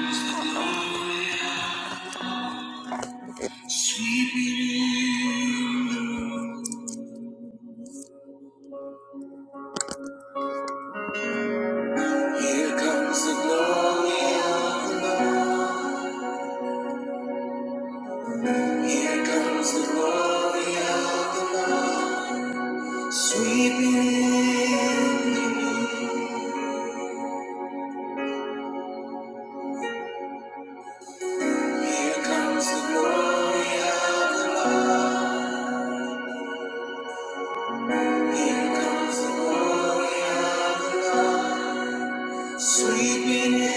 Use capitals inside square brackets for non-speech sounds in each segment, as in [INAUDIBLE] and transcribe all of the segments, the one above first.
Sweeping in. Here comes the glory of the Lord. Here comes the glory of the Lord. Sweeping in. Here comes the glory of the Lord. Here comes the glory of the Lord. Sweeping in.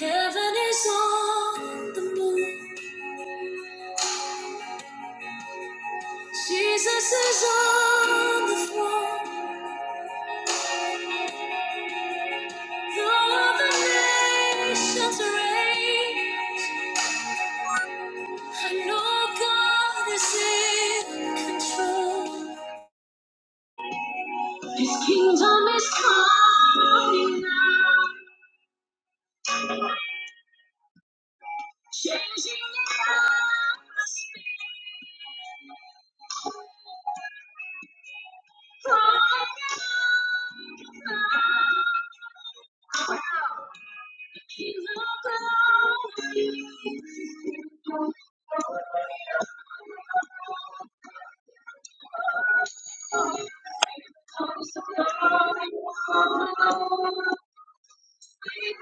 Heaven is on the move. Jesus is on the throne. Though the nations reign, I know God is in control. His kingdom is coming now, changing us. King of glory comes to glory.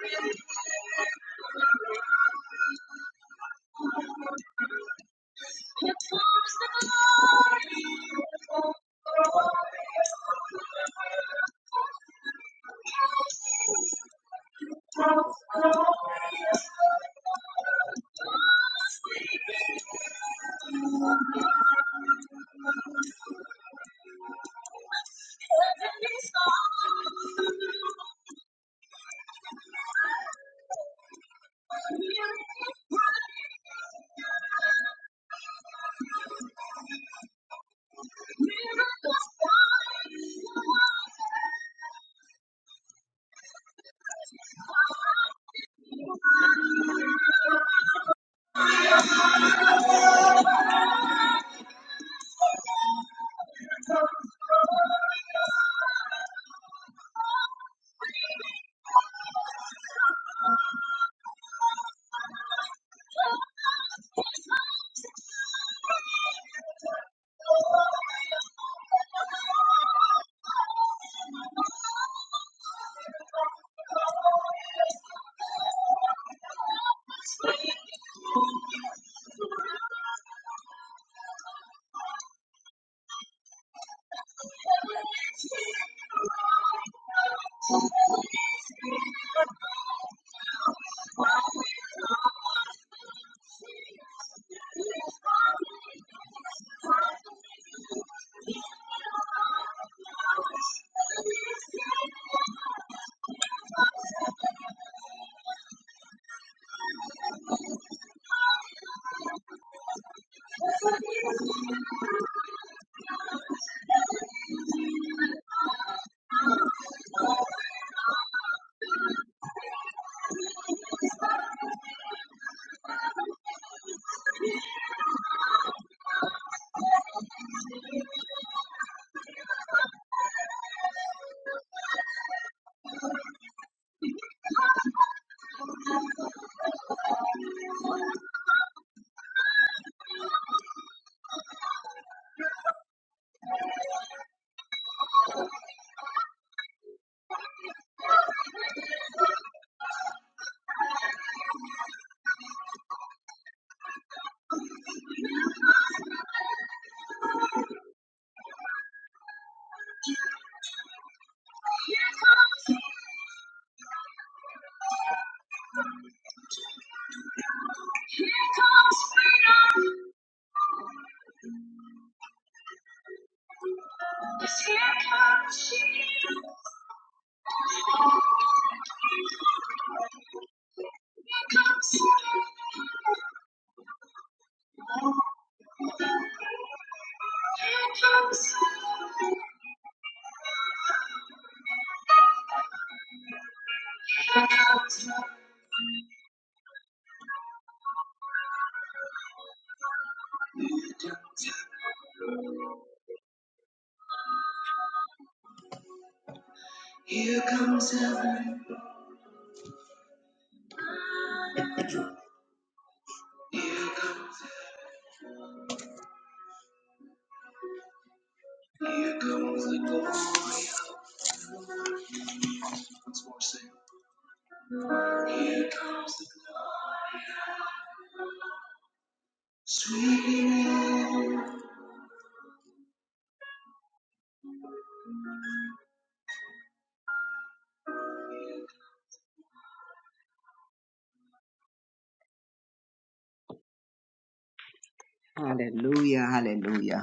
we've Hallelujah, hallelujah,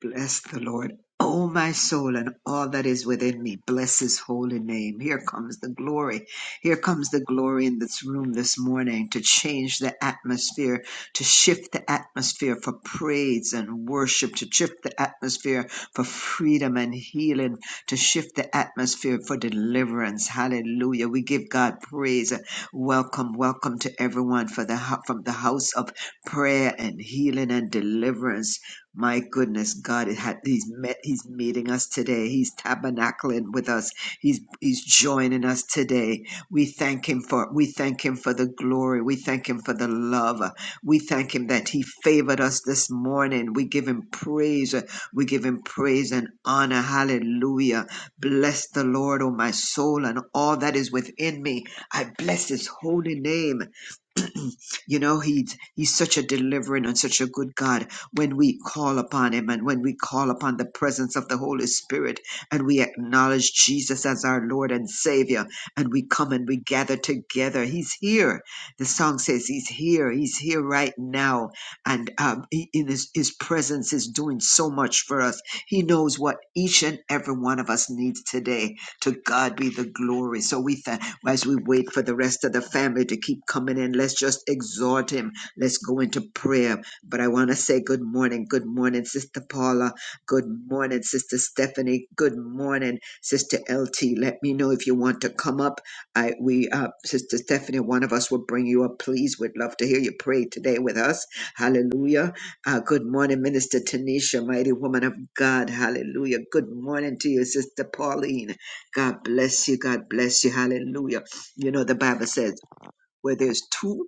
Bless the Lord, O my soul, and all that is within me. Bless his holy name. Here comes the glory. Here comes the glory in this room this morning to change the atmosphere, to shift the atmosphere for praise and worship, to shift the atmosphere for freedom and healing, to shift the atmosphere for deliverance. Hallelujah. We give God praise. Welcome, welcome to everyone for the, hou- from the house of prayer and healing and deliverance. My goodness, God, it had, He's met, He's meeting us today. He's tabernacling with us. He's He's joining us today. We thank Him for we thank Him for the glory. We thank Him for the love. We thank Him that He favored us this morning. We give Him praise. We give Him praise and honor. Hallelujah. Bless the Lord, O my soul, and all that is within me. I bless His holy name. You know, he's he's such a delivering and such a good God when we call upon him and when we call upon the presence of the Holy Spirit and we acknowledge Jesus as our Lord and Savior and we come and we gather together. He's here. The song says he's here. He's here right now. And um, he- in his, his presence is doing so much for us. He knows what each and every one of us needs today. To God be the glory. So we thank as we wait for the rest of the family to keep coming in, let's just exhort him. Let's go into prayer. But I want to say good morning. Good morning, Sister Paula. Good morning, Sister Stephanie. Good morning, Sister LT. Let me know if you want to come up. I we uh Sister Stephanie, one of us will bring you up. Please, we'd love to hear you pray today with us. Hallelujah. Uh, good morning, Minister Tanisha, mighty woman of God. Hallelujah. Good morning to you, Sister Pauline. God bless you. God bless you. Hallelujah. You know, the Bible says, where there's two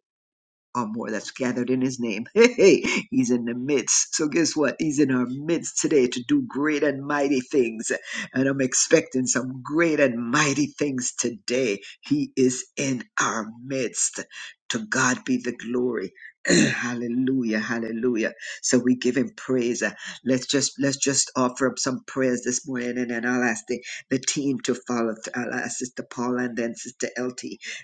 or more that's gathered in his name. [LAUGHS] Hey, hey, he's in the midst. So guess what? He's in our midst today to do great and mighty things. And I'm expecting some great and mighty things today. He is in our midst. To God be the glory. [CLEARS THROAT] hallelujah hallelujah so we give him praise Uh, let's just let's just offer up some prayers this morning and then i'll ask the, the team to follow i'll ask sister Paul and then sister lt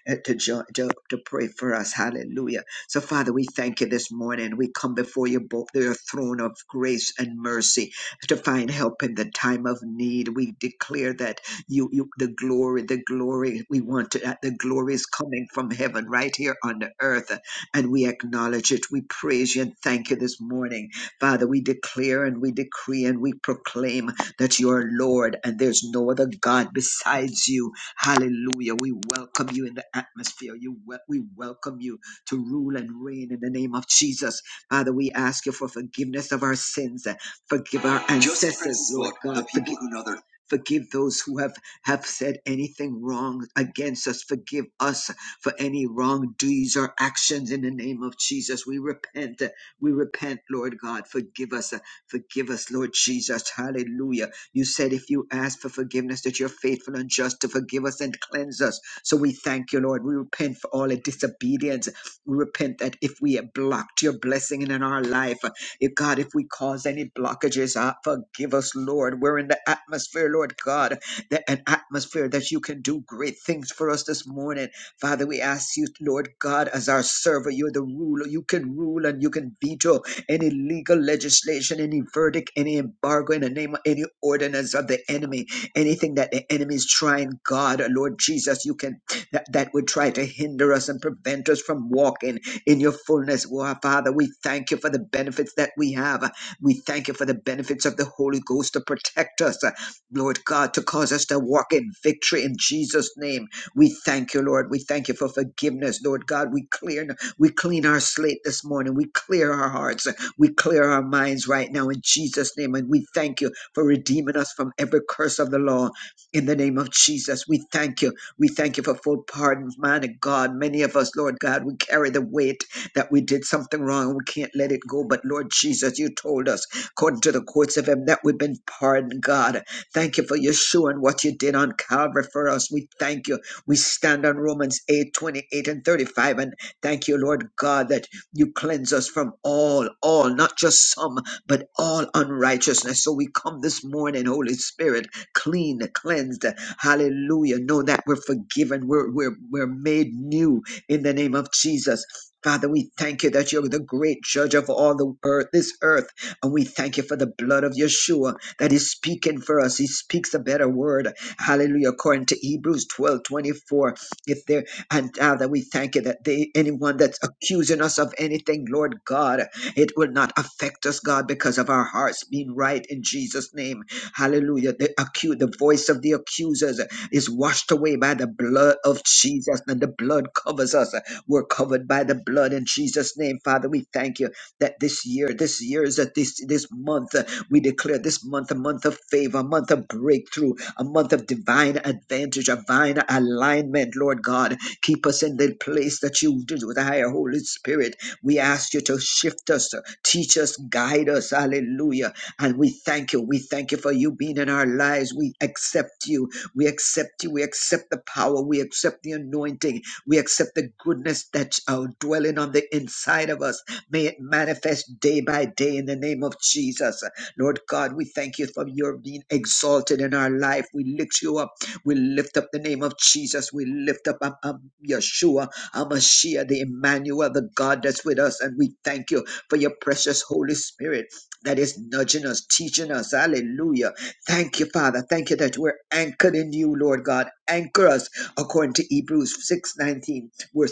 uh, to, jo- to to pray for us hallelujah so, Father, we thank you this morning. We come before you both your throne of grace and mercy to find help in the time of need. We declare that you, you the glory, the glory we want to, that the glory is coming from heaven right here on the earth. And we acknowledge it. We praise you and thank you this morning. Father, we declare and we decree and we proclaim that you are Lord and there's no other God besides you. Hallelujah. We welcome you in the atmosphere. You wel- we welcome you to rule and reign in the name of Jesus. Father, we ask you for forgiveness of our sins. Forgive our Just ancestors, Lord Lord, God. the people Forgive, who know their- forgive those who have, have said anything wrong against us. Forgive us for any wrong deeds or actions in the name of Jesus. We repent. We repent, Lord God. Forgive us. Forgive us, Lord Jesus. Hallelujah. You said if you ask for forgiveness, that you're faithful and just to forgive us and cleanse us. So we thank you, Lord. We repent for all the disobedience. We repent that if we have blocked your blessing in our life, if God, if we cause any blockages, uh, forgive us, Lord. We're in the atmosphere, Lord God, that an atmosphere that you can do great things for us this morning. Father, we ask you, Lord God, as our server, you're the ruler. You can rule and you can veto any legal legislation, any verdict, any embargo in the name of any ordinance of the enemy, anything that the enemy is trying, God, Lord Jesus, you can that, that would try to hinder us and prevent us from walking in your fullness. Oh, our Father, we thank you for the benefits that we have. We thank you for the benefits of the Holy Ghost to protect us, uh, Lord God, to cause us to walk in victory in Jesus' name. We thank you, Lord. We thank you for forgiveness, Lord God. We clear, we clean our slate this morning. We clear our hearts. We clear our minds right now in Jesus' name. And we thank you for redeeming us from every curse of the law in the name of Jesus. We thank you. We thank you for full pardon, mighty God. Many of us, Lord God, we carry the weight that we did something wrong. We can't let it go. But Lord Jesus, you told us, according to the courts of heaven, that we've been pardoned, God. Thank you for your shoe and what you did on Calvary for us. We thank you. We stand on Romans 8 28 and 35. And thank you, Lord God, that you cleanse us from all, all, not just some, but all unrighteousness. So we come this morning, Holy Spirit, clean, cleansed. Hallelujah. Know that we're forgiven. We're, we're, we're made new in the name of Jesus. Father, we thank you that you're the great judge of all the earth, this earth. And we thank you for the blood of Yeshua that is speaking for us. He speaks a better word. Hallelujah. According to Hebrews 12 24, If there and Father, we thank you that they anyone that's accusing us of anything, Lord God. It will not affect us, God, because of our hearts being right in Jesus' name. Hallelujah. The, accu- the voice of the accusers is washed away by the blood of Jesus, and the blood covers us. We're covered by the blood in Jesus' name. Father, we thank you that this year, this year declares that this this month uh, we declare this month a month of favor, a month of breakthrough, a month of divine advantage, divine alignment. Lord God, keep us in the place that you desire, Holy Spirit. We ask you to shift us, uh, teach us, guide us. Hallelujah. And we thank you. We thank you for you being in our lives. We accept you. We accept you. We accept the power. We accept the anointing. We accept the goodness that's uh, dwelling on the inside of us. May it manifest day by day in the name of Jesus. Lord God, we thank you for your being exalted in our life. We lift you up. We lift up the name of Jesus. We lift up um, um, Yeshua, Amashiach, the Emmanuel, the God that's with us. And we thank you for your precious Holy Spirit that is nudging us, teaching us. Hallelujah. Thank you, Father. Thank you that we're anchored in you, Lord God. Anchor us according to Hebrews 6:19. We're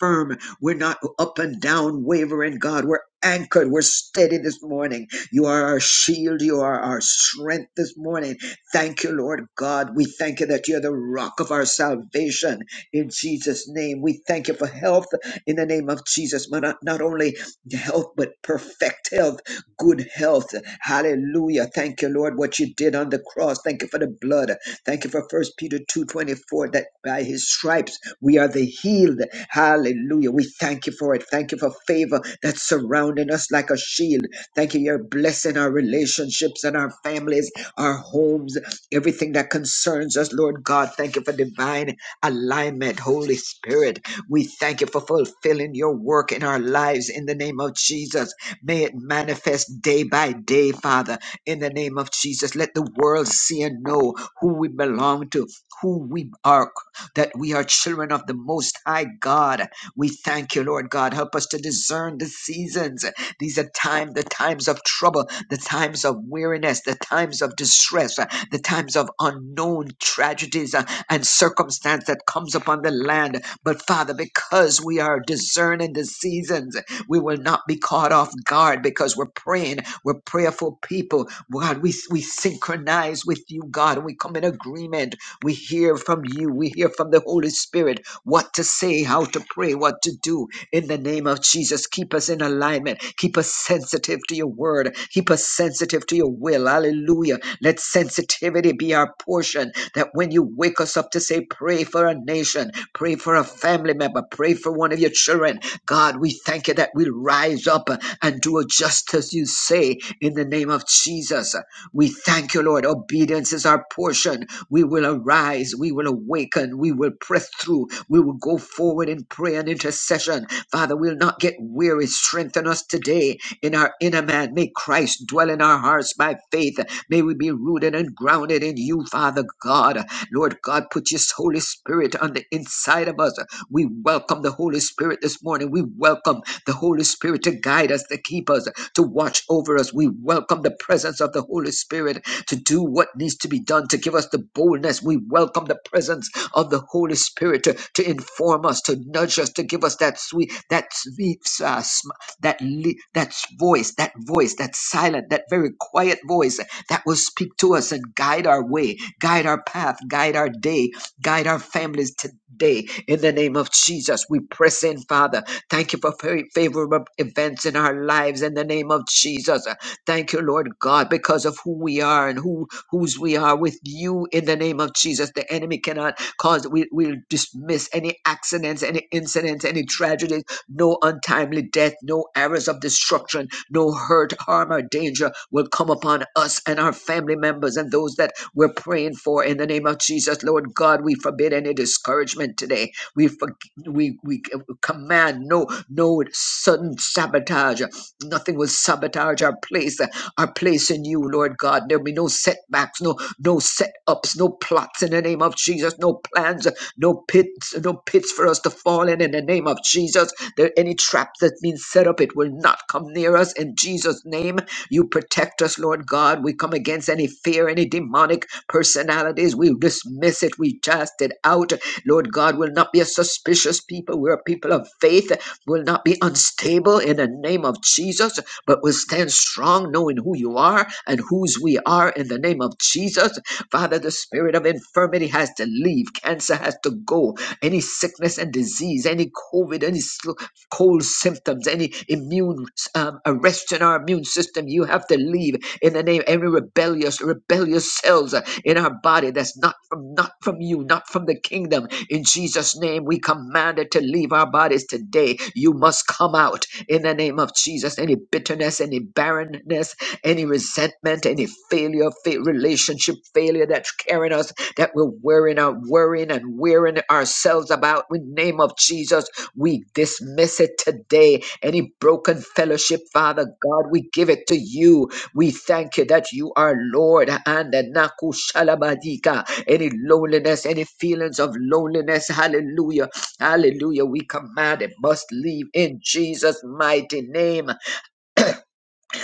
firm we're not up and down, wavering, God. We're anchored. We're steady this morning. You are our shield. You are our strength this morning. Thank you, Lord God. We thank you that you're the rock of our salvation in Jesus' name. We thank you for health in the name of Jesus, but not, not only health, but perfect health, good health. Hallelujah. Thank you, Lord, what you did on the cross. Thank you for the blood. Thank you for First Peter 2.24, that by his stripes we are the healed. Hallelujah. We thank you for it. Thank you for favor that surrounds surrounding us like a shield. Thank you, you're blessing our relationships and our families, our homes, everything that concerns us, Lord God. Thank you for divine alignment, Holy Spirit. We thank you for fulfilling your work in our lives in the name of Jesus. May it manifest day by day, Father, in the name of Jesus. Let the world see and know who we belong to, who we are that we are children of the Most High God. We thank you, Lord God. Help us to discern the seasons. These are time, the times of trouble, the times of weariness, the times of distress, uh, the times of unknown tragedies uh, and circumstance that comes upon the land. But Father, because we are discerning the seasons, we will not be caught off guard because we're praying. We're prayerful people. God, we, we synchronize with you, God, and we come in agreement. We hear from you. We hear from the Holy Spirit what to say, how to pray, what to do. In the name of Jesus, keep us in alignment. Keep us sensitive to your word. Keep us sensitive to your will. Hallelujah. Let sensitivity be our portion that when you wake us up to say, pray for a nation, pray for a family member, pray for one of your children. God, we thank you that we'll rise up uh, and do just as you say in the name of Jesus. We thank you, Lord. Obedience is our portion. We will arise. We will awaken. We will press through. We will go forward in prayer and intercession. Father, we'll not get weary. Strengthen us today in our inner man. May Christ dwell in our hearts by faith. May we be rooted and grounded grounded in you, Father God. Lord God, put your Holy Spirit on the inside of us. We welcome the Holy Spirit this morning. We welcome the Holy Spirit to guide us, to keep us, to watch over us. We welcome the presence of the Holy Spirit to do what needs to be done, to give us the boldness. We welcome the presence of the Holy Spirit to, to inform us, to nudge us, to give us that sweet, that sweet, uh, sm- that, li- that voice, that voice, that silent, that very quiet voice that will speak to us and guide our way, guide our path, guide our day, guide our families today. In the name of Jesus, we press in, Father. Thank you for very favorable events in our lives. In the name of Jesus, thank you, Lord God, because of who we are and who whose we are with you. In the name of Jesus, the enemy cannot cause. We will dismiss any accidents, any incidents, any tragedies, no untimely death, no errors of destruction no hurt, harm, or danger will come upon us and our family members and those that we're praying for in the name of Jesus. Lord God, we forbid any discouragement today. We for, we we command no no sudden sabotage. Nothing will sabotage our place are placed in you, Lord God. There'll be no setbacks, no no setups, no plots in the name of Jesus, no plans, no pits, no pits for us to fall in in the name of Jesus. There any trap that's been set up, it will not come near us in Jesus' name. You protect us, Lord God. We come against any fear, any demonic personalities. We dismiss it. We cast it out. Lord God will not be a suspicious people. We're a people of faith. Will not be unstable in the name of Jesus but we'll stand strong knowing who you are and whose we are in the name of Jesus. Father, the spirit of infirmity has to leave, cancer has to go, any sickness and disease, any COVID, any sl- cold symptoms, any immune um, arrest in our immune system, you have to leave in the name every rebellious, rebellious cells uh, in our body that's not from not from you, not from the kingdom. In Jesus' name, we command it to leave our bodies today. You must come out in the name of Jesus. Any bitterness, any barrenness, any resentment, any failure, fa- relationship failure that's carrying us, that we're worrying, uh, worrying and wearing ourselves about. In the name of Jesus, we dismiss it today. Any broken fellowship, Father God, we give it to you. We thank you that you are Lord and the Naku Shalabadika. Any loneliness, any feelings of loneliness, hallelujah, hallelujah. We command it must leave in Jesus' mighty name.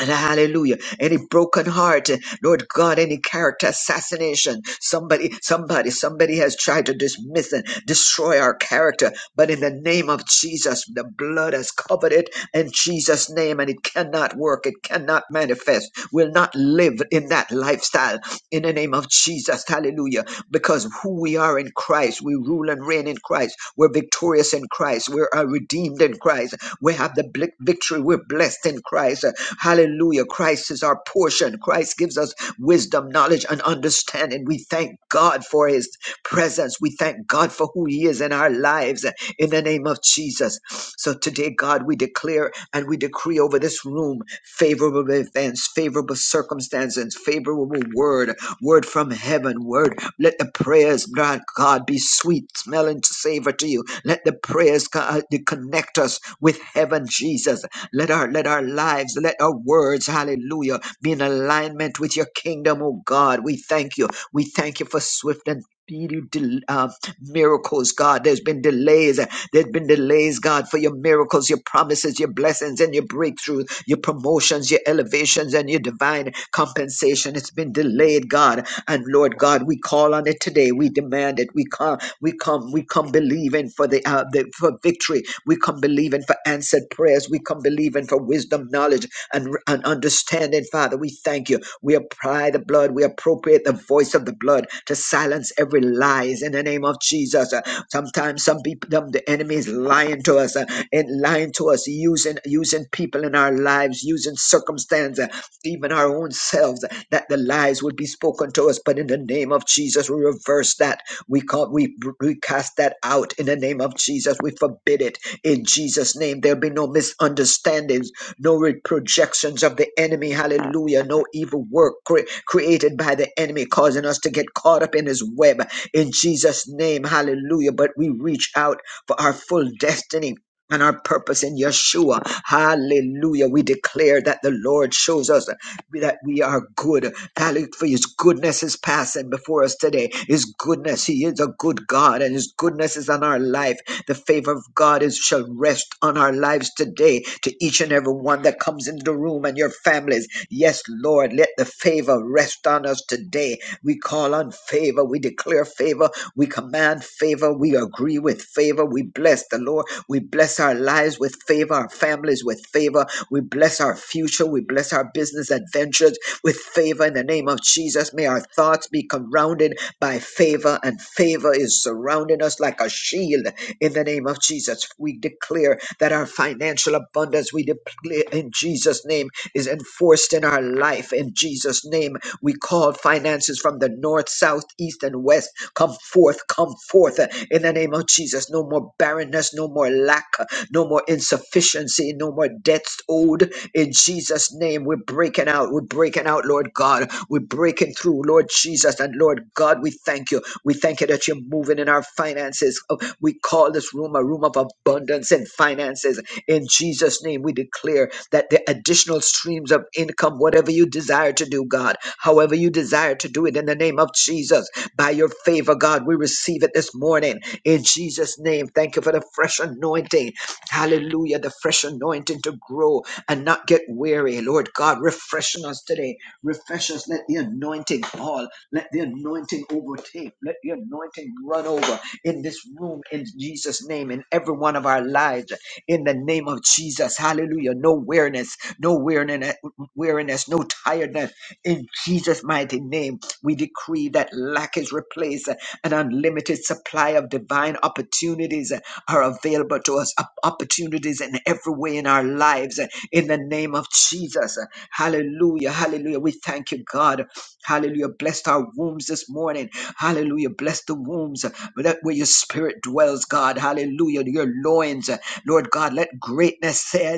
And Hallelujah. Any broken heart, Lord God, any character assassination. Somebody, somebody, somebody has tried to dismiss and destroy our character. But in the name of Jesus, the blood has covered it in Jesus' name, and it cannot work. It cannot manifest. Will not live in that lifestyle in the name of Jesus. Hallelujah. Because who we are in Christ, we rule and reign in Christ. We're victorious in Christ. We are redeemed in Christ. We have the bl- victory. We're blessed in Christ. Hallelujah. Christ is our portion. Christ gives us wisdom, knowledge, and understanding. We thank God for his presence. We thank God for who he is in our lives in the name of Jesus. So today, God, we declare and we decree over this room favorable events, favorable circumstances, favorable word, word from heaven, word. Let the prayers, God, God, be sweet smelling savor to you. Let the prayers God, to connect us with heaven, Jesus. Let our let our lives, let our words, hallelujah, be in alignment with your kingdom, oh God. We thank you. We thank you for swift and speedy del- uh, miracles, God. There's been delays. There's been delays, God, for your miracles, your promises, your blessings, and your breakthroughs, your promotions, your elevations, and your divine compensation. It's been delayed, God. And Lord God, we call on it today. We demand it. We come, we come, we come believing for the, uh, the for victory. We come believing for answered prayers. We come believing for her wisdom, knowledge, and, and understanding, Father. We thank you. We apply the blood. We appropriate the voice of the blood to silence every lies in the name of Jesus. Uh, Sometimes some people, them- the enemy is lying to us uh, and lying to us, using using people in our lives, using circumstances, even our own selves, uh, that the lies would be spoken to us. But in the name name of Jesus. We reverse that. We can't. we we cast that out in the name of Jesus. We forbid it in Jesus' name. There'll be no misunderstandings, no re- projections of the enemy. Hallelujah. No evil work cre- created by the enemy causing us to get caught up in his web in Jesus' name. Hallelujah. But we reach out for our full destiny and our purpose in Yeshua. Hallelujah. We declare that the Lord shows us that we are good. Hallelujah. For his goodness is passing before us today. His goodness, he is a good God, and his goodness is on our life. The favor of God is shall rest on our lives today to each and every one that comes into the room and your families. Yes, Lord, let the favor rest on us today. We call on favor. We declare favor. We command favor. We agree with favor. We bless the Lord. We bless bless our lives with favor, our families with favor. We bless our future. We bless our business adventures with favor in the name of Jesus. May our thoughts be surrounded by favor, and favor is surrounding us like a shield in the name of Jesus. We declare that our financial abundance, we declare in Jesus' name, is enforced in our life. In Jesus' name, we call finances from the north, south, east, and west. Come forth, come forth uh, in the name of Jesus. No more barrenness, no more lack no more insufficiency, no more debts owed. In Jesus' name, we're breaking out. We're breaking out, Lord God. We're breaking through, Lord Jesus. And Lord God, we thank you. We thank you that you're moving in our finances. Oh, We call this room a room of abundance and finances. In Jesus' name, we declare that the additional streams of income, whatever you desire to do, God, however you desire to do it, in the name of Jesus, by your favor, God, we receive it this morning. In Jesus' name, thank you for the fresh anointing Hallelujah. The fresh anointing to grow and not get weary. Lord God, refreshing us today. Refresh us. Let the anointing fall. Let the anointing overtake. Let the anointing run over in this room in Jesus' name in every one of our lives in the name of Jesus. Hallelujah. No weariness, no weariness, weariness, no tiredness. In Jesus' mighty name, we decree that lack is replaced, an unlimited supply of divine opportunities are available to us, op- opportunities in every way in our lives. In the name of Jesus. Hallelujah. Hallelujah. We thank you, God. Hallelujah. Bless our wombs this morning. Hallelujah. Bless the wombs that where your spirit dwells, God. Hallelujah. Your loins loins. Lord God, let greatness say,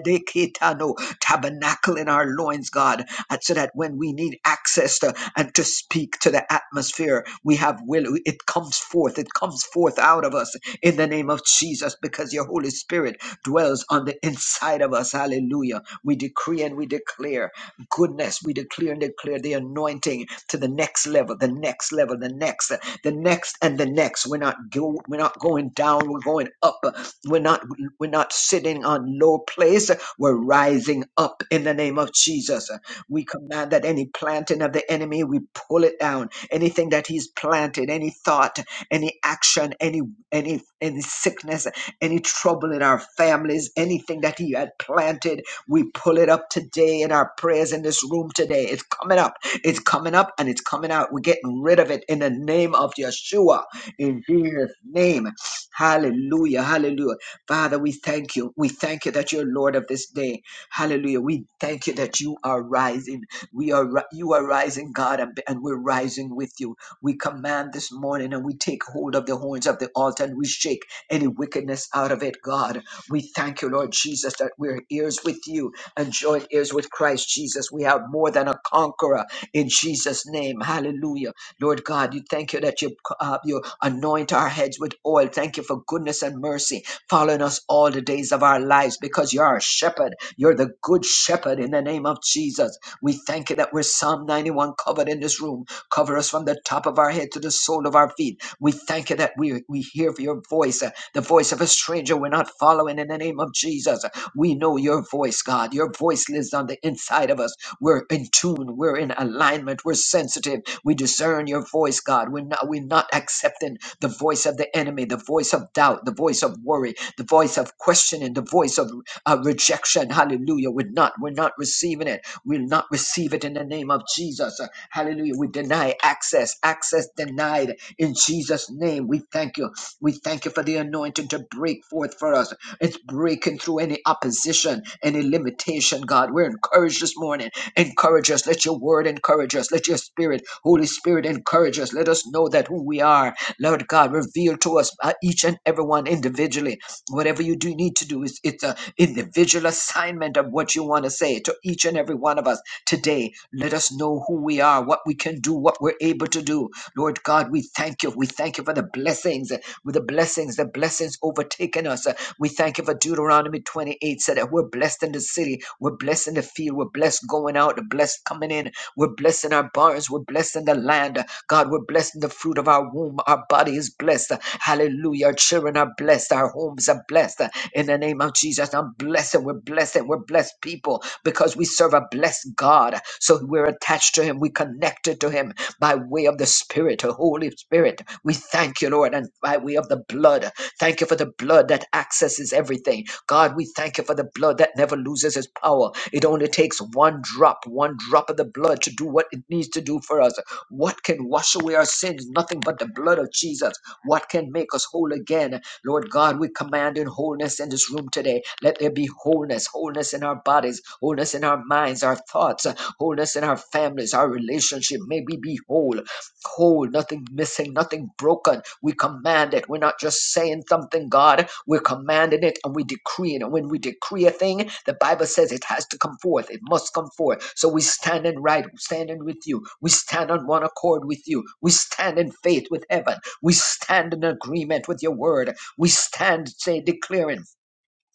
tabernacle in our loins, God, and so that when we need access to and to speak to the atmosphere, we have will. It comes forth. It comes forth out of us in the name of Jesus because your Holy Spirit dwells on the inside of us. Hallelujah. We decree and we declare goodness. We declare and declare the anointing to the next level, the next level, the next, the next, and the next. We're not go, we're not going down. We're going up. We're not we're not sitting on low place. We're rising up in the name of Jesus. We command that any planting of the enemy, we pull it down. Anything that he's planted, any thought, any action, any any any sickness, any trouble in our families, anything that he had planted, we pull it up today in our prayers in this room today. It's coming up. It's coming up and it's coming out. We're getting rid of it in the name of Yeshua. In Jesus' name. Hallelujah. Hallelujah. Father, we thank you. We thank you that you're Lord of this day. Hallelujah. We thank you that you are rising. We are ri- you are rising, God, and and we're rising with you. We command this morning and we take hold of the horns of the altar and we shake any wickedness out of it, God. We thank you, Lord Jesus, that we're ears with you and joint ears with Christ Jesus. We are more than a conqueror in Jesus' name. Hallelujah. Lord God, you thank you that you, uh, you anoint our heads with oil. Thank you for goodness and mercy following us all the days of our lives because you're our shepherd. You're the good shepherd in the name of Jesus. We thank you that we're Psalm 91 covered in this room. Cover us from the top of our head to the sole of our feet. We thank you that we, we hear your voice, uh, the voice of a stranger. We're not following in the name of Jesus. We know your voice, God. Your voice lives on the inside of us. We're in tune. We're in alignment. We're sensitive. We discern your voice, God. We're not, we're not accepting the voice of the enemy, the voice of doubt, the voice of worry, the voice of questioning, the voice of uh, rejection. Hallelujah. We're not, we're not receiving it. We'll not receive it in the name of Jesus. Uh, Hallelujah. We deny access, access denied in Jesus' name. We thank you. We thank you for the anointing to break forth for us. It's breaking through any opposition, any limitation, God. We're encouraged this morning. Encourage us. Let your word encourage us. Let your spirit, Holy Spirit, encourage us. Let us know that who we are, Lord God, reveal to us uh, each and everyone individually whatever you do need to do is it's a individual assignment of what you want to say to each and every one of us today let us know who we are what we can do what we're able to do lord god we thank you we thank you for the blessings uh, with the blessings the blessings overtaking us Uh, we thank you for deuteronomy 28 said that we're blessed in the city we're blessed in the field we're blessed going out blessed coming in we're blessed in our barns we're blessed in the land Uh, god we're blessed in the fruit of our womb our bodies is blessed. Hallelujah. Our children are blessed. Our homes are blessed. In the name of Jesus, I'm blessed. We're blessed. We're blessed people because we serve a blessed God. So we're attached to Him. We connected to Him by way of the Spirit, the Holy Spirit. We thank you, Lord, and by way of the blood. Thank you for the blood that accesses everything. God, we thank you for the blood that never loses its power. It only takes one drop, one drop of the blood to do what it needs to do for us. What can wash away our sins? Nothing but the blood of Jesus. What can make us whole again? Lord God, we command in wholeness in this room today. Let there be wholeness, wholeness in our bodies, wholeness in our minds, our thoughts, wholeness in our families, our relationship. May we be whole whole, nothing missing, nothing broken. We command it. We're not just saying something, God. We're commanding it and we decree it. And when we decree a thing, the Bible says it has to come forth. It must come forth. So we stand in right, standing with you. We stand on one accord with you. We stand in faith with heaven. We stand in agreement with your word. We stand, say, declaring.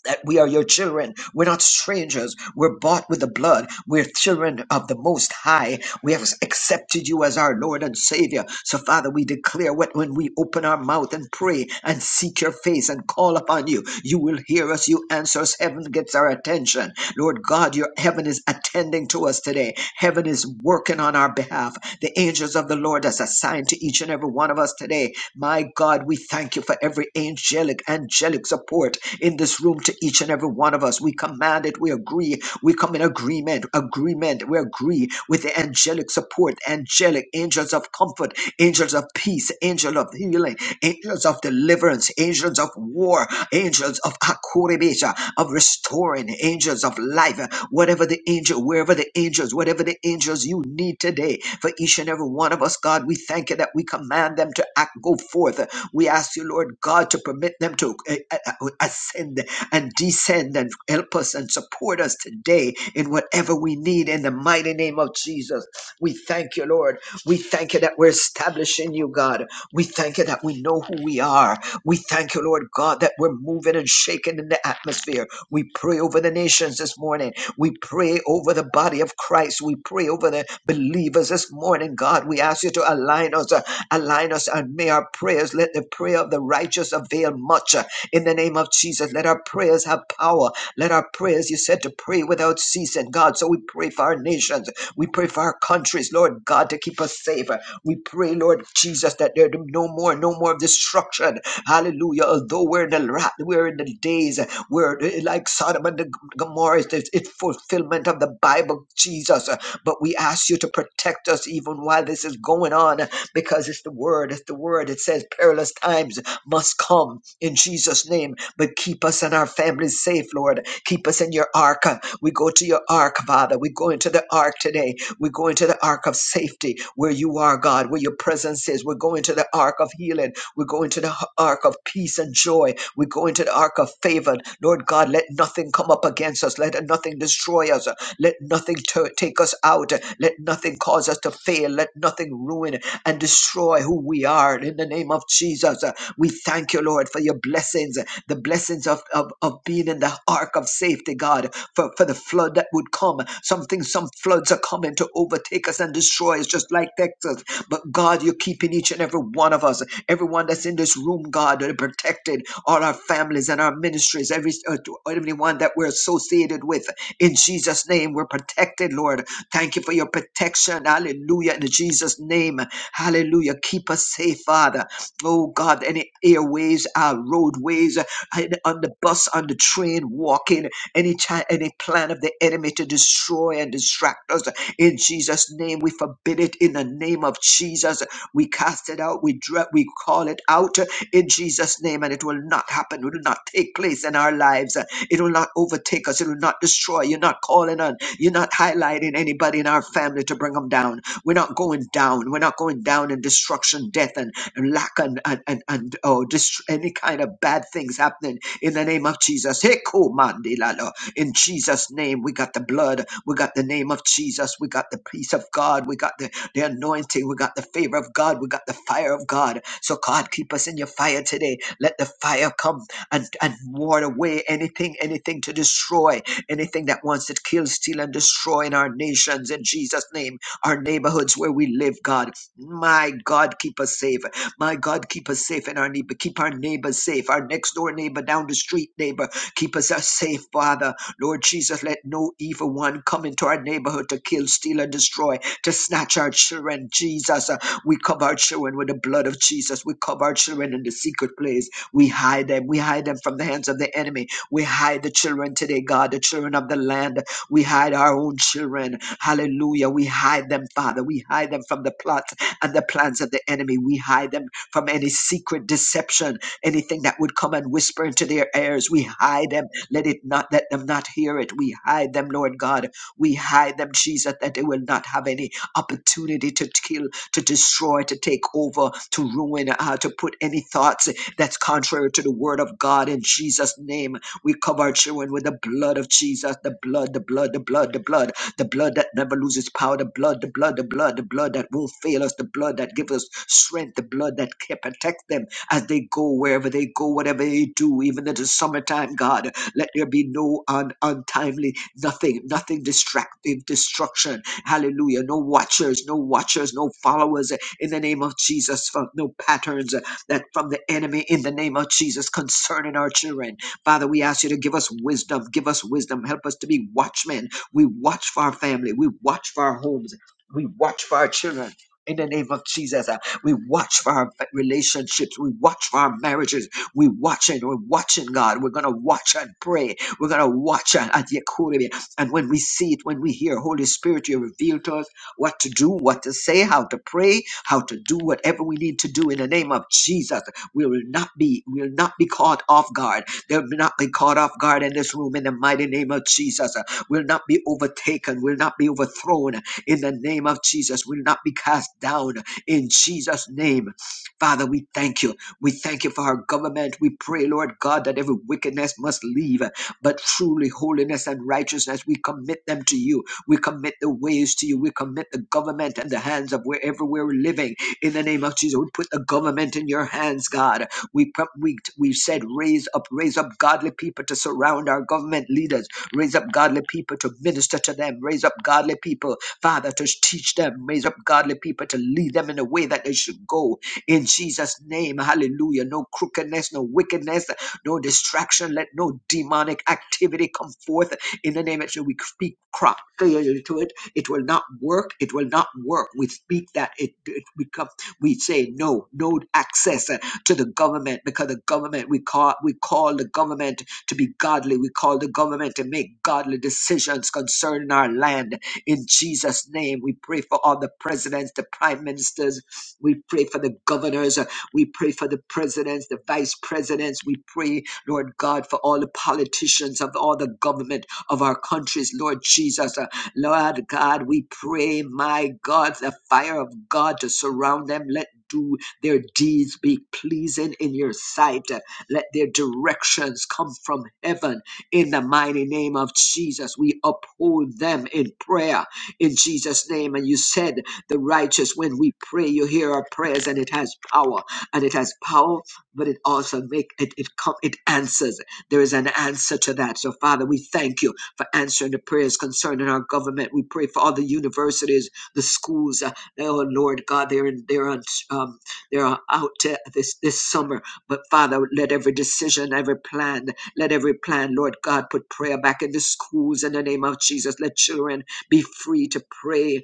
That we are your children. We're not strangers. We're bought with the blood. We're children of the Most High we have accepted you as our Lord and Savior. So, Father, we declare what when we open our mouth and pray and seek your face and call upon you, you will hear us, you answer us. Heaven gets our attention. Lord God, your heaven is attending to us today. Heaven is working on our behalf. The angels of the Lord is assigned to each and every one of us today. My God, we thank you for every angelic, angelic support in this room to each and every one of us. We command it. We agree. We come in agreement. Agreement. We agree with the angelic angelic support, angelic angels of comfort, angels of peace, angel of healing, angels of deliverance, angels of war, angels of akuribesha, of restoring, angels of life, whatever the angel, wherever the angels, whatever the angels you need today for each and every one of us, God, we thank you that we command them to act, go forth. We ask you, Lord God, to permit them to uh, uh, ascend and descend and help us and support us today in whatever we need in the mighty name of Jesus. We thank you, Lord. We thank you that we're establishing you, God. We thank you that we know who we are. We thank you, Lord God, that we're moving and shaking in the atmosphere. We pray over the nations this morning. We pray over the body of Christ. We pray over the believers this morning, God. We ask you to align us, uh, align us, and may our prayers, let the prayer of the righteous avail much. uh, in the name of Jesus, let our prayers have power. Let our prayers, you said, to pray without ceasing, God. So we pray for our nations. We pray for our countries, Lord God, to keep us safe. We pray, Lord Jesus, that there no more, no more destruction. Hallelujah. Although we're in the ra- we're in the days where eh, like Sodom and the G- Gomorrah, it's, it's fulfillment of the Bible, Jesus. But we ask you to protect us even while this is going on because it's the word. It's the word. It says perilous times must come in Jesus' name, but keep us and our families safe, Lord. Keep us in your ark. We go to your ark, Father. We go into the ark today. We go into the ark of safety where you are, God, where your presence is. we go into the ark of healing. We go into the h- ark of peace and joy. We go into the ark of of favored. Lord God, let nothing come up against us. Let nothing destroy us. Let nothing tu- take us out. Let nothing cause us to fail. Let nothing ruin and destroy who we are. In the name of Jesus, uh, we thank you, Lord, for your blessings, uh, the blessings of, of, of being in the ark of safety, God, for, for the flood that would come. Something, some floods floods are coming to overtake us and destroy us, just like Texas. But God, you're keeping each and every one of us, everyone that's in this room, God, that are protected, all our families and our ministries, every uh, to everyone that we're associated with. In Jesus' name, we're protected, Lord. Thank you for your protection. Hallelujah. In Jesus' name, hallelujah. Keep us safe, Father. Oh God, any airways, our roadways, uh, and on the bus, on the train, walking, any chi- any plan of the enemy to destroy and distract us. In Jesus' name, we forbid it. In the name of Jesus, we cast it out. We dra- we call it out uh, in Jesus' name, and it will not happen. It will not take place in our lives. Uh, It will not overtake us. It will not destroy. You're not calling on. You're not highlighting anybody in our family to bring them come down. We're not going down. We're not going down in destruction, death, and, and lack, and and and, and oh, dist- any kind of bad things happening in the name of Jesus. Heko mandilalo. In Jesus' name, we got the blood. We got the name of Jesus. We got the peace of God. We got the, the anointing. We got the favor of God. We got the fire of God. So God, keep us in your fire today. Let the fire come and and ward away anything, anything to destroy, anything that wants to kill, steal, and destroy in our nations. In Jesus' name our neighborhoods where we live, God. My God, keep us safe. My God, keep us safe and our neighbor, keep our neighbors safe, our next door neighbor, down the street neighbor. Keep us uh, safe, Father. Lord Jesus, let no evil one come into our neighborhood to kill, steal, and destroy, to snatch our children. Jesus, uh, we cover our children with the blood of Jesus. We cover our children in the secret place. We hide them. We hide them from the hands of the enemy. We hide the children today, God, the children of the land. We hide our own children. Hallelujah. We hide them, Father. We hide them from the plots and the plans of the enemy. We hide them from any secret deception, anything that would come and whisper into their ears. We hide them. Let it not let them not hear it. We hide them, Lord God. We hide them, Jesus, that they will not have any opportunity to kill, to destroy, to take over, to ruin, uh, to put any thoughts that's contrary to the word of God in Jesus' name. We cover our children with the blood of Jesus, the blood, the blood, the blood, the blood the blood that never loses power, the blood, the blood, the blood, the blood that won't fail us, the blood that gives us strength, the blood that can protect them as they go wherever they go, whatever they do, even in the summertime, God. Let there be no un- untimely, nothing, nothing distractive, destruction. Hallelujah. No watchers, no watchers, no followers in the name of Jesus, from no patterns uh, that from the enemy in the name of Jesus concerning our children. Father, we ask you to give us wisdom, give us wisdom, help us to be watchmen we watch for our family. We watch for our homes. We watch for our children. In the name of Jesus, uh, we watch for our fa- relationships. We watch for our marriages. We watch and we're watching God. We're gonna watch and pray. We're gonna watch and at Yakurim. And when we see it, when we hear Holy Spirit, you reveal to us what to do, what to say, how to pray, how to do whatever we need to do in the name of Jesus. We will not be, we will not be caught off guard. They'll not be caught off guard in this room in the mighty name of Jesus will not be overtaken, will not be overthrown in the name of Jesus, will not be cast down in Jesus' name. Father, we thank you. We thank you for our government. We pray, Lord God, that every wickedness must leave, but truly holiness and righteousness, we commit them to you. We commit the ways to you. We commit the government and the hands of wherever we're living. In the name of Jesus, we put the government in your hands, God. We, pro- we, we said, raise up, raise up godly people to surround our government leaders. Raise up godly people to minister to them. Raise up godly people, Father, to teach them. Raise up godly people to lead them in the way that they should go in Jesus' name. Hallelujah. No crookedness, no wickedness, no distraction. Let no demonic activity come forth in the name of Jesus. We speak crop failure to it. It will not work. It will not work. We speak that it, it become. We say no, no access uh, to the government because the government we call we call the government to be godly. We call the government to make godly decisions concerning our land in Jesus' name, we pray for all the presidents, the prime ministers. We pray for the governors. We pray for the presidents, the vice presidents. We pray, Lord God, for all the politicians of all the government of our countries, Lord Jesus. Uh, Lord God, we pray, my God, the fire of God to surround them. Let do their deeds be pleasing in your sight. Uh, Let their directions come from heaven in the mighty name of Jesus, we uphold them in prayer in Jesus' name. And you said, The righteous, when we pray, you hear our prayers, and it has power. And it has power, but it also make it it come it answers. There is an answer to that. So, Father, we thank you for answering the prayers concerning our government. We pray for all the universities, the schools. uh, oh Lord God, they're in, they're on um, they're out uh, this this summer. But Father, let every decision, every plan. Let every plan, Lord God, put prayer back in the schools in the name of Jesus. Let children be free to pray.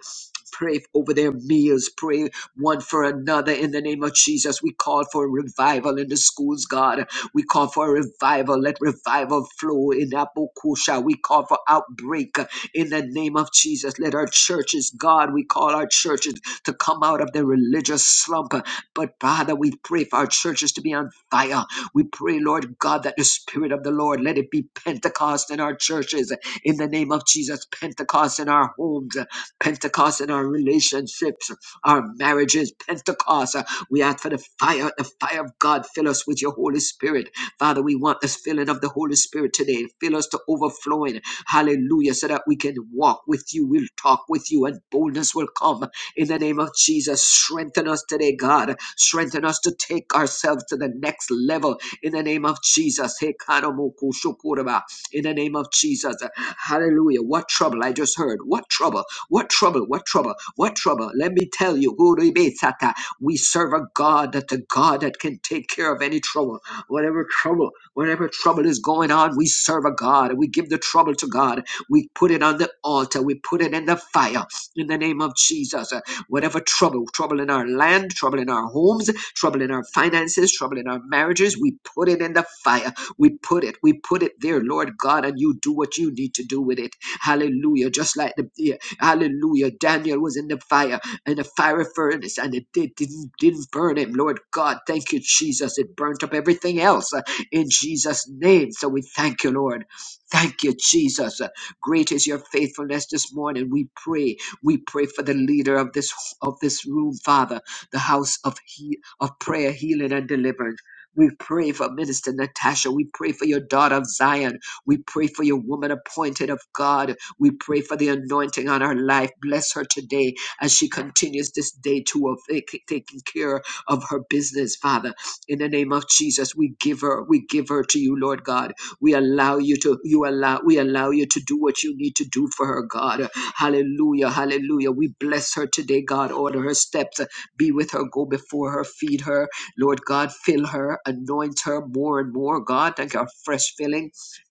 Pray over their meals, pray one for another in the name of Jesus. We call for revival in the schools, God. We call for revival. Let revival flow in Apokusha. We call for outbreak in the name of Jesus. Let our churches, God, we call our churches to come out of the religious slump. But Father, we pray for our churches to be on fire. We pray, Lord God, that the Spirit of the Lord, let it be Pentecost in our churches, in the name of Jesus, Pentecost in our homes, Pentecost in our relationships, our marriages, Pentecost. We ask for the fire, the fire of God, fill us with your Holy Spirit. Father, we want this filling of the Holy Spirit today. Fill us to overflowing. Hallelujah. So that we can walk with you. We'll talk with you and boldness will come in the name of Jesus. Strengthen us today, God. Strengthen us to take ourselves to the next level in the name of Jesus. Hey, Karamoku Shukuraba. In the name of Jesus. Hallelujah. What trouble I just heard. What trouble? What trouble? What trouble? What trouble? Let me tell you. Guribesata. We serve a God that the God that can take care of any trouble. Whatever trouble, whatever trouble is going on, we serve a God. We give the trouble to God. We put it on the altar. We put it in the fire in the name of Jesus. Whatever trouble, trouble in our land, trouble in our homes, trouble in our finances, trouble in our marriages, we put it in the fire. We put it, we put it there, Lord God, and you do what you need to do with it. Hallelujah. Just like the, yeah, hallelujah. Daniel was in the fire, in the fiery furnace, and it did, didn't, didn't burn him. Lord God, thank you, Jesus. It burnt up everything else uh, in Jesus' name. So we thank you, Lord. Thank you, Jesus. Uh, Great is your faithfulness this morning. We pray. We pray for the leader of this of this room, Father, the house of he, of prayer, healing, and deliverance. We pray for Minister Natasha. We pray for your daughter of Zion. We pray for your woman appointed of God. We pray for the anointing on her life. Bless her today as she continues this day to of tak- taking care of her business, Father. In the name of Jesus, we give her, we give her to you, Lord God. We allow you to, you allow, we allow you to do what you need to do for her, God. Hallelujah. Hallelujah. We bless her today, God. Order her steps. Be with her. Go before her. Feed her. Lord God, fill her. Anoint her more and more, God. Thank you. for Fresh filling.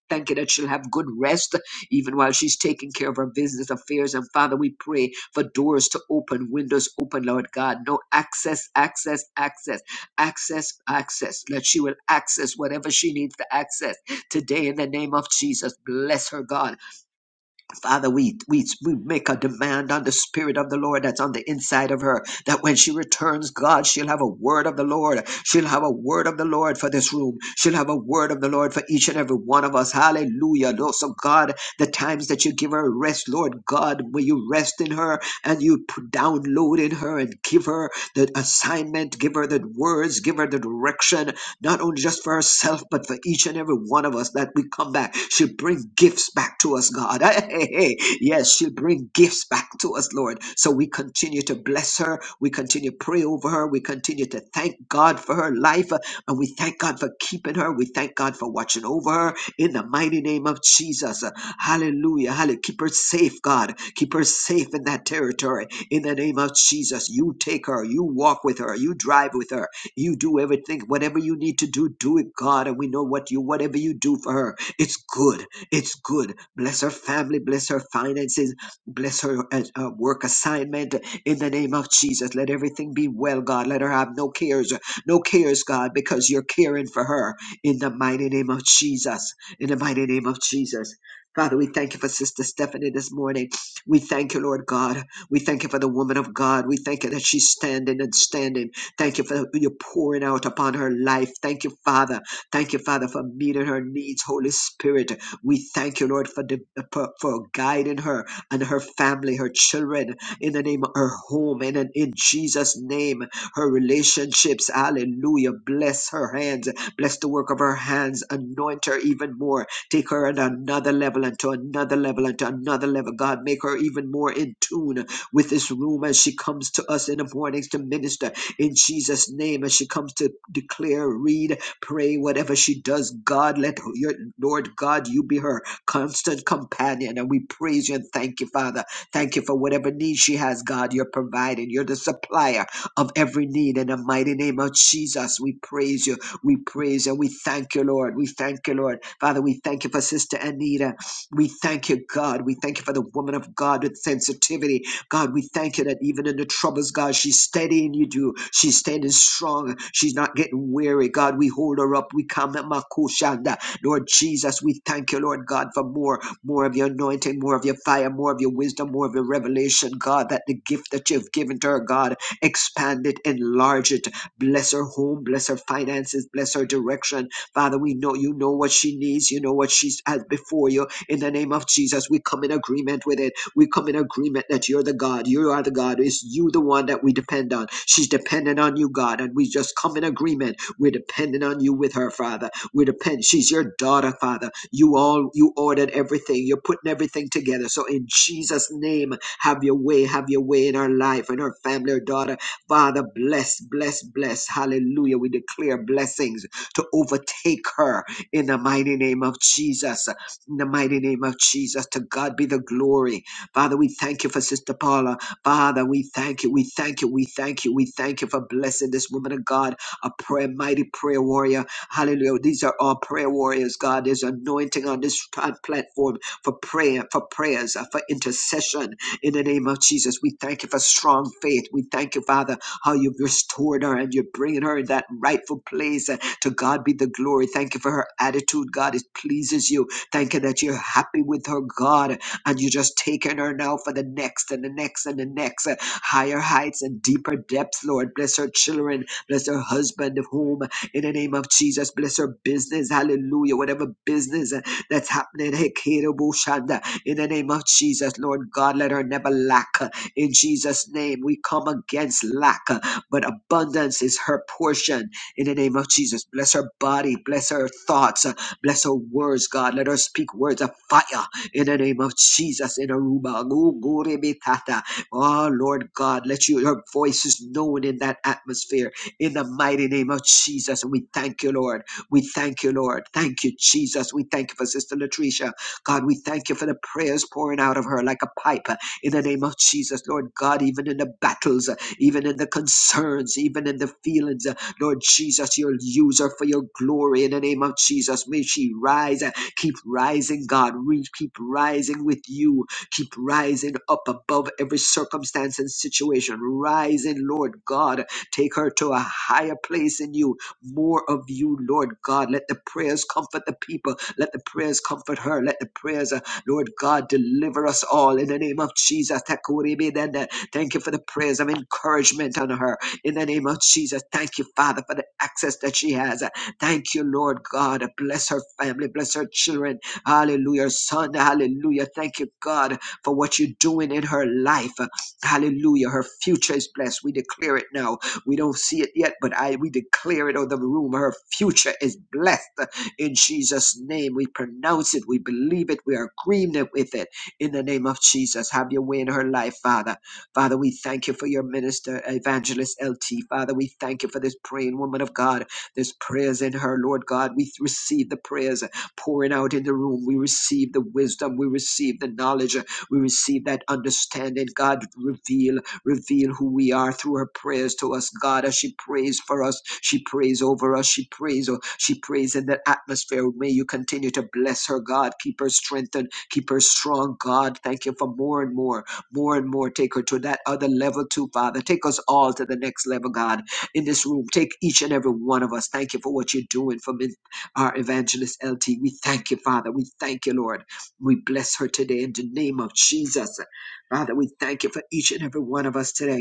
Thank you that she'll have good rest even while she's taking care of her business affairs. And Father, we pray for doors to open, windows open, Lord God. No access, access, access, access, access. That she will access whatever she needs to access today in the name of Jesus. Bless her, God. Father, we, we, we make a demand on the Spirit of the Lord that's on the inside of her, that when she returns, God, she'll have a word of the Lord. She'll have a word of the Lord for this room. She'll have a word of the Lord for each and every one of us. Hallelujah. Lord, So, God, the times that you give her rest, Lord God, will you rest in her and you p- download in her and give her the assignment, give her the words, give her the direction, not only just for herself, but for each and every one of us that we come back. She'll bring gifts back to us, God. [LAUGHS] Hey, hey, hey. Yes, she'll bring gifts back to us, Lord. So we continue to bless her. We continue to pray over her. We continue to thank God for her life. uh, And we thank God for keeping her. We thank God for watching over her in the mighty name of Jesus. Uh, Hallelujah. Hallelujah. Keep her safe, God. Keep her safe in that territory in the name of Jesus. You take her. You walk with her. You drive with her you do everything, whatever you need to do, do it, God. And we know what you, whatever you do for her, it's good. It's good. Bless her family, bless her finances, bless her uh, uh, work assignment. In the name of Jesus, let everything be well, God. Let her have no cares, no cares, God, because you're caring for her. In the mighty name of Jesus. In the mighty name of Jesus. Father, we thank you for Sister Stephanie this morning. We thank you, Lord God. We thank you for the woman of God. We thank you that she's standing and standing. Thank you for your pouring out upon her life. Thank you, Father. Thank you, Father, for meeting her needs, Holy Spirit. We thank you, Lord, for, the, for, for guiding her and her family, her children, in the name of her home, and in, in Jesus' name, her relationships. Hallelujah. Bless her hands. Bless the work of her hands. Anoint her even more. Take her at another level and to another level and to another level. God, make her even more in tune with this room as she comes to us in the mornings to minister in Jesus' name as she comes to declare, read, pray, whatever she does. God, let your Lord God, you be her constant companion. And we praise you and thank you, Father. Thank you for whatever need she has, God. You're providing. You're the supplier of every need. In the mighty name of Jesus, we praise you. We praise and we thank you, Lord. We thank you, Lord. Father, we thank you for Sister Anita. We thank you, God. We thank you for the woman of God with sensitivity God, we thank you that even in the troubles, God, she's steadying you, do. She's standing strong. She's not getting weary. God, we hold her up. We come at Makushanda. Lord Jesus, we thank you, Lord God, for more, more of your anointing, more of your fire, more of your wisdom, more of your revelation, God, that the gift that you've given to her, God, expand it, enlarge it. Bless her home, bless her finances, bless her direction. Father, we know you know what she needs. You know what she has before you. In the name of Jesus, we come in agreement with it. We come in agreement that you're the God. You are the God. It's you the one that we depend on. She's dependent on you, God. And we just come in agreement. We're dependent on you with her, Father. We depend. She's your daughter, Father. You all you ordered everything. You're putting everything together. So in Jesus' name, have your way. Have your way in our life and our family, our daughter. Father, bless, bless, bless. Hallelujah. We declare blessings to overtake her in the mighty name of Jesus. In the mighty name of Jesus. To God be the glory. Father, we thank you for Sister Paula. Father, we thank you. We thank you. We thank you. We thank you for blessing this woman of God, a prayer, mighty prayer warrior. Hallelujah. These are all prayer warriors, God. There's anointing on this plat- platform for prayer, for prayers, uh, for intercession in the name of Jesus. We thank you for strong faith. We thank you, Father, how you've restored her and you're bringing her in that rightful place. Uh, To God be the glory. Thank you for her attitude, God. It pleases you. Thank you that you're happy with her, God and you're just taking her now for the next and the next and the next uh, higher heights and deeper depths, Lord. Bless her children, bless her husband, whom in the name of Jesus, bless her business, hallelujah, whatever business uh, that's happening, hey, in the name of Jesus, Lord God, let her never lack. uh, In Jesus' name, we come against lack, uh, but abundance is her portion. In the name of Jesus, bless her body, bless her thoughts, uh, bless her words, God. Let her speak words of fire in the name of Jesus in Aruba. Ngurebekata. Oh, Lord God, let you, your voice is known in that atmosphere in the mighty name of Jesus. And we thank you, Lord. We thank you, Lord. Thank you, Jesus. We thank you for Sister Latricia. God, we thank you for the prayers pouring out of her like a pipe uh, in the name of Jesus, Lord God, even in the battles, uh, even in the concerns, even in the feelings. uh, Lord Jesus, you'll use her for your glory in the name of Jesus. May she rise. Keep rising, God. We keep rising with you. Keep rising up above every circumstance and situation. Rising, Lord God. Take her to a higher place in you. More of you, Lord God. Let the prayers comfort the people. Let the prayers comfort her. Let the prayers, uh, Lord God, deliver us all in the name of Jesus. Takuribidende. Thank you for the prayers of encouragement on her in the name of Jesus. Thank you, Father, for the access that she has. Thank you, Lord God. Bless her family, bless her children. Hallelujah. Her son, hallelujah. Thank you, God, for what you're doing in her life. Hallelujah. Her future is blessed. We declare it now. We don't see it yet, but I we declare it over the room. Her future is blessed in Jesus' name. We pronounce it. We believe it. We are agreeing with it in the name of Jesus. Have your way in her life, Father. Father, we thank you for your minister, evangelist LT. Father, we thank you for this praying woman of God. There's prayers in her, Lord God. We receive the prayers pouring out in the room. We receive the wisdom. We receive the knowledge. We receive that understanding. God, reveal, reveal who we are through her prayers to us. God, as she prays for us, she prays over us. She prays, oh, she prays in that atmosphere. May you continue to bless her, God. Keep her strengthened. Keep her strong, God. Thank you for more and more, more and more. Take her to that other level too, Father. Take us all to the next level, God in this room. Take each and every one of us. Thank you for what you're doing for min- our evangelist LT. We thank you, Father. We thank you, Lord. We bless her today in the name of Jesus. Father, we thank you for each and every one of us today.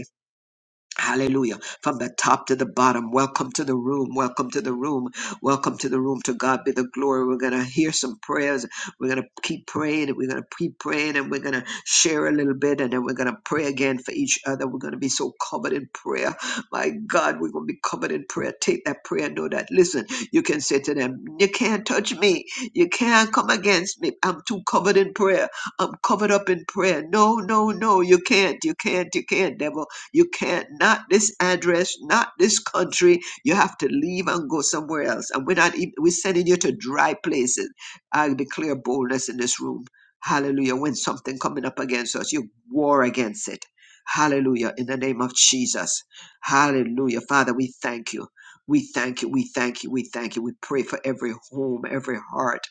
Hallelujah. From the top to the bottom. Welcome to the room. Welcome to the room. Welcome to the room. To God be the glory. We're going to hear some prayers. We're going to keep praying and we're going to keep praying and we're going to share a little bit and then we're going to pray again for each other. We're going to be so covered in prayer. My God, we're going to be covered in prayer. Take that prayer. Know that. Listen, you can say to them, you can't touch me. You can't come against me. I'm too covered in prayer. I'm covered up in prayer. No, no, no. You can't. You can't. You can't, devil. You can't, not this address, not this country. You have to leave and go somewhere else. And we're not, even, we're sending you to dry places. I declare boldness in this room. Hallelujah. When something coming up against us, you war against it. Hallelujah. In the name of Jesus. Hallelujah. Father, we thank you. We thank you. We thank you. We thank you. We pray for every home, every heart.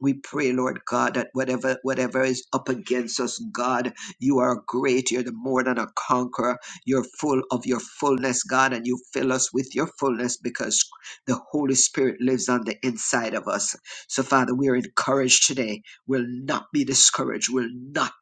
We pray, Lord God, that whatever whatever is up against us, God, you are great. You're the more than a conqueror. You're full of your fullness, God, and you fill us with your fullness because the Holy Spirit lives on the inside of us. So, Father, we are encouraged today. We'll not be discouraged. We'll not,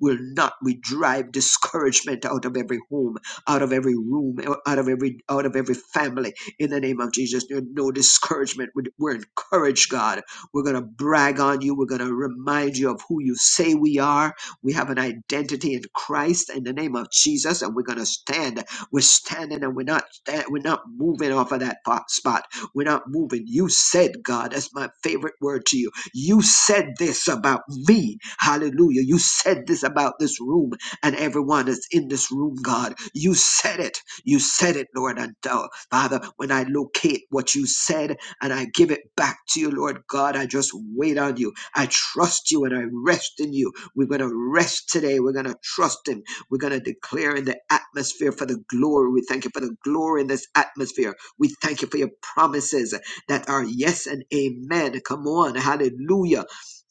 we'll not. We drive discouragement out of every home, out of every room, out of every, out of every family. In the name of Jesus, there's no discouragement. We- We're encouraged, God. We're gonna brag on you. We're gonna remind you of who you say we are we have an identity in Christ in the name of Jesus, and we're going to stand. We're standing, and we're not stand, we're not moving off of that fo- spot. We're not moving. You said, God, that's my favorite word to you. You said this about me. Hallelujah. You said this about this room and everyone that's in this room, God. You said it. You said it, Lord. And uh, Father, when I locate what you said and I give it back to you, Lord God, I just wait on you. I trust you and I rest in you. We're going to rest today. We're going to trust Him. We're going to declare in the atmosphere for the glory. We thank you for the glory in this atmosphere. We thank you for your promises that are yes and amen. Come on. Hallelujah.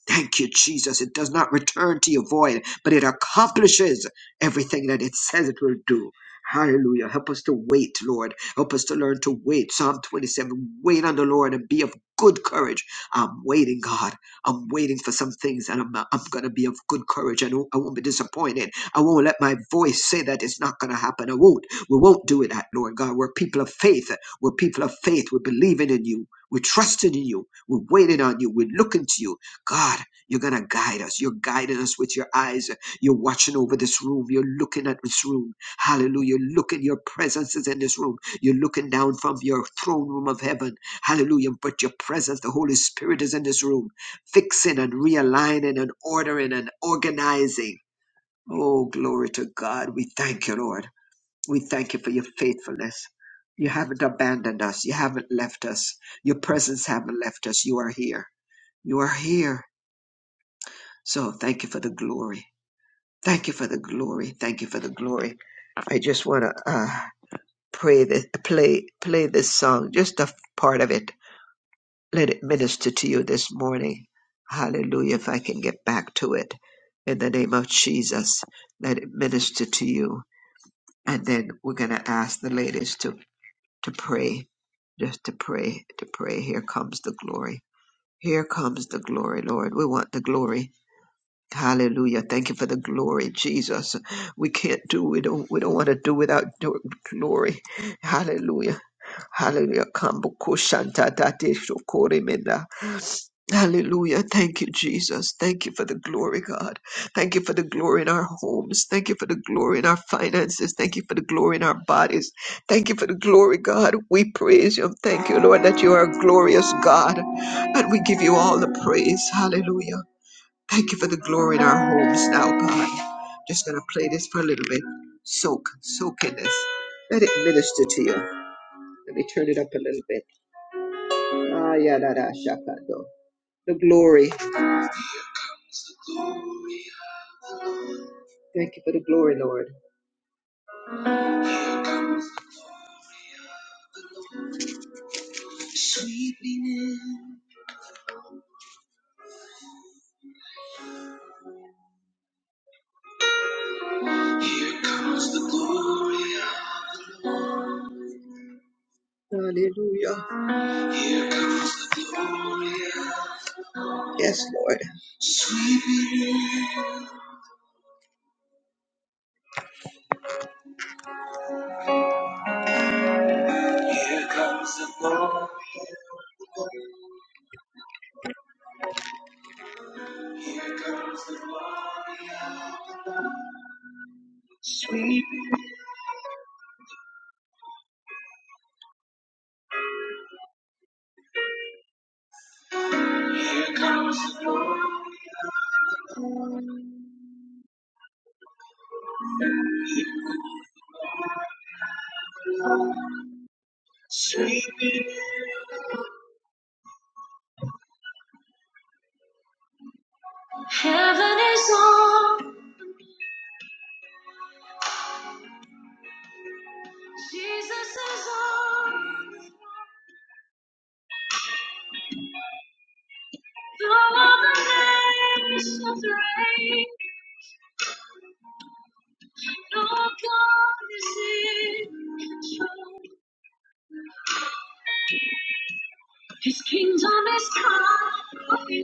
Thank you, Jesus. It does not return to you void, but it accomplishes everything that it says it will do. Hallelujah. Help us to wait, Lord. Help us to learn to wait. Psalm 27 Wait on the Lord and be of good courage. I'm waiting, God. I'm waiting for some things, and I'm, I'm going to be of good courage. I, don't, I won't be disappointed. I won't let my voice say that it's not going to happen. I won't. We won't do it, Lord God. We're people of faith. We're people of faith. We're believing in you. We're trusting in you. We're waiting on you. We're looking to you. God, you're going to guide us. You're guiding us with your eyes. You're watching over this room. You're looking at this room. Hallelujah. You're looking. your presence is in this room. You're looking down from your throne room of heaven. Hallelujah. But your presence, the Holy Spirit is in this room, fixing and realigning and ordering and organizing. Oh, glory to God. We thank you, Lord. We thank you for your faithfulness. You haven't abandoned us. You haven't left us. Your presence haven't left us. You are here. You are here. So thank you for the glory. Thank you for the glory. Thank you for the glory. I just want to uh, pray this, play, play this song, just a part of it. Let it minister to you this morning. Hallelujah. If I can get back to it in the name of Jesus, let it minister to you. And then we're going to ask the ladies to, to pray, just to pray, to pray. Here comes the glory. Here comes the glory, Lord. We want the glory. Hallelujah. Thank you for the glory, Jesus. We can't do, we don't, we don't want to do without your glory. Hallelujah. Hallelujah. Kambuku shanta date shokore menda. Hallelujah. Thank you, Jesus. Thank you for the glory, God. Thank you for the glory in our homes. Thank you for the glory in our finances. Thank you for the glory in our bodies. Thank you for the glory, God. We praise you. Thank you, Lord, that you are a glorious God. And we give you all the praise. Hallelujah. Thank you for the glory in our homes now, God. Just gonna play this for a little bit. Soak, soak in this. Let it minister to you. Let me turn it up a little bit. Ah, yeah, da, da, shakando. The glory. Thank you for the glory, Lord. Hallelujah. Yes, Lord. Here comes the glory. Heaven is on. Jesus is on. Though other name is so great. No God is in. control. His kingdom is coming,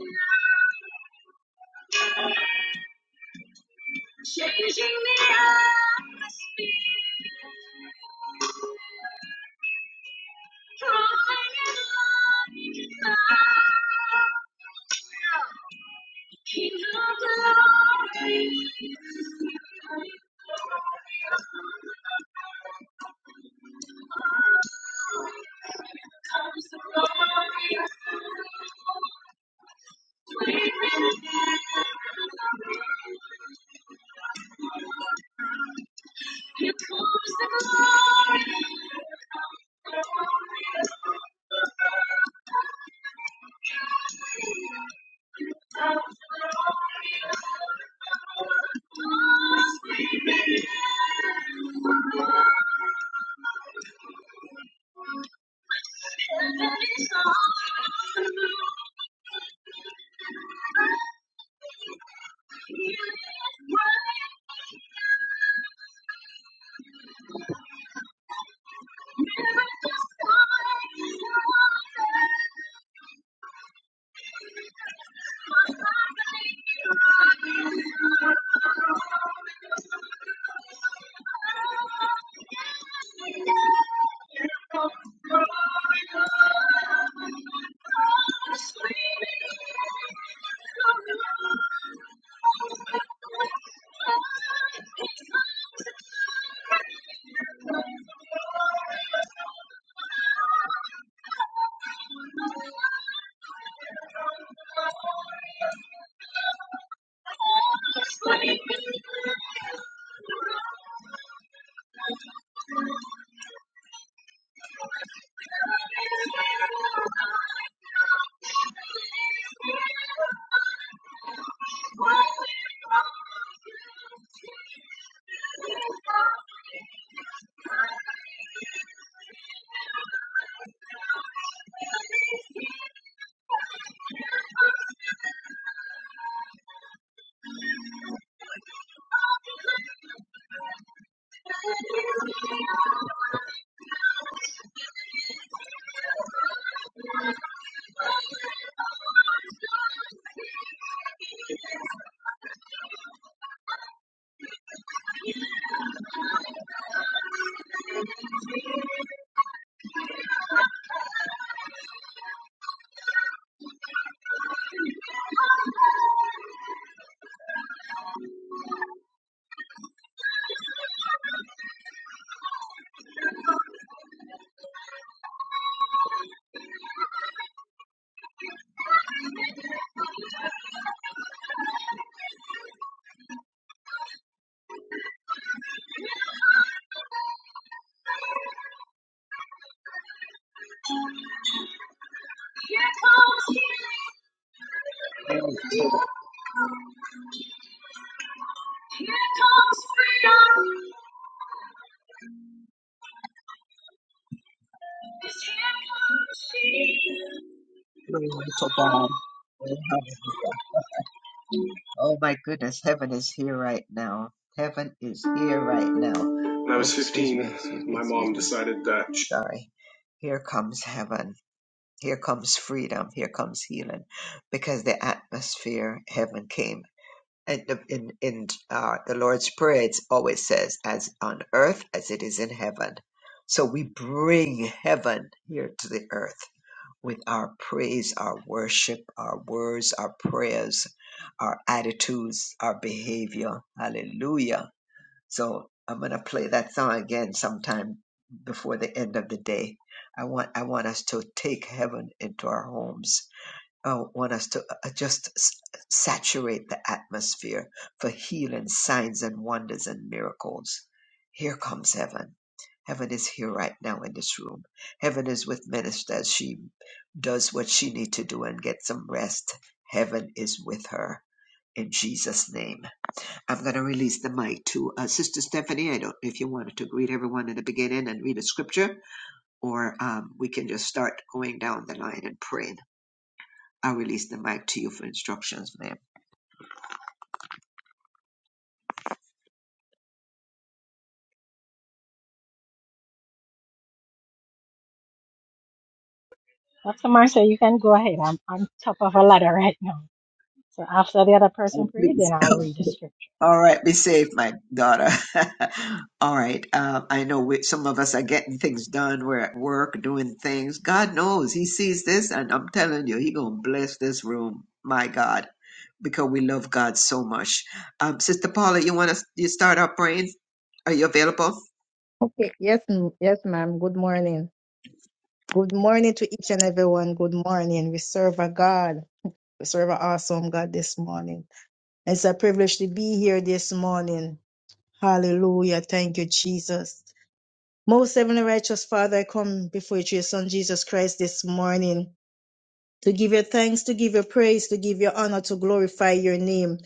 changing the atmosphere. Drawing in light, the King of glory. Comes the glory, Here comes freedom. Is here. Glory to God. Oh my goodness, heaven is here right now. Heaven is here right now. When I Oh, was excuse me, 15, excuse me, my excuse mom me. decided that she Sorry. Here comes heaven. Here comes freedom. Here comes healing. Because the atmosphere, heaven came. And the- in, in uh, the Lord's Prayer, it always says, as on earth as it is in heaven. So we bring heaven here to the earth with our praise, our worship, our words, our prayers, our attitudes, our behavior. Hallelujah. So I'm going to play that song again sometime before the end of the day. I want I want us to take heaven into our homes uh, want us to uh, uh, just s- saturate the atmosphere for healing, signs, and wonders and miracles. Here comes heaven. Heaven is here right now in this room. Heaven is with Minister as she does what she needs to do and get some rest. Heaven is with her in Jesus' name. I'm going to release the mic to uh, Sister Stephanie. I don't know if you wanted to greet everyone in the beginning and read a scripture, or um, we can just start going down the line and praying. I release the mic to you for instructions, ma'am. Dr. Marcia, you can go ahead. I'm on top of a ladder right now. So after the other person Oh, pray, then please. I'll [LAUGHS] read the scriptures. All right, be safe, my daughter. [LAUGHS] All right. Uh, I know we, some of us are getting things done. We're at work doing things. God knows He sees this, and I'm telling you, He gonna bless this room. My God, because we love God so much. Um, Sister Paula, you want to you start our praying? Are you available? Okay, yes, m- yes, ma'am. Good morning. Good morning to each and everyone. Good morning. We serve a God. We serve an awesome God this morning. It's a privilege to be here this morning. Hallelujah. Thank you, Jesus. Most heavenly righteous Father, I come before you, your Son Jesus Christ, this morning to give you thanks, to give you praise, to give you honor, to glorify your name,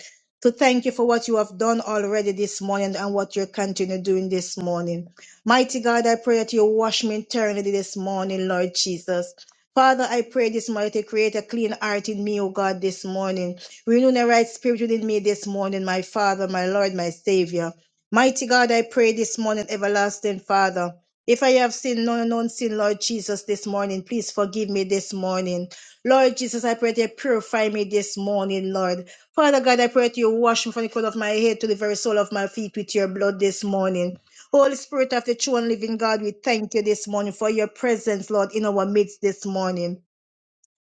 to thank you for what you have done already this morning and what you're continuing doing this morning. Mighty God, I pray that you wash me eternally this morning, Lord Jesus. Father, I pray this morning to create a clean heart in me, O God, this morning. Renew the right spirit within me this morning, my Father, my Lord, my Savior. Mighty God, I pray this morning, everlasting Father. If I have sinned, known and unseen, Lord Jesus, this morning, please forgive me this morning. Lord Jesus, I pray that you purify me this morning, Lord. Father God, I pray that you wash me from the crown of my head to the very sole of my feet with your blood this morning. Holy Spirit of the true and living God, we thank you this morning for your presence, Lord, in our midst this morning.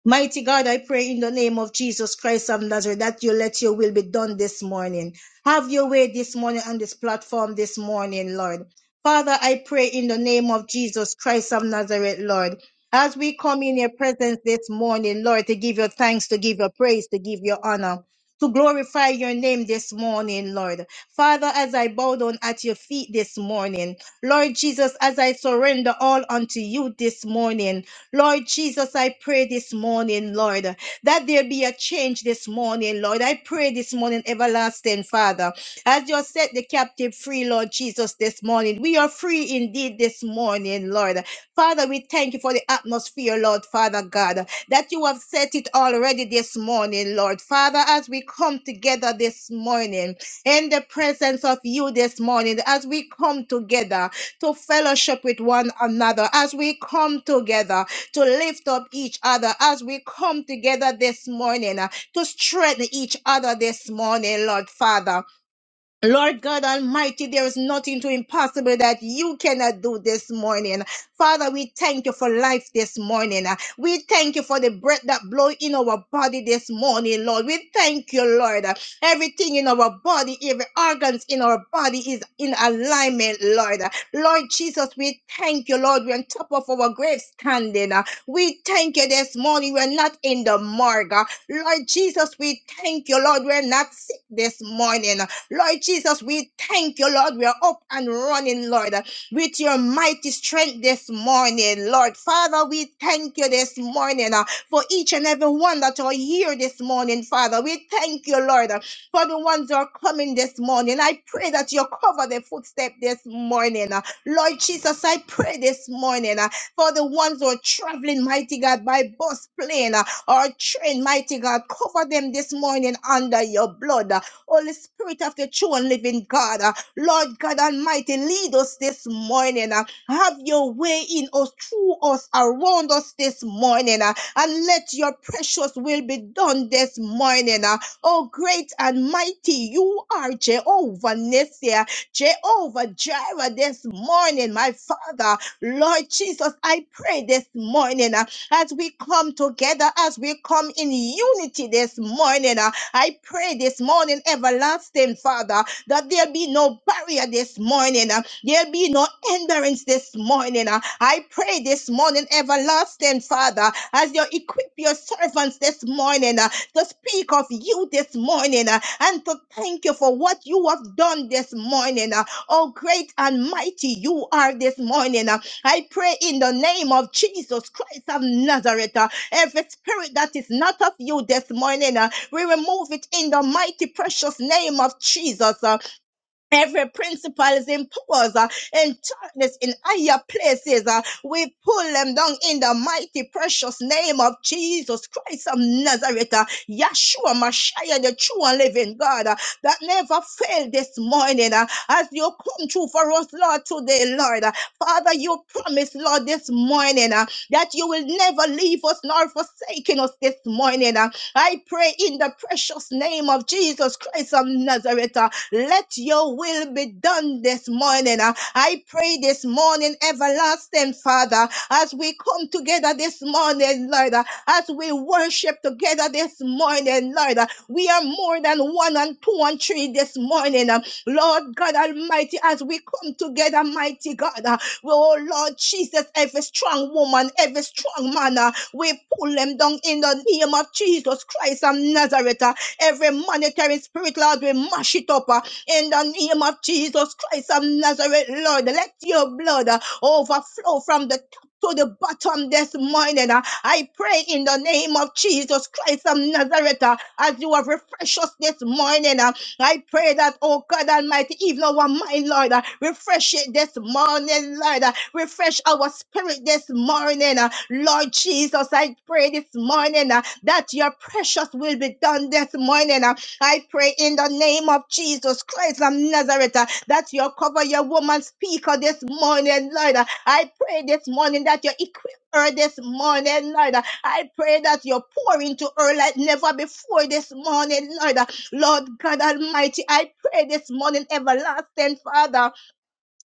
Mighty God, I pray in the name of Jesus Christ of Nazareth that you let your will be done this morning. Have your way this morning on this platform this morning, Lord. Father, I pray in the name of Jesus Christ of Nazareth, Lord. As we come in your presence this morning, Lord, to give you thanks, to give you praise, to give you honor, to glorify your name this morning, Lord. Father, as I bow down at your feet this morning, Lord Jesus, as I surrender all unto you this morning, Lord Jesus, I pray this morning, Lord, that there be a change this morning, Lord. I pray this morning, everlasting Father, as you set the captive free, Lord Jesus, this morning. We are free indeed this morning, Lord. Father, we thank you for the atmosphere, Lord, Father God, that you have set it already this morning, Lord. Father, as we come together this morning in the presence of you this morning, as we come together to fellowship with one another, as we come together to lift up each other as we come together this morning, uh, to strengthen each other this morning, Lord Father. Lord God Almighty, there is nothing too impossible that you cannot do this morning. Father, we thank you for life this morning. We thank you for the breath that blows in our body this morning, Lord. We thank you, Lord. Everything in our body, every organs in our body is in alignment, Lord. Lord Jesus, we thank you, Lord. We're on top of our grave standing. We thank you this morning. We're not in the morgue. Lord Jesus, we thank you, Lord. We're not sick this morning. Lord Jesus, we thank you, Lord. We are up and running, Lord, with your mighty strength this morning, Lord. Father, we thank you this morning uh, for each and every one that are here this morning, Father. We thank you, Lord, uh, for the ones that are coming this morning. I pray that you cover their footstep this morning. uh. Lord Jesus, I pray this morning uh, for the ones who are traveling, mighty God, by bus, plane, uh, or train, mighty God. Cover them this morning under your blood. Holy Spirit of the true and living God, uh, Lord God Almighty, lead us this morning. uh, Have your way in us, through us, around us this morning, uh, and let your precious will be done this morning. uh. Oh, great and mighty, you are Jehovah Nissi, uh, Jehovah Jireh this morning, my Father. Lord Jesus, I pray this morning uh, as we come together, as we come in unity this morning. uh, I pray this morning, everlasting Father, that there be no barrier this morning. uh, There be no hindrance this morning. uh. I pray this morning, everlasting Father, as you equip your servants this morning uh, to speak of you this morning uh, and to thank you for what you have done this morning. uh. Oh, great and mighty you are this morning. uh. I pray in the name of Jesus Christ of Nazareth, uh, every spirit that is not of you this morning. uh, we remove it in the mighty precious name of Jesus. Uh, Every principalities in powers uh, in darkness in higher places, uh, we pull them down in the mighty precious name of Jesus Christ of Nazareth, uh, Yeshua Mashiach, the true and living God uh, that never failed this morning. uh, as you come through for us, Lord, today, Lord, uh, Father, you promised, Lord, this morning uh, that you will never leave us nor forsaken us this morning. uh, I pray in the precious name of Jesus Christ of Nazareth. uh, let your will be done this morning. Uh, I pray this morning, everlasting Father, as we come together this morning, Lord, uh, as we worship together this morning, Lord, uh, we are more than one and two and three this morning. uh, Lord God Almighty, as we come together, mighty God, uh, oh Lord Jesus, every strong woman, every strong man, uh, we pull them down in the name of Jesus Christ of Nazareth. uh, Every monetary, spirit, Lord, we mash it up uh, in the name of Jesus Christ of Nazareth, Lord. Let your blood uh, overflow from the top to the bottom this morning. uh. I pray in the name of Jesus Christ of Nazareth uh, as you have refreshed us this morning. uh, I pray that, oh God Almighty, even our mind, Lord, uh, refresh it this morning, Lord. uh, Refresh our spirit this morning. uh, Lord Jesus, I pray this morning uh, that your precious will be done this morning. uh, I pray in the name of Jesus Christ of Nazareth uh, that you cover your woman speaker this morning, Lord. Uh, I pray this morning that you equip her this morning, Lord. Uh, I pray that you pour into her like never before this morning, Lord. uh, Lord God Almighty, I pray this morning, everlasting Father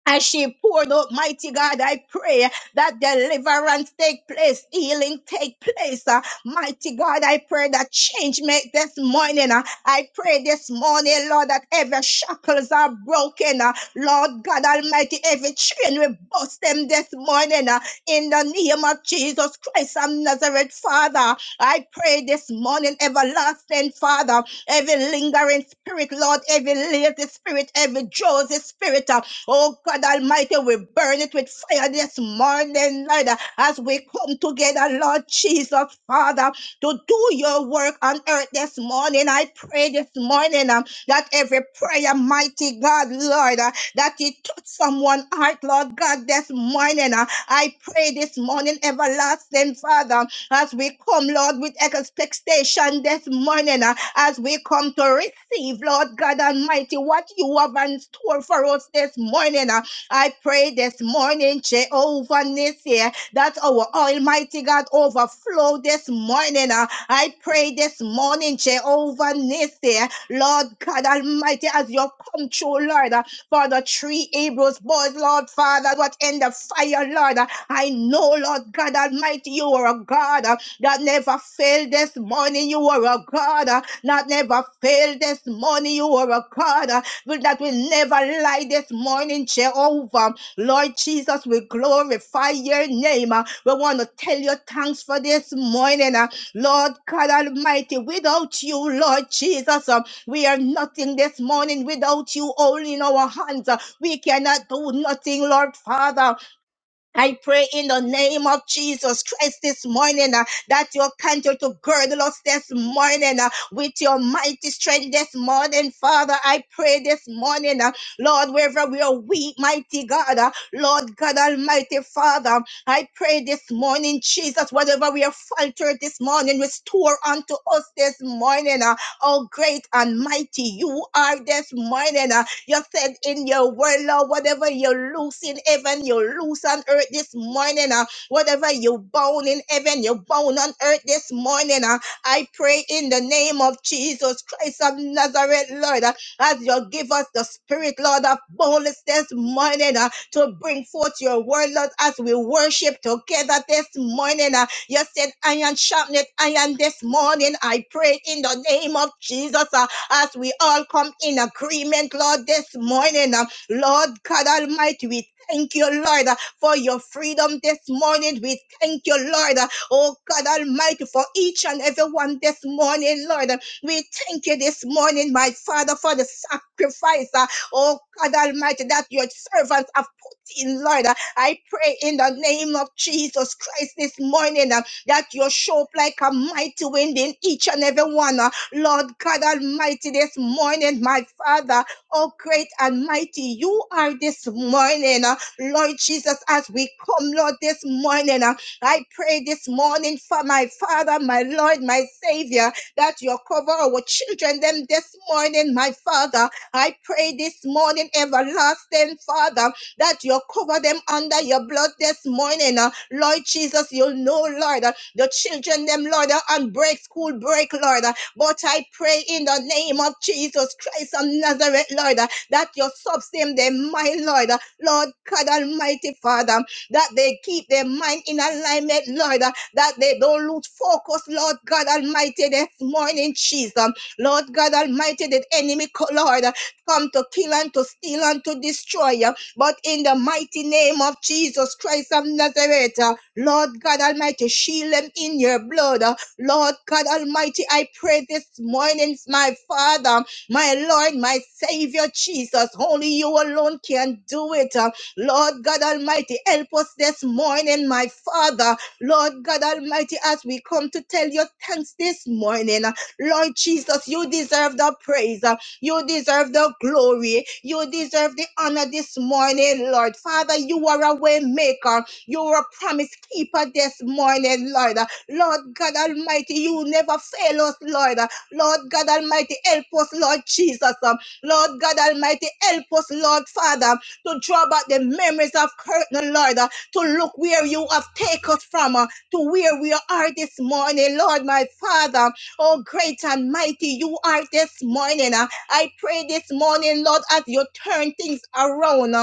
as she poured out, mighty God, I pray that deliverance take place, healing take place. Uh, mighty God, I pray that change make this morning. Uh, I pray this morning, Lord, that every shackles are broken. Uh, Lord God Almighty, every chain will bust them this morning. Uh, in the name of Jesus Christ of Nazareth, Father, I pray this morning, everlasting Father, every lingering spirit, Lord, every lazy spirit, every Joseph spirit. uh, Oh God Almighty, we burn it with fire this morning, Lord, as we come together, Lord Jesus, Father, to do your work on earth this morning. I pray this morning um, that every prayer, mighty God, Lord, uh, that it touch someone heart, Lord God, this morning. uh, I pray this morning, everlasting Father, as we come, Lord, with expectation this morning. uh, as we come to receive, Lord God Almighty, what you have in store for us this morning. Uh, I pray this morning, Jehovah Nissi, that our Almighty God overflow this morning. Uh, I pray this morning, Jehovah Nissi, Lord God Almighty, as you come true, Lord, uh, for the three Hebrews boys, Lord Father, what in the fire, Lord. uh, I know, Lord God Almighty, you are a God uh, that never failed this morning. You are a God uh, not never fail this morning. You are a God uh, will- that will never lie this morning, Jehovah. Lord Jesus, we glorify your name. uh. We want to tell you thanks for this morning. uh. Lord God Almighty, without you, Lord Jesus, uh, we are nothing this morning. Without you, all in our hands, uh, we cannot do nothing, Lord Father. I pray in the name of Jesus Christ this morning uh, that you'll continue to girdle us this morning uh, with your mighty strength this morning, Father. I pray this morning, uh, Lord, wherever we are weak, mighty God, uh, Lord God Almighty, Father, I pray this morning, Jesus, whatever we are faltered this morning, restore unto us this morning. Uh, oh, great and mighty you are this morning. uh, you said in your word, Lord, whatever you loose in heaven, you loose on earth this morning. Uh, whatever you bound in heaven, you bound on earth this morning. Uh, I pray in the name of Jesus Christ of Nazareth, Lord, uh, as you give us the spirit, Lord, of boldness this morning uh, to bring forth your word, Lord, as we worship together this morning. Uh, you said, iron sharpened iron this morning. I pray in the name of Jesus. uh, as we all come in agreement, Lord, this morning. uh, Lord God Almighty, we thank you, Lord, uh, for your freedom this morning. We thank you, Lord, uh, oh God Almighty, for each and every one this morning, Lord. Uh, We thank you this morning, my Father, for the sacrifice, uh, oh God Almighty, that your servants have put in, Lord. Uh, I pray in the name of Jesus Christ this morning uh, that you show up like a mighty wind in each and every one. Lord God Almighty, this morning, my Father, oh great and mighty, you are this morning, uh, Lord Jesus, as we come, Lord, this morning. uh, I pray this morning for my Father, my Lord, my Savior, that you cover our children, them this morning, my Father. I pray this morning, everlasting Father, that you cover them under your blood this morning. uh, Lord Jesus, you know, Lord, uh, the children, them, Lord, uh, on break, school break, Lord. uh, but I pray in the name of Jesus Christ of Nazareth, Lord, uh, that you sustain them, my Lord, uh, Lord God Almighty Father, that they keep their mind in alignment, Lord, uh, that they don't lose focus, Lord God Almighty, this morning, Jesus. Lord God Almighty, the enemy, co- Lord, uh, come to kill and to steal and to destroy. uh, But in the mighty name of Jesus Christ of Nazareth, uh, Lord God Almighty, shield them in your blood. uh, Lord God Almighty, I pray this morning, my Father, my Lord, my Savior Jesus, only you alone can do it. Uh, Lord God Almighty, help us this morning, my Father. Lord God Almighty, as we come to tell You thanks this morning, uh, Lord Jesus, you deserve the praise. uh, You deserve the glory. You deserve the honor this morning, Lord. Father, you are a way maker. You are a promise keeper this morning, Lord. Lord God Almighty, you never fail us, Lord. Lord God Almighty, help us, Lord Jesus. Lord God Almighty, help us, Lord Father, to draw back the memories of curtain, Lord, to look where you have taken us from, uh, to where we are this morning, Lord, my Father. Oh, great and mighty, you are this morning. uh. I pray this morning, Lord, as you turn things around. uh,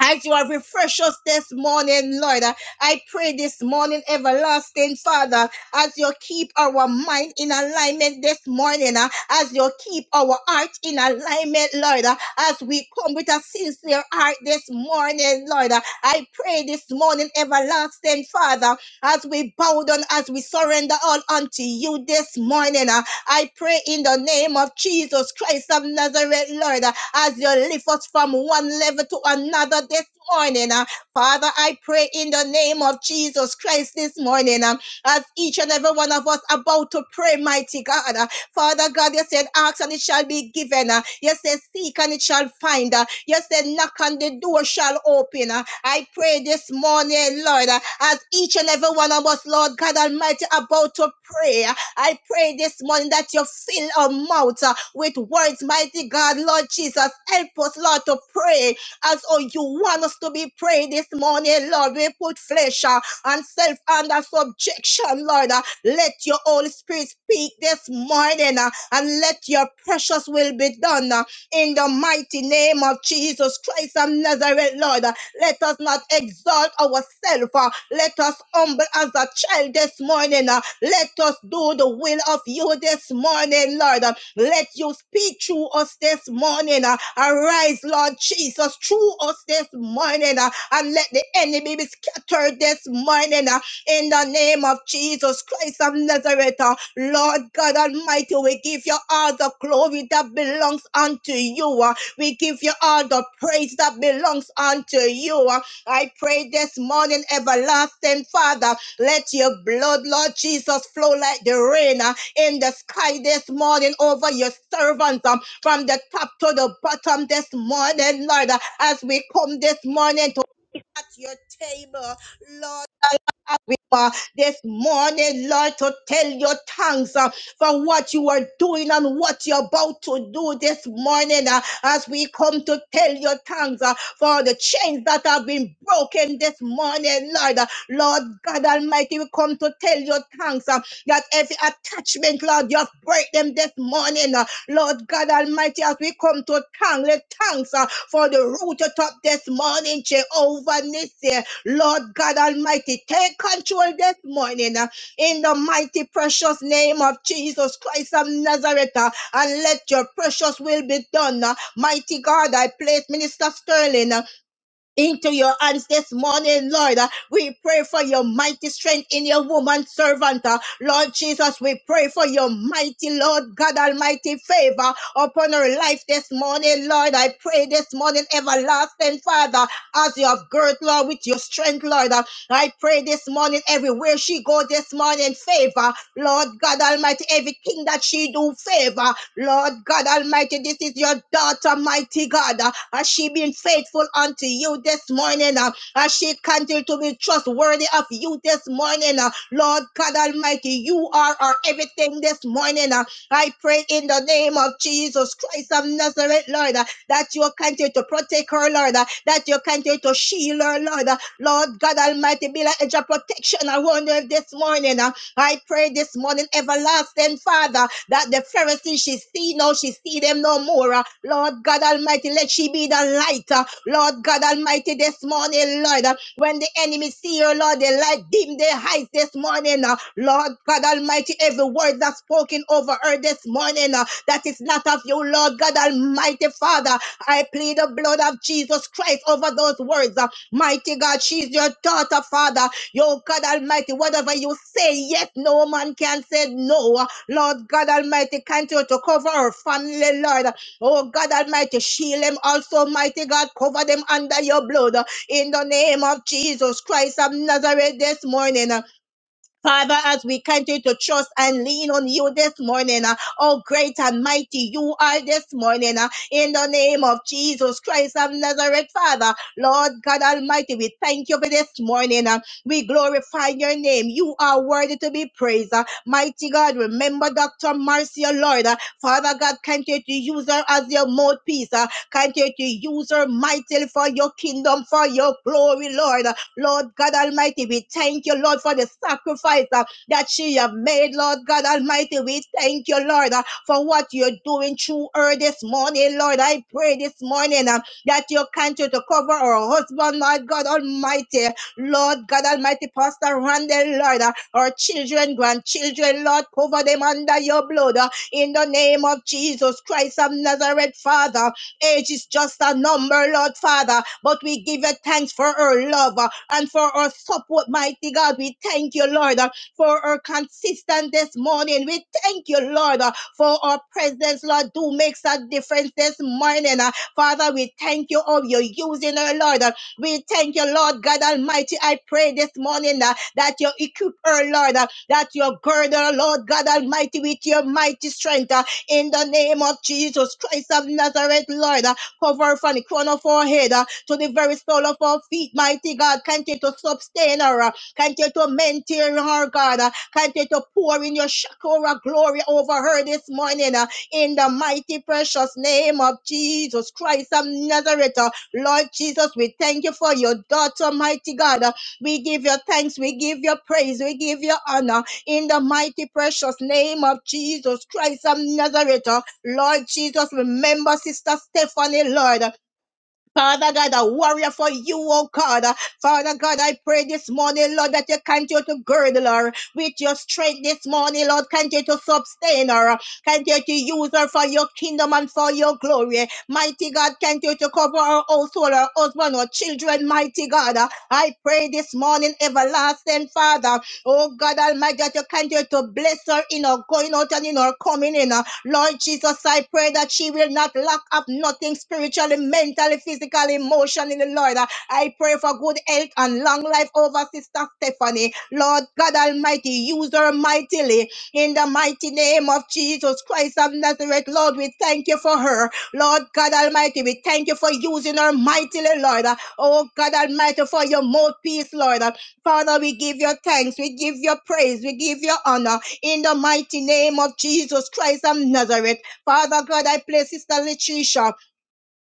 as you have refreshed us this morning, Lord, I pray this morning, everlasting Father, as you keep our mind in alignment this morning, uh, as you keep our heart in alignment, Lord, uh, as we come with a sincere heart this morning, Lord, uh, I pray this morning, everlasting Father, as we bow down, as we surrender all unto you this morning, uh, I pray in the name of Jesus Christ of Nazareth, Lord, uh, as you lift us from one level to another this morning. uh, Father, I pray in the name of Jesus Christ this morning, uh, as each and every one of us about to pray, mighty God. uh, Father God, you said, ask and it shall be given. uh, You said, seek and it shall find. uh, You said, knock and the door shall open. uh, I pray this morning, Lord, uh, as each and every one of us, Lord God Almighty, about to pray. Uh, I pray this morning that you fill our mouth uh, with words, mighty God, Lord Jesus. Help us, Lord, to pray as oh, you want us to be prayed this morning, Lord. We put flesh uh, and self under subjection, Lord. Uh, Let your Holy Spirit speak this morning uh, and let your precious will be done uh, in the mighty name of Jesus Christ of Nazareth, Lord. Let us not exalt ourselves. uh, Let us humble as a child this morning. uh, Let us do the will of you this morning, Lord. uh, Let you speak through us this morning. uh, Arise, Lord Jesus, through us this morning. uh, And let the enemy be scattered this morning. uh, in the name of Jesus Christ of Nazareth. uh, Lord God Almighty, we give you all the glory that belongs unto you. uh, we give you all the praise that belongs unto you. I pray this morning, everlasting Father, let your blood, Lord Jesus, flow like the rain uh, in the sky this morning over your servants um, from the top to the bottom this morning, Lord, uh, as we come this morning to at your table. Lord uh, this morning, Lord, to tell your tongues uh, for what you are doing and what you're about to do this morning uh, as we come to tell your tongues uh, for the chains that have been broken this morning, Lord. Uh, Lord God Almighty, we come to tell your tongues uh, that every attachment, Lord, you have break them this morning, uh, Lord God Almighty, as we come to tongue, let tongues uh, for the root up this morning, Jehovah Nissi. Lord God Almighty, take control this morning uh, in the mighty precious name of Jesus Christ of Nazareth uh, and let your precious will be done. uh. Mighty God, I place Minister Sterling. uh, into your hands this morning, Lord. Uh, We pray for your mighty strength in your woman servant. uh, Lord Jesus, we pray for your mighty, Lord God Almighty favor upon her life this morning, Lord. I pray this morning, everlasting Father, as you have girt, Lord, with your strength, Lord. Uh, I pray this morning, everywhere she go this morning, favor, Lord God Almighty, everything that she do, favor, Lord God Almighty, this is your daughter, mighty God. uh, Has she been faithful unto you this morning? uh, Has she continued to be trustworthy of you this morning? uh, Lord God Almighty, you are our everything this morning. uh, I pray in the name of Jesus Christ of Nazareth, Lord, uh, that you continue to protect her, Lord, uh, that you continue to shield her, Lord. uh, Lord God Almighty, be like a hedge of protection around her this morning. uh, I pray this morning, everlasting Father, that the Pharisees she see now, she see them no more. uh. Lord God Almighty, let she be the light. uh. Lord God Almighty, this morning, Lord, uh, when the enemy see you, Lord, they light dim their eyes this morning. uh. Lord God Almighty, every word that's spoken over her this morning, uh, that is not of you, Lord God Almighty Father. I plead the blood of Jesus Christ over those words. uh. Mighty God, she's your daughter, Father. Yo, God Almighty, whatever you say, yes, no man can say no. Lord God Almighty, continue to cover our family, Lord. Oh, God Almighty, shield them also, mighty God, cover them under your blood. In the name of Jesus Christ of Nazareth this morning. Father, as we continue to trust and lean on you this morning, uh, oh great and mighty you are this morning, uh, in the name of Jesus Christ of Nazareth, Father, Lord God Almighty, we thank you for this morning. uh, we glorify your name. You are worthy to be praised. uh, mighty God, remember Dr. Marcia, Lord. uh, Father God, continue to use her as your mouthpiece. Uh, continue to use her mightily for your kingdom, for your glory, Lord. Lord God Almighty, we thank you, Lord, for the sacrifice uh, that she have made, Lord God Almighty. We thank you, Lord, uh, for what you're doing through her this morning, Lord. I pray this morning uh, that you continue to cover her husband, my God Almighty, Lord God Almighty, Pastor Randall, Lord, uh, our children, grandchildren, Lord, cover them under your blood uh, in the name of Jesus Christ of Nazareth, Father. Age is just a number, Lord Father, but we give you thanks for her love uh, and for her support, mighty God. We thank you, Lord, uh, for her consistent this morning. We thank you, Lord, uh, for our presence, Lord, do makes a difference this morning. uh. Father, we thank you, oh, you're using her, Lord. uh, we thank you, Lord God Almighty. I pray this morning uh, that you equip her, Lord, uh, that you gird her, Lord God Almighty, with your mighty strength. uh, in the name of Jesus Christ of Nazareth, Lord. Uh, Cover from the crown of our head uh, to the very sole of our feet, mighty God. Continue to sustain her. uh, Continue to maintain her, God. uh, Continue to pour in your Shakora glory over her this morning. uh, In the mighty, precious name of Jesus Christ of Nazareth, uh, Lord Jesus, we thank you for your daughter, mighty God. uh, We give you thanks. We give you praise. We give you honor in the mighty precious name of Jesus Christ of Nazareth. uh, Lord Jesus, remember Sister Stephanie, Lord. Father God, a warrior for you, oh God. Father God, I pray this morning, Lord, that you continue to girdle her with your strength this morning, Lord. Continue to sustain her. Continue to use her for your kingdom and for your glory. Mighty God, continue to cover her household, her husband, her children, mighty God. I pray this morning, everlasting Father. Oh God Almighty, that you continue to bless her in her going out and in her coming in. Lord Jesus, I pray that she will not lock up nothing spiritually, mentally, physically, emotionally, Lord. I pray for good health and long life over Sister Stephanie. Lord God Almighty, use her mightily in the mighty name of Jesus Christ of Nazareth. Lord, we thank you for her. Lord God Almighty, we thank you for using her mightily, Lord. Oh God Almighty, for your mouthpiece, Lord. Father, we give you thanks, we give you praise, we give you honor in the mighty name of Jesus Christ of Nazareth. Father God, I place Sister Letitia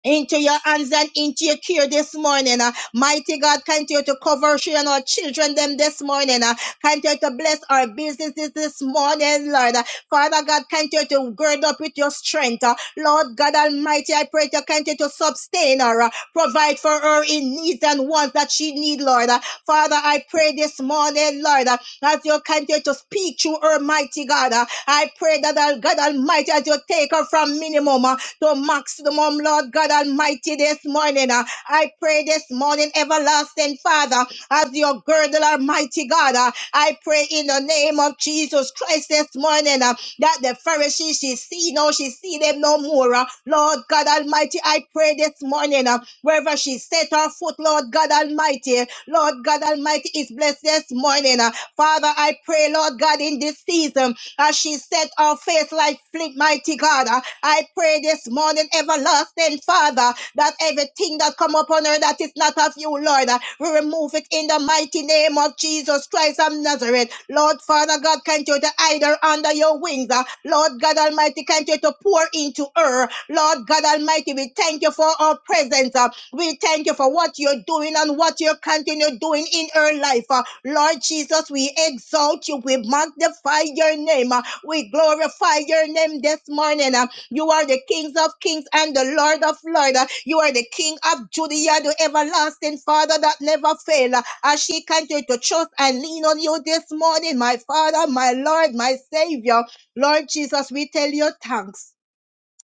into your hands and into your care this morning. uh. mighty God, continue to cover she and our children them this morning. Uh, continue to bless our businesses this morning, Lord. Uh, Father God, continue to gird up with your strength. uh. Lord God Almighty, I pray to continue to sustain her, uh, provide for her in needs and wants that she need, Lord. Uh, Father, I pray this morning, Lord, uh, as you continue to speak to her, mighty God. uh, I pray that uh, God Almighty, as you take her from minimum. uh, to maximum, Lord God Almighty, this morning. Uh, I pray this morning, everlasting Father, as your girdle, Almighty God. uh, I pray in the name of Jesus Christ this morning uh, that the Pharisees she see now, she see them no more. uh. Lord God Almighty, I pray this morning uh, wherever she set her foot, Lord God Almighty, Lord God Almighty is blessed this morning. uh. Father, I pray, Lord God, in this season as she set her face like flint, mighty God. Uh, I pray this morning, everlasting Father, that everything that come upon her that is not of you, Lord, uh, we remove it in the mighty name of Jesus Christ of Nazareth. Lord, Father God, can't you to hide her under your wings? uh, Lord, Lord God Almighty, continue to pour into her. Lord God Almighty, we thank you for our presence. Uh, We thank you for what you're doing and what you continue doing in her life. Uh, Lord Jesus, we exalt you. We magnify your name. Uh, We glorify your name this morning. Uh, You are the King of kings and the Lord of lords. Uh, You are the King of Judea, the everlasting Father that never fail. Uh, As she continues to trust and lean on you this morning, my Father, my Lord, my Savior. Lord Jesus, we tell you thanks.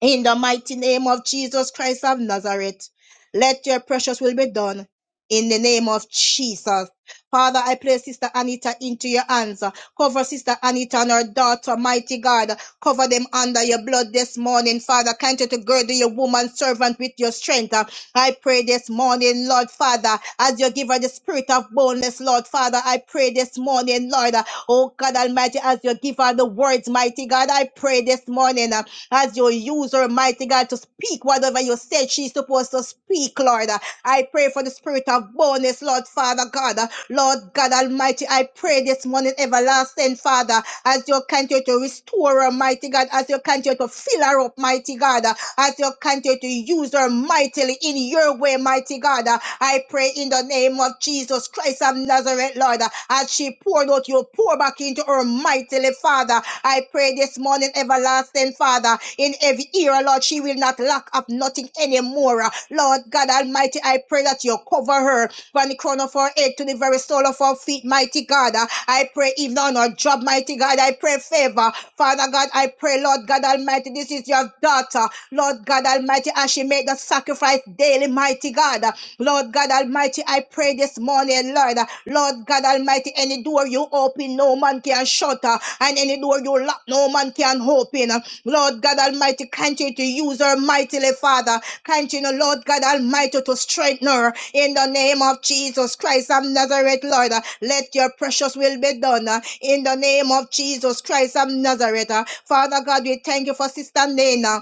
In the mighty name of Jesus Christ of Nazareth, let your precious will be done. In the name of Jesus. Father, I place Sister Anita into your hands. Cover Sister Anita and her daughter, mighty God. Cover them under your blood this morning, Father. Continue to gird your woman servant with your strength. I pray this morning, Lord Father, as you give her the spirit of boldness, Lord Father. I pray this morning, Lord, oh God Almighty, as you give her the words, mighty God. I pray this morning. uh, as you use her, mighty God, to speak whatever you said she's supposed to speak, Lord. I pray for the spirit of boldness, Lord Father God. Lord God Almighty, I pray this morning, everlasting Father, as you continue to restore her, mighty God, as you continue to fill her up, mighty God, as you continue to use her mightily in your way, mighty God. I pray in the name of Jesus Christ of Nazareth, Lord, as she poured out, you pour back into her mightily, Father. I pray this morning, everlasting Father, in every era, Lord, she will not lack up nothing anymore. Lord God Almighty, I pray that you cover her from the crown of her head to the very sole of her feet, mighty God. I pray even on her job, mighty God. I pray favor. Father God, I pray, Lord God Almighty, this is your daughter. Lord God Almighty, as she made the sacrifice daily, mighty God. Lord God Almighty, I pray this morning, Lord. uh, Lord God Almighty, any door you open, no man can shut. uh, And any door you lock, no man can open. uh. Lord God Almighty, continue to use her mightily, Father. Continue, Lord God Almighty, to strengthen her in the name of Jesus Christ of Nazareth, Lord. uh, Let your precious will be done uh, in the name of Jesus Christ of Nazareth. uh. Father God, we thank you for Sister Nana.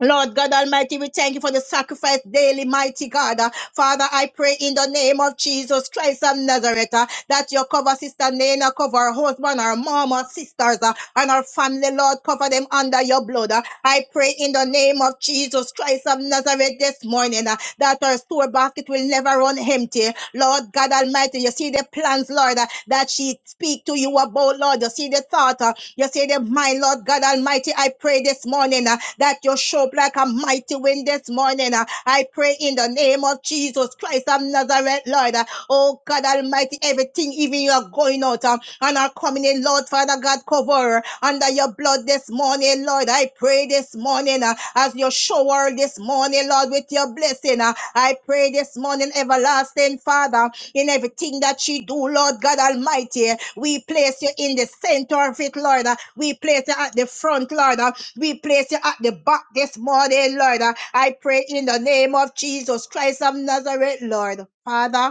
Lord God Almighty, we thank you for the sacrifice daily, mighty God. Uh, Father, I pray in the name of Jesus Christ of Nazareth uh, that you cover Sister Nana, cover her husband, her mom, her sisters, uh, and her family, Lord. Cover them under your blood. Uh, I pray in the name of Jesus Christ of Nazareth this morning uh, that her store basket will never run empty. Lord God Almighty, you see the plans, Lord, uh, that she speak to you about, Lord. You see the thought, uh, you see them, my Lord God Almighty, I pray this morning uh, that you show up like a mighty wind this morning. uh. I pray in the name of Jesus Christ of Nazareth, Lord. uh, Oh God Almighty, everything, even you are going out um, and are coming in, Lord Father God, cover her under your blood this morning, Lord. I pray this morning uh, as you shower this morning, Lord, with your blessing. uh, I pray this morning, everlasting Father in everything that she do, Lord God Almighty. We place you in the center of it, Lord. We place you at the front, Lord. We place you at the back this morning, Lord. I pray in the name of Jesus Christ of Nazareth, Lord. Father.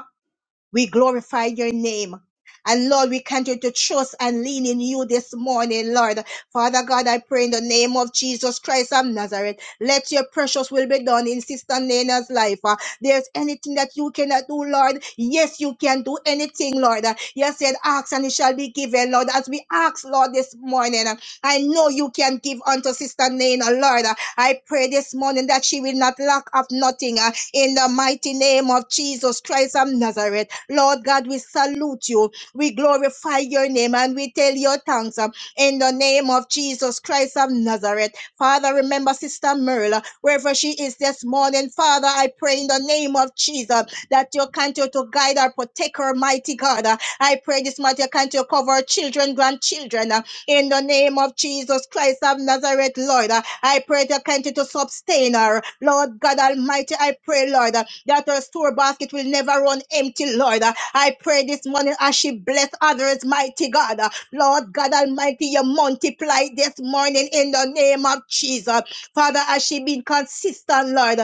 We glorify your name. And Lord, we continue to trust and lean in you this morning, Lord. Father God, I pray in the name of Jesus Christ of Nazareth, let your precious will be done in Sister Nana's life. Uh, There's anything that you cannot do, Lord. Yes, you can do anything, Lord. Uh, You said, ask and it shall be given, Lord. As we ask, Lord, this morning, uh, I know you can give unto Sister Nana, Lord. Uh, I pray this morning that she will not lack of nothing uh, in the mighty name of Jesus Christ of Nazareth. Lord God, we salute you. We glorify your name and we tell your thanks um, in the name of Jesus Christ of Nazareth. Father, remember Sister Merla, wherever she is this morning. Father, I pray in the name of Jesus that you continue to guide her, protect her, mighty God. Uh, I pray this morning you continue to cover her children, grandchildren, uh, in the name of Jesus Christ of Nazareth, Lord. Uh, I pray that you continue to sustain her. Lord God Almighty, I pray, Lord, uh, that her store basket will never run empty, Lord. I pray this morning as she bless others, mighty God. Lord God Almighty, you multiply this morning in the name of Jesus. Father, as she been consistent, Lord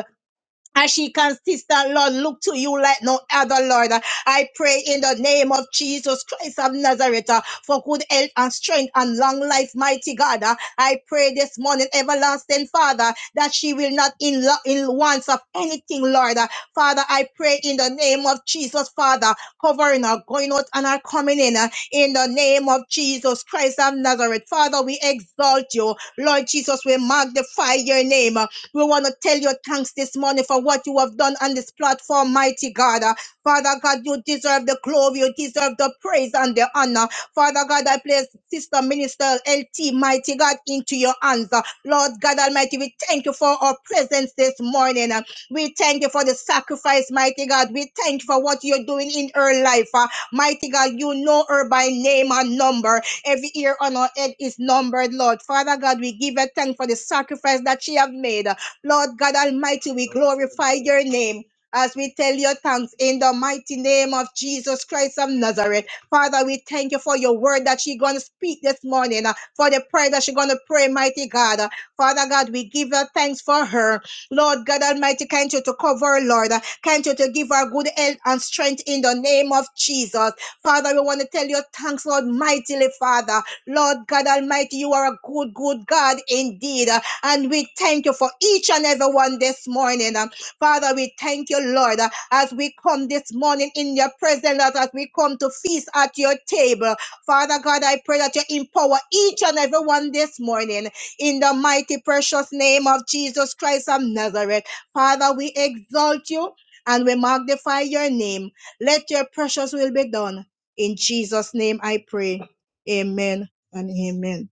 as she consistent, Lord, look to you like no other, Lord. I pray in the name of Jesus Christ of Nazareth uh, for good health and strength and long life, mighty God. Uh, I pray this morning, everlasting Father, that she will not in, lo- in wants of anything, Lord. Uh, Father, I pray in the name of Jesus, Father, covering her going out and her coming in, uh, in the name of Jesus Christ of Nazareth. Father, we exalt you. Lord Jesus, we magnify your name. We want to tell you thanks this morning for what you have done on this platform, mighty God. Uh, Father God, you deserve the glory, you deserve the praise and the honor. Father God, I place Sister Minister LT, mighty God, into your hands. Uh, Lord God Almighty, we thank you for our presence this morning. Uh, We thank you for the sacrifice, mighty God. We thank you for what you're doing in her life. Uh, Mighty God, you know her by name and number. Every ear on her head is numbered, Lord. Father God, we give her thanks for the sacrifice that she have made. Lord God Almighty, we glorify your name. As we tell your thanks in the mighty name of Jesus Christ of Nazareth. Father, we thank you for your word that you're going to speak this morning, uh, for the prayer that you're going to pray, mighty God. Uh, Father God, we give you thanks for her. Lord God Almighty, can't you to cover her, Lord? Uh, Can't you to give her good health and strength in the name of Jesus? Father, we want to tell you thanks, Lord, mightily, Father. Lord God Almighty, you are a good, good God indeed. Uh, and we thank you for each and every one this morning. Um, Father, we thank you, Lord, uh, as we come this morning in your presence, Lord, as we come to feast at your table. Father God, I pray that you empower each and every one this morning in the mighty, precious name of Jesus Christ of Nazareth. Father, we exalt you and we magnify your name. Let your precious will be done. In Jesus' name I pray. Amen and amen.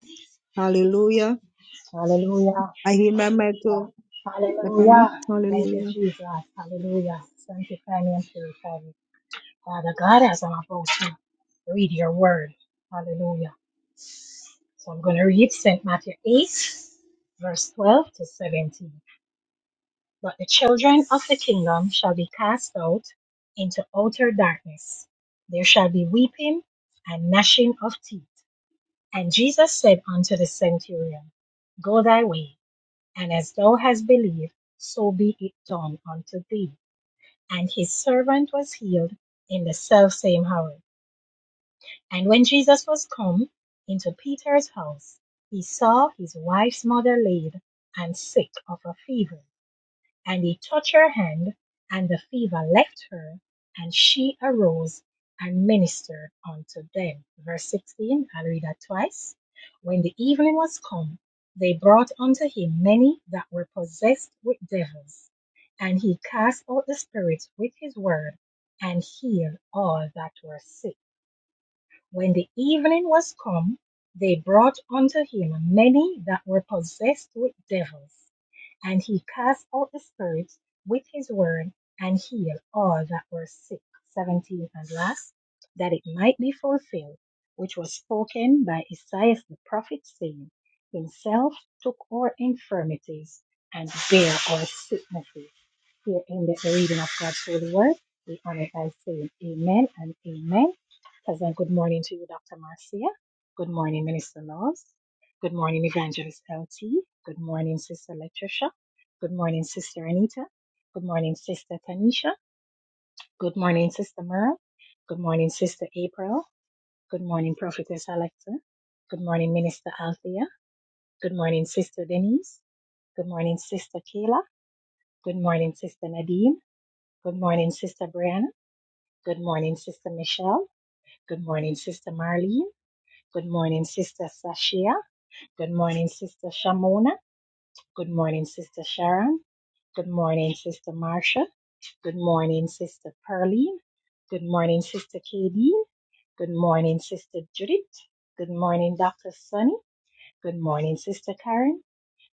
Hallelujah. Hallelujah. I hear my mic too the family. Hallelujah. Thank you, Hallelujah. Jesus. Hallelujah. Sanctify me and purify me. Father God, as I'm about to read your word. Hallelujah. So I'm going to read St. Matthew 8, verse 12 to 17. But the children of the kingdom shall be cast out into outer darkness. There shall be weeping and gnashing of teeth. And Jesus said unto the centurion, Go thy way, and as thou hast believed, so be it done unto thee. And his servant was healed in the selfsame hour. And when Jesus was come into Peter's house, he saw his wife's mother laid and sick of a fever. And he touched her hand, and the fever left her, and she arose and ministered unto them. Verse 16, I'll read that twice. When the evening was come, they brought unto him many that were possessed with devils, and he cast out the spirits with his word, and healed all that were sick. When the evening was come, they brought unto him many that were possessed with devils and he cast out the spirits with his word and healed all that were sick. 17 and last, that it might be fulfilled, which was spoken by Isaiah the prophet, saying, Himself took our infirmities and bare our sicknesses. Here endeth the reading of God's holy word. We honor it by saying amen and amen. Pleasant good morning to you, Dr. Marcia. Good morning, Minister Laws. Good morning, Evangelist LT. Good morning, Sister Latricia. Good morning, Sister Anita. Good morning, Sister Tanisha. Good morning, Sister Merle. Good morning, Sister April. Good morning, Prophetess Alexa. Good morning, Minister Althea. Good morning, Sister Denise. Good morning, Sister Kayla. Good morning, Sister Nadine. Good morning, Sister Brianna. Good morning, Sister Michelle. Good morning, Sister Marlene. Good morning, Sister Sashia. Good morning, Sister Shamona. Good morning, Sister Sharon. Good morning, Sister Marcia. Good morning, Sister Pearline. Good morning, Sister Katie. Good morning, Sister Judith. Good morning, Dr. Sunny. Good morning, Sister Karen.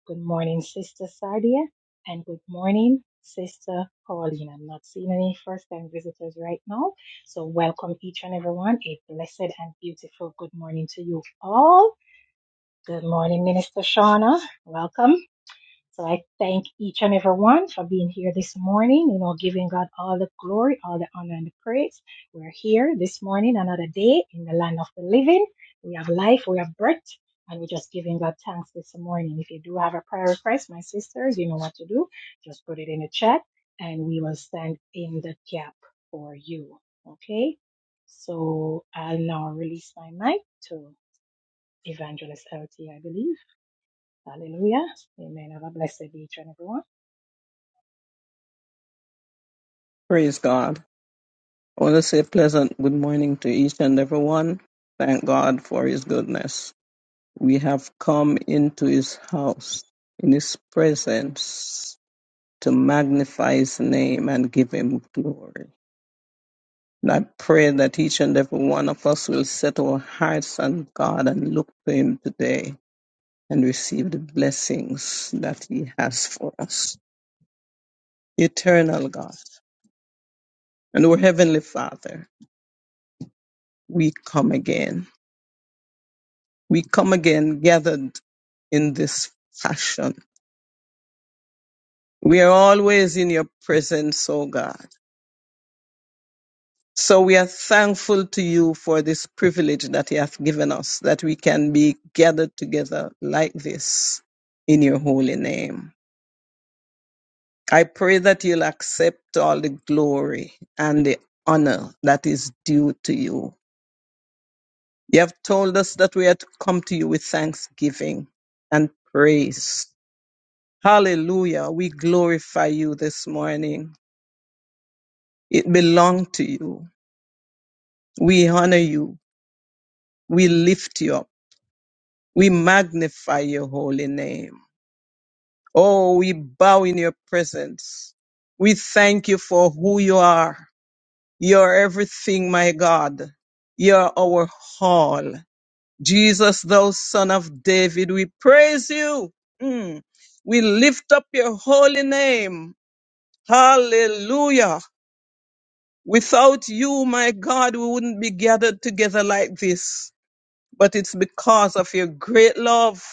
Good morning, Sister Sardia, and good morning, Sister Pauline. I'm not seeing any first time visitors right now, so welcome each and everyone. A blessed and beautiful good morning to you all. Good morning, Minister Shauna. Welcome. So I thank each and every one for being here this morning, you know, giving God all the glory, all the honor and the praise. We're here this morning, another day in the land of the living. We have life, we have breath, and we're just giving God thanks this morning. If you do have a prayer request, my sisters, you know what to do. Just put it in the chat and we will stand in the gap for you. Okay? So I'll now release my mic to Evangelist LT, I believe. Hallelujah. Amen. Have a blessed day, each and everyone. Praise God. I want to say pleasant good morning to each and everyone. Thank God for His goodness. We have come into His house, in His presence, to magnify His name and give Him glory. And I pray that each and every one of us will set our hearts on God and look to Him today and receive the blessings that He has for us. Eternal God and our Heavenly Father, we come again we come again gathered in this fashion. We are always in your presence, O God. So we are thankful to you for this privilege that you have given us, that we can be gathered together like this in your holy name. I pray that you'll accept all the glory and the honor that is due to you. You have told us that we are to come to you with thanksgiving and praise. Hallelujah. We glorify you this morning. It belongs to you. We honor you. We lift you up. We magnify your holy name. Oh, we bow in your presence. We thank you for who you are. You're everything, my God. You're our all. Jesus, thou son of David, we praise you. Mm. We lift up your holy name. Hallelujah. Without you, my God, we wouldn't be gathered together like this. But it's because of your great love.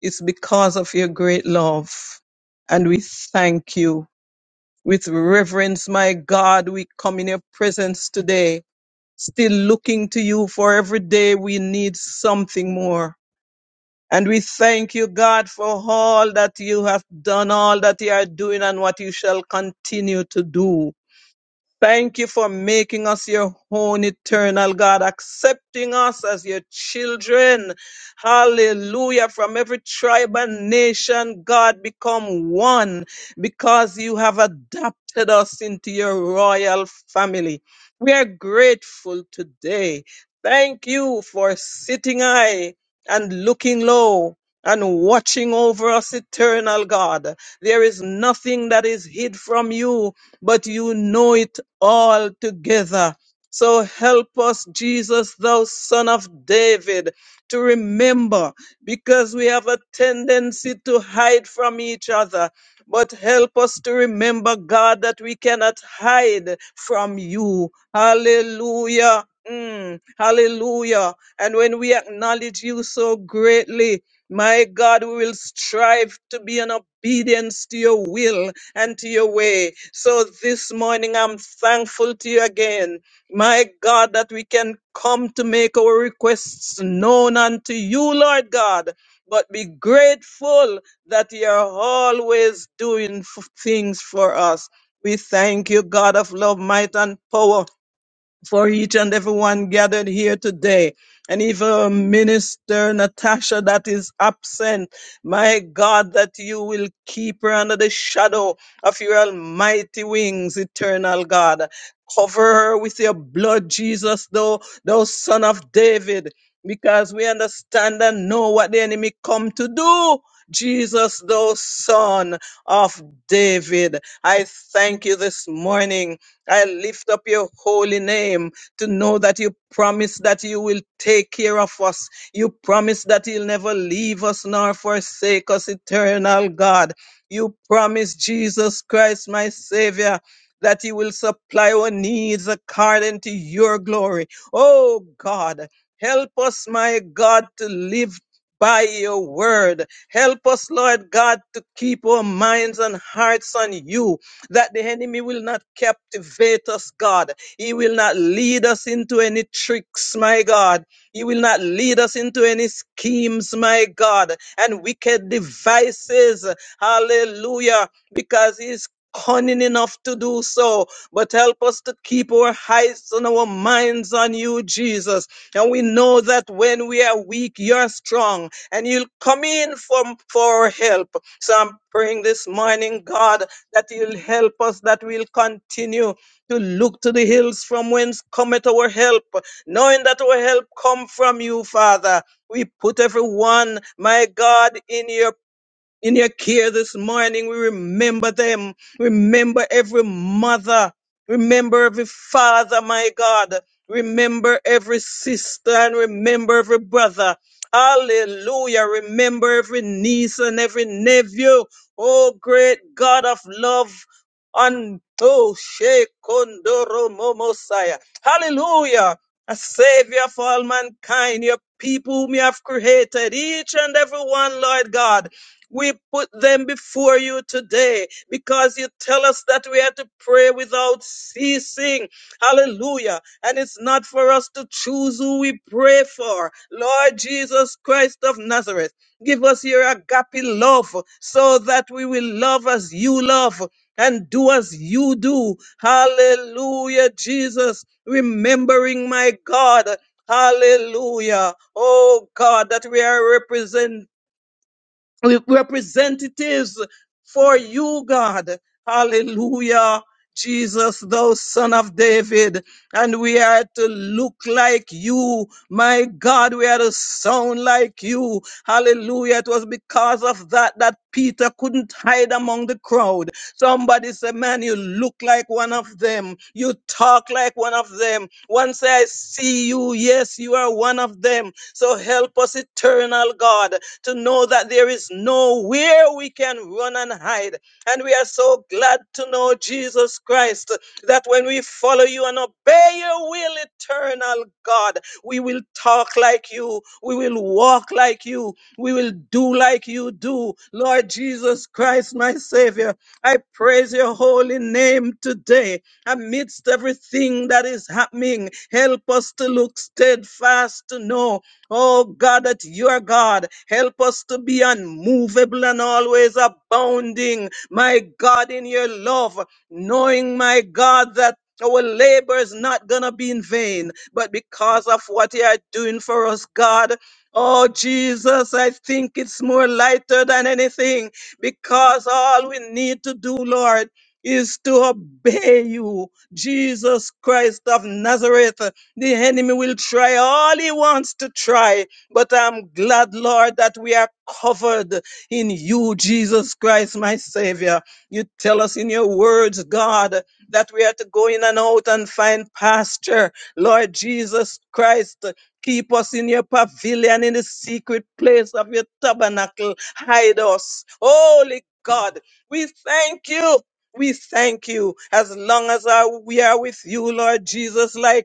It's because of your great love. And we thank you. With reverence, my God, we come in your presence today, still looking to you for every day we need something more. And we thank you, God, for all that you have done, all that you are doing, and what you shall continue to do. Thank you for making us your own eternal God, accepting us as your children. Hallelujah. From every tribe and nation, God, become one because you have adopted us into your royal family. We are grateful today. Thank you for sitting high and looking low and watching over us, eternal God. There is nothing that is hid from you but you know it all together. So help us, Jesus, thou son of David, to remember because we have a tendency to hide from each other. But help us to remember, God, that we cannot hide from you. Hallelujah. Mm, hallelujah. And when we acknowledge you so greatly, my God, we will strive to be in obedience to your will and your way. So this morning, I'm thankful to you again, my God, that we can come to make our requests known unto you, Lord God. But be grateful that you are always doing f- things for us. We thank you, God of love, might, and power for each and everyone gathered here today. And even Minister Natasha that is absent, my God, that you will keep her under the shadow of your almighty wings, eternal God. Cover her with your blood, Jesus, though, thou son of David, because we understand and know what the enemy come to do. Jesus, thou son of David, I thank you this morning I lift up your holy name to know that you promise that you will take care of us. You promise that you'll never leave us nor forsake us, eternal God. You promise Jesus Christ, my Savior. That you will supply our needs according to your glory. Oh God, help us, my God, to live by your word. Help us, Lord God, to keep our minds and hearts on you that the enemy will not captivate us, God. He will not lead us into any tricks, my God. He will not lead us into any schemes, my God, and wicked devices. Hallelujah. Because he's cunning enough to do so. But help us to keep our eyes and our minds on you, Jesus. And we know that when we are weak, you're strong and you'll come in from for our help. So I'm praying this morning, God, that you'll help us, that we'll continue to look to the hills from whence cometh our help, knowing that our help come from you, Father. We put everyone, my God, in your in your care this morning. We remember them. Remember every mother. Remember every father, my God. Remember every sister and remember every brother. Hallelujah. Remember every niece and every nephew. Oh, great God of love. And oh, Shekondoro Momosaya. Hallelujah. A savior of all mankind, your people whom you have created, each and every one, Lord God. We put them before you today because you tell us that we are to pray without ceasing. Hallelujah. And it's not for us to choose who we pray for. Lord Jesus Christ of Nazareth, give us your agape love so that we will love as you love and do as you do. Hallelujah, Jesus. Remembering my God. Hallelujah. Oh God, that we are representing we- representatives for you, God. Hallelujah. Jesus, thou son of David, and we are to look like you. My God, we are to sound like you. Hallelujah. It was because of that that Peter couldn't hide among the crowd. Somebody said, Man, you look like one of them. You talk like one of them. Once I see you, yes, you are one of them. So help us, eternal God to know that there is nowhere we can run and hide. And we are so glad to know, Jesus Christ, that when we follow you and obey your will, eternal God, we will talk like you, we will walk like you, we will do like you do. Lord Jesus Christ, my Savior, I praise your holy name today. Amidst everything that is happening, help us to look steadfast to know Oh God, that you are God. Help us to be unmovable and always abounding, my God, in your love, knowing, my God, that our labor is not going to be in vain, but because of what you are doing for us, God. Oh, Jesus, I think it's more lighter than anything because all we need to do, Lord, is to obey you, Jesus Christ of Nazareth. The enemy will try all he wants to try, but I'm glad, Lord, that we are covered in you, Jesus Christ, my Savior. You tell us in your words, God, that we are to go in and out and find pasture. Lord Jesus Christ, keep us in your pavilion, in the secret place of your tabernacle. Hide us. Holy God, we thank you. We thank you as long as our- we are with you, Lord Jesus. Like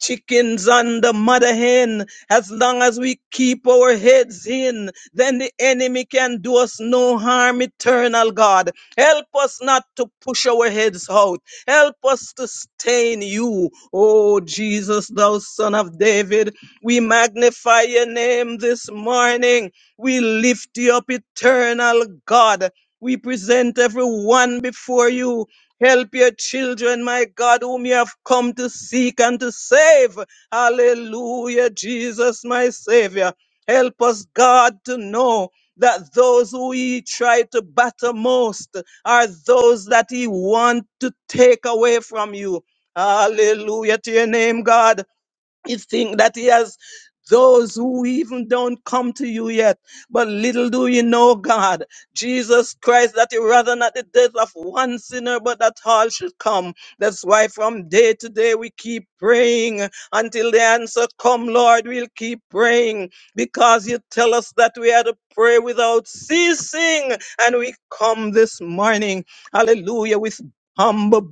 chickens on the mother hen. As long as we keep our heads in, then the enemy can do us no harm, eternal God. Help us not to push our heads out. Help us to stay in you. Oh, Jesus, thou son of David, we magnify your name this morning. We lift you up, eternal God. We present everyone before you. Help your children, my God, whom you have come to seek and to save. Hallelujah, Jesus, my Savior. Help us, God, to know that those who He tried to batter most are those that He want to take away from you. Hallelujah to your name, God. It's think that he has those who even don't come to you yet. But little do you know, God, Jesus Christ, that you rather not the death of one sinner, but that all should come. That's why from day to day we keep praying until the answer come, Lord. We'll keep praying because you tell us that we are to pray without ceasing. And we come this morning, hallelujah, with humble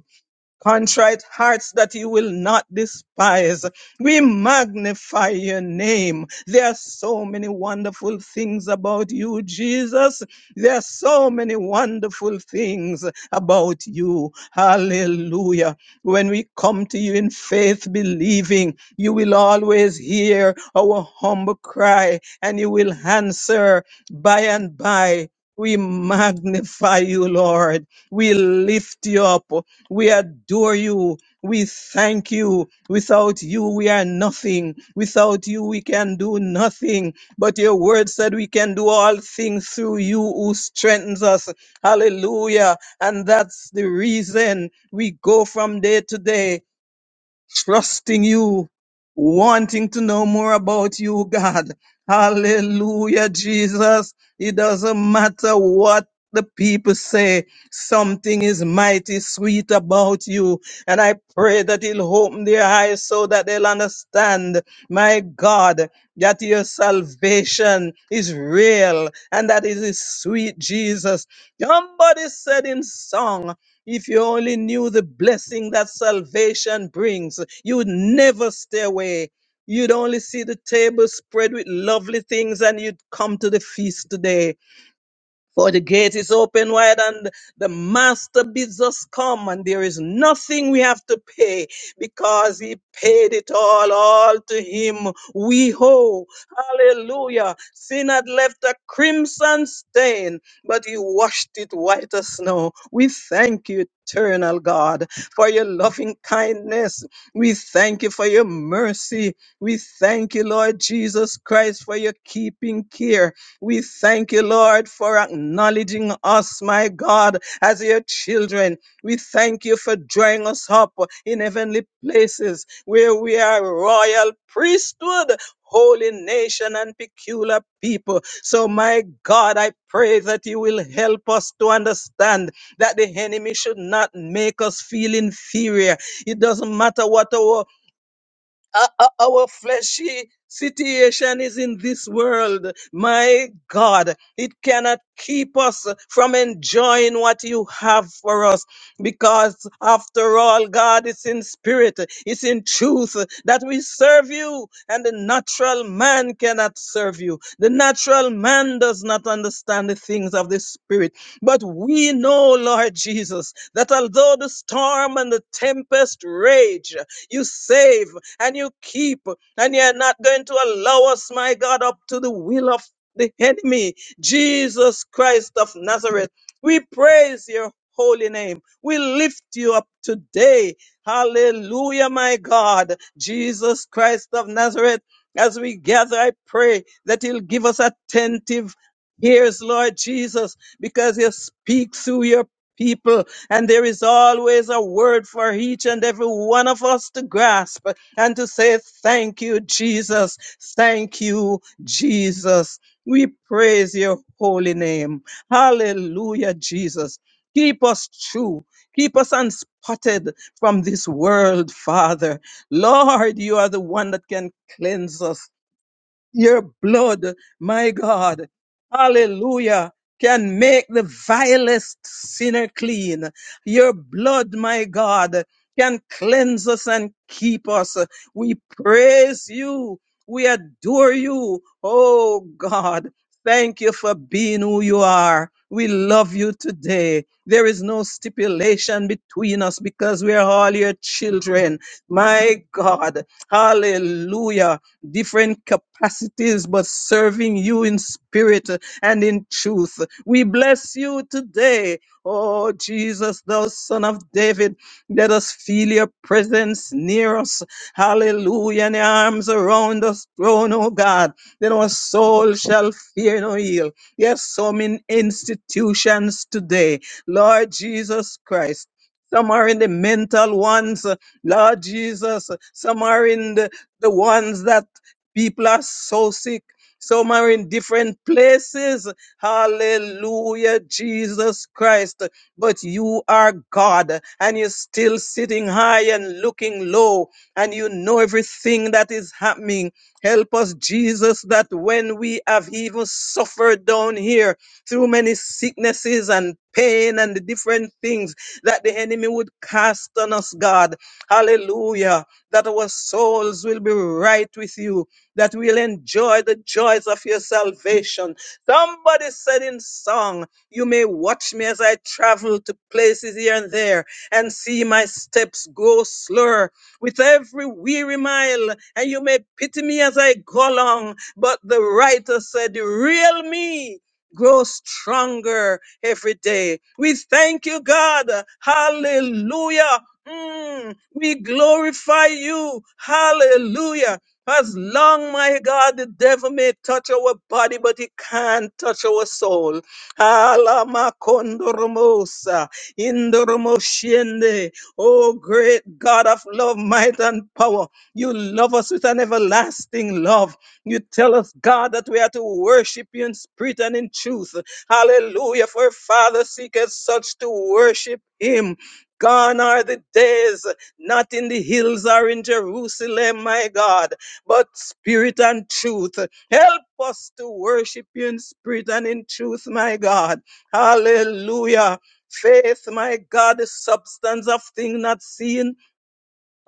contrite hearts that you will not despise. We magnify your name. There are so many wonderful things about you, Jesus. There are so many wonderful things about you. Hallelujah. When we come to you in faith, believing, you will always hear our humble cry and you will answer by and by. We magnify you, Lord. We lift you up. We adore you. We thank you. Without you, we are nothing. Without you, we can do nothing. But your word said we can do all things through you who strengthens us. Hallelujah. And that's the reason we go from day to day trusting you, wanting to know more about you, God. Hallelujah, Jesus. It doesn't matter what the people say. Something is mighty sweet about you. And I pray that he will open their eyes so that they'll understand, my God, that your salvation is real and that it is sweet, Jesus. Somebody said in song, if you only knew the blessing that salvation brings, you would never stay away. You'd only see the table spread with lovely things and you'd come to the feast today. For the gate is open wide and the master bids us come and there is nothing we have to pay because he paid it all, all to him we owe. Hallelujah. Sin had left a crimson stain, but he washed it white as snow. We thank you, eternal God, for your loving kindness. We thank you for your mercy. We thank you, Lord Jesus Christ, for your keeping care. We thank you, Lord, for acknowledging us, my God, as your children. We thank you for drawing us up in heavenly places where we are a royal priesthood. Holy nation and peculiar people. So, my God, I pray that you will help us to understand that the enemy should not make us feel inferior. It doesn't matter what our uh, uh, our fleshy situation is in this world. My God, it cannot keep us from enjoying what you have for us because after all, God is in spirit, it's in truth that we serve you and the natural man cannot serve you. The natural man does not understand the things of the spirit, but we know, Lord Jesus, that although the storm and the tempest rage, you save and you keep, and you're not going to allow us, my God, up to the will of the enemy. Jesus Christ of Nazareth, we praise your holy name. We lift you up today. Hallelujah, my God. Jesus Christ of Nazareth, as we gather, I pray that you'll give us attentive ears, Lord Jesus, because you speak through your people, and there is always a word for each and every one of us to grasp and to say, Thank you, Jesus. Thank you, Jesus. We praise your holy name. Hallelujah, Jesus. Keep us true. Keep us unspotted from this world, Father. Lord, you are the one that can cleanse us your blood, my God, hallelujah, can make the vilest sinner clean. Your blood, my God, can cleanse us and keep us. We praise you. We adore you. Oh God, thank you for being who you are. We love you today. There is no stipulation between us because we are all your children. My God, hallelujah different capacities, but serving you in spirit and in truth. We bless you today, oh Jesus, thou Son of David. Let us feel your presence near us. Hallelujah. And your arms around us, throne, oh God. Then our soul shall fear no ill. Yes, some in institutions today, Lord Jesus Christ. Some are in the mental ones, Lord Jesus. Some are in the, the ones that People are so sick. Some are in different places. Hallelujah, Jesus Christ. But you are God and you're still sitting high and looking low and you know everything that is happening. Help us, Jesus, that when we have even suffered down here through many sicknesses and pain and the different things that the enemy would cast on us, God. Hallelujah. That our souls will be right with you that we'll enjoy the joys of your salvation. Somebody said in song, You may watch me as I travel to places here and there and see my steps grow slower with every weary mile, and you may pity me as I go along. But the writer said, The real me grows stronger every day. We thank you, God. Hallelujah. Mm, we glorify you. Hallelujah. As long, my God, the devil may touch our body, but he can't touch our soul. Alamakondoromosa, indoromoshiende. Oh, great God of love, might, and power, you love us with an everlasting love. You tell us, God, that we are to worship you in spirit and in truth. Hallelujah, for Father seeketh such to worship him. Gone are the days, not in the hills or in Jerusalem, my God but spirit and truth. Help us to worship you in spirit and in truth, my God. Hallelujah. Faith, my God, the substance of things not seen,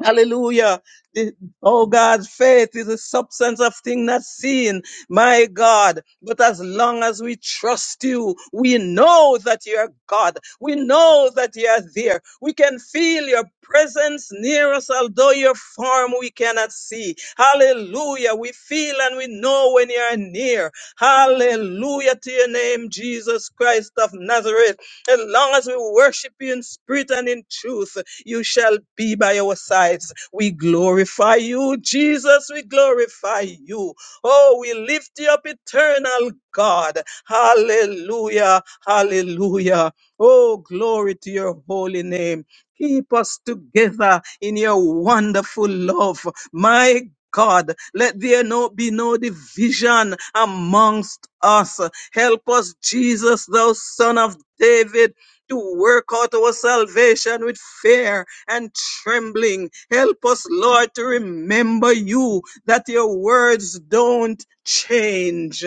Hallelujah. The- oh God, faith is the substance of things not seen. My God. But as long as we trust you, we know that you are God. We know that you are there. We can feel your presence near us, although your form we cannot see. Hallelujah. We feel and we know when you are near. Hallelujah to your name, Jesus Christ of Nazareth. As long as we worship you in spirit and in truth, you shall be by our sides. We glorify you, Jesus. We glorify you. Oh, we lift you up, eternal God. Hallelujah. Hallelujah. Oh, glory to your holy name. Keep us together in your wonderful love. My God, let there no, be no division amongst us. Help us, Jesus, thou son of David, to work out our salvation with fear and trembling. Help us, Lord, to remember you, that your words don't change.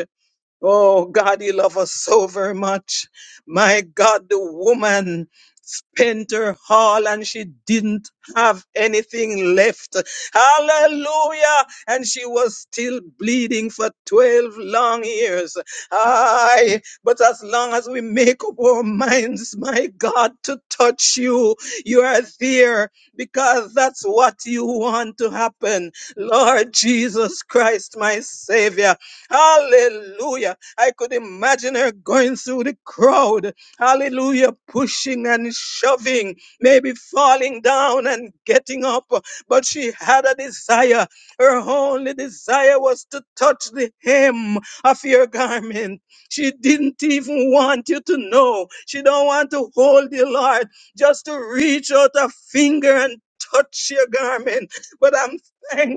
Oh God, you love us so very much. My God, the woman spent her all, and she didn't have anything left. Hallelujah. And she was still bleeding for 12 long years. Aye. But as long as we make up our minds, my God, to touch you, you are there because that's what you want to happen. Lord Jesus Christ, my Savior. Hallelujah. I could imagine her going through the crowd. Hallelujah. Pushing and shoving, maybe falling down and getting up. But she had a desire. Her only desire was to touch the hem of your garment. She didn't even want you to know. She don't want to hold you, Lord, just to reach out a finger and touch your garment. But I'm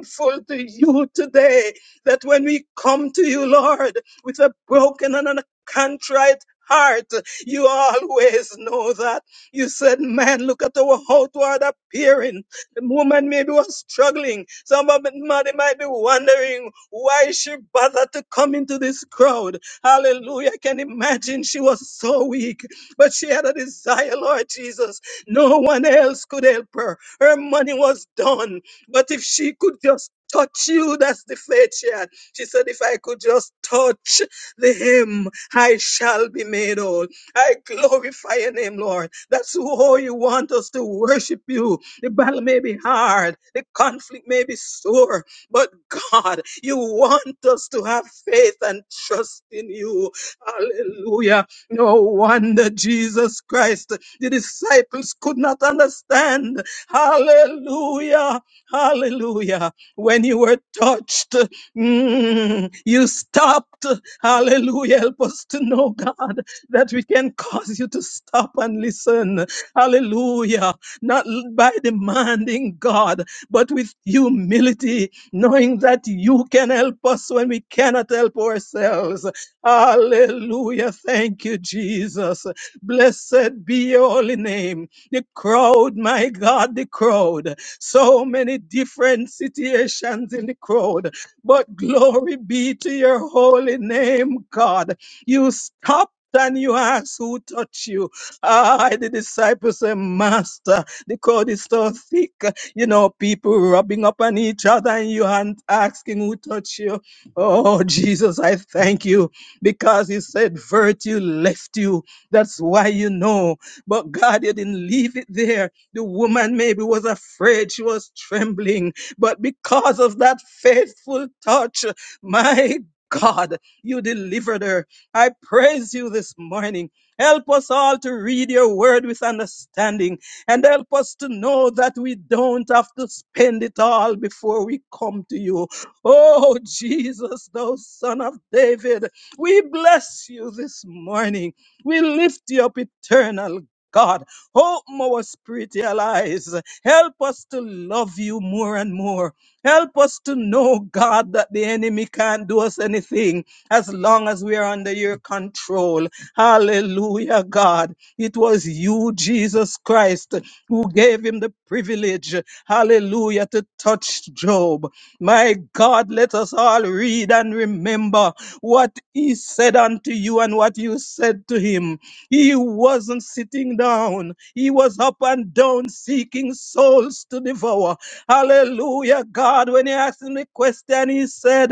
thankful to you today that when we come to you, Lord, with a broken and a contrite heart, you always know that. You said, man, look at our outward appearing. The woman maybe was struggling. Somebody might be wondering why she bothered to come into this crowd. Hallelujah. I can imagine she was so weak, but she had a desire, Lord Jesus. No one else could help her. Her money was done. But if she could just touch you, that's the faith she had. She said, If I could just touch the hem, I shall be made whole. I glorify your name, Lord. That's how you want us to worship you. The battle may be hard, the conflict may be sore, but God, you want us to have faith and trust in you. Hallelujah. No wonder Jesus Christ, the disciples could not understand. Hallelujah. Hallelujah. When you were touched, mm, you stopped. Hallelujah. Help us to know, God, that we can cause you to stop and listen. Hallelujah. Not l- by demanding God, but with humility, knowing that you can help us when we cannot help ourselves. Hallelujah. Thank you, Jesus. Blessed be your holy name. The crowd, my God, the crowd so many different situations in the crowd. But glory be to your holy name, God. You stopped and you asked who touched you. Ah, the disciples said, Master, the crowd is so thick. You know, people rubbing up on each other and you aren't asking who touched you. Oh, Jesus, I thank you because you said virtue left you. That's why you know. But God, you didn't leave it there the woman maybe was afraid, she was trembling, but because of that faithful touch, my God, you delivered her. I praise you this morning. Help us all to read your word with understanding and help us to know that we don't have to spend it all before we come to you. Oh, Jesus, thou son of David, we bless you this morning. We lift you up, eternal God. Open our spiritual eyes. Help us to love you more and more. Help us to know, God, that the enemy can't do us anything as long as we are under your control. Hallelujah, God. It was you, Jesus Christ, who gave him the privilege, hallelujah, to touch Job. My God, let us all read and remember what he said unto you and what you said to him. He wasn't sitting down. He was up and down seeking souls to devour. Hallelujah, God. When he asked him the question, he said,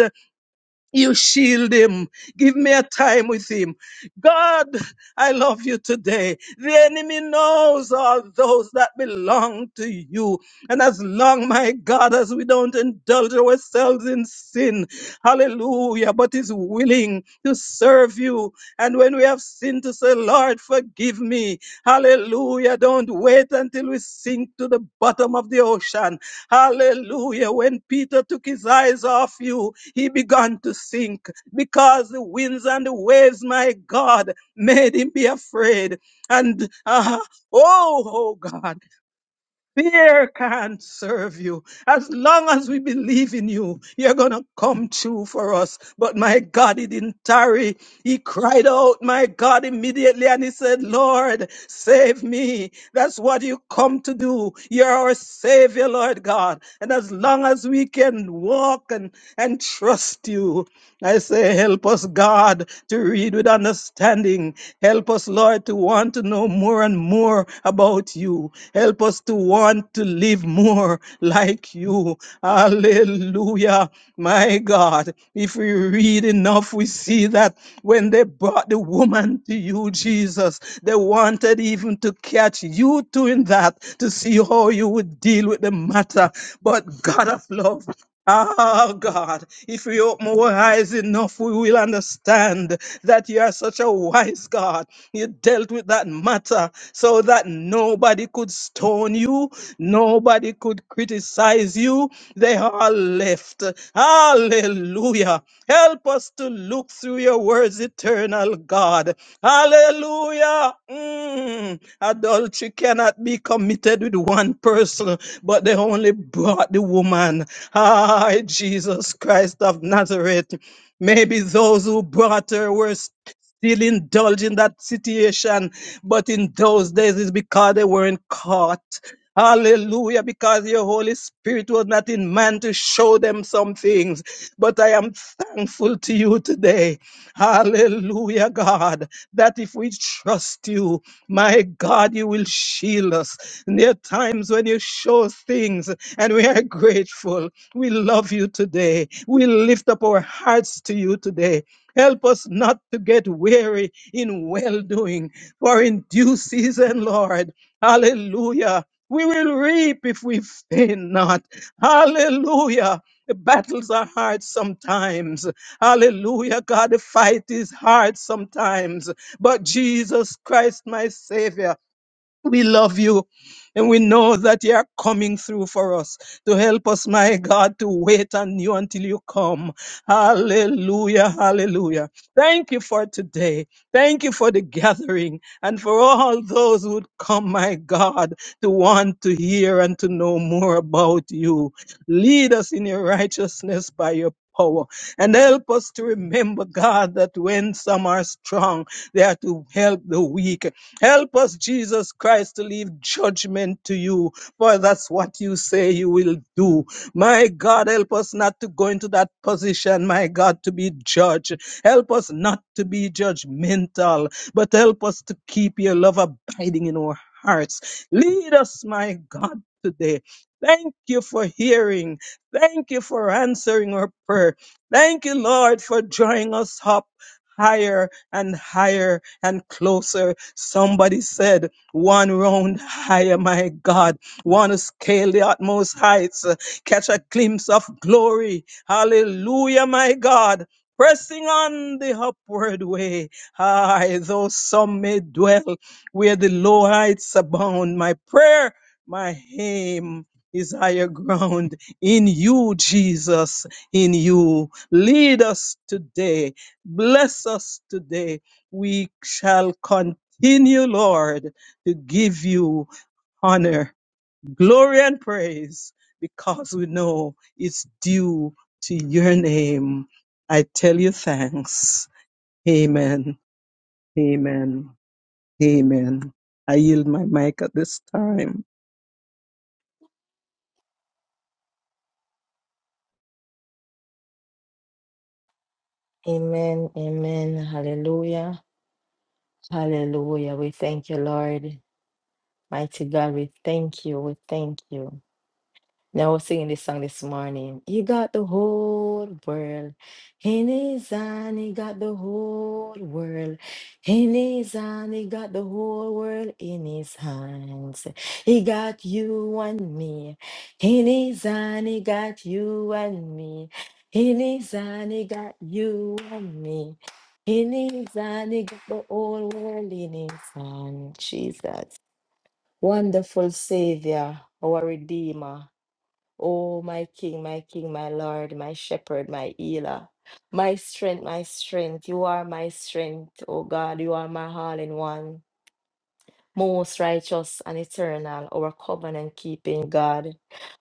you shield him. Give me a time with him. God, I love you today. The enemy knows all those that belong to you. And as long, my God, as we don't indulge ourselves in sin, hallelujah, but is willing to serve you. And when we have sinned, to say, Lord, forgive me. Hallelujah. Don't wait until we sink to the bottom of the ocean Hallelujah. When Peter took his eyes off you, he began to sink because the winds and the waves, my God, made him be afraid. And uh, oh, oh God. Fear can't serve you. As long as we believe in you, you're going to come true for us. But my God, he didn't tarry. He cried out, my God, immediately and he said, Lord, save me. That's what you come to do. You're our savior, Lord God. And as long as we can walk and, and trust you, I say, help us, God, to read with understanding. Help us, Lord, to want to know more and more about about you. Help us to want to live more [LAUGHS] like you. Hallelujah. My God, if we read enough, we see that when they brought the woman to you, Jesus, they wanted even to catch you doing that to see how you would deal with the matter. But God of love, Oh God, if we open our eyes enough, we will understand that you are such a wise God. You dealt with that matter so that nobody could stone you, nobody could criticize you. They all left. Hallelujah. Help us to look through your words, eternal God. Hallelujah. Mm. Adultery cannot be committed with one person, but they only brought the woman. Ah, Jesus Christ of Nazareth. Maybe those who brought her were s- still indulged in that situation, but in those days it's because they weren't caught. Hallelujah, because your Holy Spirit was not in man to show them some things. But I am thankful to you today. Hallelujah, God, that if we trust you, my God, you will shield us. And there are times when you show things and we are grateful. We love you today. We lift up our hearts to you today. Help us not to get weary in well doing, for in due season, Lord, hallelujah, we will reap if we faint not. Hallelujah. The battles are hard sometimes. Hallelujah. God, the fight is hard sometimes. But Jesus Christ, my Savior, we love you. And we know that you are coming through for us to help us, my God, to wait on you until you come. Hallelujah. Hallelujah. Thank you for today. Thank you for the gathering and for all those who would come, my God, to want to hear and to know more about you. Lead us in your righteousness by your power and help us to remember, God, that when some are strong, they are to help the weak Help us, Jesus Christ, to leave judgment to you, for that's what you say you will do. My God, help us not to go into that position, my God, to be judged. Help us not to be judgmental, but help us to keep your love abiding in our hearts. Lead us, my God, today. Thank you for hearing. Thank you for answering our prayer. Thank you, Lord, for drawing us up higher and higher and closer Somebody said, one round higher, my God. Want to scale the utmost heights, uh, catch a glimpse of glory. Hallelujah, my God. Pressing on the upward way. Aye, though some may dwell where the low heights abound. My prayer, my aim is higher ground in you, Jesus, in you. Lead us today. Bless us today. We shall continue in you, Lord, to give you honor, glory, and praise because we know it's due to your name. I tell you thanks. Amen. Amen. Amen. I yield my mic at this time. Amen. Amen. Hallelujah. Hallelujah. We thank you, Lord. Mighty God, we thank you. We thank you. Now, I was singing this song this morning. He got the whole world in his hand. He got the whole world in his hand. He got the whole world in his hands. He got you and me in his hand. He got you and me in his hand. He got you and me in his hand. He got the whole world in his hand. Jesus, wonderful Savior, our Redeemer. O my King, my King, my Lord, my Shepherd, my healer, my strength, my strength. You are my strength, O God. You are my all in one, most righteous and eternal, our covenant keeping God.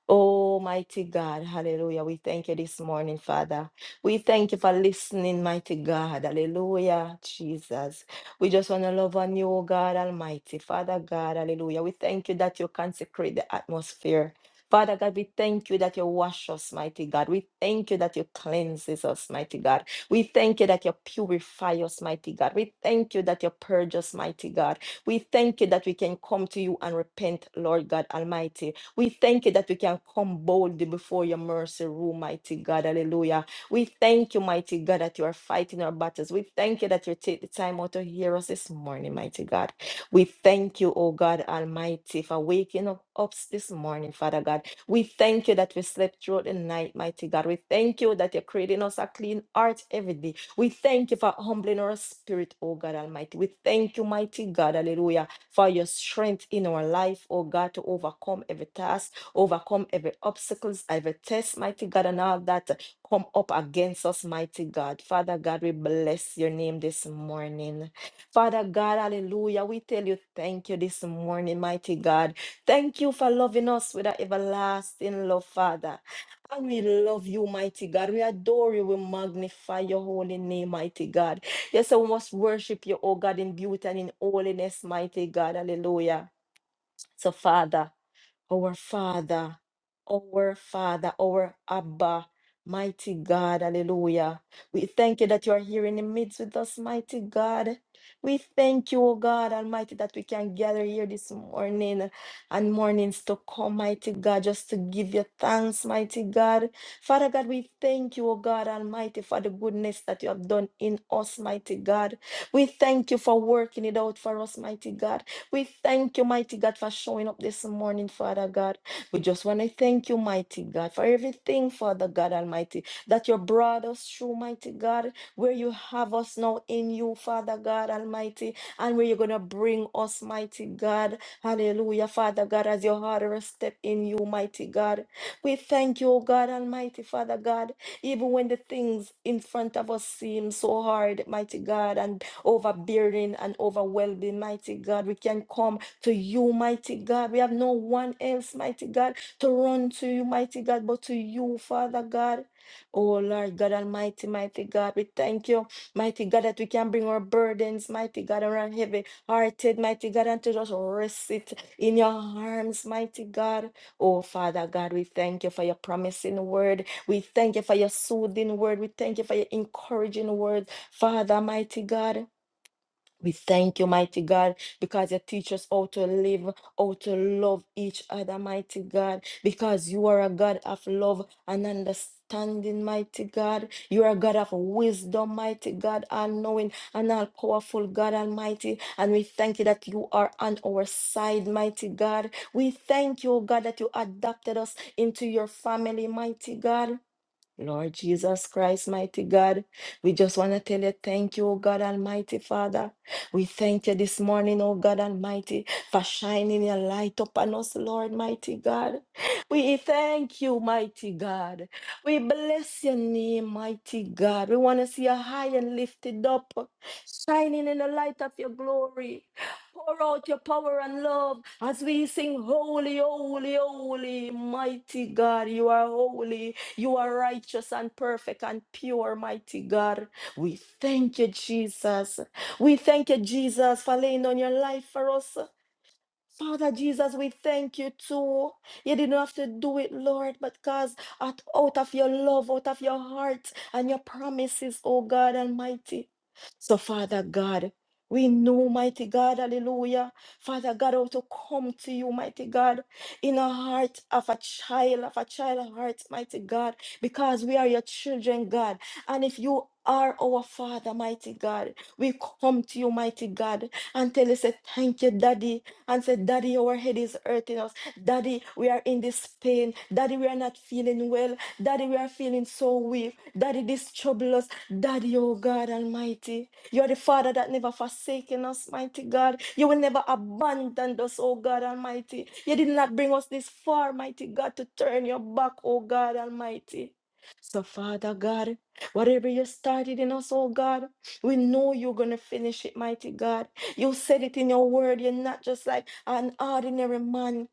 Almighty God, hallelujah. We thank you this morning, Father. We thank you for listening, mighty God. Hallelujah, Jesus. We just want to love on you, oh God Almighty. Father God, hallelujah. We thank you that you consecrate the atmosphere. Father God, we thank you that you wash us, mighty God. We thank you that you cleanses us, mighty God. We thank you that you purify us, mighty God. We thank you that you purge us, mighty God. We thank you that we can come to you and repent, Lord God Almighty. We thank you that we can come boldly before your mercy room, mighty God. Hallelujah. We thank you, mighty God, that you are fighting our battles. We thank you that you take the time out to hear us this morning, mighty God. We thank you, oh God Almighty, for waking up us this morning, Father God. We thank you that we slept through the night, mighty God. We thank you that you're creating us a clean heart every day. We thank you for humbling our spirit, oh God Almighty. We thank you, mighty God. Hallelujah for your strength in our life, oh God, to overcome every task, overcome every obstacles, every test, mighty God, and all that uh, come up against us, mighty God. Father God, we bless your name this morning. Father God, hallelujah. We tell you thank you this morning, mighty God. Thank you for loving us with an everlasting love, Father. And we love you, mighty God. We adore you. We magnify your holy name, mighty God. Yes, so we must worship you, oh God, in beauty and in holiness, mighty God. Hallelujah. So, Father our Father, our Father, our Abba, mighty God, hallelujah. We thank you that you are here in the midst with us, mighty God. We thank you, O God Almighty, that we can gather here this morning and mornings to come, mighty God, just to give you thanks, mighty God. Father God, we thank you, O God Almighty, for the goodness that you have done in us, mighty God. We thank you for working it out for us, mighty God. We thank you, mighty God, for showing up this morning, Father God. We just want to thank you, mighty God, for everything, Father God Almighty, that you brought us through, mighty God, where you have us now in you, Father God Almighty, and where you're going to bring us, mighty God. Hallelujah, Father God, as your harder step in you, mighty God. We thank you, O God Almighty, Father God, even when the things in front of us seem so hard, mighty God, and overbearing and overwhelming, mighty God. We can come to you, mighty God. We have no one else, mighty God, to run to you, mighty God, but to you, Father God. Oh Lord God Almighty, mighty God, we thank you, mighty God, that we can bring our burdens, mighty God, and our heavy hearted, mighty God, and to just rest it in your arms, mighty God. Oh Father God, we thank you for your promising word. We thank you for your soothing word. We thank you for your encouraging word, Father, mighty God. We thank you, mighty God, because you teach us how to live, how to love each other, mighty God, because you are a God of love and understanding, mighty God. You are a God of wisdom, mighty God, all knowing and all powerful God Almighty. And we thank you that you are on our side, mighty God. We thank you, oh God, that you adopted us into your family, mighty God. Lord Jesus Christ, mighty God, we just want to tell you thank you, O God Almighty Father. We thank you this morning, O God Almighty, for shining your light upon us, Lord, mighty God. We thank you, mighty God. We bless your name, mighty God. We want to see you high and lifted up, shining in the light of your glory. Pour out your power and love as we sing, Holy, Holy, Holy, mighty God, you are holy. You are righteous and perfect and pure, mighty God. We thank you, Jesus. We thank you, Jesus, for laying on your life for us. Father Jesus, we thank you too. You didn't have to do it, Lord, but because out out of your love, out of your heart, and your promises, oh God Almighty. So, Father God, we know, mighty God, hallelujah. Father God, how to come to you, mighty God, in a heart of a child, of a child heart, mighty God, because we are your children, God. And if you are our Father, mighty God, we come to you, mighty God, and tell you, say, thank you, Daddy and said, Daddy, our head is hurting us. Daddy, we are in this pain. Daddy, we are not feeling well. Daddy, we are feeling so weak. Daddy, this trouble us. Daddy, oh God Almighty, you are the Father that never forsaken us, mighty God. You will never abandon us, oh God Almighty. You did not bring us this far, mighty God, to turn your back, oh God Almighty. So, Father God, whatever you started in us, oh God, we know you're going to finish it, mighty God. You said it in your word. You're not just like an ordinary man.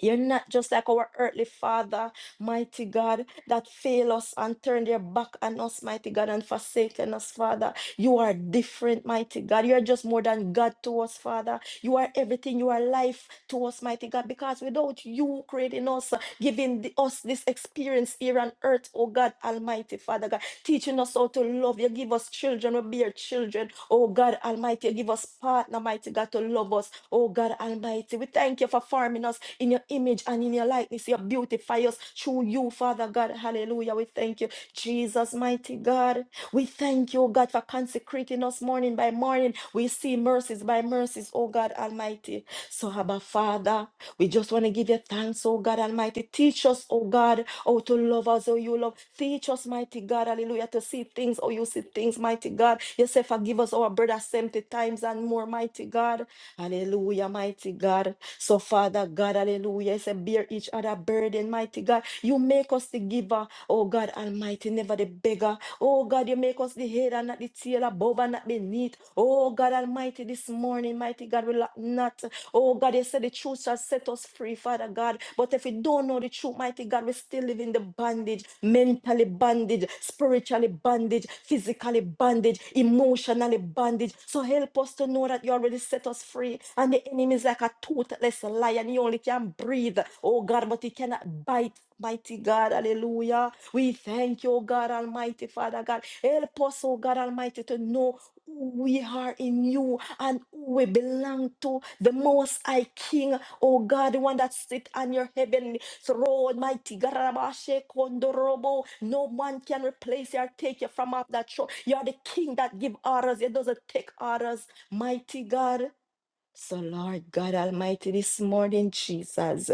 You're not just like our earthly father, mighty God, that fail us and turn their back on us, mighty God, and forsaken us, Father. You are different, mighty God. You are just more than God to us, Father. You are everything. You are life to us, mighty God, because without you creating us, giving the- us this experience here on earth, oh God, Almighty Father God teaching us how to love. You give us children, we bear children. Oh God Almighty, you give us partner, mighty God, to love us. Oh God Almighty, we thank you for forming us in your image and in your likeness. You beautify us through you, Father God. Hallelujah. We thank you, Jesus, mighty God. We thank you, oh God, for consecrating us morning by morning. We see mercies by mercies, oh God Almighty. So, Abba Father. We just want to give you thanks, oh God Almighty. Teach us, oh God, how to love us, oh you love. Teach us, mighty God, hallelujah, to see things, oh you see things, mighty God. You say, forgive us our brother 70 times and more, mighty God. Hallelujah, mighty God. So, Father God, hallelujah, you say, bear each other burden, mighty God. You make us the giver, oh God Almighty, never the beggar. Oh God, you make us the head and not the tail, above and not beneath. Oh God Almighty, this morning, mighty God, we lack not. Oh God, you said the truth shall set us free, Father God. But if we don't know the truth, mighty God, we still live in the bondage, mentally bondage, spiritually bondage, physically bondage, emotionally bondage. So help us to know that you already set us free. And the enemy is like a toothless lion. He only can breathe. Oh God, but he cannot bite. Mighty God, hallelujah. We thank you, oh God Almighty, Father God. Help us, oh God Almighty, to know who we are in you and who we belong to, the Most High King, oh God, the one that sit on your heavenly throne, mighty Garabashe Kondorobo. No man can replace you or take you from off that throne. You are the King that give orders; it doesn't take orders, mighty God. So, Lord God Almighty, this morning, Jesus,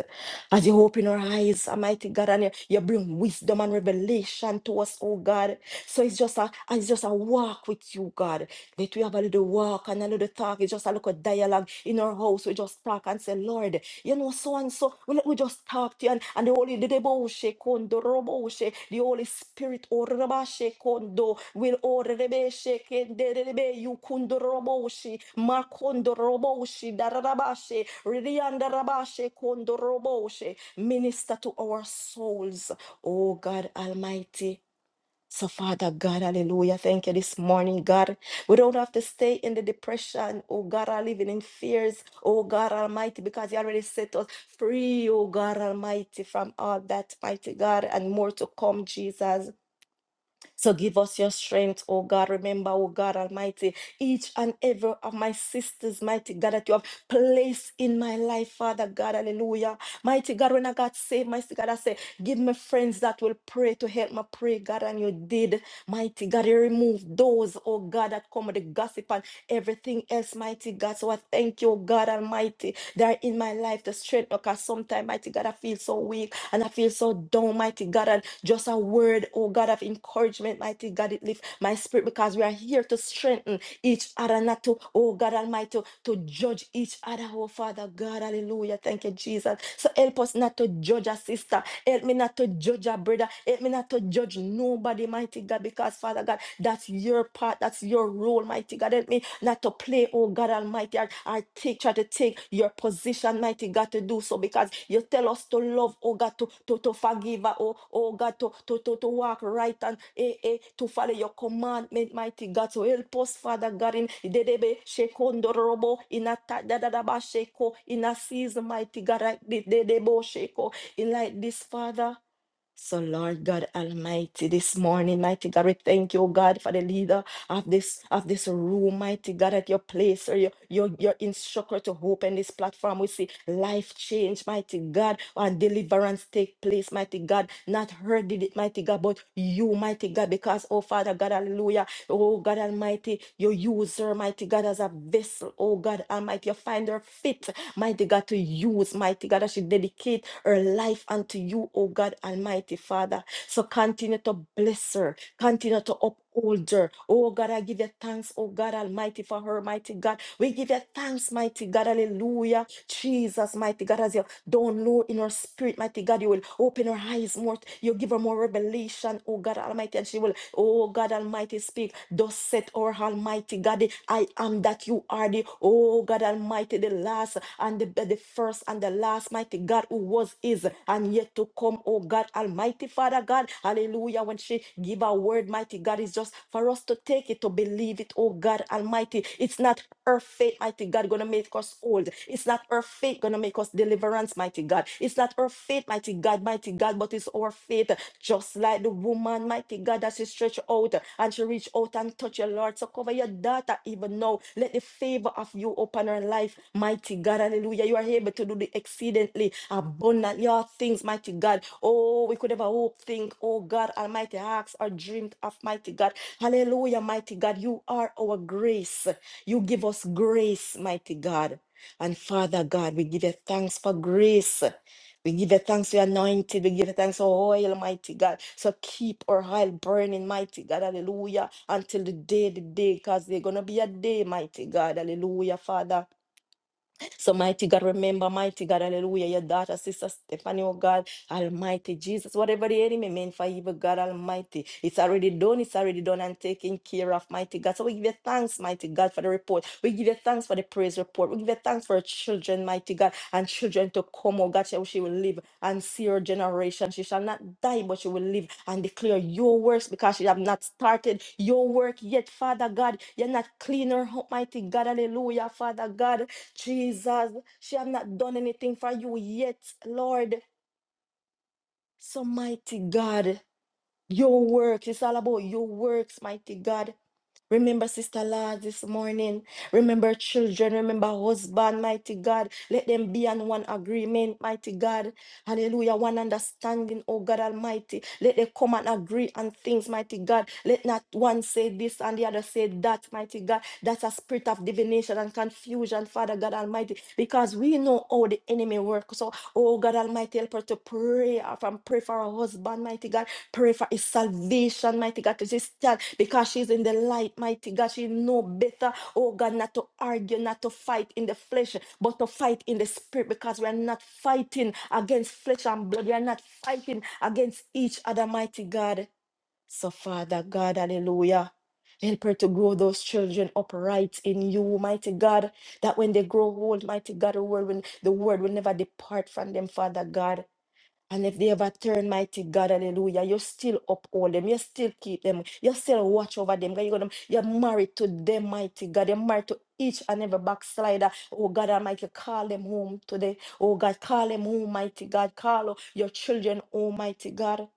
as you open our eyes, Almighty God, and you you bring wisdom and revelation to us, oh God. So it's just a it's just a walk with you, God. That we have a little walk and a little talk. It's just a little dialogue in our house. We just talk and say, Lord, you know, so and so just talk to you. And, and the Holy the Deboshe Kondo Roboshe, the Holy Spirit Orabashe Kondo will Orebeshe Kenderebe you Kundo Roboshe Makondo Roboshe Darabashe Ridianda Rabashe Kondo Roboshe. Minister to our souls, oh God Almighty. So, Father God, hallelujah. Thank you this morning, God. We don't have to stay in the depression, oh God, are living in fears, oh God Almighty, because you already set us free, oh God Almighty, from all that, mighty God, and more to come, Jesus. So give us your strength, oh God. Remember, oh God Almighty, each and every of my sisters, mighty God, that you have placed in my life, Father God, hallelujah. Mighty God, when I got saved, mighty God, I said, give me friends that will pray to help me pray, God, and you did. Mighty God, you removed those, oh God, that come with the gossip and everything else, mighty God. So I thank you, God Almighty, that in my life the strength, because sometimes, mighty God, I feel so weak and I feel so down, mighty God, and just a word, oh God, of encouragement, mighty God, it lifts my spirit because we are here to strengthen each other, not to, oh God Almighty, to judge each other, oh Father God, hallelujah. Thank you, Jesus. So help us not to judge our sister, Help me not to judge a brother. Help me not to judge nobody, mighty God, because Father God, that's your part, that's your role, mighty God. Help me not to play, oh God Almighty, or, or take, try to take your position, mighty God, to do so because you tell us to love, oh God, to, to, to forgive, uh, oh, oh God, to, to, to, to walk right and eh, eh, to follow your commandment, mighty God. So help us, Father God, in dedebe shekondo robo in a ta- da da da ba sheko in a season, mighty God, right de- de de bo sheko be like this, Father. So, Lord God Almighty, this morning, mighty God, we thank you, oh God, for the leader of this of this room, mighty God, at your place or your your, your instructor to open this platform. We see life change, mighty God, and deliverance take place, mighty God. Not her did it, mighty God, but you, mighty God, because oh Father God, hallelujah. Oh God Almighty, you use her, mighty God, as a vessel. Oh God Almighty, you find her fit, mighty God, to use, mighty God, as she dedicate her life unto you, oh God Almighty Father. So continue to bless her, continue to uphold older. Oh God, I give you thanks, oh God Almighty, for her, mighty God. We give you thanks, mighty God, hallelujah. Jesus, mighty God, as you download in her spirit, mighty God, you will open her eyes more. You give her more revelation, oh God Almighty, and she will, oh God Almighty, speak. Thus said, our Almighty God, the I am that you are the, oh God Almighty, the Lord last and the, the first and the last, mighty God, who was, is, and yet to come, oh God, Almighty Father God. Hallelujah. When she give a word, mighty God, is just for us to take it, to believe it, oh God Almighty. It's not her faith, mighty God, gonna make us old. It's not her faith gonna make us deliverance, mighty God. It's not her faith, mighty God, mighty God, but it's our faith just like the woman, mighty God, that she stretched out and she reached out and touched your Lord. So cover your daughter even now. Let the favor of you open her life, mighty God. Hallelujah. You are able to do the exceedingly abundantly all things, mighty God. Oh, we could ever hope, think, oh God, Almighty, ask or dreamed of, mighty God. Hallelujah, mighty God. You are our grace. You give us grace, mighty God. And Father God, we give you thanks for grace. We give you thanks for your anointed. We give you thanks for oil, mighty God. So keep our oil burning, mighty God. Hallelujah. Until the day, the day, because there's going to be a day, mighty God. Hallelujah, Father. So, mighty God, remember, mighty God, hallelujah, your daughter, sister Stephanie, oh God, almighty Jesus, whatever the enemy meant for evil, God almighty, it's already done, it's already done and taken care of, mighty God. So, we give you thanks, mighty God, for the report. We give you thanks for the praise report. We give you thanks for our children, mighty God, and children to come, oh God, she she will live and see her generation. She shall not die, but she will live and declare your works because she have not started your work yet, Father God. You're not clean her up, mighty God, hallelujah, Father God. Jesus, she have not done anything for you yet, Lord. So mighty God, your works, it's all about your works, mighty God. Remember Sister Lord this morning. Remember children. Remember husband, mighty God. Let them be on one agreement, mighty God. Hallelujah. One understanding, oh God Almighty. Let them come and agree on things, mighty God. Let not one say this and the other say that, mighty God. That's a spirit of divination and confusion, Father God Almighty, because we know how the enemy works. So, oh God Almighty, help her to pray uh, from pray for her husband, mighty God Pray for his salvation, mighty God, to this stand because she's in the light, mighty God. She know better, oh God, not to argue, not to fight in the flesh, but to fight in the spirit because we're not fighting against flesh and blood. We're not fighting against each other, mighty God. So, Father God, hallelujah. Help her to grow those children upright in you, mighty God, that when they grow old, mighty God, the word will, the word will never depart from them, Father God. And if they ever turn mighty God, hallelujah, you still uphold them, you still keep them, you still watch over them. God, You're, going you're married to them, mighty God. You're married to each and every backslider. Oh God Almighty, call them home today. Oh God, call them home, mighty God. Call uh, your children, oh mighty God.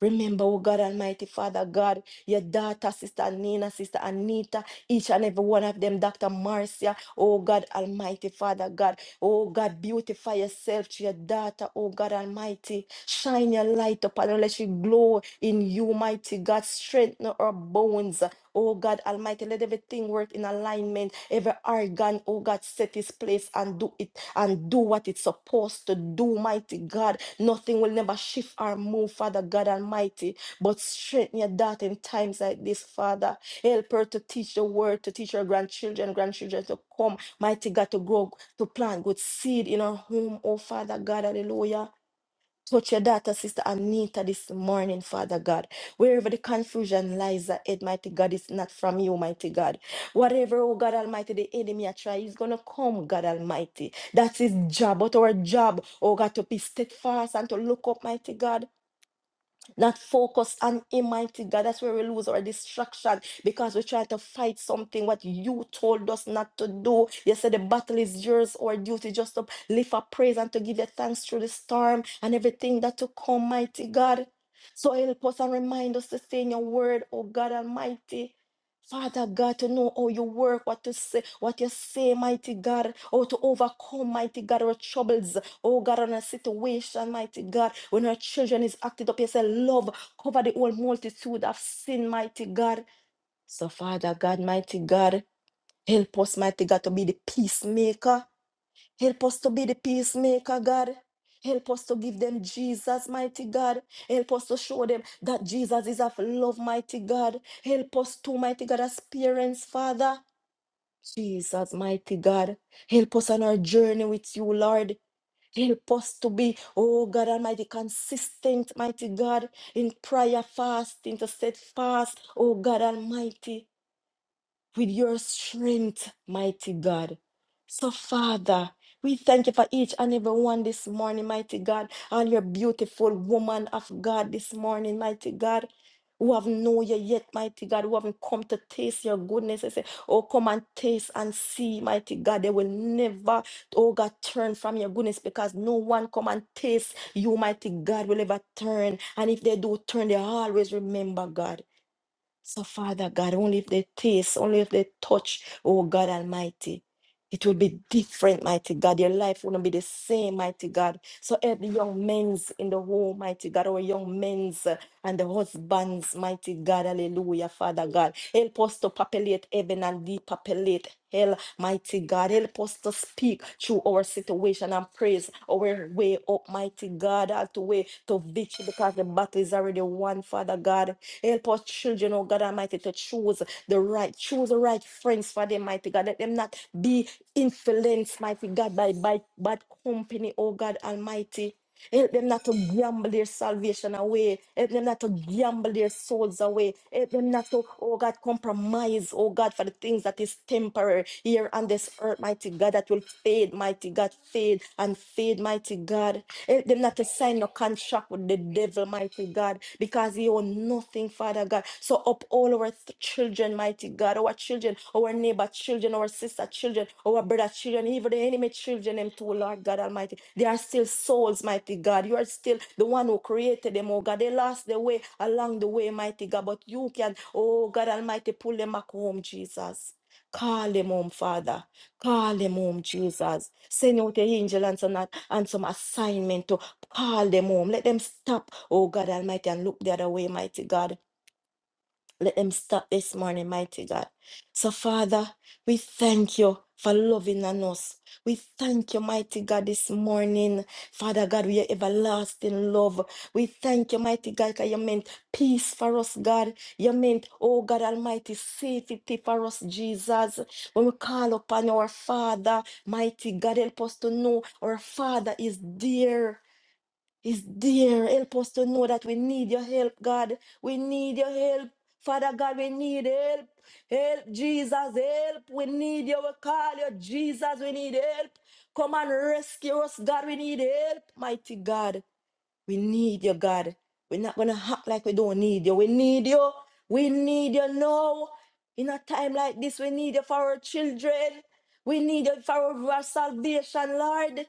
Remember, oh God Almighty, Father God, your daughter, sister Nina, sister Anita each and every one of them, Dr. Marcia, oh God Almighty, Father God, oh God, beautify yourself to your daughter, oh God Almighty, shine your light upon her, let she glow in you, mighty God, strengthen her bones. Oh God Almighty, let everything work in alignment. Every organ, oh God, set its place and do it and do what it's supposed to do, mighty God. Nothing will never shift or move, Father God Almighty. But strengthen your daughter in times like this, Father. Help her to teach the word, to teach her grandchildren, grandchildren to come. Mighty God, to grow, to plant good seed in her home. Oh, Father God, hallelujah. Touch your daughter, Sister Anita, this morning, Father God. Wherever the confusion lies ahead, mighty God, it's not from you, mighty God. Whatever, oh God Almighty, the enemy are trying, is going to come, God Almighty. That's his job, but our job, oh God, to be steadfast and to look up, mighty God not focus on Him, mighty God. That's where we lose our distraction because we try to fight something what you told us not to do. You said the battle is yours, our duty just to lift up praise and to give you thanks through the storm and everything that to come, mighty God. So help us and remind us to stay in your word, oh God Almighty. Father God, to know how you work, what to say, what you say, mighty God, how to overcome, mighty God, our troubles, Oh God, on a situation, mighty God, when our children is acted up, you say, love, cover the whole multitude of sin, mighty God. So, Father God, mighty God, help us, mighty God, to be the peacemaker. Help us to be the peacemaker, God. Help us to give them Jesus, mighty God. Help us to show them that Jesus is of love, mighty God. Help us too, mighty God, as parents, Father. Jesus, mighty God, help us on our journey with you, Lord. Help us to be, oh God Almighty, consistent, mighty God, in prayer, fasting, to set fast, oh God Almighty with your strength, mighty God. So, Father, we thank you for each and every one this morning, mighty God, and your beautiful woman of God this morning, mighty God. Who have known you yet, mighty God, who haven't come to taste your goodness. I say, Oh, come and taste and see, mighty God. They will never, oh God, turn from your goodness because no one come and taste you, mighty God, will ever turn. And if they do turn, they always remember God. So, Father God, only if they taste, only if they touch, oh God Almighty, it will be different, mighty God. Your life will not be the same, mighty God. So, help the young men's in the home, mighty God, our young men's uh, and the husbands, mighty God, hallelujah, Father God. Help us to populate heaven and depopulate hell, mighty God. Help us to speak through our situation and praise our way up, mighty God, all the way to victory because the battle is already won, Father God. Help our children, oh God Almighty, to choose the right, choose the right friends for them, mighty God. Let them not be influenced, mighty God, by, by bad company, oh God Almighty. Help them not to gamble their salvation away. Help them not to gamble their souls away. Help them not to, oh God, compromise, oh God, for the things that is temporary here on this earth, mighty God, that will fade, mighty God, fade and fade, mighty God. Help them not to sign no contract with the devil, mighty God, because he owns nothing nothing, Father God. So up all our th- children, mighty God, our children, our neighbor children, our sister children, our brother children, even the enemy children, them too, Lord God Almighty. They are still souls, mighty God. You are still the one who created them, oh God. They lost their way along the way, mighty God. But you can, oh God Almighty, pull them back home, Jesus. Call them home, Father. Call them home, Jesus. Send out the angel and some, and some assignment to call them home. Let them stop, oh God Almighty, and look the other way, mighty God. Let them stop this morning, mighty God. So, Father, we thank you for loving on us. We thank you, mighty God, this morning. Father God, we are everlasting love. We thank you, mighty God, because you meant peace for us, God. You meant, oh God Almighty, safety for us, Jesus. When we call upon our Father, mighty God, help us to know our Father is dear is there. Help us to know that we need your help, God. We need your help. Father God, we need help. Help, Jesus, help. We need you. We call you, Jesus. We need help. Come and rescue us, God. We need help, mighty God. We need you, God. We're not gonna act like we don't need you. We need you. We need you now. In a time like this, we need you for our children. We need you for our salvation, Lord.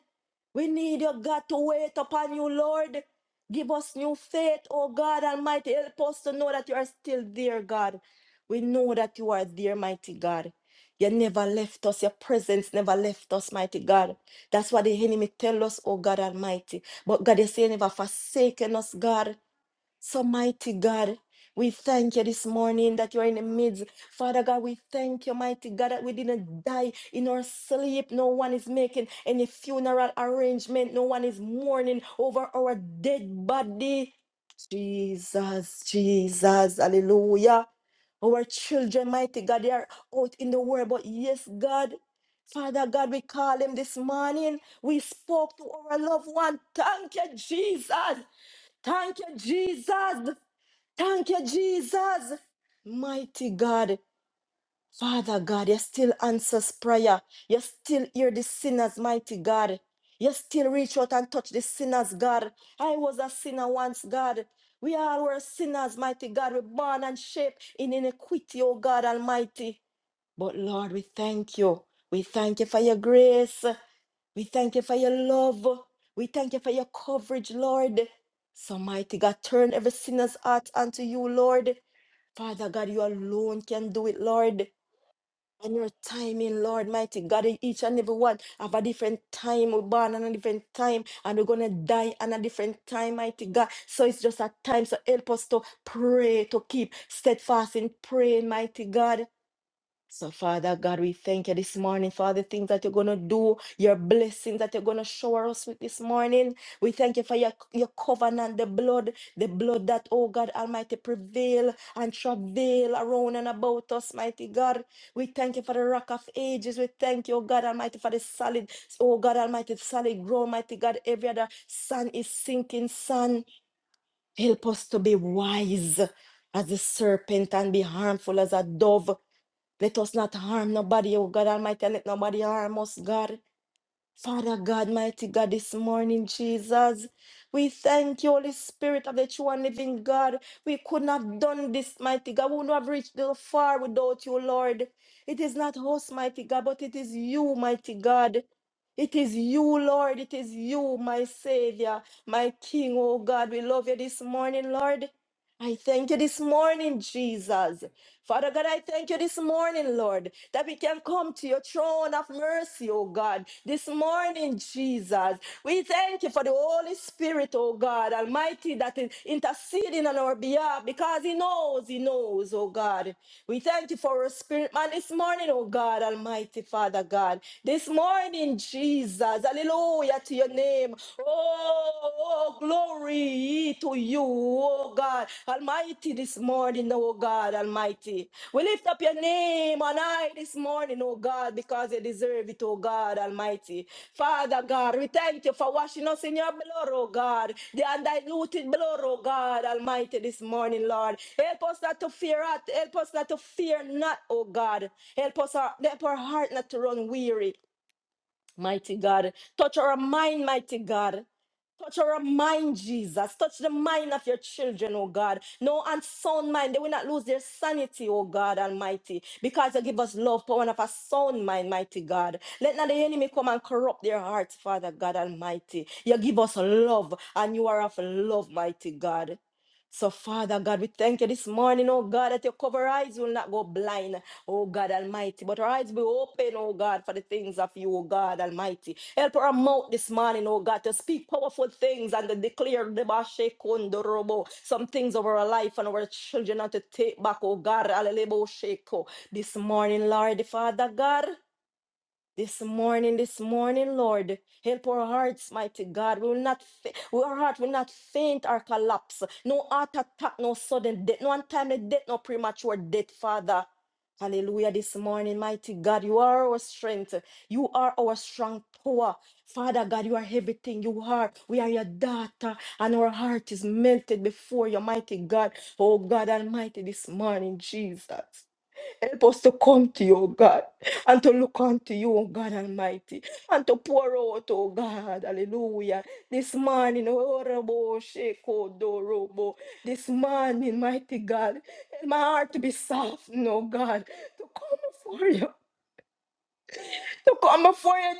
We need you, God, to wait upon you, Lord. Give us new faith, oh God Almighty. Help us to know that you are still there, God. We know that you are there, mighty God. You never left us. Your presence never left us, mighty God. That's what the enemy tell us, oh God Almighty. But God, you say you never forsaken us, God. So, mighty God, we thank you this morning that you're in the midst. Father God, we thank you, mighty God, that we didn't die in our sleep. No one is making any funeral arrangement, no one is mourning over our dead body. Jesus, Jesus, hallelujah. Our children, mighty God, they are out in the world, but yes, God. Father God, we call him this morning. We spoke to our loved one. Thank you, Jesus. Thank you, Jesus. Thank you, Jesus. Mighty God, Father God, you still answers prayer. You still hear the sinners, mighty God. You still reach out and touch the sinners, God. I was a sinner once, God. We all were sinners, mighty God. We're born and shaped in iniquity, oh God Almighty. But Lord, we thank you. We thank you for your grace. We thank you for your love. We thank you for your coverage, Lord. So mighty God, turn every sinner's heart unto you, Lord. Father God, you alone can do it, Lord. And your timing, Lord, mighty God, in each and every one have a different time. We're born on a different time and we're gonna die on a different time, mighty God. So it's just a time. So help us to pray, to keep steadfast in praying, mighty God. So, Father God, we thank you this morning for all the things that you're going to do, your blessings that you're going to shower us with this morning. We thank you for your, your covenant, the blood, the blood that, oh God Almighty, prevail and travail around and about us, mighty God. We thank you for the rock of ages. We thank you, oh God Almighty, for the solid, oh God Almighty, solid ground, mighty God. Every other sun is sinking, sun. Help us to be wise as a serpent and be harmful as a dove. Let us not harm nobody, oh God Almighty. Let nobody harm us, God. Father God, mighty God, this morning, Jesus. We thank you, Holy Spirit of the true and living God. We could not have done this, mighty God. We would not have reached the far without you, Lord. It is not us, mighty God, but it is you, mighty God. It is you, Lord. It is you, my Savior, my King, oh God. We love you this morning, Lord. I thank you this morning, Jesus. Father God, I thank you this morning, Lord, that we can come to your throne of mercy, oh God. This morning, Jesus. We thank you for the Holy Spirit, oh God, Almighty, that is interceding on our behalf because He knows, He knows, oh God. We thank you for our spirit, man, this morning, oh God, Almighty Father God. This morning, Jesus, hallelujah to your name. Oh, oh, glory to you, oh God, Almighty, this morning, oh God, Almighty. We lift up your name on high this this morning, oh God, because they deserve it, oh God Almighty. Father God, we thank you for washing us in your blood, oh God, the undiluted blood, oh God Almighty, this morning, Lord. Help us not to fear, not. help us not to fear not, oh God. Help us, help our heart not to run weary. Mighty God. Touch our mind, mighty God. Touch our mind, Jesus. Touch the mind of your children, oh God. No unsound mind. They will not lose their sanity, oh God Almighty. Because you give us love, power, and of a sound mind, mighty God. Let not the enemy come and corrupt their hearts, Father God Almighty. You give us love, and you are of love, mighty God. So, Father God, we thank you this morning, oh God, that your cover eyes will not go blind, oh God Almighty, but our eyes be open, oh God, for the things of you, oh God Almighty. Help our mouth this morning, oh God, to speak powerful things and to declare debashe kondorobo, some things over our life and our children and to take back, oh God, alelebo sheko. This morning, Lord, Father God. This morning, this morning, Lord, help our hearts, mighty God. We will not, fa- we- our heart will not faint or collapse. No heart attack, no sudden death, no untimely death, no premature death, Father. Hallelujah, this morning, mighty God, you are our strength. You are our strong power. Father God, you are everything you are. We are your daughter, and our heart is melted before your mighty God. Oh God Almighty, this morning, Jesus. Help us to come to you, O God, and to look unto you, O God Almighty, and to pour out, O God, hallelujah. This morning, O Rabo, Sheko, Dorobo, this morning, mighty God, help my heart to be soft, no God, to come before you, to come before you,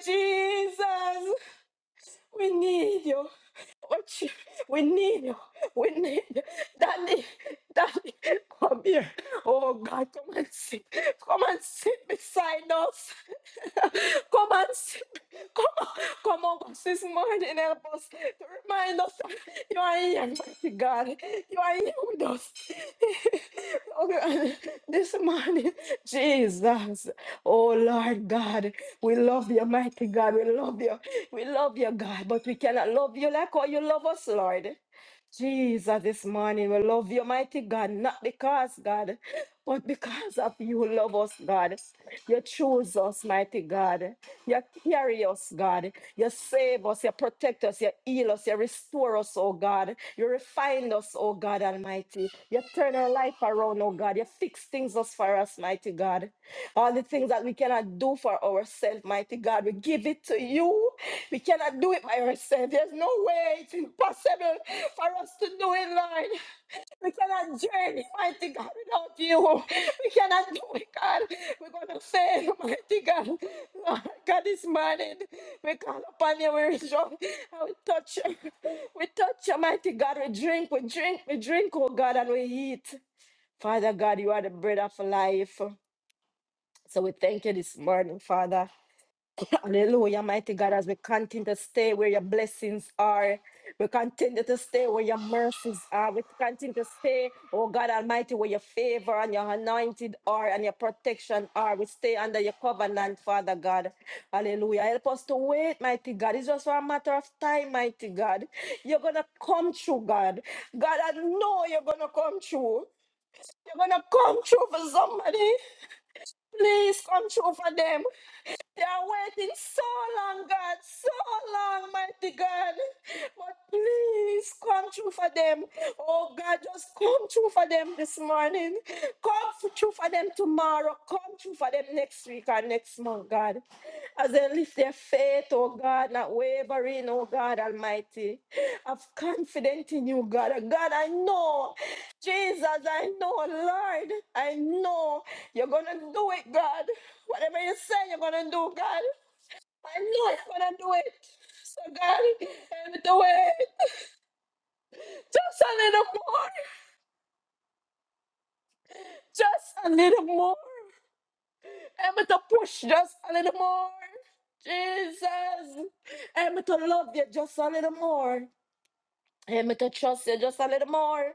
Jesus. We need you. Oh, you- we need you. We need you. Daddy, Daddy, come here. Oh God, come and sit. Come and sit beside us. [LAUGHS] come and sit. Come on, come on us this morning. Help us to remind us that you are here, mighty God. You are here with us. [LAUGHS] Oh, God, this morning, Jesus. Oh Lord God, we love you, mighty God. We love you. We love you, God, but we cannot love you like how you love us, Lord. Jesus, this morning we love you, mighty God, not because, God, but because of you love us, God. You choose us, mighty God. You carry us, God. You save us, you protect us, you heal us, you restore us, oh God. You refine wind us, oh God Almighty. You turn our life around, oh God. You fix things us for us, mighty God. All the things that we cannot do for ourselves, mighty God, we give it to you. We cannot do it by ourselves. There's no way it's impossible for us to do it, Lord. We cannot journey, mighty God, without you. We cannot do it, God. We're going to fail, mighty God. Lord God, this morning, we call upon you, we rejoice, and we touch you. We touch you, mighty God. We drink, we drink, we drink, oh God, and we eat. Father God, you are the bread of life. So we thank you this morning, Father. [LAUGHS] Hallelujah, mighty God, as we continue to stay where your blessings are. We continue to stay where your mercies are. We continue to stay, oh God Almighty, where your favor and your anointed are and your protection are. We stay under your covenant, Father God. Hallelujah. Help us to wait, mighty God. It's just for a matter of time, mighty God. You're going to come true, God. God, I know you're going to come true. You're gonna come through for somebody. Please come through for them. They are waiting so long, God, so long, mighty God. But please come through for them. Oh, God, just come through for them this morning. Come through for them tomorrow. Come through for them next week or next month, God. As they lift their faith, oh God, not wavering, oh God Almighty. I've confident in you, God. God, I know. Jesus, I know, Lord, I know you're going to do it, God. Whatever you say you're going to do, God, I know you're going to do it. So, God, help me to wait just a little more, just a little more. Help me to push just a little more. Jesus, help me to love you just a little more. Help me to trust you just a little more.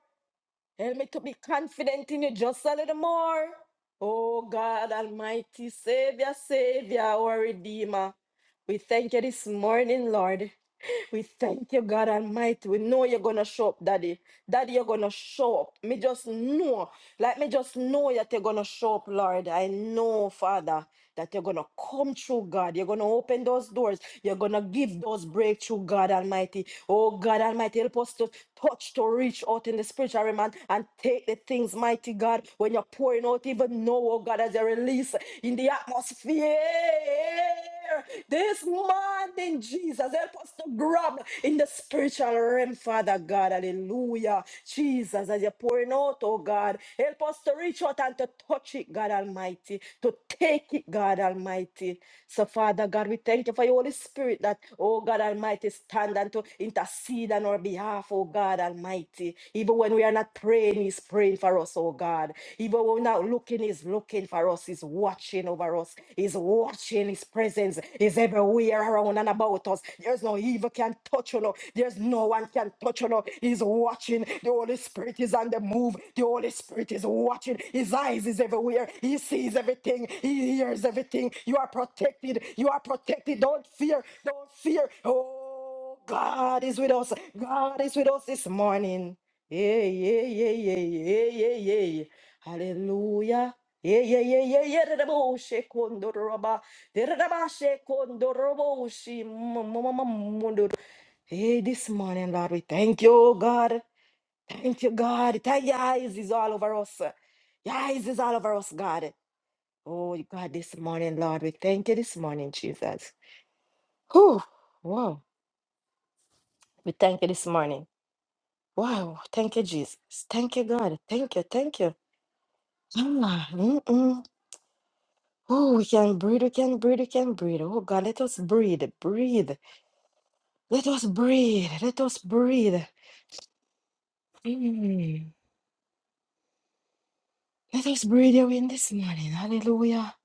Help me to be confident in you just a little more. Oh God, Almighty Savior, Savior, our Redeemer. We thank you this morning, Lord. We thank you, God Almighty. We know you're gonna show up, Daddy. Daddy, you're gonna show up. Me just know. Like me just know that you're gonna show up, Lord. I know, Father that you're going to come through, God. You're going to open those doors. You're going to give those breakthrough, God Almighty. Oh, God Almighty, help us to touch, to reach out in the spiritual realm and, and take the things, mighty God, when you're pouring out, even now, oh God, as you release in the atmosphere this morning, Jesus. Help us to grab in the spiritual realm, Father God. Hallelujah. Jesus, as you're pouring out, oh God, help us to reach out and to touch it, God Almighty, to take it, God Almighty. So, Father God, we thank you for your Holy Spirit that, oh God Almighty, stand and to intercede on our behalf, oh God Almighty. Even when we are not praying, He's praying for us, oh God. Even when we're not looking, He's looking for us, He's watching over us, He's Watching, His presence is everywhere around and about us. There's no evil can touch you. Lord. There's no one can touch you. Lord. He's watching. The Holy Spirit is on the move. The Holy Spirit is watching. His eyes is everywhere. He sees everything. He hears everything. You are protected. You are protected. Don't fear. Don't fear. Oh, God is with us. God is with us this morning. Yeah, yeah, yeah, yeah, yeah, yeah, yeah. Hallelujah. Yeah, yeah, yeah, yeah, yeah. da, da, bo, she, kondo, ro, ba. Da, da, da, ba, she, kondo, ro, bo, she, mo, mo, mo, mo, mo, Hey, this morning, Lord, we thank you, oh God. Thank you, God. Thank your eyes is all over us. Your eyes is all over us, God. Oh, God, this morning, Lord, we thank you this morning, Jesus. Whew. Wow. We thank you this morning. Wow. Thank you, Jesus. Thank you, God. Thank you. Thank you. Ah, mm-mm. Oh, we can breathe, we can breathe, we can breathe. Oh God, let us breathe, breathe. Let us breathe, let us breathe. Mm. Let us breathe you in this morning. Hallelujah.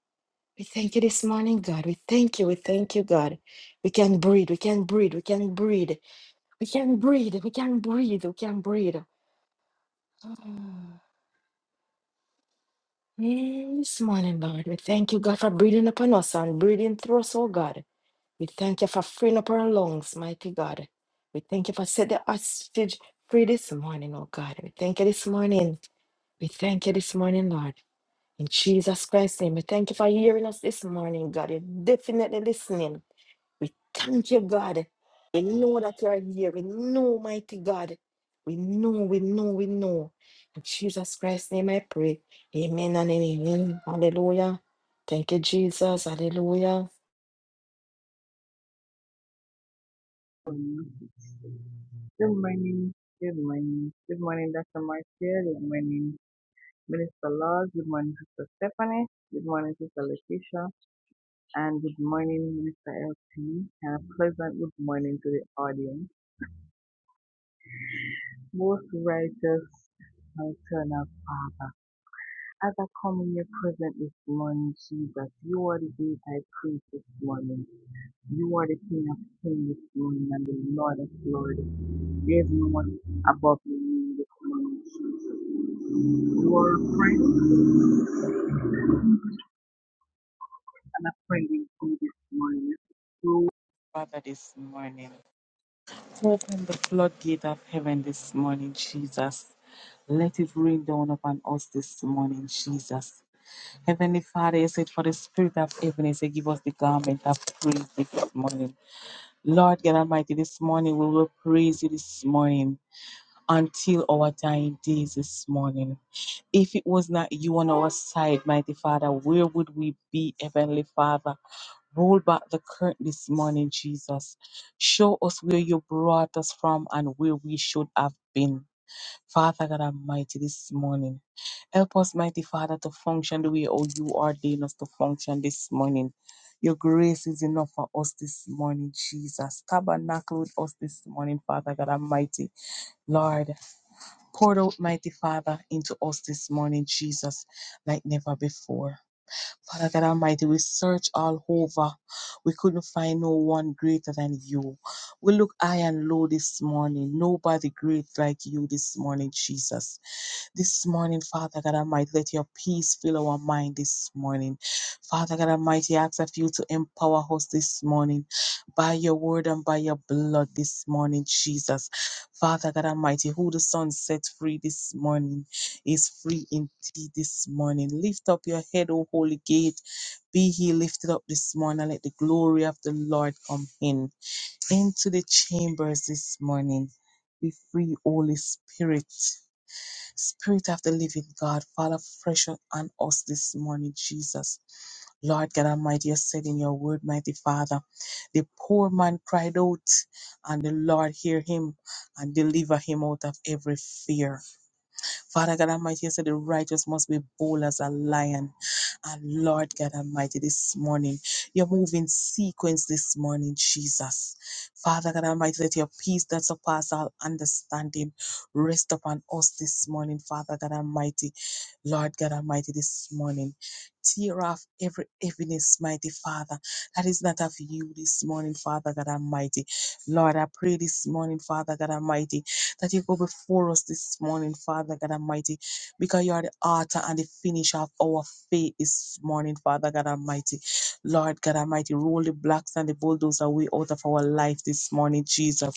We thank you this morning, God. We thank you, we thank you, God. We can breathe, we can breathe, we can breathe. We can breathe, we can breathe, we can breathe. Ah. Mm, this morning, Lord, we thank you, God, for breathing upon us and breathing through us, oh God. We thank you for freeing up our lungs, mighty God. We thank you for set the hostage free this morning, oh God. We thank you this morning. We thank you this morning, Lord. In Jesus Christ's name, we thank you for hearing us this morning, God. You're definitely listening. We thank you, God. We know that you're here. We know, mighty God. We know, we know, we know. In Jesus Christ's name, I pray. Amen and amen. Hallelujah. Thank you, Jesus. Hallelujah. morning. Good morning. Good morning. Good morning, Dr. Marcia. Good morning, Minister Laws. Good morning, Sister Stephanie. Good morning, Sister Letitia. And good morning, Minister LP. And a pleasant good morning to the audience. Most righteous, eternal Father, as I come in your presence this morning, Jesus, you are the day I praise this morning. You are the King of Kings, Lord, and the Lord of Lords. There is no one above you in this morning, Jesus. You are a friend and a friend in you this morning. Father, this morning, open the floodgate of heaven this morning, Jesus. Let it rain down upon us this morning, Jesus. Heavenly Father, you said for the spirit of heaviness, you give us the garment of praise this morning. Lord God Almighty, this morning we will praise you this morning. until our dying days this morning. If it was not you on our side, mighty Father, where would we be, Heavenly Father? Roll back the curtain this morning, Jesus. Show us where you brought us from and where we should have been. Father God Almighty, this morning, help us, mighty Father, to function the way oh, you ordained us to function this morning. Your grace is enough for us this morning, Jesus. Tabernacle with us this morning, Father God Almighty Lord, pour out, mighty Father, into us this morning, Jesus, like never before. Father God Almighty, we searched all over. We couldn't find no one greater than you. We look high and low this morning. Nobody great like you this morning, Jesus this morning, Father God Almighty. Let your peace fill our mind this morning. Father God Almighty, I ask of you to empower us this morning by your word and by your blood this morning, Jesus. Father God Almighty, who the Son set free this morning is free indeed this morning. Lift up your head, O holy gate. Be he lifted up this morning and let the glory of the Lord come in. Into the chambers this morning. Be free, Holy Spirit. Spirit of the living God, Father, fresh on us this morning, Jesus. Lord God Almighty, you said in your word, mighty Father, the poor man cried out, and the Lord hear him and deliver him out of every fear. Father God Almighty, you said the righteous must be bold as a lion. And Lord God Almighty, this morning, you're moving sequence this morning, Jesus. Father God Almighty, let your peace that surpasses all understanding rest upon us this morning, Father God Almighty. Lord God Almighty, this morning, tear off every heaviness, mighty Father, that is not of you this morning, Father God Almighty. Lord, I pray this morning, Father God Almighty that you go before us this morning, Father God Almighty, because you are the author and the finisher of our faith this morning, Father God Almighty. Lord God Almighty, roll the blocks and the bulldozer away out of our life this morning, Jesus.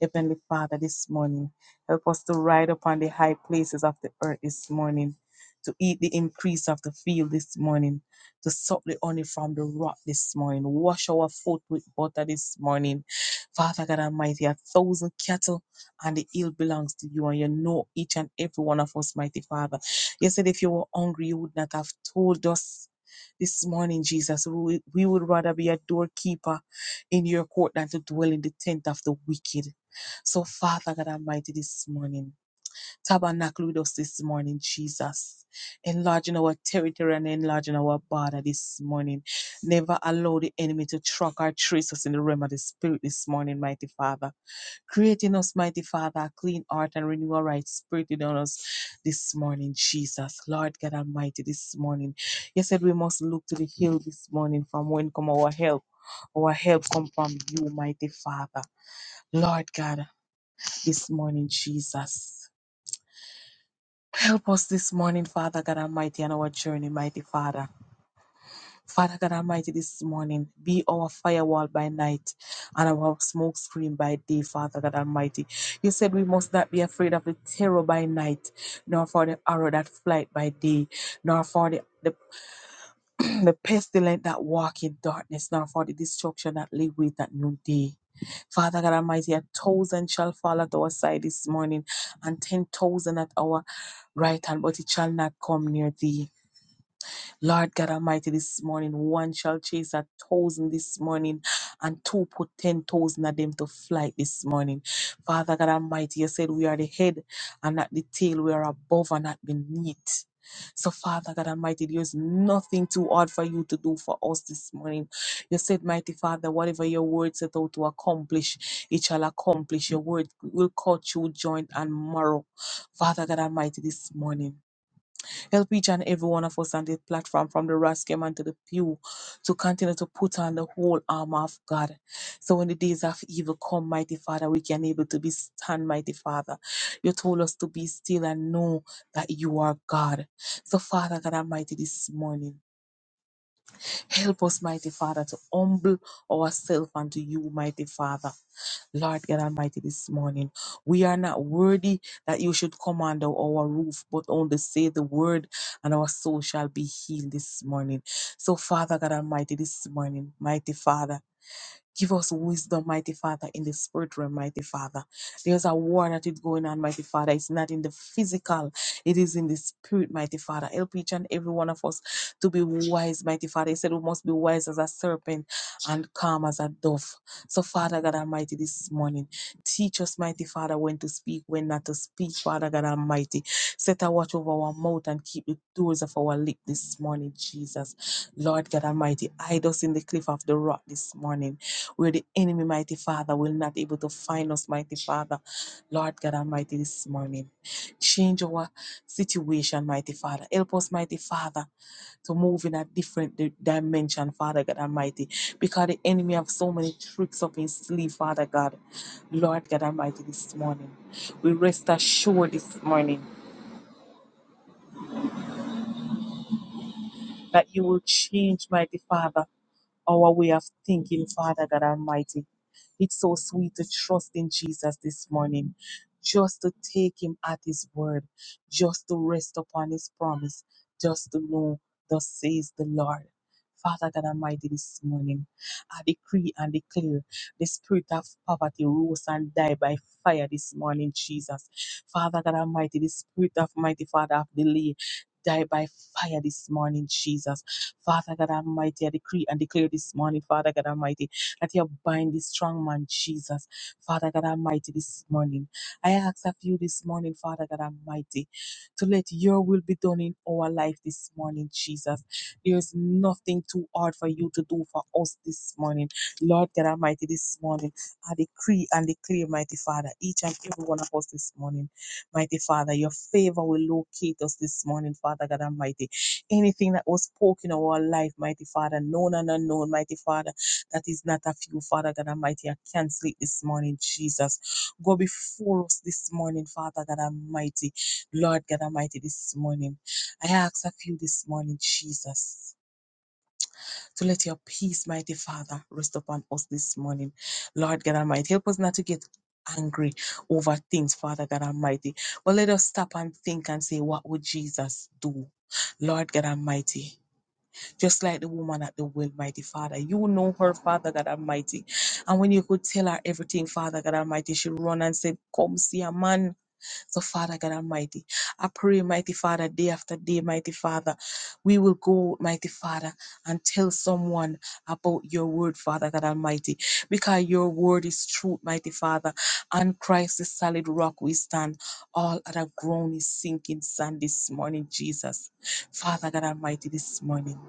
Heavenly Father, this morning, help us to ride upon the high places of the earth this morning, to eat the increase of the field this morning, to suck the honey from the rock this morning, wash our foot with butter this morning. Father God Almighty, a thousand cattle and the heal belongs to you. And you know each and every one of us, mighty Father. You said if you were hungry, you would not have told us. This morning, Jesus, we we would rather be a doorkeeper in your court than to dwell in the tent of the wicked. So, Father God Almighty, this morning, Tabernacle with us this morning, Jesus. Enlarging our territory and enlarging our border this morning. Never allow the enemy to track or trace us in the realm of the Spirit this morning, mighty Father. Creating us, mighty Father, a clean heart and renew our right spirit within us this morning, Jesus. Lord God Almighty, this morning. You said we must look to the hill this morning from when come our help. Our help come from you, mighty Father. Lord God, this morning, Jesus. Help us this morning, Father God Almighty, on our journey, mighty Father. Father God Almighty, this morning, be our firewall by night and our smoke screen by day, Father God Almighty. You said we must not be afraid of the terror by night, nor for the arrow that flight by day, nor for the, the [CLEARS THROAT] the pestilence that walk in darkness, nor for the destruction that lay wait at noon day. Father God Almighty, a thousand shall fall at our side this morning, and ten thousand at our right hand, but it shall not come near thee. Lord God Almighty, this morning, one shall chase a thousand this morning, and two put ten thousand of them to flight this morning. Father God Almighty, you said we are the head and not the tail, we are above and not beneath. So, Father God Almighty, there's nothing too hard for you to do for us this morning. You said, Mighty Father, whatever your word set out to accomplish, it shall accomplish. Your word will cut you joint and marrow. Father God Almighty, this morning. Help each and every one of us on this platform, from the Raskeman to the pew, to continue to put on the whole armor of God. So when the days of evil come, mighty Father, we can able to be stand, mighty Father. You told us to be still and know that you are God. So Father God Almighty, this morning. Help us, mighty Father, to humble ourselves unto you, mighty Father. Lord God Almighty, this morning, we are not worthy that you should come under our roof, but only say the word, and our soul shall be healed this morning. So, Father God Almighty, this morning, mighty Father. Give us wisdom, mighty Father, in the spirit realm, mighty Father. There's a war that is going on, mighty Father. It's not in the physical, it is in the spirit, mighty Father. Help each and every one of us to be wise, mighty Father. He said we must be wise as a serpent and calm as a dove. So, Father God Almighty, this morning, teach us, mighty Father, when to speak, when not to speak, Father God Almighty. Set a watch over our mouth and keep the doors of our lip this morning, Jesus. Lord God Almighty, hide us in the cliff of the rock this morning where the enemy, mighty Father, will not able to find us, mighty Father. Lord God Almighty, this morning. Change our situation, mighty Father. Help us, mighty Father, to move in a different di- dimension, Father God Almighty. Because the enemy have so many tricks up his sleeve, Father God. Lord God Almighty, this morning. We rest assured this morning that you will change, mighty Father, our way of thinking, Father God Almighty. It's so sweet to trust in Jesus this morning, just to take him at his word, just to rest upon his promise, just to know, thus says the Lord. Father God Almighty, this morning, I decree and declare the spirit of poverty rose and died by fire this morning, Jesus. Father God Almighty, the spirit of mighty Father of delay, die by fire this morning, Jesus. Father God Almighty, I decree and declare this morning, Father God Almighty, that you bind this strong man, Jesus. Father God Almighty, this morning. I ask of you this morning, Father God Almighty, to let your will be done in our life this morning, Jesus. There is nothing too hard for you to do for us this morning. Lord God Almighty, this morning, I decree and declare, mighty Father, each and every one of us this morning. Mighty Father, your favor will locate us this morning, Father God Almighty. Anything that was spoken in our life, Mighty Father, known and unknown, Mighty Father, that is not of you, Father God Almighty. I cancel it this morning, Jesus. Go before us this morning, Father God Almighty. Lord God Almighty, this morning. I ask of you this morning, Jesus. So let your peace, mighty Father, rest upon us this morning. Lord God Almighty, help us not to get angry over things, Father God Almighty. But let us stop and think and say, what would Jesus do? Lord God Almighty, just like the woman at the well, mighty Father, you know her, Father God Almighty. And when you could tell her everything, Father God Almighty, she run and said, Come see a man so, Father God Almighty, I pray, mighty Father, day after day, mighty Father, we will go, mighty Father, and tell someone about your word, Father God Almighty, because your word is truth, mighty Father. And Christ the solid rock we stand. All other ground is sinking sand this morning, Jesus. Father God Almighty, this morning.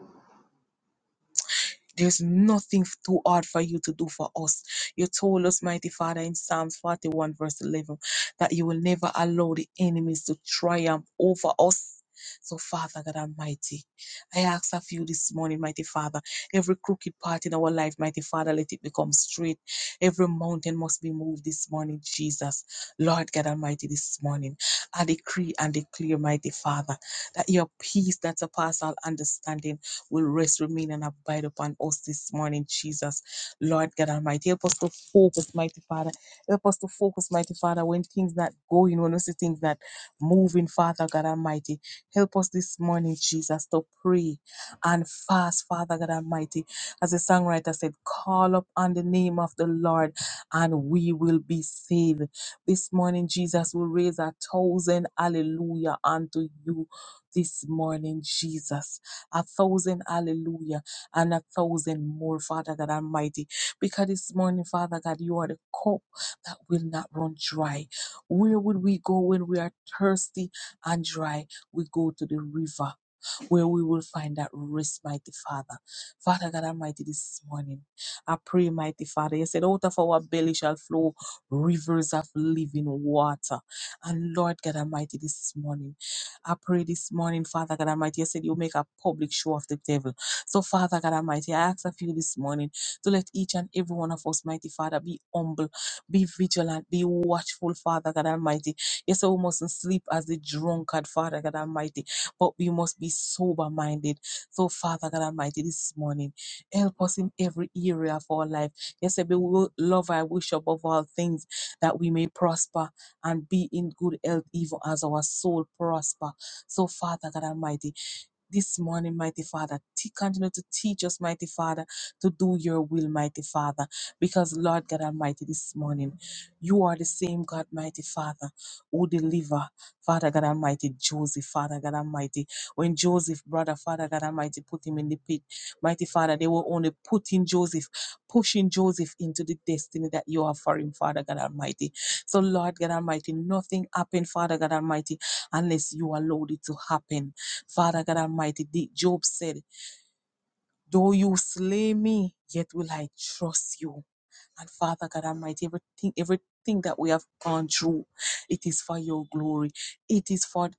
There's nothing f- too hard for you to do for us. You told us, mighty Father, in Psalms 41, verse 11, that you will never allow the enemies to triumph over us. So, Father God Almighty, I ask of you this morning, mighty Father, every crooked part in our life, mighty Father, let it become straight. Every mountain must be moved this morning, Jesus. Lord God Almighty, this morning, I decree and declare, mighty Father, that your peace that surpasses all understanding will rest, remain, and abide upon us this morning, Jesus. Lord God Almighty, help us to focus, mighty Father. Help us to focus, mighty Father, when things not going, when we see things not moving, Father God Almighty. Help us this morning, Jesus, to pray and fast, Father God Almighty. As the songwriter said, call up on the name of the Lord and we will be saved. This morning, Jesus will raise a thousand hallelujah unto you. This morning, Jesus a thousand, hallelujah, and a thousand more, Father God Almighty. Because this morning, Father God, you are the cup that will not run dry. Where would we go when we are thirsty and dry? We go to the river where we will find that rest, mighty Father. Father God Almighty, this morning, I pray, mighty Father, you said, out of our belly shall flow rivers of living water. And Lord God Almighty, this morning, I pray this morning, Father God Almighty, you said, you make a public show of the devil. So, Father God Almighty, I ask of you this morning to let each and every one of us, mighty Father, be humble, be vigilant, be watchful, Father God Almighty. You said, we mustn't sleep as the drunkard, Father God Almighty but we must be sober minded. So, Father God Almighty, this morning, help us in every area of our life. Yes, we will love our wish above all things that we may prosper and be in good health, even as our soul prosper. So, Father God Almighty, this morning, mighty Father. T- Continue to teach us, mighty Father, to do your will, mighty Father. Because, Lord God Almighty, this morning, you are the same God, mighty Father, who deliver, Father God Almighty, Joseph, Father God Almighty. When Joseph, brother, Father God Almighty, put him in the pit, mighty Father, they were only putting Joseph, pushing Joseph into the destiny that you have for him, Father God Almighty. So, Lord God Almighty, nothing happened, Father God Almighty, unless you allowed it to happen. Father God Almighty, the- Job said, Though you slay me, yet will I trust you. And Father God Almighty, everything, everything that we have gone through, it is for your glory. It is for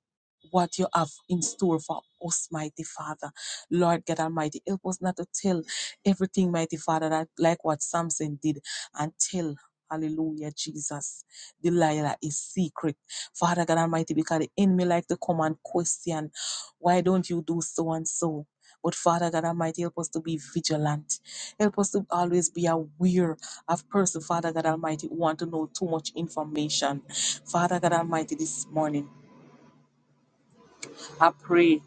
what you have in store for us, mighty Father. Lord God Almighty, help us not to tell everything, mighty Father, that like what Samson did and tell. Hallelujah, Jesus. Delilah is secret. Father God Almighty, because the enemy like to come and question, why don't you do so and so? But Father God Almighty, help us to be vigilant. Help us to always be aware of person, Father God Almighty, who want to know too much information. Father God Almighty, this morning, I pray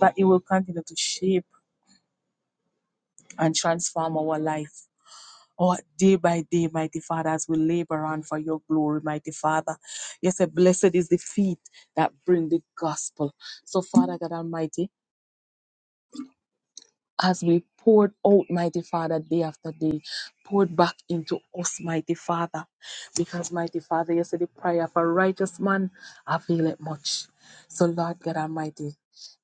that you will continue to shape and transform our life. Oh, day by day, mighty Father, as we labor on for your glory, mighty Father. Yes, blessed is the feet that bring the gospel. So, Father God Almighty, as we poured out, mighty Father, day after day, poured back into us, mighty Father. Because, mighty Father, you said the prayer of a righteous man availeth much. So, Lord God Almighty,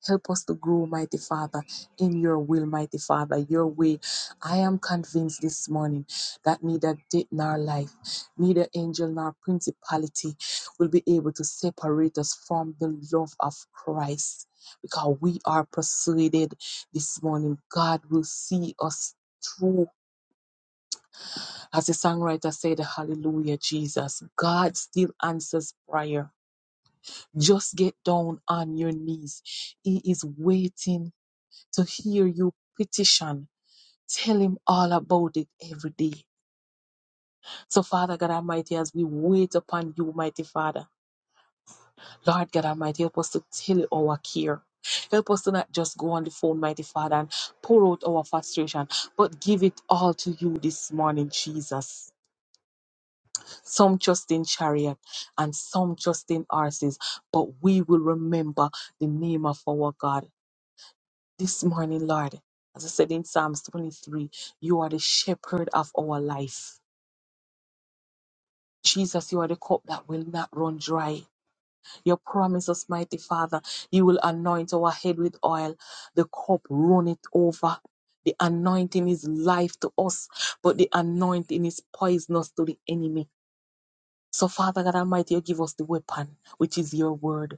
help us to grow, mighty Father, in your will, mighty Father, your way. I am convinced this morning that neither death nor life, neither angel nor principality will be able to separate us from the love of Christ. Because we are persuaded this morning. God will see us through. As the songwriter said, Hallelujah, Jesus. God still answers prayer. Just get down on your knees. He is waiting to hear you petition. Tell him all about it every day. So, Father God Almighty, as we wait upon you, mighty Father, Lord God Almighty, help us to tell you our care. Help us to not just go on the phone, mighty Father, and pour out our frustration, but give it all to you this morning, Jesus. some just in chariot and some just in horses, but we will remember the name of our God. This morning, Lord, as I said in Psalms 23, you are the shepherd of our life. Jesus, you are the cup that will not run dry. Your promise us, mighty Father, you will anoint our head with oil, the cup runneth over. The anointing is life to us, but the anointing is poisonous to the enemy. So, Father God Almighty, you give us the weapon, which is your word.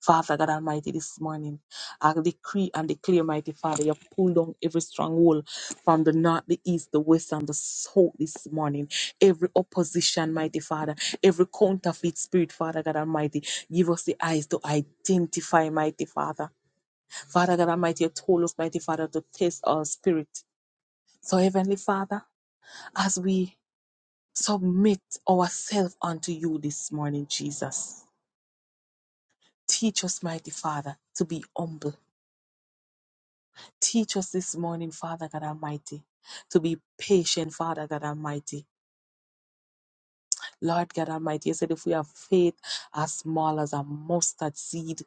Father God Almighty, this morning, I decree and declare, mighty Father, you pull down every stronghold from the north, the east, the west, and the south this morning. Every opposition, mighty Father, every counterfeit spirit, Father God Almighty, give us the eyes to identify, mighty Father. Father God Almighty, you told us, mighty Father, to test our spirit. So, Heavenly Father, as we submit ourselves unto you this morning, Jesus. Teach us, mighty Father, to be humble. Teach us this morning, Father God Almighty, to be patient, Father God Almighty. Lord God Almighty, you said if we have faith as small as a mustard seed,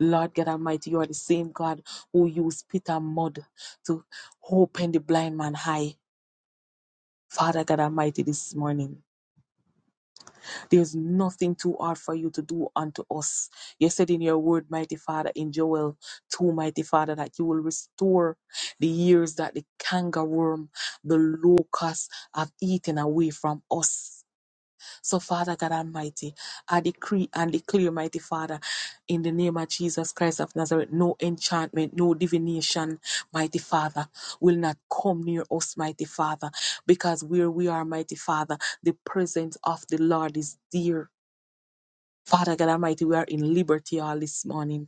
Lord God Almighty, you are the same God who used Peter mud to open the blind man high. Father God Almighty, this morning. There's nothing too hard for you to do unto us. You said in your word, mighty Father, in Joel 2, mighty Father, that you will restore the years that the kangarworm, the locust have eaten away from us. So, Father God Almighty, I decree and declare, mighty Father, in the name of Jesus Christ of Nazareth, no enchantment, no divination, mighty Father, will not come near us, mighty Father, because where we are, mighty Father, the presence of the Lord is dear. Father God Almighty, we are in liberty all this morning.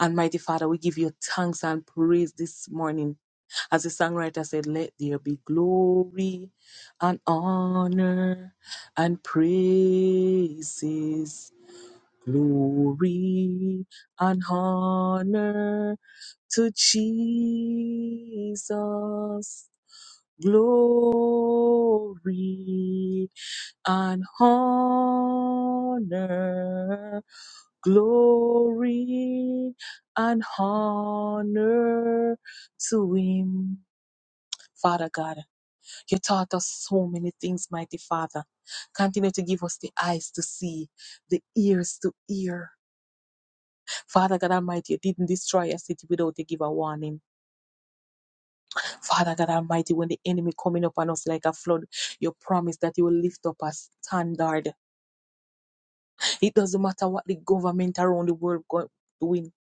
And mighty Father, we give you thanks and praise this morning. As the songwriter said, let there be glory and honor and praises. Glory and honor to Jesus. Glory and honor, glory and honor to Him. Father God, you taught us so many things, mighty Father. Continue to give us the eyes to see, the ears to hear. Father God Almighty, you didn't destroy a city without you give a warning. Father God Almighty, when the enemy coming up on us like a flood, you promise that you will lift up a standard. It doesn't matter what the government around the world go- doing.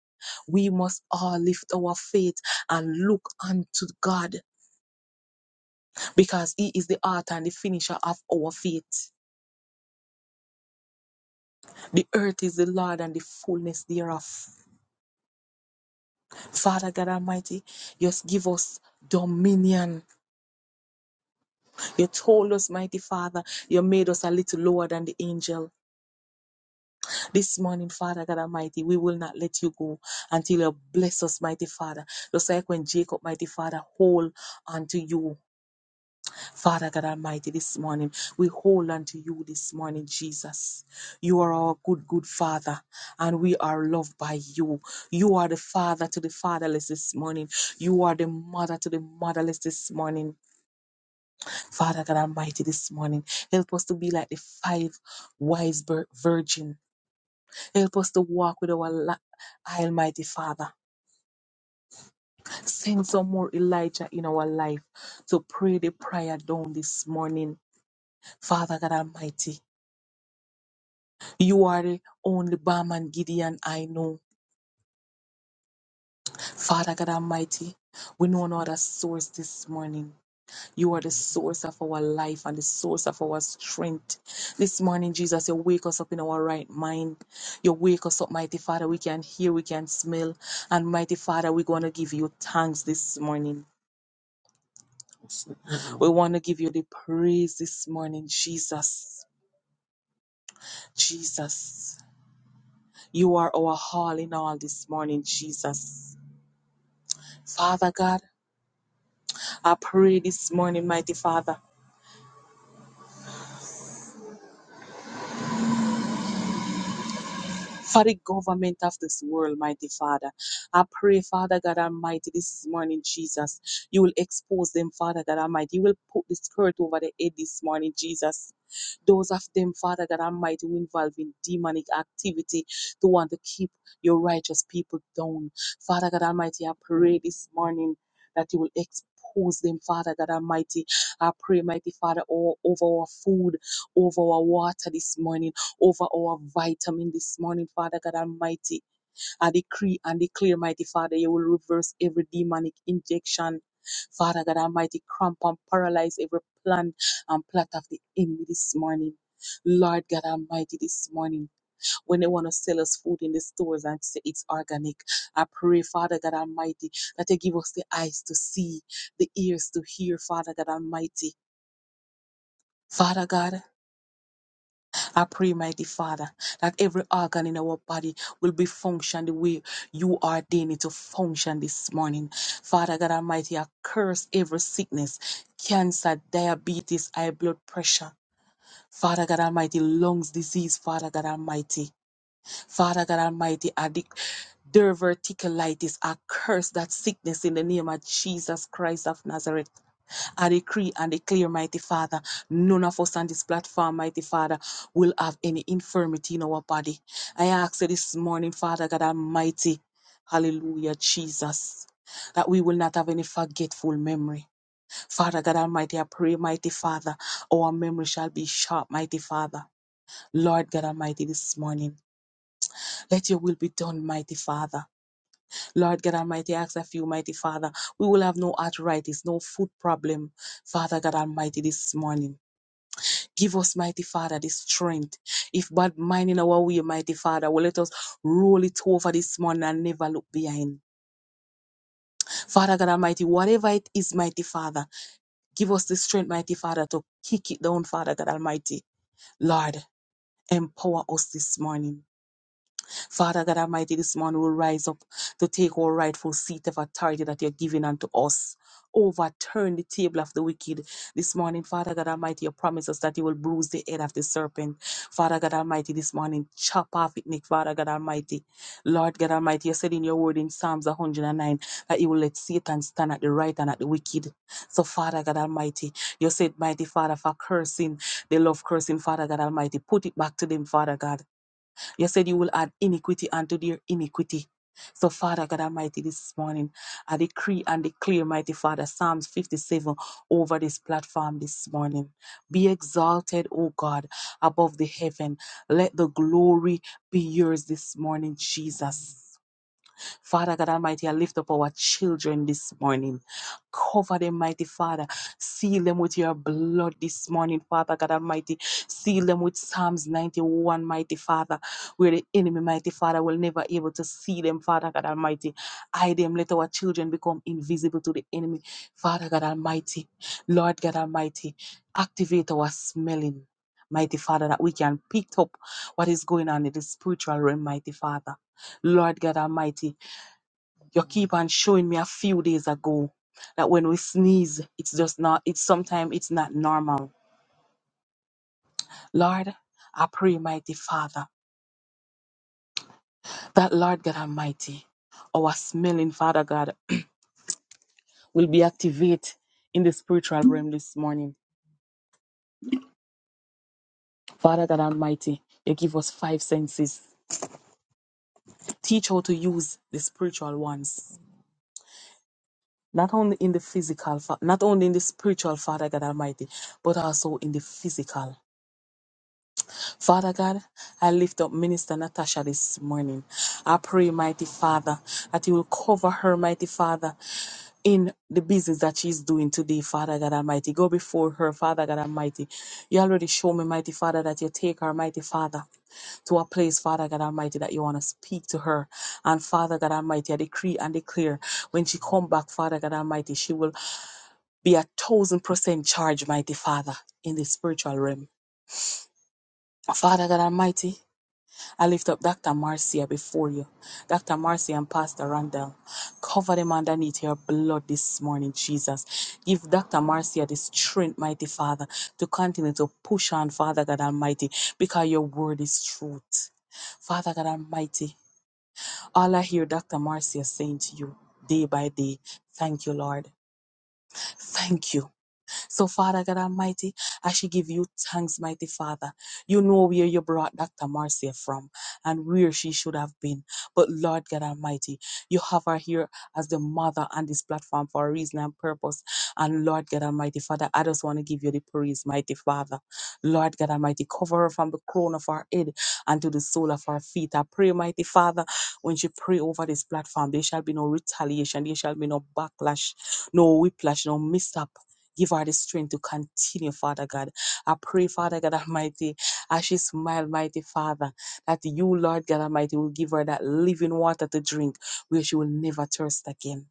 We must all lift our faith and look unto God because He is the author and the finisher of our faith. The earth is the Lord and the fullness thereof. Father God Almighty, just give us dominion. You told us, mighty Father, you made us a little lower than the angel This morning, Father God Almighty, we will not let you go until you bless us, mighty Father. Just like when Jacob, mighty Father, hold unto you, Father God Almighty, this morning. We hold unto you this morning, Jesus. You are our good, good Father, and we are loved by you. You are the Father to the fatherless this morning. You are the Mother to the motherless this morning, Father God Almighty, this morning. Help us to be like the five wise vir- virgins. Help us to walk with our li- Almighty Father. Send some more Elijah in our life to pray the prayer down this morning. Father God Almighty, you are the only balm and Gideon I know. Father God Almighty, we know no other source this morning. You are the source of our life and the source of our strength. This morning, Jesus, you wake us up in our right mind. You wake us up, mighty Father. We can hear, we can smell. And mighty Father, we're going to give you thanks this morning. We want to give you the praise this morning, Jesus. Jesus, you are our all in all this morning, Jesus. Father God, I pray this morning, mighty Father. for the government of this world, mighty Father. I pray, Father God Almighty, this morning, Jesus, you will expose them, Father God Almighty. You will put the skirt over the head this morning, Jesus. Those of them, Father God Almighty, who involved in demonic activity to want to keep your righteous people down. Father God Almighty, I pray this morning that you will expose them, Father God Almighty. I pray, mighty Father, all over our food, over our water this morning over our vitamin this morning, Father God Almighty. I decree and declare, mighty Father, you will reverse every demonic injection. Father God Almighty, cramp and paralyze every plan and plot of the enemy this morning. Lord God Almighty, this morning, when they want to sell us food in the stores and say it's organic, I pray, Father God Almighty, that you give us the eyes to see, the ears to hear, Father God Almighty. Father God, I pray, mighty Father, that every organ in our body will be functioned the way you ordained it to function this morning. Father God Almighty, I curse every sickness, cancer, diabetes, high blood pressure. Father God Almighty, lungs disease, Father God Almighty. Father God Almighty, I de- diverticulitis, I curse that sickness in the name of Jesus Christ of Nazareth. I decree and declare, mighty Father, none of us on this platform, mighty Father, will have any infirmity in our body. I ask you this morning, Father God Almighty, hallelujah, Jesus, that we will not have any forgetful memory. Father God Almighty, I pray, mighty Father, our memory shall be sharp, mighty Father. Lord God Almighty, this morning. Let your will be done, mighty Father. Lord God Almighty, I ask of you, mighty Father, we will have no arthritis, no foot problem, Father God Almighty, this morning. Give us, mighty Father, the strength. If bad mind in our way, mighty Father, will let us roll it over this morning and never look behind. Father God Almighty, whatever it is, mighty Father, give us the strength, mighty Father, to kick it down, Father God Almighty. Lord, empower us this morning. Father God Almighty, this morning we will rise up to take our rightful seat of authority that you're giving unto us. Overturn the table of the wicked this morning, Father God Almighty. You promise us that you will bruise the head of the serpent, Father God Almighty. This morning, chop off it, Nick, Father God Almighty. Lord God Almighty, you said in your word in Psalms 109 that you will let Satan stand at the right and at the wicked. So, Father God Almighty, you said, Mighty Father, for cursing, they love cursing, Father God Almighty. Put it back to them, Father God. You said you will add iniquity unto their iniquity. So, Father God Almighty, this morning, I decree and declare, mighty Father, Psalms 57 over this platform this morning. Be exalted, O God, above the heaven. Let the glory be yours this morning, Jesus. Father God Almighty, I lift up our children this morning. Cover them, mighty Father. Seal them with your blood this morning, Father God Almighty. Seal them with Psalms 91, mighty Father, where the enemy, mighty Father, will never be able to see them, Father God Almighty. Hide them, let our children become invisible to the enemy, Father God Almighty. Lord God Almighty, activate our smelling, mighty Father, that we can pick up what is going on in the spiritual realm, mighty Father. Lord God Almighty you keep on showing me a few days ago that when we sneeze, it's just not, it's sometimes it's not normal. Lord, I pray, mighty Father, that Lord God Almighty, our smelling Father God will be activated in the spiritual realm this morning. Father God Almighty, you give us five senses. Teach how to use the spiritual ones. Not only in the physical, fa- not only in the spiritual, Father God Almighty, but also in the physical. Father God, I lift up Minister Natasha this morning. I pray, mighty Father, that you will cover her, mighty Father, in the business that she's doing today, Father God Almighty. Go before her, Father God Almighty. You already show me, mighty Father, that you take her, mighty Father to a place, Father God Almighty, that you want to speak to her. And Father God Almighty, I decree and declare when she come back, Father God Almighty, she will be a thousand percent charged, mighty Father, in the spiritual realm. Father God Almighty, I lift up Dr. Marcia before you. Dr. Marcia and Pastor Randall. Cover them underneath your blood this morning, Jesus. Give Dr. Marcia the strength, mighty Father, to continue to push on, Father God Almighty, because your word is truth. Father God Almighty, all I hear Dr. Marcia saying to you day by day, thank you, Lord. Thank you. So, Father God Almighty, I should give you thanks, mighty Father. You know where you brought Dr. Marcia from and where she should have been. But, Lord God Almighty, you have her here as the mother on this platform for a reason and purpose. And, Lord God Almighty, Father, I just want to give you the praise, mighty Father. Lord God Almighty, cover her from the crown of her head and to the sole of her feet. I pray, mighty Father, when she pray over this platform, there shall be no retaliation, there shall be no backlash, no whiplash, no mishap. Give her the strength to continue, Father God. I pray, Father God Almighty, as she smiled, mighty Father, that you, Lord God Almighty, will give her that living water to drink where she will never thirst again.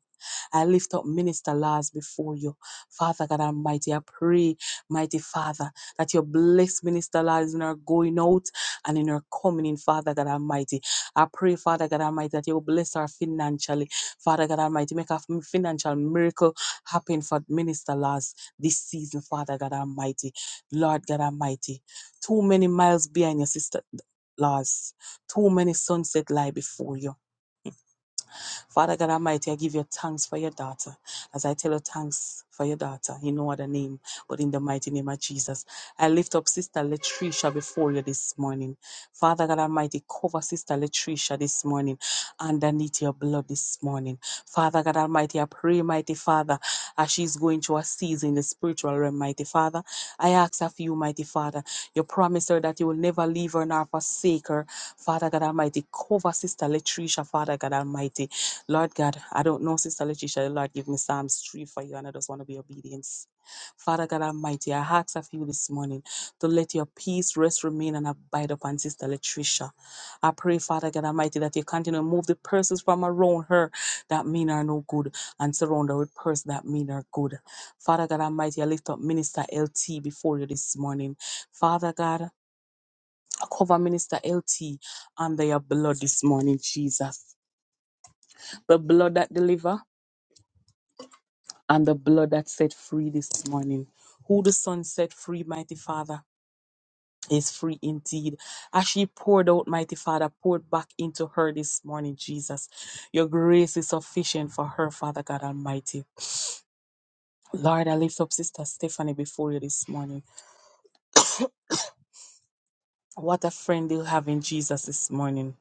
I lift up Minister Lars before you. Father God Almighty, I pray, mighty Father, that you bless Minister Lars in her going out and in her coming in, Father God Almighty. I pray, Father God Almighty, that you bless her financially. Father God Almighty, make a f- financial miracle happen for Minister Lars this season, Father God Almighty. Lord God Almighty, too many miles behind your sister Lars, too many sunset lie before you. Father God Almighty, I give you thanks for your daughter. As I tell you thanks for your daughter, in no other name, but in the mighty name of Jesus. I lift up Sister Latricia before you this morning. Father God Almighty, cover Sister Latricia this morning underneath your blood this morning. Father God Almighty, I pray, mighty Father, as she's going through a season in the spiritual realm, mighty Father. I ask of you, mighty Father, you promise her that you will never leave her nor forsake her. Father God Almighty, cover Sister Latricia, Father God Almighty. Lord God, I don't know, Sister Letitia. Lord, give me Psalms 3 for you, and I just want to be obedient. Father God Almighty, I ask of you this morning to let your peace rest, remain, and abide upon Sister Letitia. I pray, Father God Almighty, that you continue to move the persons from around her that mean her no good and surround her with persons that mean her good. Father God Almighty, I lift up Minister LT before you this morning. Father God, I cover Minister LT under your blood this morning, Jesus. The blood that delivers and the blood that set free this morning. Who the Son set free, mighty Father, is free indeed. As she poured out, mighty Father, poured back into her this morning, Jesus. Your grace is sufficient for her, Father God Almighty. Lord, I lift up Sister Stephanie before you this morning. What a friend you have in Jesus this morning.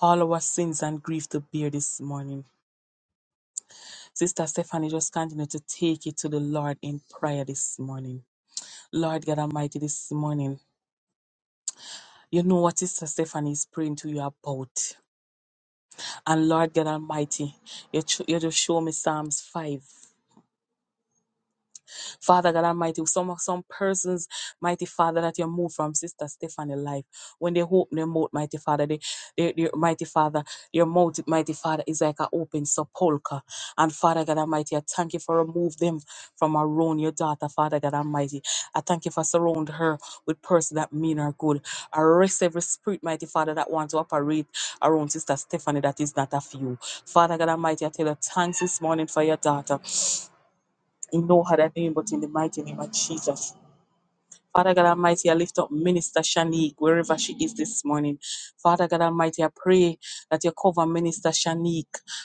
All our sins and grief to bear this morning. Sister Stephanie, just continue to take it to the Lord in prayer this morning. Lord God Almighty, this morning. You know what Sister Stephanie is praying to you about. And Lord God Almighty, you, cho- you just show me Psalms 5. Father God Almighty, some some persons, mighty Father, that you move from Sister Stephanie life. When they open their mouth, mighty Father, they, they, they mighty Father, your mouth, mighty Father, is like an open sepulchre. And Father God Almighty, I thank you for remove them from around your daughter, Father God Almighty. I thank you for surround her with persons that mean her good. Arrest every spirit, mighty Father, that want to operate around Sister Stephanie that is not of you. Father God Almighty, I tell you thanks this morning for your daughter in no other name but in the mighty name of Jesus. Father God Almighty, I lift up Minister Shanique wherever she is this morning. Father God Almighty, I pray that you cover Minister Shanique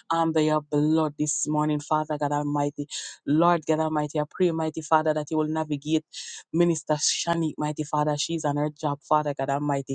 under your blood this morning, Father God Almighty. Lord God Almighty, I pray, mighty Father, that you will navigate Minister Shanique, mighty Father. She's on her job, Father God Almighty.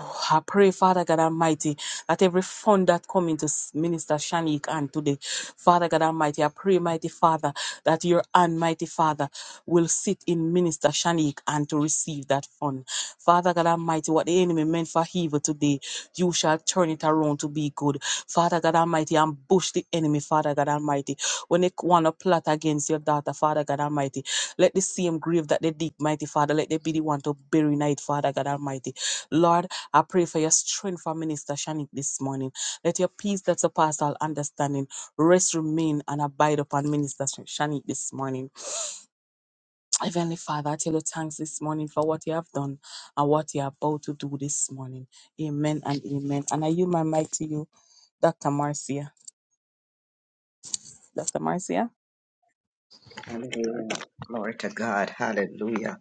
I pray, Father God Almighty, that every fund that come into S- Minister Shanik and today, Father God Almighty, I pray, mighty Father, that your hand, mighty Father, will sit in Minister Shanik and to receive that fund. Father God Almighty, what the enemy meant for evil today, you shall turn it around to be good. Father God Almighty, ambush the enemy, Father God Almighty. When they want to plot against your daughter, Father God Almighty, let the same grave that they dig, mighty Father, let there be the one to bury night, Father God Almighty. Lord, I pray for your strength for Minister Shanik this morning. Let your peace that surpasses all understanding rest, remain, and abide upon Minister Shanik this morning. [TSK] Heavenly Father, I tell you thanks this morning for what you have done and what you are about to do this morning. Amen and amen. And I yield my mic to you, Dr. Marcia. Dr. Marcia? Hallelujah. Glory to God. Hallelujah.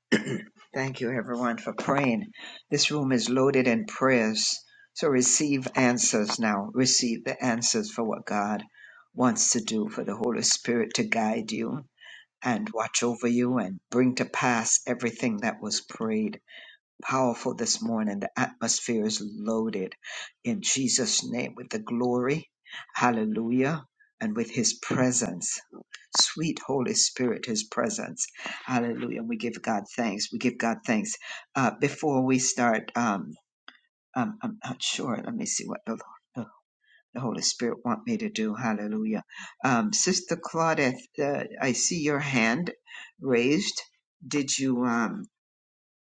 [CLEARS THROAT] Thank you, everyone, for praying. This room is loaded in prayers. So receive answers now. Receive the answers for what God wants to do, for the Holy Spirit to guide you and watch over you and bring to pass everything that was prayed powerful this morning. The atmosphere is loaded in Jesus' name with the glory. Hallelujah. And with his presence. Sweet Holy Spirit, his presence. Hallelujah. we give God thanks. We give God thanks. Uh, before we start, um, um, I'm not sure. Let me see what the, the, the Holy Spirit want me to do. Hallelujah. Um, Sister Claudette, uh, I see your hand raised. Did you? Um,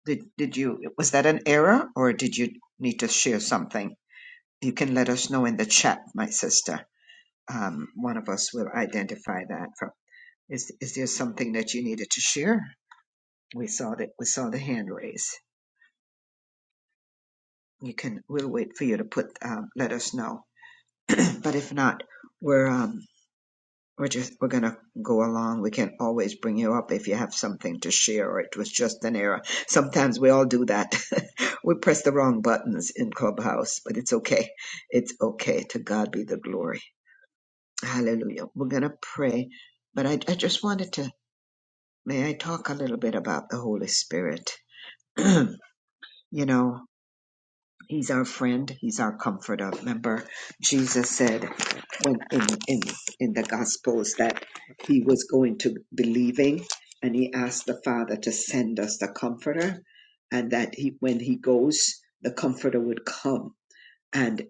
did did you was that an error or did you need to share something? You can let us know in the chat, my sister. Um, one of us will identify that. From is is there something that you needed to share? We saw that we saw the hand raise. You can. We'll wait for you to put. Um, let us know. [CLEARS THROAT] but if not, we're um, We're just we're gonna go along. We can always bring you up if you have something to share or it was just an error. Sometimes we all do that. [LAUGHS] we press the wrong buttons in Clubhouse, but it's okay. It's okay. To God be the glory. Hallelujah. We're gonna pray. But I, I just wanted to may I talk a little bit about the Holy Spirit. [CLEARS THROAT] you know, He's our friend. He's our comforter. Remember, Jesus said when in in in the Gospels that he was going to believing, and he asked the Father to send us the Comforter, and that he when he goes, the Comforter would come. And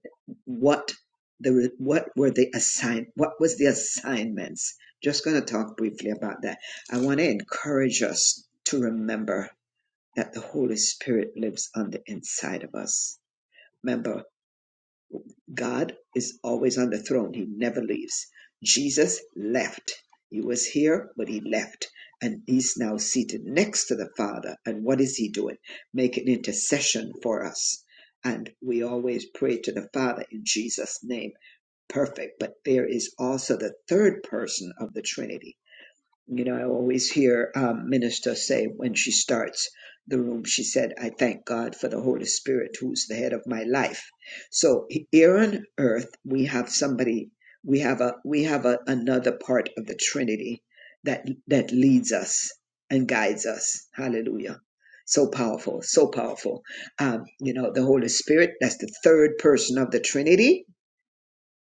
what the what were the assign what was the assignments? Just going to talk briefly about that. I want to encourage us to remember that the Holy Spirit lives on the inside of us. Remember God is always on the throne. He never leaves. Jesus left. He was here, but he left. And he's now seated next to the Father. And what is he doing? Making intercession for us. And we always pray to the Father in Jesus' name. Perfect. But there is also the third person of the Trinity you know, I always hear um, minister say when she starts the room, she said, I thank God for the Holy Spirit who's the head of my life. So here on earth, we have somebody, we have a, we have a, another part of the Trinity that, that leads us and guides us. Hallelujah. So powerful, so powerful. Um, you know, the Holy Spirit, that's the third person of the Trinity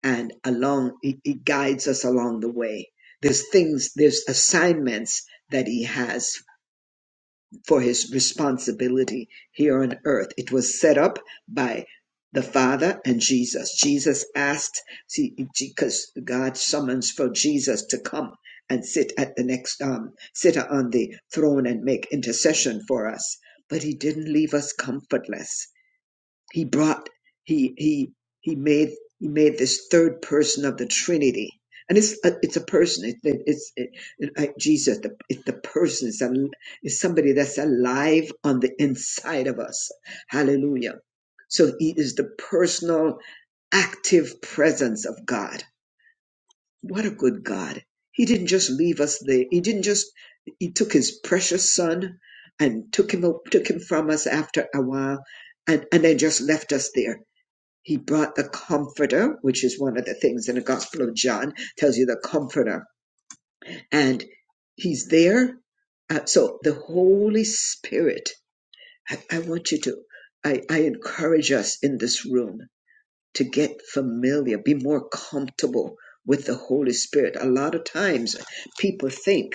and along it, it guides us along the way there's things there's assignments that he has for his responsibility here on earth it was set up by the father and jesus jesus asked see because god summons for jesus to come and sit at the next um sit on the throne and make intercession for us but he didn't leave us comfortless he brought he he he made he made this third person of the Trinity, and it's a, it's a person. It, it, it's it, it- like Jesus. The, it's the person. It's, a, it's somebody that's alive on the inside of us. Hallelujah. So he is the personal active presence of God. What a good God. He didn't just leave us there. He didn't just he took his precious son and took him took him from us after a while and, and then just left us there. He brought the comforter, which is one of the things in the Gospel of John, tells you the comforter. And he's there. Uh, so the Holy Spirit, I, I want you to, I, I encourage us in this room to get familiar, be more comfortable with the Holy Spirit. A lot of times people think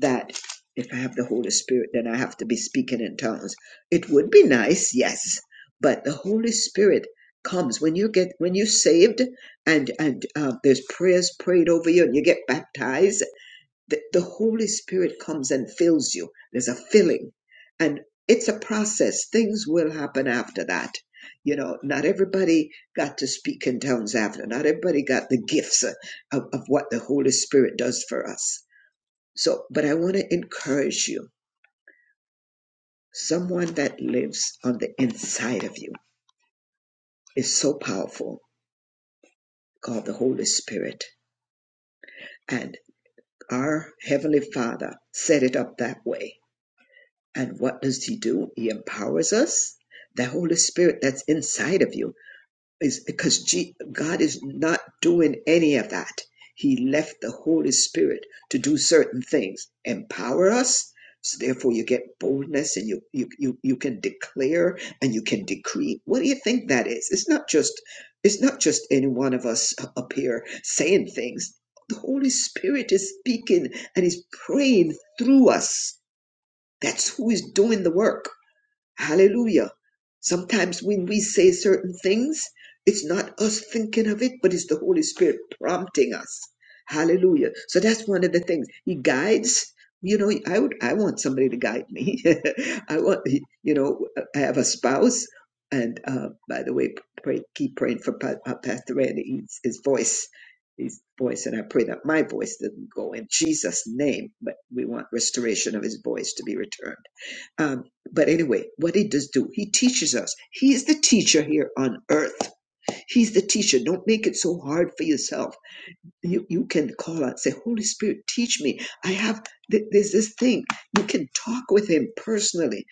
that if I have the Holy Spirit, then I have to be speaking in tongues. It would be nice, yes, but the Holy Spirit comes when you get when you're saved and and uh, there's prayers prayed over you and you get baptized the, the Holy Spirit comes and fills you. There's a filling. And it's a process. Things will happen after that. You know, not everybody got to speak in tongues after. Not everybody got the gifts of, of of what the Holy Spirit does for us. So, but I want to encourage you. Someone that lives on the inside of you is so powerful, called the Holy Spirit. And our Heavenly Father set it up that way And what does He do? He empowers us. The Holy Spirit that's inside of you is because G- God is not doing any of that. He left the Holy Spirit to do certain things, empower us. So therefore, you get boldness, and you you you you can declare and you can decree. What do you think that is? It's not just it's not just any one of us up here saying things. The Holy Spirit is speaking and is praying through us that's who is doing the work. Hallelujah. Sometimes when we say certain things, it's not us thinking of it, but it's the Holy Spirit prompting us. Hallelujah. So that's one of the things. He guides. You know, I would I want somebody to guide me. [LAUGHS] I want you know, I have a spouse and uh by the way, pray keep praying for Pa- uh, Pastor Randy his, his voice. His voice, and I pray that my voice doesn't go in Jesus' name, but we want restoration of his voice to be returned um, but anyway, what he does do, he teaches us. He's the teacher here on earth. He's the teacher. Don't make it so hard for yourself. You you can call out, say, Holy Spirit, teach me. I have th- there's this thing. You can talk with him personally.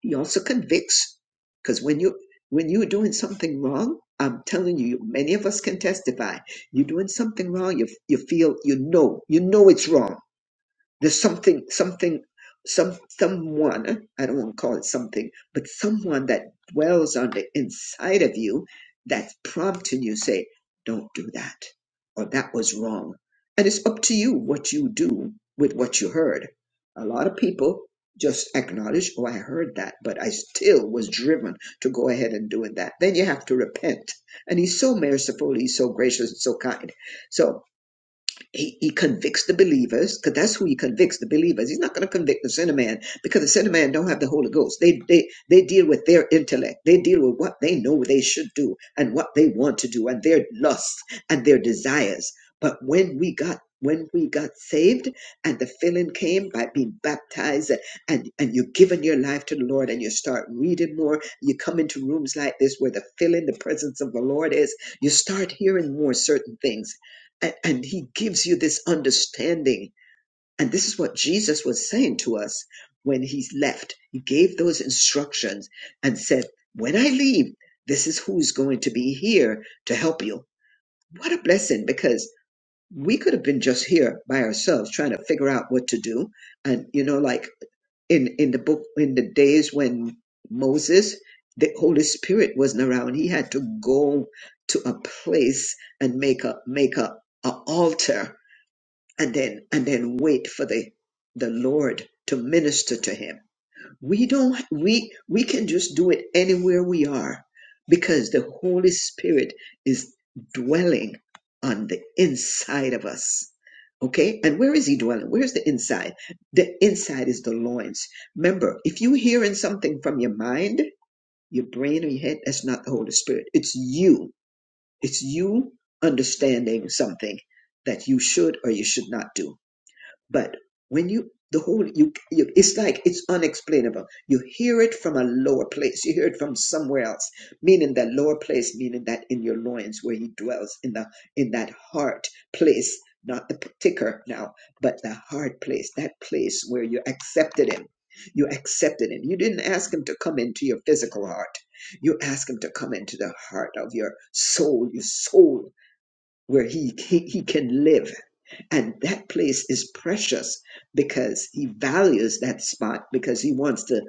He also convicts, because when you when you're doing something wrong, I'm telling you, many of us can testify. You're doing something wrong. You you feel you know you know it's wrong there's something, something, some, someone, I don't want to call it something, but someone that dwells on the inside of you that's prompting you say, don't do that, or that was wrong. And it's up to you what you do with what you heard. A lot of people just acknowledge, oh, I heard that, but I still was driven to go ahead and doing that. Then you have to repent. And he's so merciful, he's so gracious and so kind. So he, he convicts the believers because that's who he convicts the believers. He's not going to convict the sinner man because the sinner man don't have the Holy Ghost. They they they deal with their intellect. They deal with what they know they should do and what they want to do and their lusts and their desires. But when we got when we got saved and the filling came by being baptized and and you're giving your life to the Lord and you start reading more, you come into rooms like this where the filling, the presence of the Lord is, you start hearing more certain things and, and he gives you this understanding and this is what jesus was saying to us when he left he gave those instructions and said when i leave this is who's going to be here to help you what a blessing because we could have been just here by ourselves trying to figure out what to do and you know like in in the book in the days when Moses the Holy Spirit wasn't around he had to go to a place and make a make a, a altar and then and then wait for the the lord to minister to him we don't we we can just do it anywhere we are because the holy spirit is dwelling on the inside of us okay and where is he dwelling where's the inside the inside is the loins remember if you hearing something from your mind your brain or your head that's not the holy spirit it's you it's you understanding something that you should or you should not do but when you the whole you, you it's like it's unexplainable. You hear it from a lower place. You hear it from somewhere else, meaning that lower place, meaning that in your loins where he dwells in the in that heart place, not the ticker now, but the heart place, that place where you accepted him. You accepted him. You didn't ask him to come into your physical heart. You asked him to come into the heart of your soul, your soul where he, he, he can live. And that place is precious because he values that spot because he wants to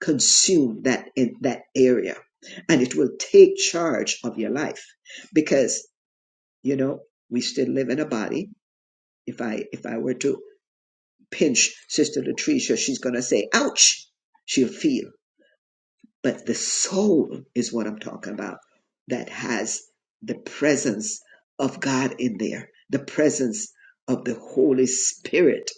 consume that in that area. And it will take charge of your life because, you know, we still live in a body. If I, if I were to pinch Sister Latricia, she's going to say, ouch, she'll feel but the soul is what I'm talking about that has the presence of God in there, the presence of the Holy Spirit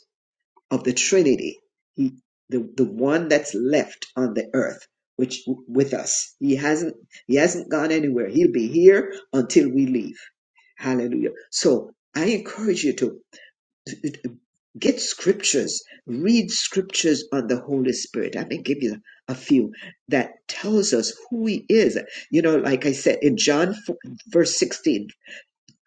of the Trinity. He, the, the one that's left on the earth, which with us, he hasn't, he hasn't gone anywhere. He'll be here until we leave. Hallelujah. So I encourage you to get scriptures, read scriptures on the Holy Spirit. I may give you a few that tells us who He is. You know, like I said in John four- verse 16,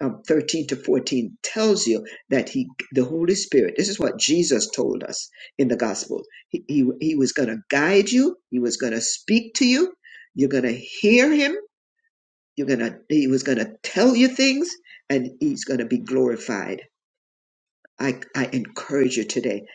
um, 13 to 14 tells you that he the holy spirit this is what jesus told us in the gospel he, he, he was going to guide you he was going to speak to you you're going to hear him you're going to he was going to tell you things and he's going to be glorified I, I encourage you today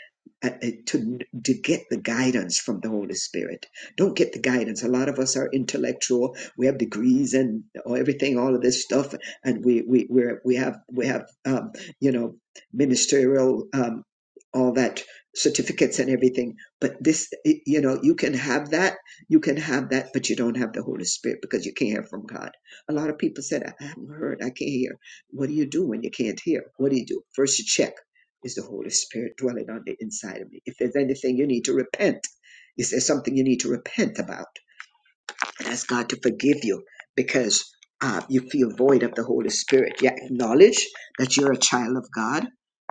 uh, uh, to, to get the guidance from the Holy Spirit. Don't get the guidance. A lot of us are intellectual. We have degrees and all- everything, all of this stuff, and we we we're, we have we have um, you know ministerial um, all that certificates and everything. But this, it- you know, you can have that, you can have that, but you don't have the Holy Spirit because you can't hear from God. A lot of people said, I haven't heard, I can't hear. What do you do when you can't hear? What do you do? First, you check is the Holy Spirit dwelling on the inside of me. If there's anything you need to repent, is there something you need to repent about? ask God to forgive you because uh, you feel void of the Holy Spirit. You acknowledge that you're a child of God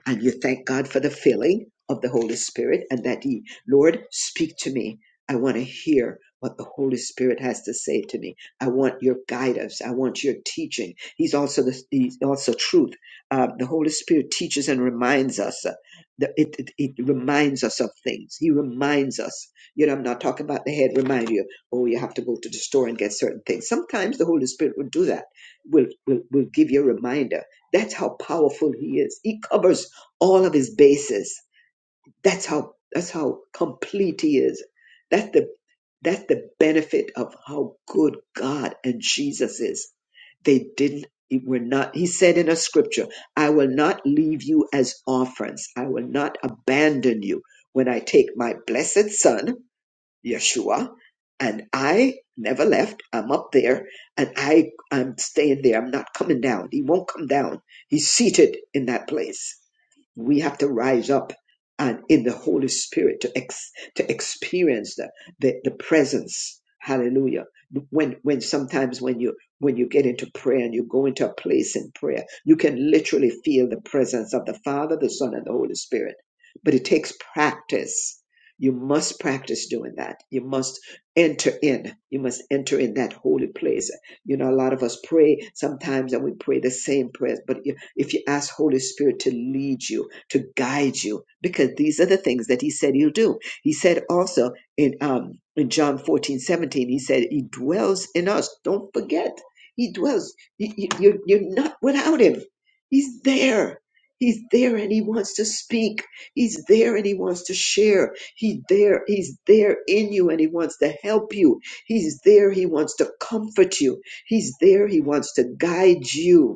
and you thank God for the filling of the Holy Spirit and that He, Lord, speak to me. I want to hear what the Holy Spirit has to say to me. I want your guidance. I want your teaching. He's also the he's also truth. Uh, the Holy Spirit teaches and reminds us. uh, the- it, it, it reminds us of things. He reminds us. You know, I'm not talking about the head reminder oh, you have to go to the store and get certain things. Sometimes the Holy Spirit will do that, will, will, will give you a reminder. That's how powerful He is. He covers all of His bases. That's how, that's how complete He is. That's the, that's the benefit of how good God and Jesus is. They didn't, it were not, He said in a scripture, I will not leave you as orphans. I will not abandon you. When I take my blessed Son, Yeshua, and I never left. I'm up there, and I I'm staying there. I'm not coming down. He won't come down. He's seated in that place we have to rise up and in the Holy Spirit to ex, to experience the, the the presence. Hallelujah. When when sometimes when you when you get into prayer and you go into a place in prayer, you can literally feel the presence of the Father, the Son, and the Holy Spirit. But it takes practice. You must practice doing that. You must enter in. You must enter in that holy place. You know, a lot of us pray sometimes and we pray the same prayers, but if if you ask Holy Spirit to lead you, to guide you because these are the things that he said he'll do. He said also in um in John 14 17, he said he dwells in us. Don't forget, he dwells. You, you, you're, you're not without him. He's there. He's there and he wants to speak. He's there and he wants to share. He there, he's there in you and he wants to help you. He's there, he wants to comfort you. He's there, he wants to guide you.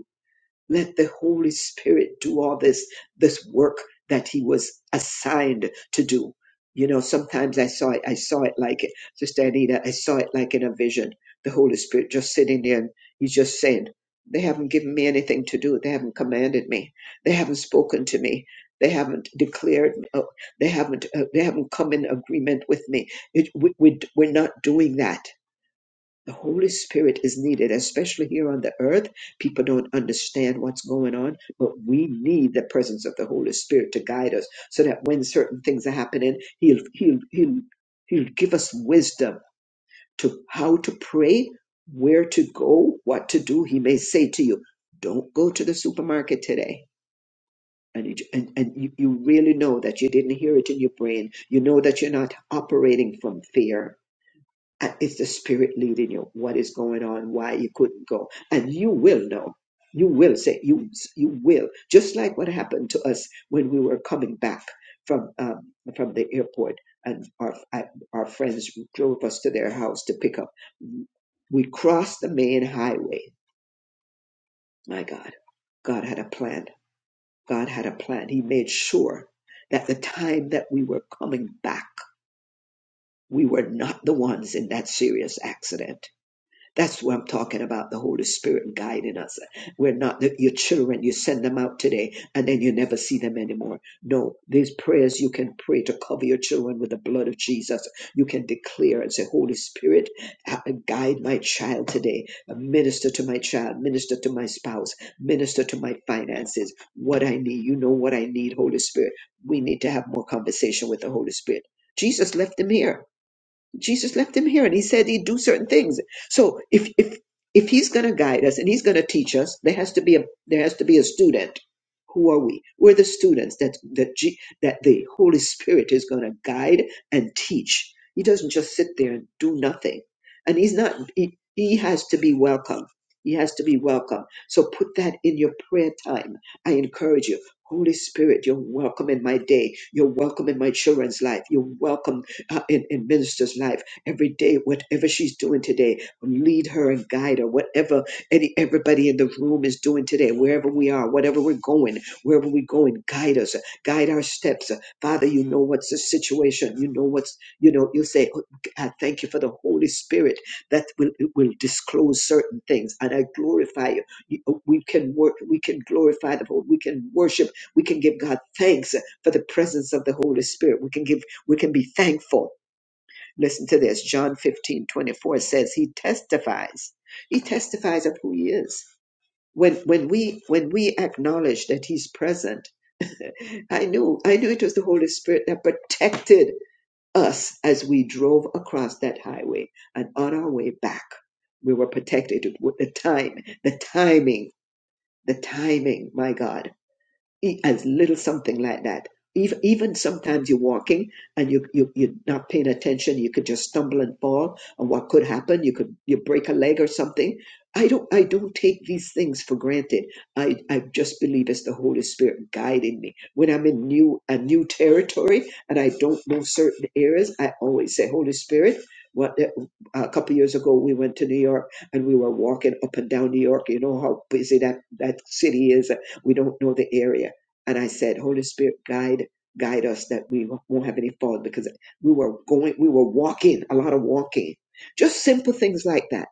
Let the Holy Spirit do all this this work that He was assigned to do. You know, sometimes I saw it. I saw it like it, Sister Anita. I saw it like in a vision. The Holy Spirit just sitting there, and He's just saying, "They haven't given me anything to do. They haven't commanded me. They haven't spoken to me. They haven't declared. Uh, they haven't. Uh, they haven't come in agreement with me. It, we, we, we're not doing that." The Holy Spirit is needed, especially here on the earth. People don't understand what's going on, but we need the presence of the Holy Spirit to guide us so that when certain things are happening, He'll He'll He'll He'll give us wisdom to how to pray, where to go, what to do. He may say to you, Don't go to the supermarket today. And, it, and, and you, you really know that you didn't hear it in your brain. You know that you're not operating from fear and it's the spirit leading you. What is going on? Why you couldn't go? And you will know. You will say you you will. Just like what happened to us when we were coming back from um, from the airport, and our uh, our friends drove us to their house to pick up. We crossed the main highway. My God, God had a plan. God had a plan. He made sure that the time that we were coming back, we were not the ones in that serious accident That's what I'm talking about, the Holy Spirit guiding us. We're not the, your children. You send them out today and then you never see them anymore. No, these prayers you can pray to cover your children with the blood of Jesus. You can declare and say, Holy Spirit, ha- guide my child today. Minister to my child, minister to my spouse, minister to my finances. What I need, you know what I need, Holy Spirit. We need to have more conversation with the Holy Spirit. Jesus left him here. Jesus left him here and he said he'd do certain things. So if if if he's going to guide us and he's going to teach us, there has to be a there has to be a student. Who are we? We're the students that that G, that the Holy Spirit is going to guide and teach. He doesn't just sit there and do nothing. And he's not he, he has to be welcome. He has to be welcome. So put that in your prayer time. I encourage you. Holy Spirit, you're welcome in my day. You're welcome in my children's life. You're welcome uh, in, in minister's life every day, whatever she's doing today, lead her and guide her, whatever any, everybody in the room is doing today, wherever we are, whatever we're going, wherever we're going, guide us, guide our steps. Father, you know what's the situation. You know what's, you know, you'll say, "Oh, I thank you for the Holy Spirit that will, will disclose certain things. And I glorify you. You- uh, We can work, we can glorify the Lord. We can worship. We can give God thanks for the presence of the Holy Spirit. We can give we can be thankful. Listen to this. John 15 24 says he testifies. He testifies of who he is. When when we when we acknowledge that he's present, [LAUGHS] I knew I knew it was the Holy Spirit that protected us as we drove across that highway and on our way back. We were protected with the time, the timing, the timing, my God. E- as little something like that. Even, even sometimes you're walking and you, you, you're not paying attention. You could just stumble and fall. And what could happen? You could, you break a leg or something. I don't, I don't take these things for granted. I, I just believe it's the Holy Spirit guiding me. When I'm in new, a new territory and I don't know certain areas, I always say, Holy Spirit, what, eh, a couple years ago, we went to New York and we were walking up and down New York. You know how busy that, that city is. We don't know the area and I said, Holy Spirit, guide guide us that we won't have any fault because we were going, we were walking a lot of walking, just simple things like that.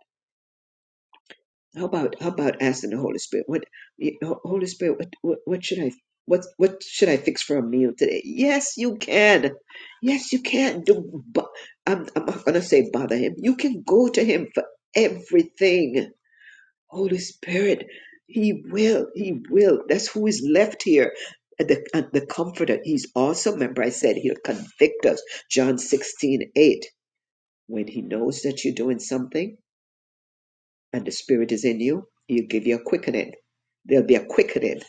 How about how about asking the Holy Spirit, what you know, Holy Spirit, what, what what should I what what should I fix for a meal today? Yes, you can. Yes, you can. Do but I'm I'm not gonna say bother him. You can go to him for everything Holy Spirit, He will, He will. That's who is left here. And The, and the Comforter, He's awesome. Remember, I said He'll convict us. John 16 8. When He knows that you're doing something and the Spirit is in you, He'll give you a quickening. There'll be a quickening.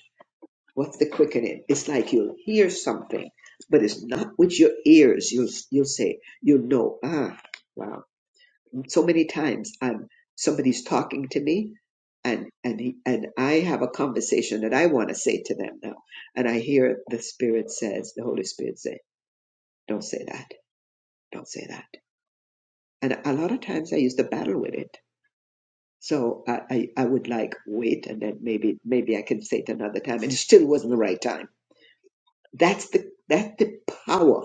What's the quickening? It's like you'll hear something, but it's not with your ears. You'll, you'll say, you'll know, ah, wow so many times um, somebody's talking to me and and he, and I have a conversation that I want to say to them now, and I hear the Spirit says, the Holy Spirit say, "Don't say that, don't say that." And a lot of times I used to battle with it, so I, I I would like wait, and then maybe maybe I can say it another time, and it still wasn't the right time. That's the that's the power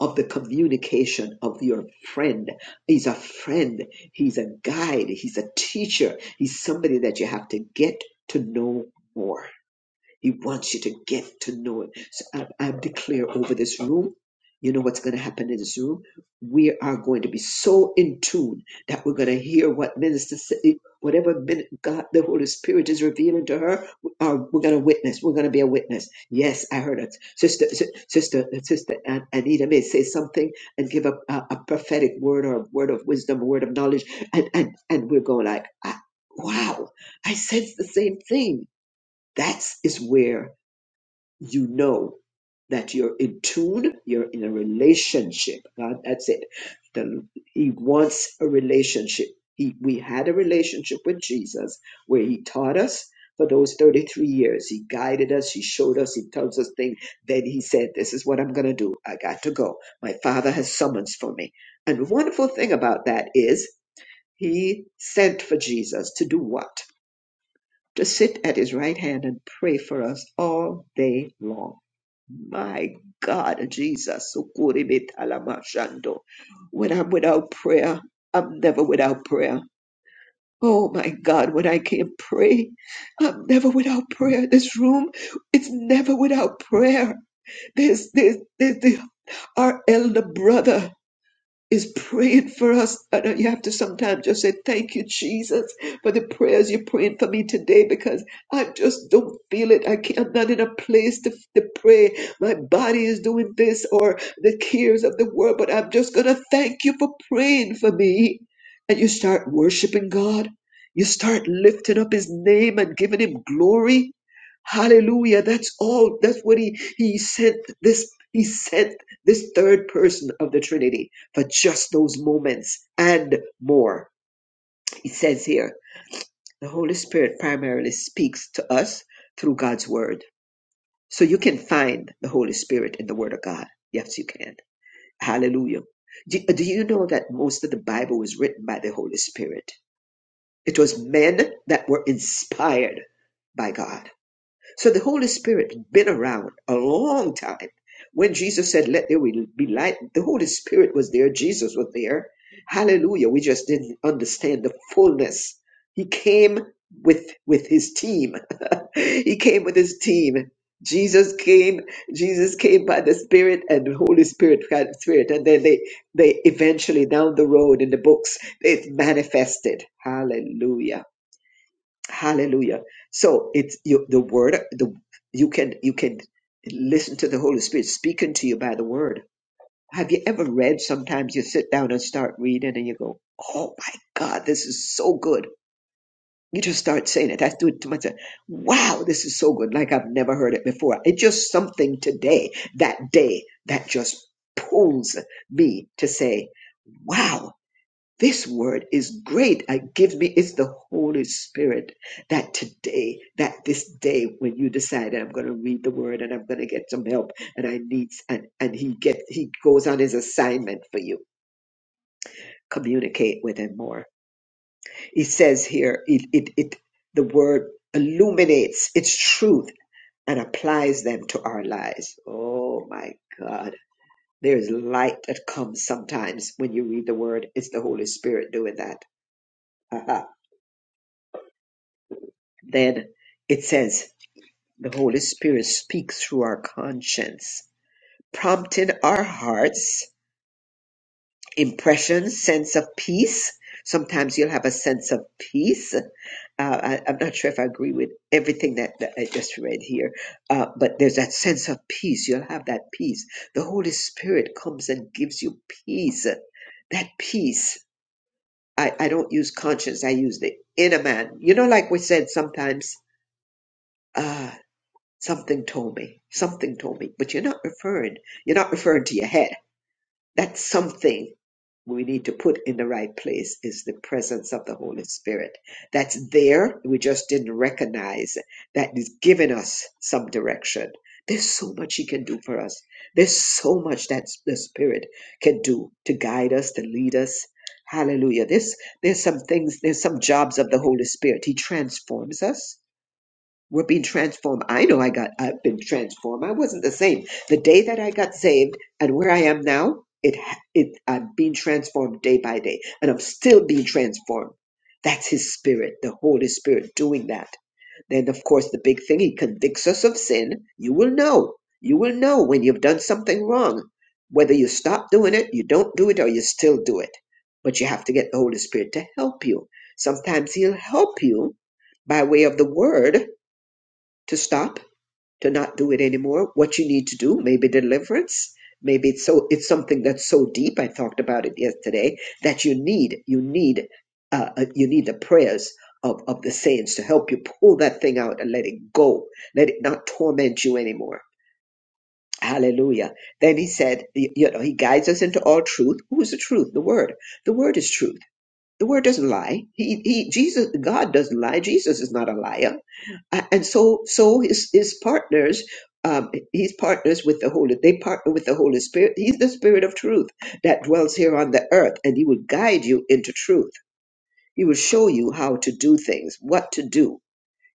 of the communication of your friend. He's a friend, he's a guide, he's a teacher, he's somebody that you have to get to know more. He wants you to get to know it. So I, I declare over this room, you know what's going to happen in this room? We are going to be so in tune that we're going to hear what Minister City, whatever min- God, the Holy Spirit is revealing to her, uh, we're going to witness. We're going to be a witness. Yes, I heard it. Sister, si- sister, sister An- Anita may say something and give a, a, a prophetic word or a word of wisdom, a word of knowledge. And, and, and we're going like, ah, wow, I sense the same thing. That's is where you know that you're in tune, you're in a relationship. God, that's it. The- he wants a relationship. He, we had a relationship with Jesus where he taught us for those 33 years. He guided us, he showed us, he tells us things. Then he said, This is what I'm going to do. I got to go. My father has summons for me. And the wonderful thing about that is he sent for Jesus to do what? To sit at his right hand and pray for us all day long my God, Jesus. Sukuribitalabashando. When I'm without prayer, I'm never without prayer. Oh my God, when I can't pray, I'm never without prayer. This room, it's never without prayer. There's, there's, there's the, our elder brother is praying for us. I know you have to sometimes just say, Thank you, Jesus, for the prayers you're praying for me today because I just don't feel it. I can't, I'm not in a place to, to pray. My body is doing this or the cares of the world, but I'm just going to thank you for praying for me. And you start worshiping God. You start lifting up his name and giving him glory. Hallelujah. That's all. That's what he, he sent this. He sent this third person of the Trinity for just those moments and more. It says here, the Holy Spirit primarily speaks to us through God's Word. So you can find the Holy Spirit in the Word of God. Yes, you can. Hallelujah. Do, do you know that most of the Bible was written by the Holy Spirit? It was men that were inspired by God. So the Holy Spirit had been around a long time. When Jesus said, Let there be light, the Holy Spirit was there, Jesus was there. Hallelujah. We just didn't understand the fullness. He came with with his team. [LAUGHS] he came with his team. Jesus came, Jesus came by the Spirit and the Holy Spirit by the Spirit. And then they they eventually down the road in the books, it manifested. Hallelujah. Hallelujah. So it's you, the word. The you can you can listen to the Holy Spirit speaking to you by the word. Have you ever read? Sometimes you sit down and start reading, and you go, "Oh my God, this is so good." You just start saying it. I do it to myself. Wow, this is so good. Like I've never heard it before. It's just something today, that day, that just pulls me to say, "Wow, this word is great. It gives me, it's the Holy Spirit that today, that this day, when you decide that I'm going to read the word and I'm going to get some help and I need, and, and he get, he goes on his assignment for you. Communicate with him more. He says here, it, it, it the word illuminates its truth and applies them to our lives. Oh my God. There's light that comes sometimes when you read the word. It's the Holy Spirit doing that. [LAUGHS] Then, it says, the Holy Spirit speaks through our conscience, prompting our hearts, impression, sense of peace. Sometimes you'll have a sense of peace. Uh, I, I'm not sure if I agree with everything that, that I just read here, uh, but there's that sense of peace. You'll have that peace. The Holy Spirit comes and gives you peace. That peace. I, I don't use conscience, I use the inner man. You know, like we said sometimes. uh, Something told me. Something told me. But you're not referring. You're not referring to your head. That's something we need to put in the right place is the presence of the Holy Spirit. That's there. We just didn't recognize that is giving us some direction. There's so much He can do for us. There's so much that the Spirit can do to guide us, to lead us. Hallelujah. This there's some things, there's some jobs of the Holy Spirit. He transforms us. We're being transformed. I know I got, I've been transformed. I wasn't the same. The day that I got saved and where I am now, it, it, I'm being transformed day by day and I'm still being transformed. That's his spirit, the Holy Spirit doing that. Then of course the big thing, he convicts us of sin. You will know. You will know when you've done something wrong. Whether you stop doing it, you don't do it, or you still do it. But you have to get the Holy Spirit to help you. Sometimes he'll help you by way of the word to stop, to not do it anymore. What you need to do, maybe deliverance. Maybe it's so it's something that's so deep. I talked about it yesterday that you need you need uh, uh, you need the prayers of of the saints to help you pull that thing out and let it go. Let it not torment you anymore. Hallelujah. Then he said, y- you know, he guides us into all truth. Who is the truth? The word. The word is truth. The word doesn't lie. He, he, Jesus, God doesn't lie. Jesus is not a liar. Uh, And so, so his, his partners, um, he's partners with the Holy, they partner with the Holy Spirit. He's the Spirit of truth that dwells here on the earth and he will guide you into truth. He will show you how to do things, what to do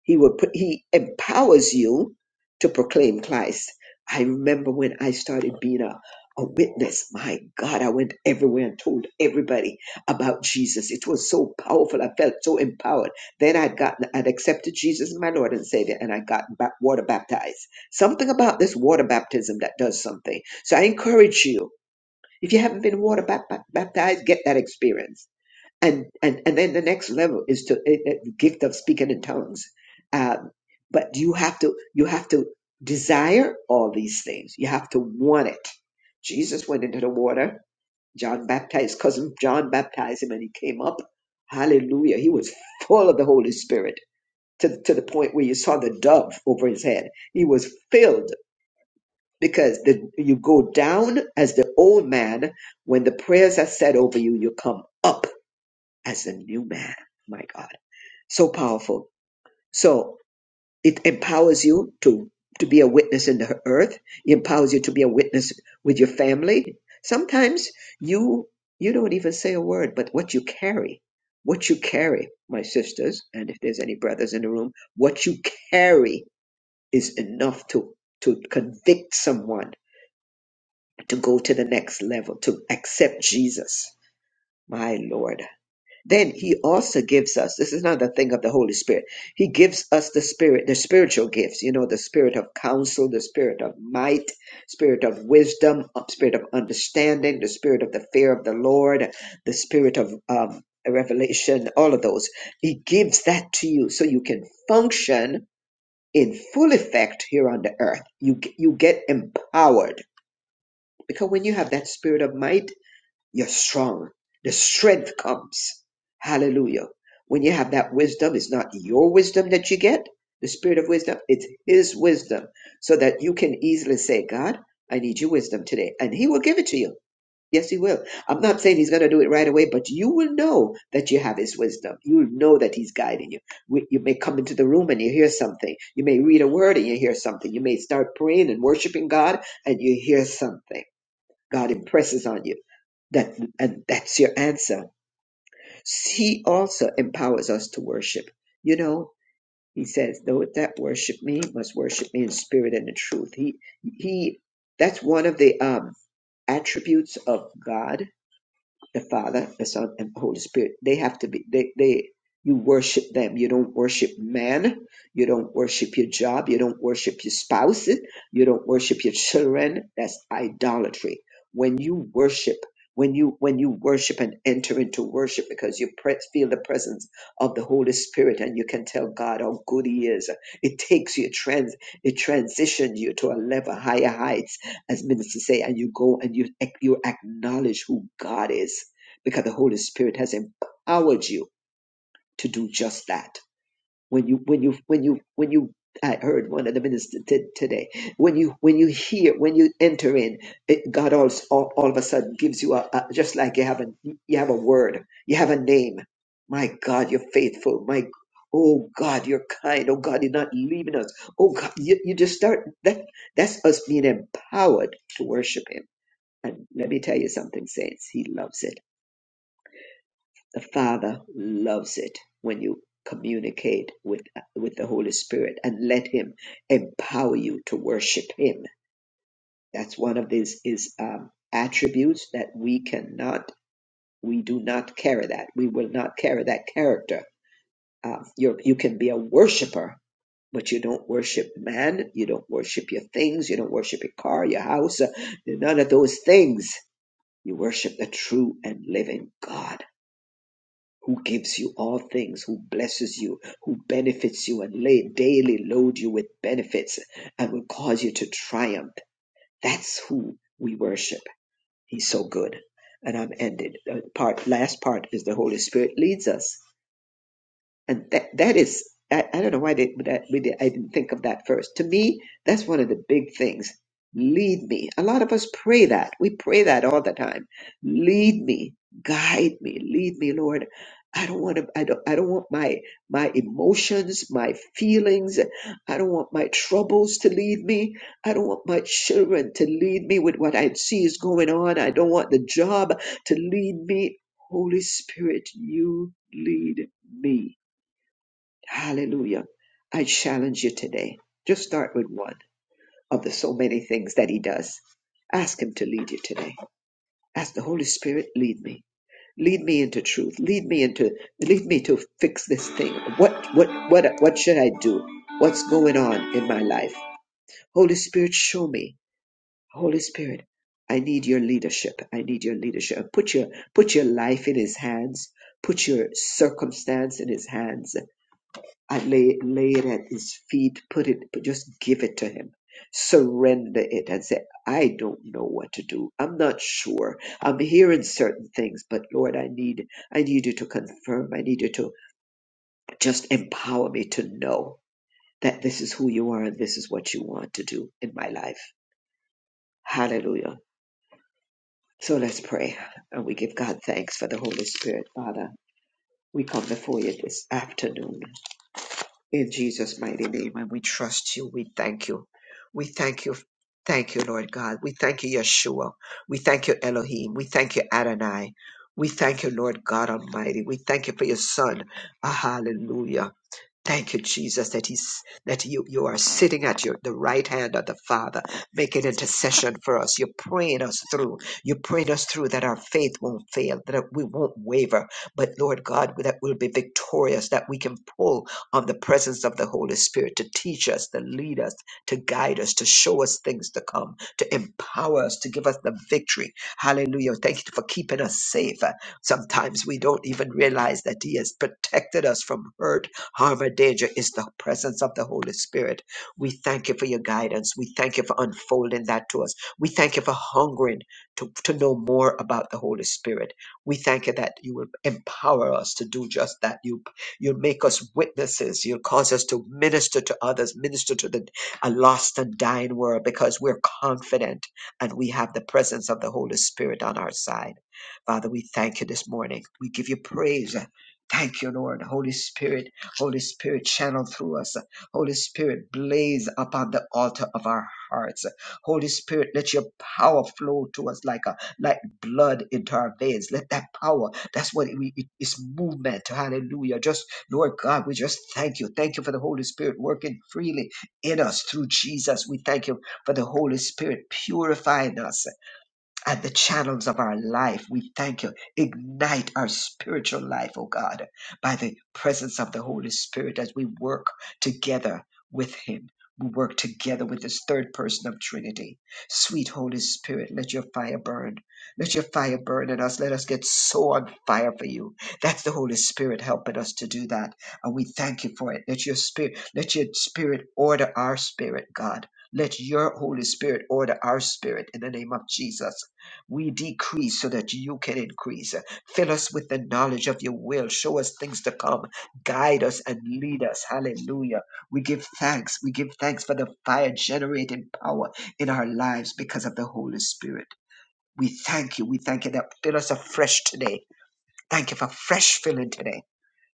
he will put, he empowers you to proclaim Christ. I remember when I started being a, a witness, my God, I went everywhere and told everybody about Jesus. It was so powerful. I felt so empowered. Then I'd gotten, I'd accepted Jesus as my Lord and Savior and I got ba- water baptized. Something about this water baptism that does something. So I encourage you, if you haven't been water bap- bap- baptized, get that experience and and and then the next level is to eh, eh, the gift of speaking in tongues um, but you have to you have to desire all these things you have to want it jesus went into the water john baptized cousin john baptized him and he came up hallelujah he was full of the holy spirit to, to the point where you saw the dove over his head he was filled because the, you go down as the old man when the prayers are said over you you come up as a new man. My God, so powerful. So it empowers you to to be a witness in the earth. It empowers you to be a witness with your family. Sometimes you you don't even say a word, but what you carry, what you carry, my sisters, and if there's any brothers in the room, what you carry is enough to to convict someone to go to the next level, to accept Jesus. My Lord. Then he also gives us, this is another thing of the Holy Spirit. He gives us the spirit, the spiritual gifts, you know, the spirit of counsel, the spirit of might, spirit of wisdom, uh, spirit of understanding, the spirit of the fear of the Lord, the spirit of um, revelation, all of those. He gives that to you so you can function in full effect here on the earth. You, g- you get empowered because when you have that spirit of might, you're strong. The strength comes. Hallelujah. When you have that wisdom, it's not your wisdom that you get, the spirit of wisdom, it's His wisdom, so that you can easily say, God, I need your wisdom today. And He will give it to you. Yes, He will. I'm not saying He's going to do it right away, but you will know that you have His wisdom. You will know that He's guiding you. We- You may come into the room and you hear something. You may read a word and you hear something. You may start praying and worshiping God and you hear something. God impresses on you that and that's your answer. He also empowers us to worship. You know, he says, "Those that worship me must worship me in spirit and in truth." He he. That's one of the um, attributes of God the Father, the Son, and the Holy Spirit. They have to be they they you worship them. You don't worship man. You don't worship your job. You don't worship your spouse. You don't worship your children. That's idolatry. When you worship, when you when you worship and enter into worship because you pre- feel the presence of the Holy Spirit and you can tell God how good He is. It takes you trans it transitions you to a level higher heights as ministers say, and you go and you ac- you acknowledge who God is because the Holy Spirit has empowered you to do just that. When you, when you, when you, when you, I heard one of the ministers t- today. When you, when you hear, when you enter in, it, God also, all, all of a sudden gives you a, a just like you have a, you have a word, you have a name. My God, you're faithful. My, oh God, you're kind. Oh God, you're not leaving us. Oh God, you, you just start that. That's us being empowered to worship Him. And let me tell you something, saints. He loves it. The Father loves it when you communicate with with the Holy Spirit and let Him empower you to worship Him. That's one of these is um, attributes that we cannot, we do not carry that. We will not carry that character. Um, you you can be a worshiper, but you don't worship man. You don't worship your things. You don't worship your car, your house, uh, none of those things. You worship the true and living God who gives you all things, who blesses you, who benefits you, and lay, daily load you with benefits and will cause you to triumph. That's who we worship. He's so good. And I'm ended. Uh, Part last part is the Holy Spirit leads us. And that that is, I, I don't know why they, but that, we did, I didn't think of that first. To me, that's one of the big things. Lead me. A lot of us pray that. We pray that all the time. Lead me, guide me, lead me, Lord. I don't want to. I don't. I don't want my my emotions, my feelings. I don't want my troubles to lead me. I don't want my children to lead me with what I see is going on. I don't want the job to lead me. Holy Spirit, you lead me. Hallelujah. I challenge you today. Just start with one of the so many things that he does. Ask him to lead you today. Ask the Holy Spirit, lead me. Lead me into truth. Lead me into lead me to fix this thing. What what what what should I do? What's going on in my life? Holy Spirit, show me. Holy Spirit, I need your leadership. I need your leadership. Put your put your life in his hands. Put your circumstance in his hands I lay, lay it at his feet, put it, but just give it to him. Surrender it and say, I don't know what to do. I'm not sure. I'm hearing certain things, but Lord, I need, I need you to confirm. I need you to just empower me to know that this is who you are and this is what you want to do in my life. Hallelujah. So let's pray and we give God thanks for the Holy Spirit, Father. We come before you this afternoon. In Jesus' mighty name, and we trust you. We thank you. We thank you. Thank you, Lord God. We thank you, Yeshua. We thank you, Elohim. We thank you, Adonai. We thank you, Lord God Almighty. We thank you for your Son. Ah, hallelujah. Thank you, Jesus, that He's that you you are sitting at your the right hand of the Father, making intercession for us. You're praying us through. You're praying us through that our faith won't fail, that we won't waver, but Lord God, that we'll be victorious, that we can pull on the presence of the Holy Spirit to teach us, to lead us, to guide us, to show us things to come, to empower us, to give us the victory. Hallelujah. Thank you for keeping us safe. Uh, Sometimes we don't even realize that He has protected us from hurt Harm or danger is the presence of the Holy Spirit. We thank you for your guidance. We thank you for unfolding that to us. We thank you for hungering to, to know more about the Holy Spirit. We thank you that you will empower us to do just that. You, you'll make us witnesses. You'll cause us to minister to others, minister to the a lost and dying world because we're confident and we have the presence of the Holy Spirit on our side. Father, we thank you this morning. We give you praise. Thank you, Lord. Holy Spirit. Holy Spirit, channel through us. Holy Spirit, blaze upon the altar of our hearts. Holy Spirit, let your power flow to us like a like blood into our veins. Let that power, that's what we it is movement. Hallelujah. Just Lord God, we just thank you. Thank you for the Holy Spirit working freely in us through Jesus. We thank you for the Holy Spirit purifying us at the channels of our life. We thank you. Ignite our spiritual life, oh God, by the presence of the Holy Spirit as we work together with Him. We work together with this third person of Trinity. Sweet Holy Spirit, let your fire burn. Let your fire burn in us. Let us get so on fire for you. That's the Holy Spirit helping us to do that. And we thank you for it. Let your spirit, let your spirit order our spirit, God. Let your Holy Spirit order our spirit in the name of Jesus. We decrease so that you can increase. Fill us with the knowledge of your will. Show us things to come. Guide us and lead us. Hallelujah. We give thanks. We give thanks for the fire generating power in our lives because of the Holy Spirit. We thank you. We thank you that fill us afresh today. Thank you for fresh filling today.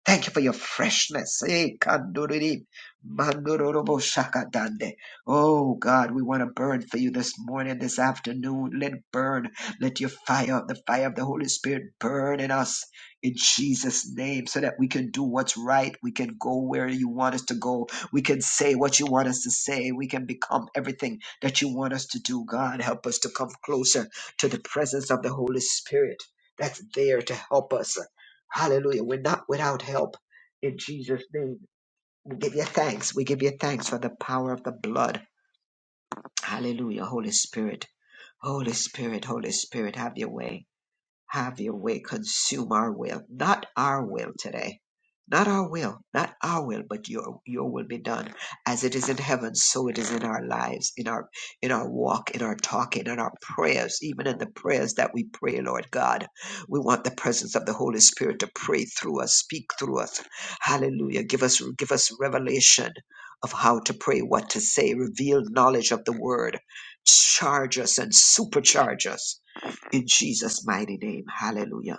Thank you for your freshness. Eh, kanduriri, mandurorobo shakadande. Oh God, we want to burn for you this morning, this afternoon. Let it burn. Let your fire, the fire of the Holy Spirit, burn in us in Jesus' name so that we can do what's right. We can go where you want us to go. We can say what you want us to say. We can become everything that you want us to do. God, help us to come closer to the presence of the Holy Spirit that's there to help us. Hallelujah. We're not without help in Jesus' name. We give you thanks. We give you thanks for the power of the blood. Hallelujah. Holy Spirit. Holy Spirit, Holy Spirit, have your way. Have your way, consume our will, not our will today. Not our will, not our will, but your your will be done. As it is in heaven, so it is in our lives, in our in our walk, in our talking, in our prayers, even in the prayers that we pray, Lord God. We want the presence of the Holy Spirit to pray through us, speak through us. Hallelujah. Give us give us revelation of how to pray, what to say, reveal knowledge of the word. Charge us and supercharge us in Jesus' mighty name. Hallelujah.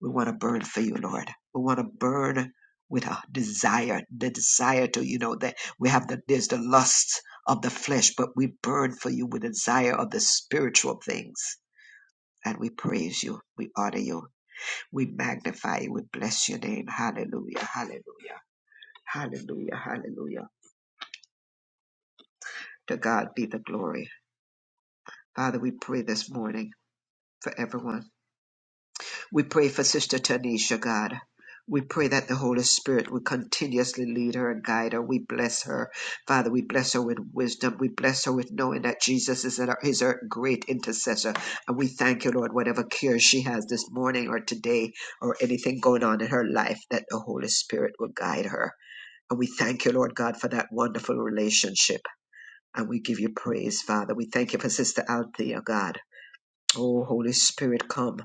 We want to burn for you, Lord. We want to burn with a desire, the desire to, you know, that we have the, there's the lust of the flesh, but we burn for you with the desire of the spiritual things. And we praise you. We honor you. We magnify you. We bless your name. Hallelujah. Hallelujah. Hallelujah. Hallelujah. To God be the glory. Father, we pray this morning for everyone. We pray for Sister Tanisha, God. We pray that the Holy Spirit will continuously lead her and guide her. We bless her. Father, we bless her with wisdom. We bless her with knowing that Jesus is our, is our great intercessor. And we thank you, Lord, whatever cure she has this morning or today or anything going on in her life, that the Holy Spirit will guide her. And we thank you, Lord God, for that wonderful relationship. And we give you praise, Father. We thank you for Sister Althea, God. Oh, Holy Spirit, come.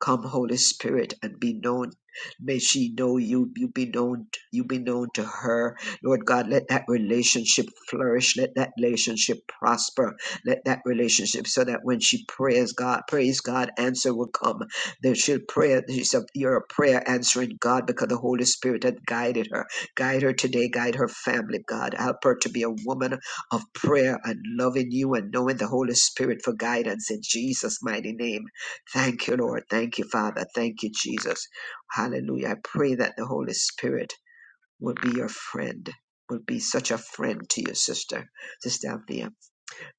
Come, Holy Spirit, and be known. May she know you. You be known. You be known to her. Lord God, let that relationship flourish. Let that relationship prosper. Let that relationship so that when she prays, God, praise God, answer will come. Then she'll pray. She said, You're a prayer answering God because the Holy Spirit had guided her. Guide her today. Guide her family, God. Help her to be a woman of prayer and loving you and knowing the Holy Spirit for guidance in Jesus' mighty name. Thank you, Lord. Thank you, Father. Thank you, Jesus. Hallelujah. I pray that the Holy Spirit will be your friend, will be such a friend to your sister, Sister Althea.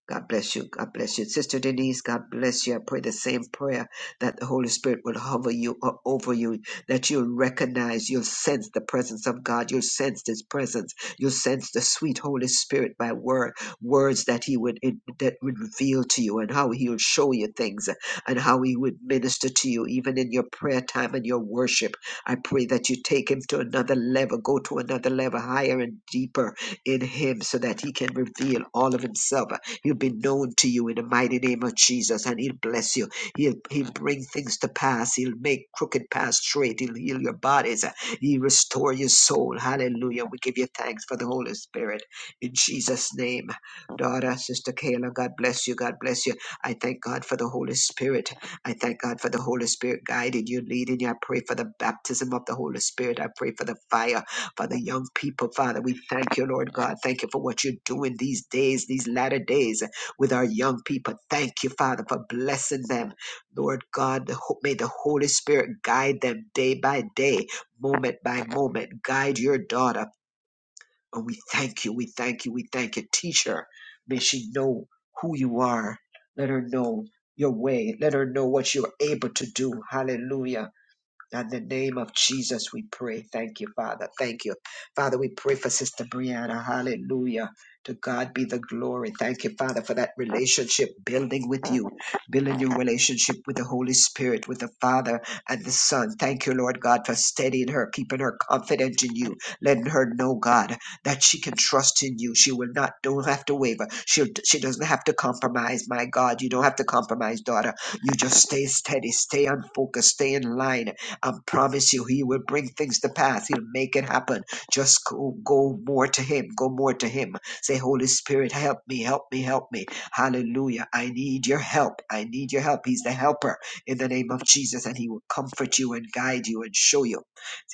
God bless you. God bless you. Sister Denise, God bless you. I pray the same prayer that the Holy Spirit will hover you or over you, that you'll recognize, you'll sense the presence of God. You'll sense His presence. You'll sense the sweet Holy Spirit by word, words that He would that would reveal to you and how He'll show you things and how He would minister to you, even in your prayer time and your worship. I pray that you take Him to another level, go to another level, higher and deeper in Him so that He can reveal all of Himself He'll be known to you in the mighty name of Jesus, and He'll bless you. He'll, he'll bring things to pass. He'll make crooked paths straight. He'll heal your bodies. He'll restore your soul. Hallelujah. We give you thanks for the Holy Spirit. In Jesus' name, daughter, Sister Kayla, God bless you. God bless you. I thank God for the Holy Spirit. I thank God for the Holy Spirit guiding you, leading you. I pray for the baptism of the Holy Spirit. I pray for the fire for the young people, Father. We thank you, Lord God. Thank you for what you're doing these days, these latter days with our young people. Thank you, Father, for blessing them. Lord God, the ho- may the Holy Spirit guide them day by day, moment by moment. Guide your daughter. And we thank you, we thank you, we thank you. Teach her. May she know who you are. Let her know your way. Let her know what you're able to do. Hallelujah. In the name of Jesus, we pray. Thank you, Father. Thank you. Father, we pray for Sister Brianna. Hallelujah. To God be the glory. Thank you, Father, for that relationship building with you, building your relationship with the Holy Spirit, with the Father and the Son. Thank you, Lord God, for steadying her, keeping her confident in you, letting her know, God, that she can trust in you. She will not, don't have to waver. She'll, she doesn't have to compromise. My God, you don't have to compromise, daughter. You just stay steady, stay on focus, stay in line I promise you, He will bring things to pass. He'll make it happen. Just go, go more to Him. Go more to Him. Say, Holy Spirit, help me, help me, help me. Hallelujah. I need your help. I need your help. He's the helper in the name of Jesus, and He will comfort you and guide you and show you.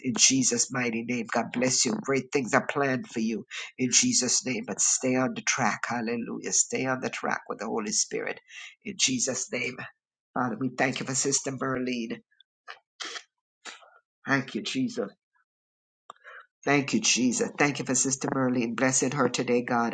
In Jesus' mighty name, God bless you. Great things are planned for you in Jesus' name, but stay on the track. Hallelujah. Stay on the track with the Holy Spirit in Jesus' name. Father, we thank you for Sister Berlin. Thank you, Jesus. Thank you, Jesus. Thank you for Sister Merlene. Blessing her today, God.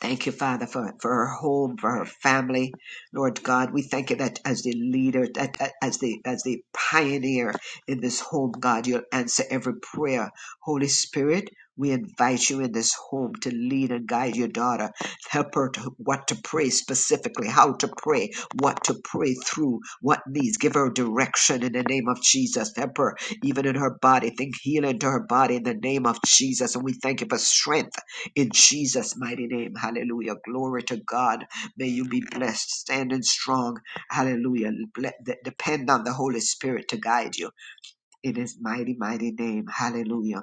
Thank you, Father, for, for her home, for her family. Lord God, we thank you that as the leader, that that as the as the pioneer in this home, God, you'll answer every prayer. Holy Spirit, we invite you in this home to lead and guide your daughter. Help her to what to pray specifically, how to pray, what to pray through, what needs. Give her direction in the name of Jesus. Help her even in her body. Think healing to her body in the name of Jesus. And we thank you for strength in Jesus' mighty name, hallelujah. Glory to God. May you be blessed, standing strong, hallelujah. Ble- de- Depend on the Holy Spirit to guide you in His mighty, mighty name, hallelujah.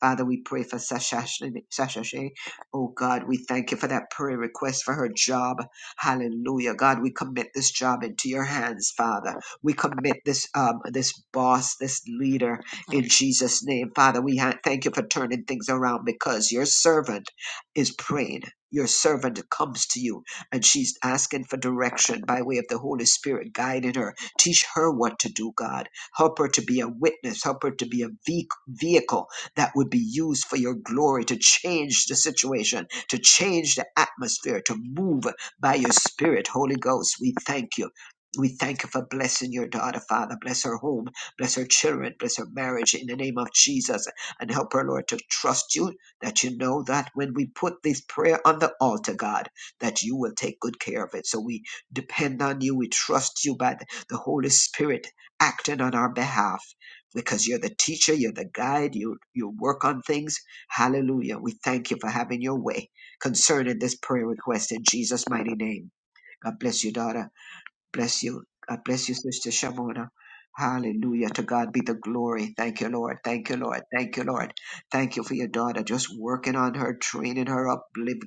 Father, we pray for Sasha, Ashley- Sasha Shay. Oh God, we thank you for that prayer request for her job. Hallelujah. God, we commit this job into your hands, Father. We commit this um, this boss, this leader in Jesus' name. Father, we ha- thank you for turning things around because your servant is praying. Your servant comes to you and she's asking for direction by way of the Holy Spirit guiding her. Teach her what to do, God. Help her to be a witness. Help her to be a ve- vehicle that would be used for your glory to change the situation, to change the atmosphere, to move by your spirit, Holy Ghost. We thank you. We thank you for blessing your daughter, Father. Bless her home, bless her children, bless her marriage in the name of Jesus. And help her, Lord, to trust you that you know that when we put this prayer on the altar, God, that you will take good care of it. So we depend on you. We trust you by the the Holy Spirit acting on our behalf because you're the teacher, you're the guide, you you work on things. Hallelujah. We thank you for having your way concerning this prayer request in Jesus' mighty name. God bless you, daughter. Bless you. I bless you, Sister Shamona. Hallelujah. To God be the glory. Thank you, Lord. Thank you, Lord. Thank you, Lord. Thank you for your daughter. Just working on her, training her up, liv-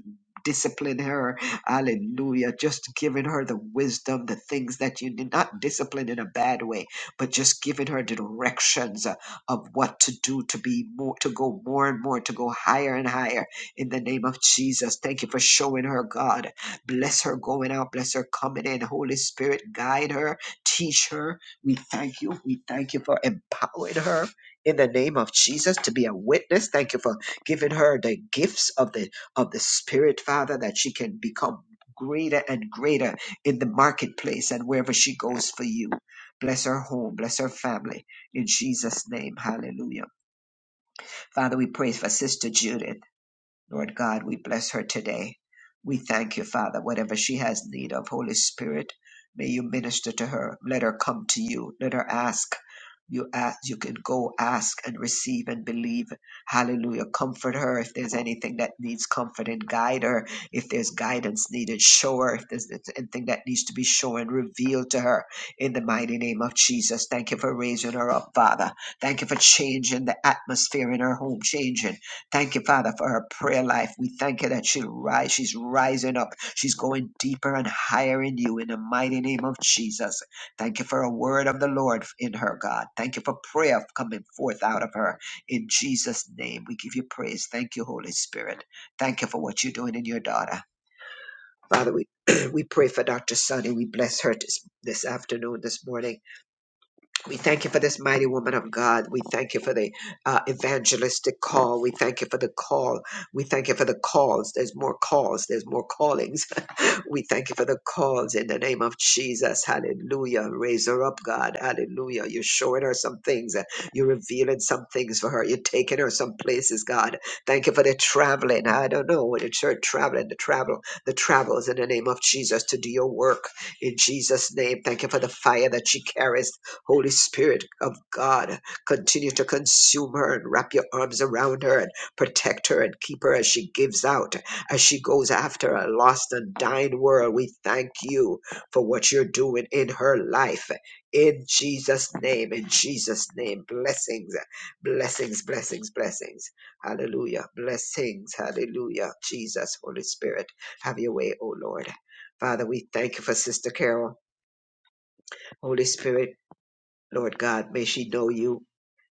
disciplining her. Hallelujah. Just giving her the wisdom, the things that you did Not discipline in a bad way, but just giving her directions uh, of what to do to be more, to go more and more, to go higher and higher in the name of Jesus. Thank you for showing her, God. Bless her going out, bless her coming in. Holy Spirit, guide her, teach her. We thank you. We thank you for empowering her in the name of Jesus to be a witness. Thank you for giving her the gifts of the of the Spirit, Father, that she can become greater and greater in the marketplace and wherever she goes for you. Bless her home, bless her family. In Jesus' name, hallelujah. Father, we pray for Sister Judith. Lord God, we bless her today. We thank you, Father, whatever she has need of, Holy Spirit, may you minister to her. Let her come to you. Let her ask. You ask, you can go ask and receive and believe. Hallelujah. Comfort her if there's anything that needs comfort and guide her. If there's guidance needed, show her. If there's anything that needs to be shown, reveal to her in the mighty name of Jesus. Thank you for raising her up, Father. Thank you for changing the atmosphere in her home, changing. Thank you, Father, for her prayer life. We thank you that she'll rise. She's rising up. She's going deeper and higher in you in the mighty name of Jesus. Thank you for a word of the Lord in her, God. Thank you for prayer coming forth out of her in Jesus' name. We give you praise. Thank you, Holy Spirit. Thank you for what you're doing in your daughter. Father, we, [CLEARS THROAT] we pray for Dr. Sunny. We bless her this, this afternoon, this morning. We thank you for this mighty woman of God. We thank you for the uh, evangelistic call. We thank you for the call. We thank you for the calls. There's more calls. There's more callings. We thank you for the calls in the name of Jesus. Hallelujah. Raise her up, God. Hallelujah. You're showing her some things. You're revealing some things for her. You're taking her some places, God. Thank you for the traveling. I don't know. The church traveling, the travel, the travels in the name of Jesus to do your work in Jesus' name. Thank you for the fire that she carries. Holy Spirit of God, continue to consume her and wrap your arms around her and protect her and keep her as she gives out as she goes after a lost and dying world. We thank you for what you're doing in her life. In Jesus' name, in Jesus' name, blessings, blessings, blessings, blessings. Hallelujah. Blessings, hallelujah. Jesus, Holy Spirit, have your way, O Lord. Father, we thank you for Sister Carol. Holy Spirit, Lord God, may she know you.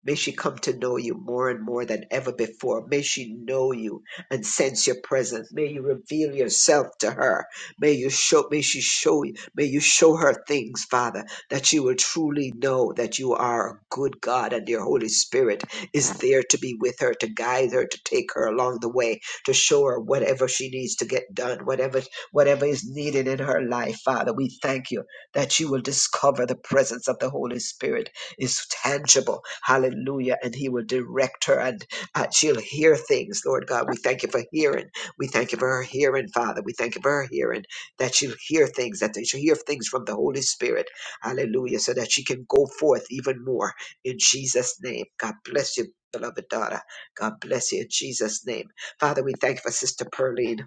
May she come to know you more and more than ever before. May she know you and sense your presence. May you reveal yourself to her. May you show may she show you may you show her things, Father, that she will truly know that you are a good God and your Holy Spirit is there to be with her, to guide her, to take her along the way, to show her whatever she needs to get done, whatever whatever is needed in her life, Father. We thank you that you will discover the presence of the Holy Spirit is tangible. Hallelujah. And He will direct her and uh, she'll hear things, Lord God. We thank you for hearing. We thank you for her hearing, Father. We thank you for her hearing that she'll hear things, that she'll hear things from the Holy Spirit. Hallelujah. So that she can go forth even more in Jesus' name. God bless you. Beloved daughter, God bless you in Jesus' name. Father, we thank you for Sister Pearline.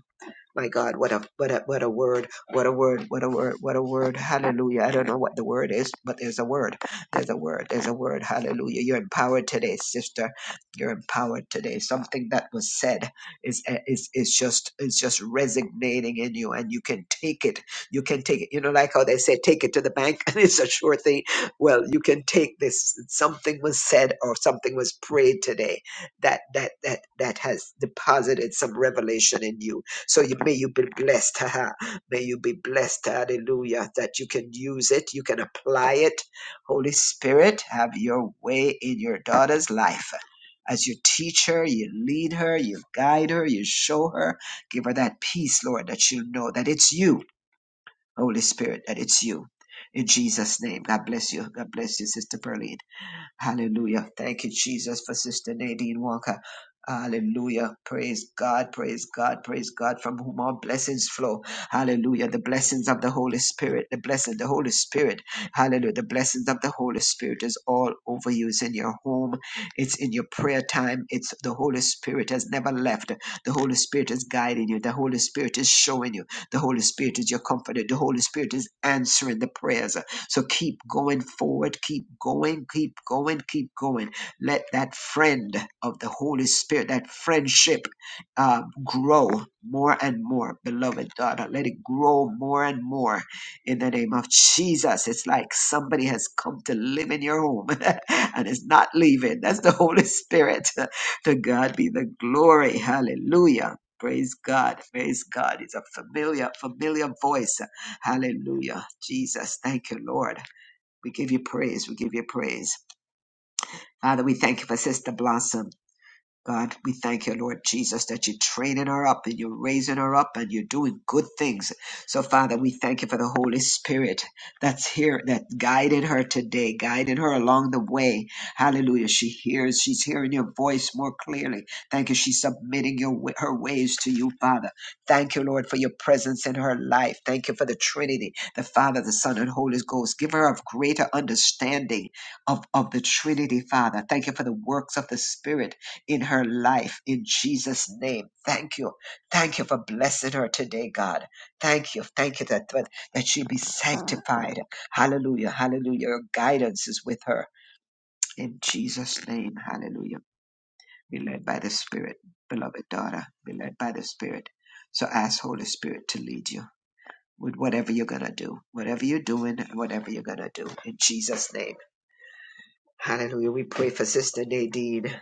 My God, what a what a what a word, what a word, what a word, what a word. Hallelujah. I don't know what the word is, but there's a word. There's a word. There's a word. Hallelujah. You're empowered today, sister. You're empowered today. Something that was said is is is just is just resonating in you and you can take it. You can take it. You know, like how they say take it to the bank [LAUGHS] and it's a sure thing. Well, you can take this. Something was said or something was prayed today that that that that has deposited some revelation in you so you may you be blessed. [LAUGHS] haha. may you be blessed. Hallelujah. That you can use it, you can apply it. Holy Spirit, have your way in your daughter's life. As you teach her, you lead her, you guide her, you show her, give her that peace, Lord, that she'll know that it's you, Holy Spirit, that it's you. In Jesus' name. God bless you. God bless you, Sister Pearline. Hallelujah. Thank you, Jesus, for Sister Nadine Walker. Hallelujah. Praise God, praise God, praise God, from whom all blessings flow. Hallelujah. The blessings of the Holy Spirit, the blessing, the Holy Spirit. Hallelujah. The blessings of the Holy Spirit is all over you. It's in your home, it's in your prayer time. It's the Holy Spirit has never left. The Holy Spirit is guiding you. The Holy Spirit is showing you. The Holy Spirit is your comforter. The Holy Spirit is answering the prayers. So keep going forward, keep going, keep going, keep going. Let that friend of the Holy Spirit, that friendship, uh, grow more and more, beloved daughter. Let it grow more and more in the name of Jesus. It's like somebody has come to live in your home [LAUGHS] and is not leaving. That's the Holy Spirit. [LAUGHS] to God be the glory. Hallelujah. Praise God. Praise God. It's a familiar, familiar voice Hallelujah. Jesus, thank you, Lord. We give you praise. We give you praise. Father, we thank you for Sister Blossom. God, we thank you, Lord Jesus, that you're training her up and you're raising her up and you're doing good things. So, Father, we thank you for the Holy Spirit that's here, that guided her today, guided her along the way. Hallelujah. She hears, she's hearing your voice more clearly. Thank you. She's submitting your, wa- her ways to you, Father. Thank you, Lord, for your presence in her life. Thank you for the Trinity, the Father, the Son, and Holy Ghost. Give her a greater understanding of, of the Trinity, Father. Thank you for the works of the Spirit in her life in Jesus' name. Thank you. Thank you for blessing her today, God. Thank you. Thank you that, that, that she'll be sanctified. Hallelujah. Hallelujah. Your guidance is with her in Jesus' name. Hallelujah. Be led by the Spirit, beloved daughter. Be led by the Spirit. So ask Holy Spirit to lead you with whatever you're going to do, whatever you're doing, whatever you're going to do in Jesus' name. Hallelujah. We pray for Sister Nadine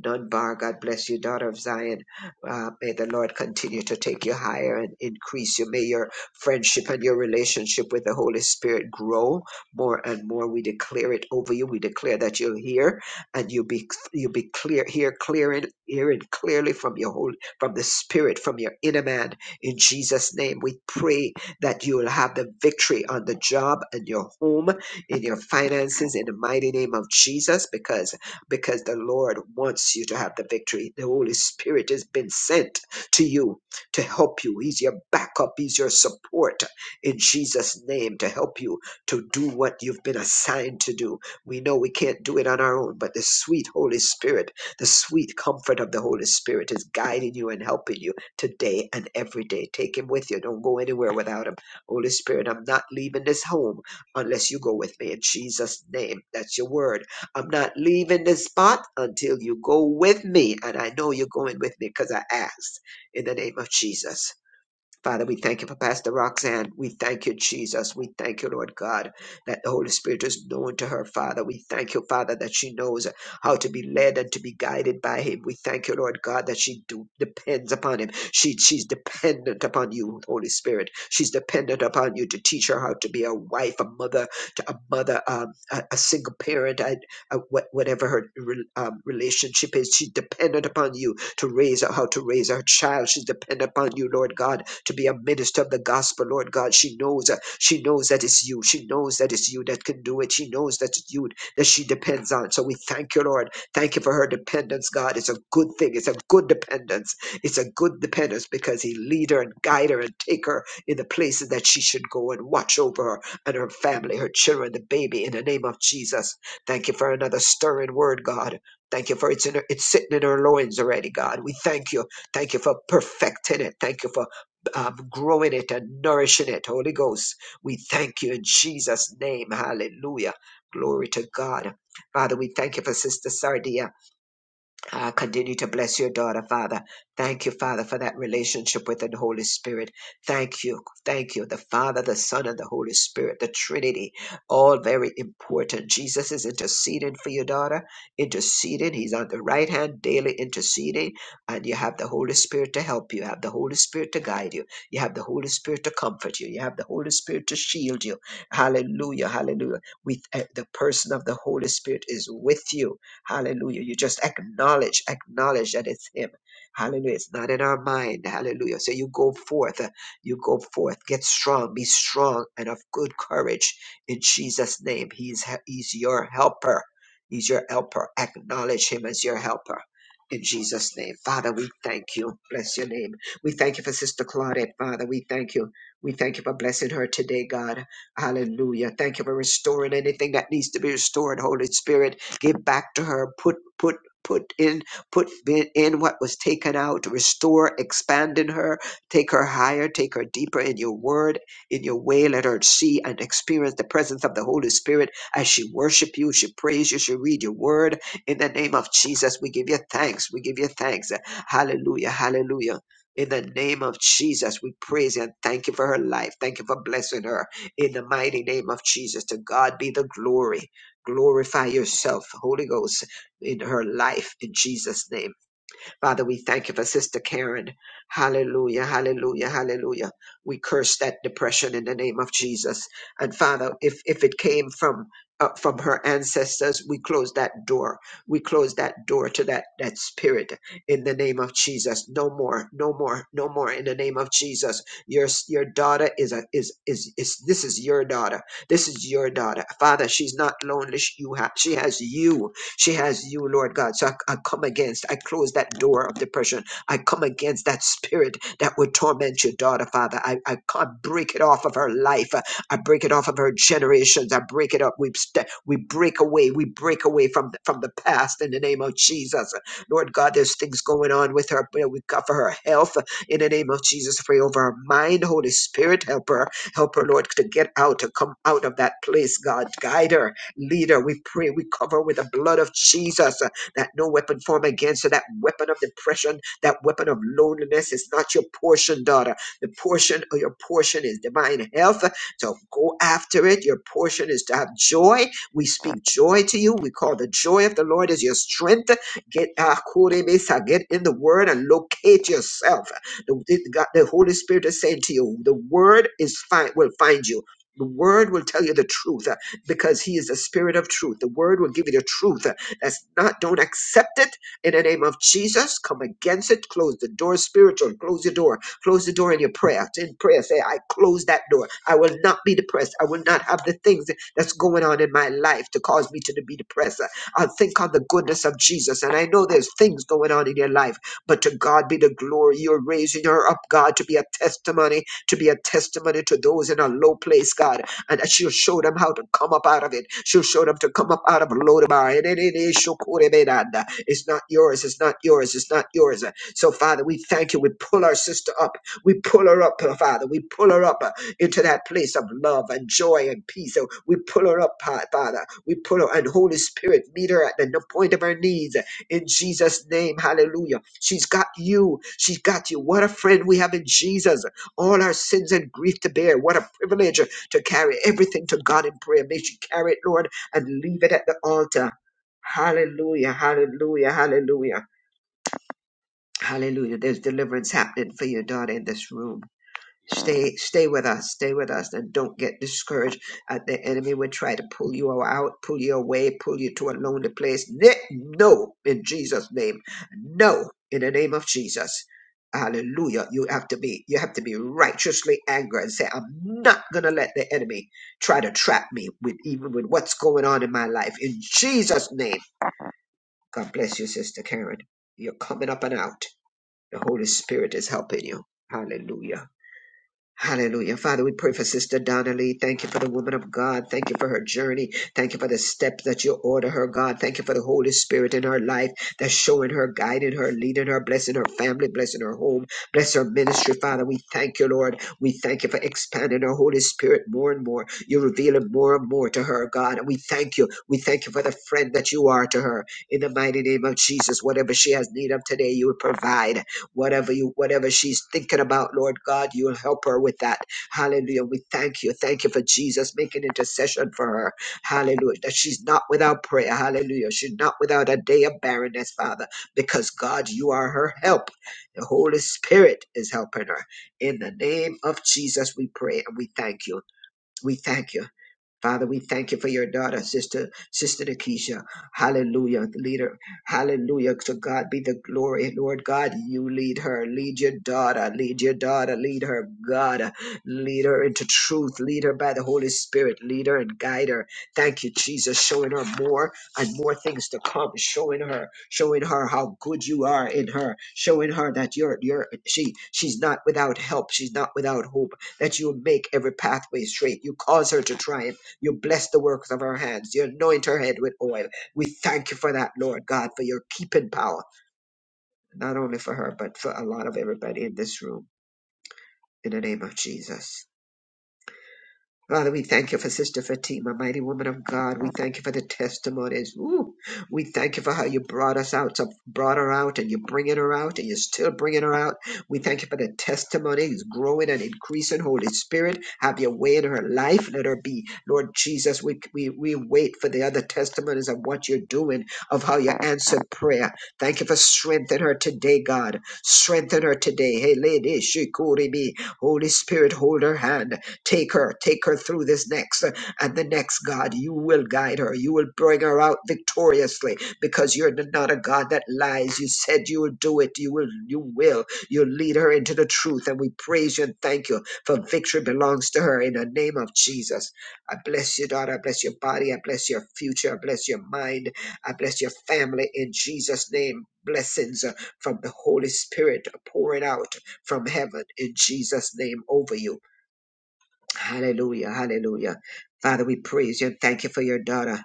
Dunbar. God bless you, daughter of Zion. Uh, may the Lord continue to take you higher and increase you. May your friendship and your relationship with the Holy Spirit grow more and more. We declare it over you. We declare that you'll hear and you'll be you'll be clear, hear clearing, hearing clearly from your holy from the spirit, from your inner man. In Jesus' name, we pray that you will have the victory on the job and your home in your finances in the mighty name of Jesus because because the Lord wants you to have the victory. The Holy Spirit has been sent to you to help you. He's your backup, he's your support in Jesus name to help you to do what you've been assigned to do. We know we can't do it on our own, but the sweet Holy Spirit, the sweet comfort of the Holy Spirit is guiding you and helping you today and every day. Take him with you. Don't go anywhere without him. Holy Spirit, I'm not leaving this home unless you go with me in Jesus' name. That's your word. I'm not leaving this spot until you go with me. And I know you're going with me because I asked in the name of Jesus. Father, we thank you for Pastor Roxanne. We thank you, Jesus. We thank you, Lord God, that the Holy Spirit is known to her, Father. We thank you, Father, that she knows how to be led and to be guided by Him. We thank you, Lord God, that she do, depends upon Him. She, she's dependent upon you, Holy Spirit. She's dependent upon you to teach her how to be a wife, a mother, to a mother, um, a, a single parent, I, a, what- whatever her re- um, relationship is. She's dependent upon you to raise her, how to raise her child. She's dependent upon you, Lord God, to be a minister of the gospel, Lord God. She knows, uh, she knows that it's you. She knows that it's you that can do it. She knows that it's you that she depends on. So we thank you, Lord. Thank you for her dependence, God. It's a good thing. It's a good dependence. It's a good dependence because He lead her and guide her and take her in the places that she should go and watch over her and her family, her children, the baby. In the name of Jesus, thank you for another stirring word, God. Thank you for it's in her, it's sitting in her loins already, God. We thank you. Thank you for perfecting it. Thank you for um, growing it and nourishing it. Holy Ghost, we thank you in Jesus' name. Hallelujah. Glory to God. Father, we thank you for Sister Sardia. Ah, continue to bless your daughter, Father. Thank you, Father, for that relationship with the Holy Spirit. Thank you. Thank you. The Father, the Son, and the Holy Spirit, the Trinity, all very important. Jesus is interceding for your daughter, interceding. He's on the right hand, daily interceding. And you have the Holy Spirit to help you. You have the Holy Spirit to guide you. You have the Holy Spirit to comfort you. You have the Holy Spirit to shield you. Hallelujah. Hallelujah. With the person of the Holy Spirit is with you Hallelujah. You just acknowledge, acknowledge that it's Him. Hallelujah. It's not in our mind. Hallelujah. So you go forth. uh, You go forth. Get strong. Be strong and of good courage in Jesus' name. He's, he's your helper. He's your helper. Acknowledge Him as your helper. In Jesus' name. Father, we thank you. Bless your name. We thank you for Sister Claudette, Father. We thank you. We thank you for blessing her today, God. Hallelujah. Thank you for restoring anything that needs to be restored, Holy Spirit. Give back to her. Put put put in put in in what was taken out. Restore, expand in her. Take her higher. Take her deeper in your word, in your way. Let her see and experience the presence of the Holy Spirit as she worship you, she praise you, she read your word. In the name of Jesus, we give you thanks. We give you thanks. Hallelujah. Hallelujah. In the name of Jesus, we praise you and thank you for her life. Thank you for blessing her. In the mighty name of Jesus, to God be the glory. Glorify yourself, Holy Ghost, in her life in Jesus' name. Father, we thank you for Sister Karen. Hallelujah, hallelujah, hallelujah. We curse that depression in the name of Jesus. And Father, if, if it came from uh, from her ancestors, we close that door. We close that door to that that spirit in the name of Jesus. No more, no more, no more. In the name of Jesus, your your daughter is a is is is this is your daughter. This is your daughter, Father. She's not lonely. She- You have she has you. She has you, Lord God. So I, I come against, I close that door of depression. I come against that spirit that would torment your daughter, Father. I, I can't break it off of her life. I break it off of her generations. I break it up. We st- we break away. We break away from the, from the past in the name of Jesus. Lord God, there's things going on with her. but We cover her health in the name of Jesus. Pray over her mind, Holy Spirit, help her, help her, Lord, to get out, to come out of that place. God, guide her leader. We pray, we cover with the blood of Jesus uh, that no weapon formed against her, that weapon of depression, that weapon of loneliness is not your portion, daughter. The portion of your portion is divine health. uh, So go after it. Your portion is to have joy. We speak joy to you. We call the joy of the Lord is your strength. Get uh, Kurimisa, get in the word and locate yourself. The, the God- the Holy Spirit is saying to you, the word is fine will find you. The word will tell you the truth because he is the spirit of truth. The word will give you the truth. That's not, don't accept it in the name of Jesus. Come against it. Close the door spiritually. Close your door. Close the door in your prayer. In prayer, say, I close that door. I will not be depressed. I will not have the things that's going on in my life to cause me to be depressed. I'll think on the goodness of Jesus. And I know there's things going on in your life, but to God be the glory. You're raising her up, God, to be a testimony, to be a testimony to those in a low place, God and that she'll show them how to come up out of it. She'll show them to come up out of Lodabar. And it it is shokorebedanda. It's not yours. It's not yours. It's not yours. So, Father, we thank you. We pull our sister up. We pull her up, uh, Father. We pull her up uh, into that place of love and joy and peace. So we pull her up, Pa- Father. We pull her and Holy Spirit meet her at the n- point of her needs uh, in Jesus' name. Hallelujah. She's got you. She's got you. What a friend we have in Jesus. All our sins and grief to bear. What a privilege to carry everything to God in prayer. May she carry it, Lord, and leave it at the altar. Hallelujah, hallelujah, hallelujah, hallelujah. There's deliverance happening for your daughter in this room. Stay, stay with us, stay with us, and don't get discouraged. Uh, the enemy would try to pull you out, pull you away, pull you to a lonely place. Ne- No, in Jesus' name, no, in the name of Jesus. Hallelujah. You have to be, you have to be righteously angry and say, I'm not gonna let the enemy try to trap me with even with what's going on in my life. In Jesus' name. God bless you, Sister Karen. You're coming up and out. The Holy Spirit is helping you. Hallelujah. Hallelujah. Father, we pray for Sister Donnelly. Thank you for the woman of God. Thank you for her journey. Thank you for the steps that you order her, God. Thank you for the Holy Spirit in her life that's showing her, guiding her, leading her, blessing her family, blessing her home, bless her ministry, Father. We thank you, Lord. We thank you for expanding her Holy Spirit more and more. You're revealing more and more to her, God. And we thank you. We thank you for the friend that you are to her. In the mighty name of Jesus, whatever she has need of today, you will provide whatever you whatever she's thinking about lord god you'll help her with that hallelujah we thank you thank you for jesus making intercession for her hallelujah that she's not without prayer hallelujah she's not without a day of barrenness father because god you are her help the holy spirit is helping her in the name of jesus we pray and we thank you we thank you Father, we thank you for your daughter, sister, sister Nakisha. Hallelujah, the leader. Hallelujah. To God be the glory. Lord God, you lead her. Lead your daughter. Lead your daughter. Lead her, God. Lead her into truth. Lead her by the Holy Spirit. Lead her and guide her. Thank you, Jesus. Showing her more and more things to come. Showing her, showing her how good you are in her. Showing her that you're, you're, she, she's not without help. She's not without hope. That you make every pathway straight. You cause her to triumph. You bless the works of our hands. You anoint her head with oil. We thank you for that, Lord God, for your keeping power, not only for her, but for a lot of everybody in this room. In the name of Jesus. Father, we thank you for Sister Fatima, mighty woman of God. We thank you for the testimonies. Ooh, we thank you for how you brought us out, so brought her out, and you're bringing her out, and you're still bringing her out. We thank you for the testimonies growing and increasing. Holy Spirit, have your way in her life. Let her be, Lord Jesus. We we we wait for the other testimonies of what you're doing, of how you answered prayer. Thank you for strengthening her today, God. Strengthen her today. Hey, lady, she could be. Holy Spirit, hold her hand. Take her, take her through this next uh, and the next, God. You will guide her. You will bring her out victoriously because you're n- not a God that lies. You said you will do it. You will, you will. You'll lead her into the truth. And we praise you and thank you for victory belongs to her in the name of Jesus. I bless your daughter. I bless your body. I bless your future. I bless your mind. I bless your family in Jesus' name. Blessings uh, from the Holy Spirit pouring out from heaven in Jesus' name over you. Hallelujah. Hallelujah. Father, we praise you and thank you for your daughter.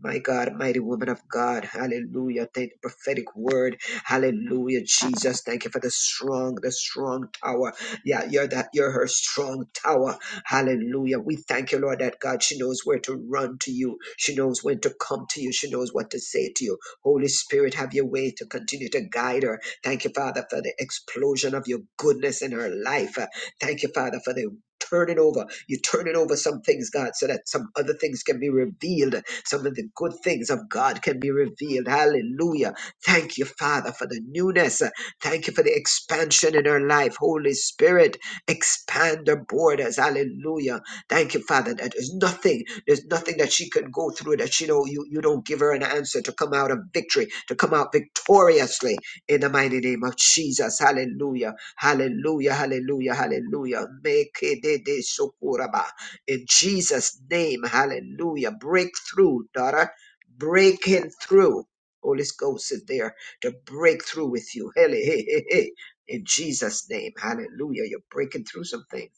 My God, mighty woman of God, hallelujah. Thank you, prophetic word, hallelujah, Jesus. Thank you for the strong, the strong tower. Yeah, you're that, you're her strong tower, hallelujah. We thank you, Lord, that God, she knows where to run to you, she knows when to come to you, she knows what to say to you. Holy Spirit, have your way to continue to guide her. Thank you, Father, for the explosion of your goodness in her life. Thank you, Father, for the turn it over. You turn it over some things, God, so that some other things can be revealed. Some of the good things of God can be revealed. Hallelujah. Thank you, Father, for the newness. Thank you for the expansion in our life. Holy Spirit, expand our borders. Hallelujah. Thank you, Father, that there's nothing, there's nothing that she can go through that she know you, you don't give her an answer to come out of victory, to come out victoriously in the mighty name of Jesus. Hallelujah. Hallelujah, hallelujah, hallelujah. Make it it is so kuraba. In Jesus' name, hallelujah. Breakthrough, daughter. Breaking through. Holy Ghost is there to break through with you. Hele, hey, hey, hey. hey. In Jesus' name, hallelujah. You're breaking through some things.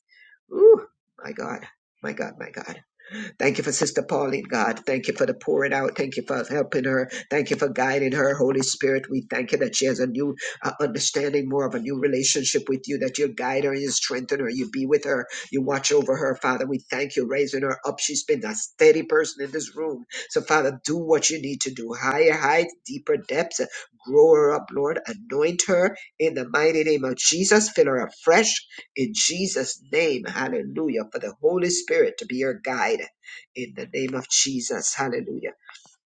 Ooh, my God, my God, my God. Thank you for Sister Pauline, God. Thank you for the pouring out. Thank you for helping her. Thank you for guiding her. Holy Spirit, we thank you that she has a new uh, understanding, more of a new relationship with you, that you guide her, you strengthen her, you be with her, you watch over her. Father, we thank you raising her up. She's been a steady person in this room. So, Father, do what you need to do. Higher heights, deeper depths. Grow her up, Lord. Anoint her in the mighty name of Jesus. Fill her afresh in Jesus' name. Hallelujah. For the Holy Spirit to be your guide in the name of Jesus. Hallelujah.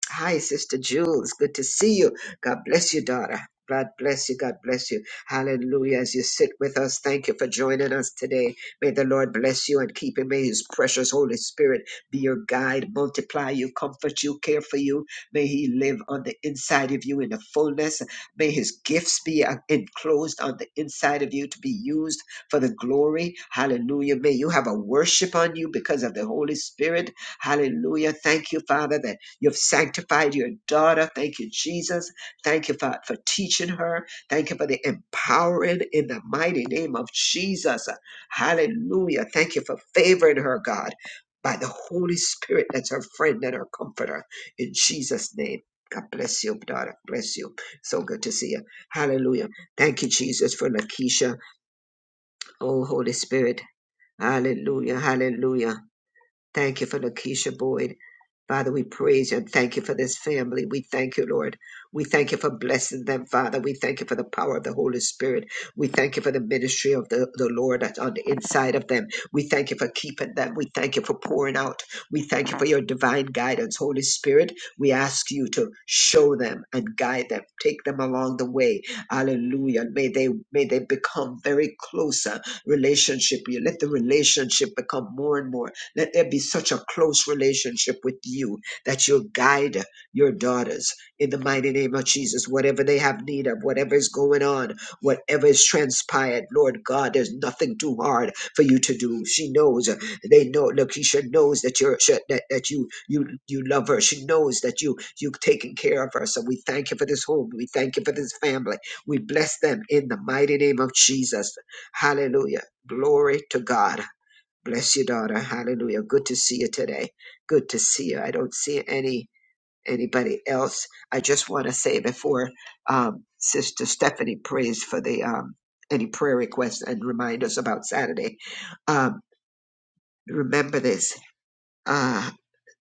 Hi, Sister Jules. Good to see you. God bless you, daughter. God bless you. God bless you. Hallelujah. As you sit with us, thank you for joining us today. May the Lord bless you and keep you. May His precious Holy Spirit be your guide, multiply you, comfort you, care for you. May He live on the inside of you in the fullness. May His gifts be uh, enclosed on the inside of you to be used for the glory. Hallelujah. May you have a worship on you because of the Holy Spirit. Hallelujah. Thank you, Father, that You've sanctified your daughter. Thank you, Jesus. Thank you, Father, for teaching her. Thank you for the empowering in the mighty name of Jesus. Hallelujah. Thank you for favoring her, God, by the Holy Spirit that's her friend and her comforter. In Jesus' name. God bless you, daughter. Bless you. So good to see you. Hallelujah. Thank you, Jesus, for Lakeisha. Oh, Holy Spirit. Hallelujah. Hallelujah. Thank you for Lakeisha Boyd. Father, we praise you and thank you for this family. We thank you, Lord. We thank you for blessing them, Father. We thank you for the power of the Holy Spirit. We thank you for the ministry of the, the Lord that's on the inside of them. We thank you for keeping them. We thank you for pouring out. We thank you for your divine guidance, Holy Spirit. We ask you to show them and guide them, take them along the way. Hallelujah. May they may they become very closer relationship. You let the relationship become more and more. Let there be such a close relationship with you that you'll guide your daughters in the mighty name of Jesus. Whatever they have need of, whatever is going on, whatever is transpired, Lord God, there's nothing too hard for you to do. She knows. uh, They know. Lakeisha knows that you're sh- that, that you you you love her. She knows that you you've taken care of her. So we thank you for this home. We thank you for this family. We bless them in the mighty name of Jesus. Hallelujah. Glory to God. Bless you, daughter. Hallelujah. Good to see you today. Good to see you. I don't see any anybody else. I just want to say before um, Sister Stephanie prays for the um, any prayer requests and remind us about Saturday. Um, remember this. Uh,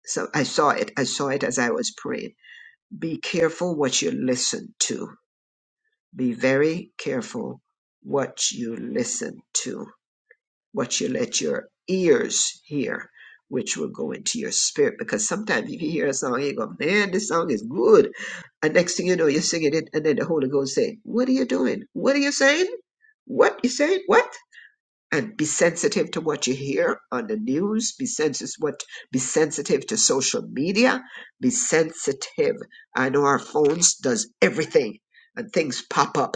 so I saw it. I saw it as I was praying. Be careful what you listen to. Be very careful what you listen to what you let your ears hear, which will go into your spirit. Because sometimes if you hear a song, you go, man, this song is good. And next thing you know, you're singing it, and then the Holy Ghost say, What are you doing? What are you saying? What you saying? What? And be sensitive to what you hear on the news. Be sensitive what be sensitive to social media. Be sensitive. I know our phones does everything and things pop up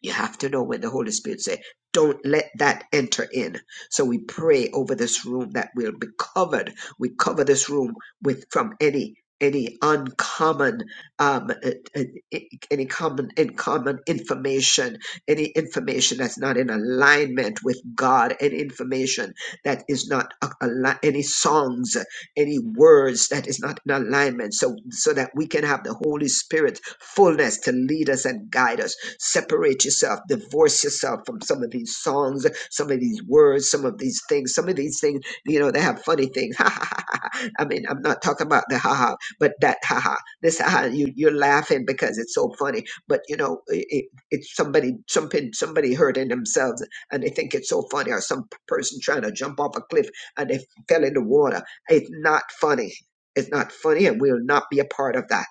you have to know when the Holy Spirit say, don't let that enter in. So we pray over this room that will be covered. We cover this room with from any any uncommon um uh, uh, i- any common in common information any information that's not in alignment with god any information that is not a, ali- any songs any words that is not in alignment so so that we can have the holy spirit fullness to lead us and guide us Separate yourself, divorce yourself from some of these songs, some of these words, some of these things, some of these things, you know, they have funny things. [LAUGHS] Ha ha ha ha. I mean, I'm not talking about the ha ha, but that ha ha. This ha ha, you, you're laughing because it's so funny. But you know, it, it, it's somebody jumping, somebody hurting themselves and they think it's so funny, or some p- person trying to jump off a cliff and they fell in the water. It's not funny. It's not funny, and we'll not be a part of that.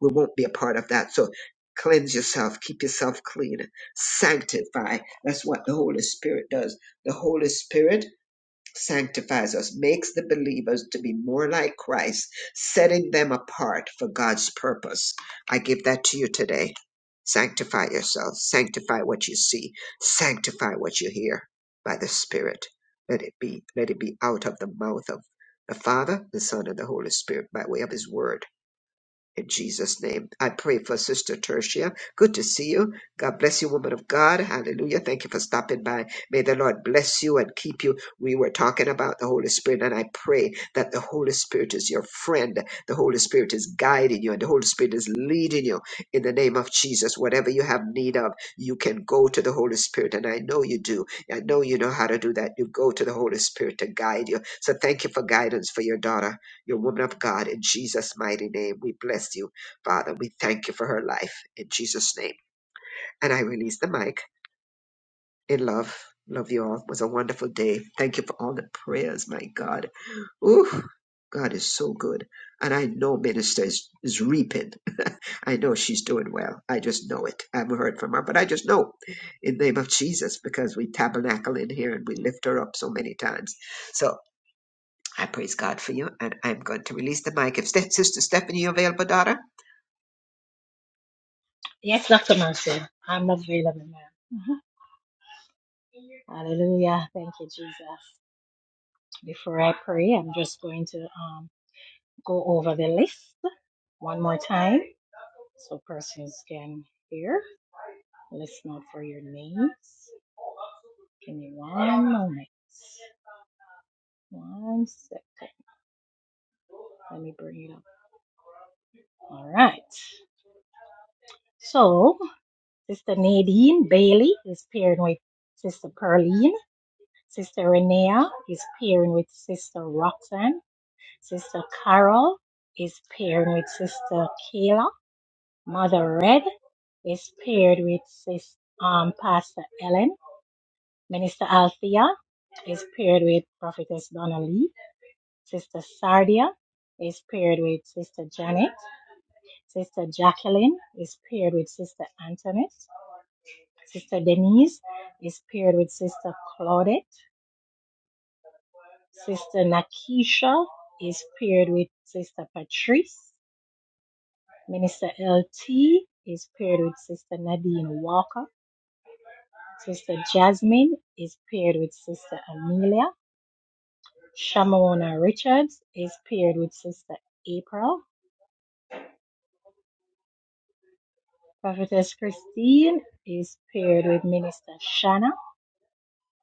We won't be a part of that. So cleanse yourself, keep yourself clean, sanctify. That's what the Holy Spirit does. The Holy Spirit sanctifies us, makes the believers to be more like Christ, setting them apart for God's purpose. I give that to you today. Sanctify yourself, sanctify what you see, sanctify what you hear by the Spirit. Let it be, let it be out of the mouth of the Father, the Son, and the Holy Spirit by way of His Word in Jesus' name, I pray for Sister Tertia. Good to see you. God bless you, woman of God. Hallelujah. Thank you for stopping by. May the Lord bless you and keep you. We were talking about the Holy Spirit, and I pray that the Holy Spirit is your friend. The Holy Spirit is guiding you, and the Holy Spirit is leading you in the name of Jesus. Whatever you have need of, you can go to the Holy Spirit, and I know you do. I know you know how to do that. You go to the Holy Spirit to guide you. So thank you for guidance for your daughter your woman of God. In Jesus' mighty name, we bless you, Father. We thank you for her life in Jesus' name. And I release the mic in love. Love you all. It was a wonderful day. Thank you for all the prayers, my God. Ooh, God is so good. And I know minister is, is reaping. [LAUGHS] I know she's doing well. I just know it. I haven't heard from her, but I just know in the name of Jesus because we tabernacle in here and we lift her up so many times. So I praise God for you, and I'm going to release the mic. If Ste- Sister Stephanie, you available, daughter? Yes, Dr. Mercy, I'm available now. Mhm. Hallelujah. Thank you, Jesus. Before I pray, I'm just going to um, go over the list one more time so persons can hear. Listen out for your names. Give me one moment. One second. Let me bring it up. All right. So, Sister Nadine Bailey is paired with Sister Pearline. Sister Renea is pairing with Sister Roxanne. Sister Carol is pairing with Sister Kayla. Mother Red is paired with Sis, um, Pastor Ellen. Minister Althea is paired with Prophetess Donna Lee. Sister Sardia is paired with Sister Janet. Sister Jacqueline is paired with Sister Antoinette. Sister Denise is paired with Sister Claudette. Sister Nakisha is paired with Sister Patrice. Minister LT is paired with Sister Nadine Walker. Sister Jasmine is paired with Sister Amelia. Shamona Richards is paired with Sister April. Prophetess Christine is paired with Minister Shanna.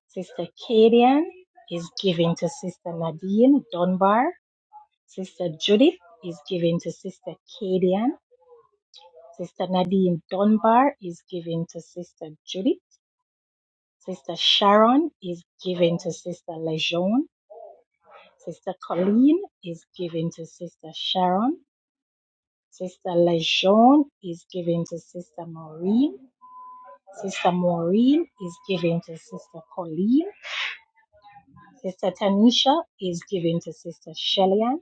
Sister Kadian is given to Sister Nadine Dunbar. Sister Judith is given to Sister Kadian. Sister Nadine Dunbar is giving to Sister Judith. Sister Sharon is giving to Sister Lejeune. Sister Colleen is giving to Sister Sharon. Sister Lejeune is giving to Sister Maureen. Sister Maureen is giving to Sister Colleen. Sister Tanisha is giving to Sister Shellyan.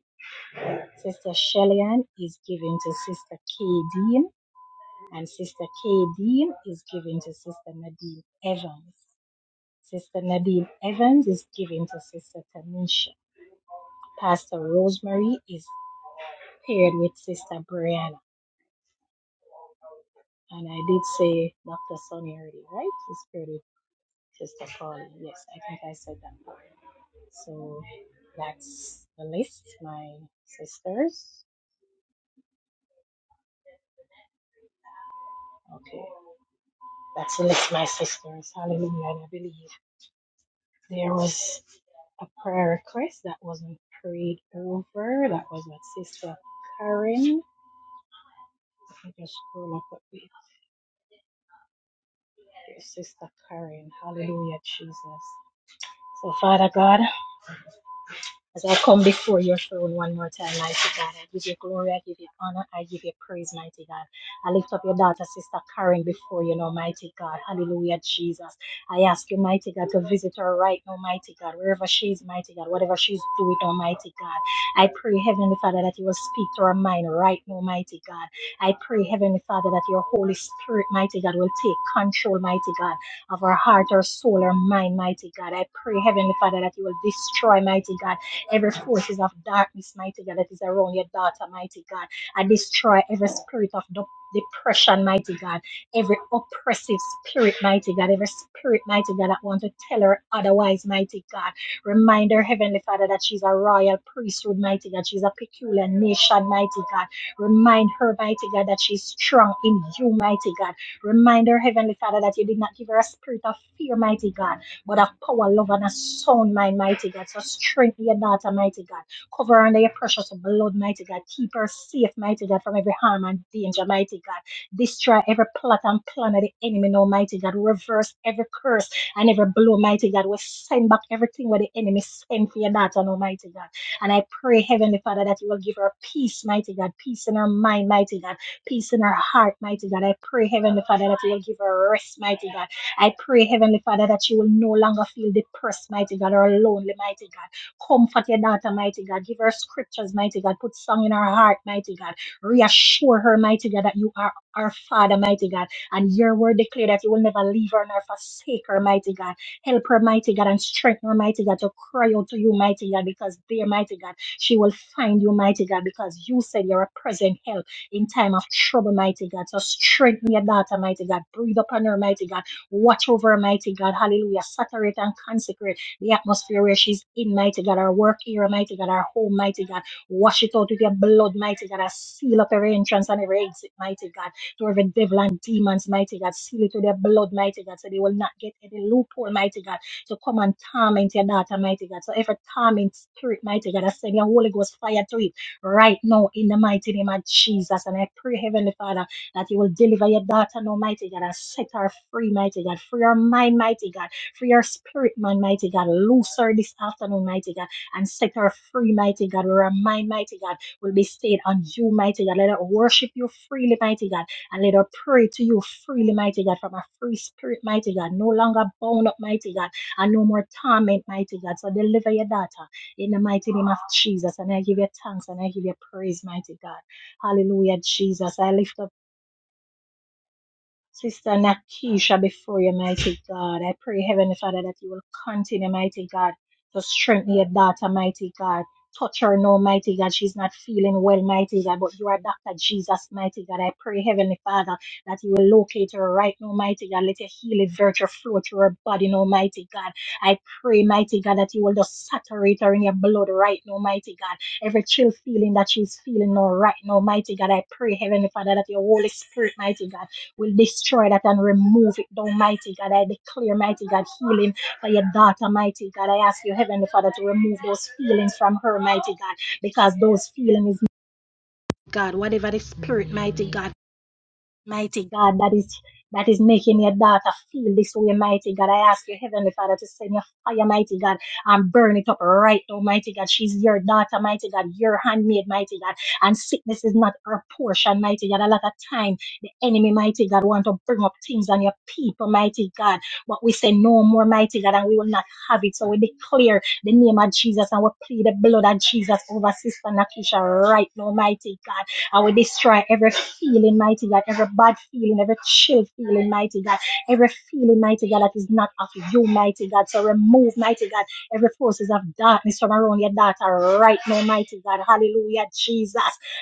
Sister Shellyan is giving to Sister Kay Dean. And Sister Kay Dean is giving to Sister Nadine Evans. Sister Nadine Evans is given to Sister Tamisha. Pastor Rosemary is paired with Sister Brianna. And I did say Dr. Sonny already, right? She's paired with Sister Paula. Yes, I think I said that. So that's the list, my sisters. Okay. That's the list, my sisters. Hallelujah. And I believe there was a prayer request that wasn't prayed over. That was what Sister Karen. Let me just scroll up a bit. Dear Sister Karen. Hallelujah, Jesus. So, Father God, as I come before your throne one more time, mighty God, I give you glory, I give you honor, I give you praise, mighty God. I lift up your daughter, Sister Karen, before you, know, mighty God. Hallelujah, Jesus. I ask you, mighty God, to visit her right now, mighty God, wherever she is, mighty God, whatever she's doing, almighty God. I pray, Heavenly Father, that you will speak to her mind right now, mighty God. I pray, Heavenly Father, that your Holy Spirit, mighty God, will take control, mighty God, of her heart, her soul, her mind, mighty God. I pray, Heavenly Father, that you will destroy, mighty God. Every forces of darkness, mighty God, that is around your daughter, mighty God. I destroy every spirit of dep- depression, mighty God. Every oppressive spirit, mighty God. Every spirit, mighty God, that want to tell her otherwise, mighty God. Remind her, Heavenly Father, that she's a royal priesthood, mighty God. She's a peculiar nation, mighty God. Remind her, mighty God, that she's strong in you, mighty God. Remind her, Heavenly Father, that you did not give her a spirit of fear, mighty God but a power, love, and a sound mind, mighty God. So strengthen your daughter, mighty God. Cover her under your precious blood, mighty God. Keep her safe, mighty God, from every harm and danger, mighty God. Destroy every plot and plan of the enemy, now, mighty God. Reverse every curse and every blow, mighty God. We send back everything where the enemy sent for your daughter, now, mighty God. And I pray, Heavenly Father, that you will give her peace, mighty God. Peace in her mind, mighty God. Peace in her heart, mighty God. I pray, Heavenly Father, that you will give her rest, mighty God I pray, Heavenly Father, that you will no longer feel depressed, mighty God, or lonely, mighty God. Comfort your daughter, mighty God. Give her scriptures, mighty God. Put song in her heart, mighty God. Reassure her, mighty God, that you are our Father, mighty God. And your word declare that you will never leave her nor forsake her, mighty God. Help her, mighty God, and strengthen her, mighty God, to cry out to you, mighty God, because there, mighty God, she will find you, mighty God, because you said you're a present help in time of trouble, mighty God. So strengthen your daughter, mighty God. Breathe upon her, mighty God Watch over her, mighty God. Hallelujah. Saturate and consecrate the atmosphere where she's in, mighty God. Our work here, mighty God. Our home, mighty God. Wash it out with your blood, mighty God. I seal up every entrance and every exit, mighty God. To every devil and demons, mighty God. Seal it with your blood, mighty God. So they will not get any loophole, mighty God. So come and torment your daughter, mighty God. So every torment spirit, mighty God, I send your Holy Ghost fire to it right now in the mighty name of Jesus. And I pray, Heavenly Father that you will deliver your daughter, now, mighty God, and set her free, mighty God. Free her mind, mighty God. Free her spirit, man, mighty God. Loose her this afternoon, mighty God, and set her free, mighty God. Where her mind, mighty God, will be stayed on you, mighty God. Let her worship you freely, mighty God, and let her pray to you freely, mighty God, from a free spirit, mighty God. No longer bound up, mighty God, and no more torment, mighty God. So deliver your daughter in the mighty name of Jesus. And I give you thanks and I give you praise, mighty God. Hallelujah, Jesus. I lift up. Sister Nakisha before you, mighty God. I pray, Heavenly Father, that you will continue, mighty God, to strengthen your daughter, mighty God. Touch her now, mighty God. She's not feeling well, mighty God, but you are Dr. Jesus, mighty God. I pray, Heavenly Father, that you will locate her right now, mighty God. Let your healing virtue flow through her body now, mighty God. I pray, mighty God, that you will just saturate her in your blood right now, mighty God. Every chill feeling that she's feeling now, right now, mighty God. I pray, Heavenly Father, that your Holy Spirit, mighty God, will destroy that and remove it down, mighty God. I declare, mighty God, healing for your daughter, mighty God. I ask you, Heavenly Father, to remove those feelings from her, mighty God, because those feelings. God, whatever the spirit, mighty God. Mighty God, that is that is making your daughter feel this way, mighty God. I ask you, Heavenly Father, to send your fire, mighty God, and burn it up right now, mighty God. She's your daughter, mighty God, your handmaid, mighty God. And sickness is not her portion, mighty God. A lot of time, the enemy, mighty God, want to bring up things on your people, mighty God. But we say no more, mighty God, and we will not have it. So we declare the name of Jesus and we plead the blood of Jesus over Sister Nakisha right now, mighty God. I will destroy every feeling, mighty God, every bad feeling, every chill feeling, mighty God, every feeling, mighty God, that is not of you, mighty God. So remove, mighty God, every forces of darkness from around your daughter right now, mighty God. Hallelujah, Jesus.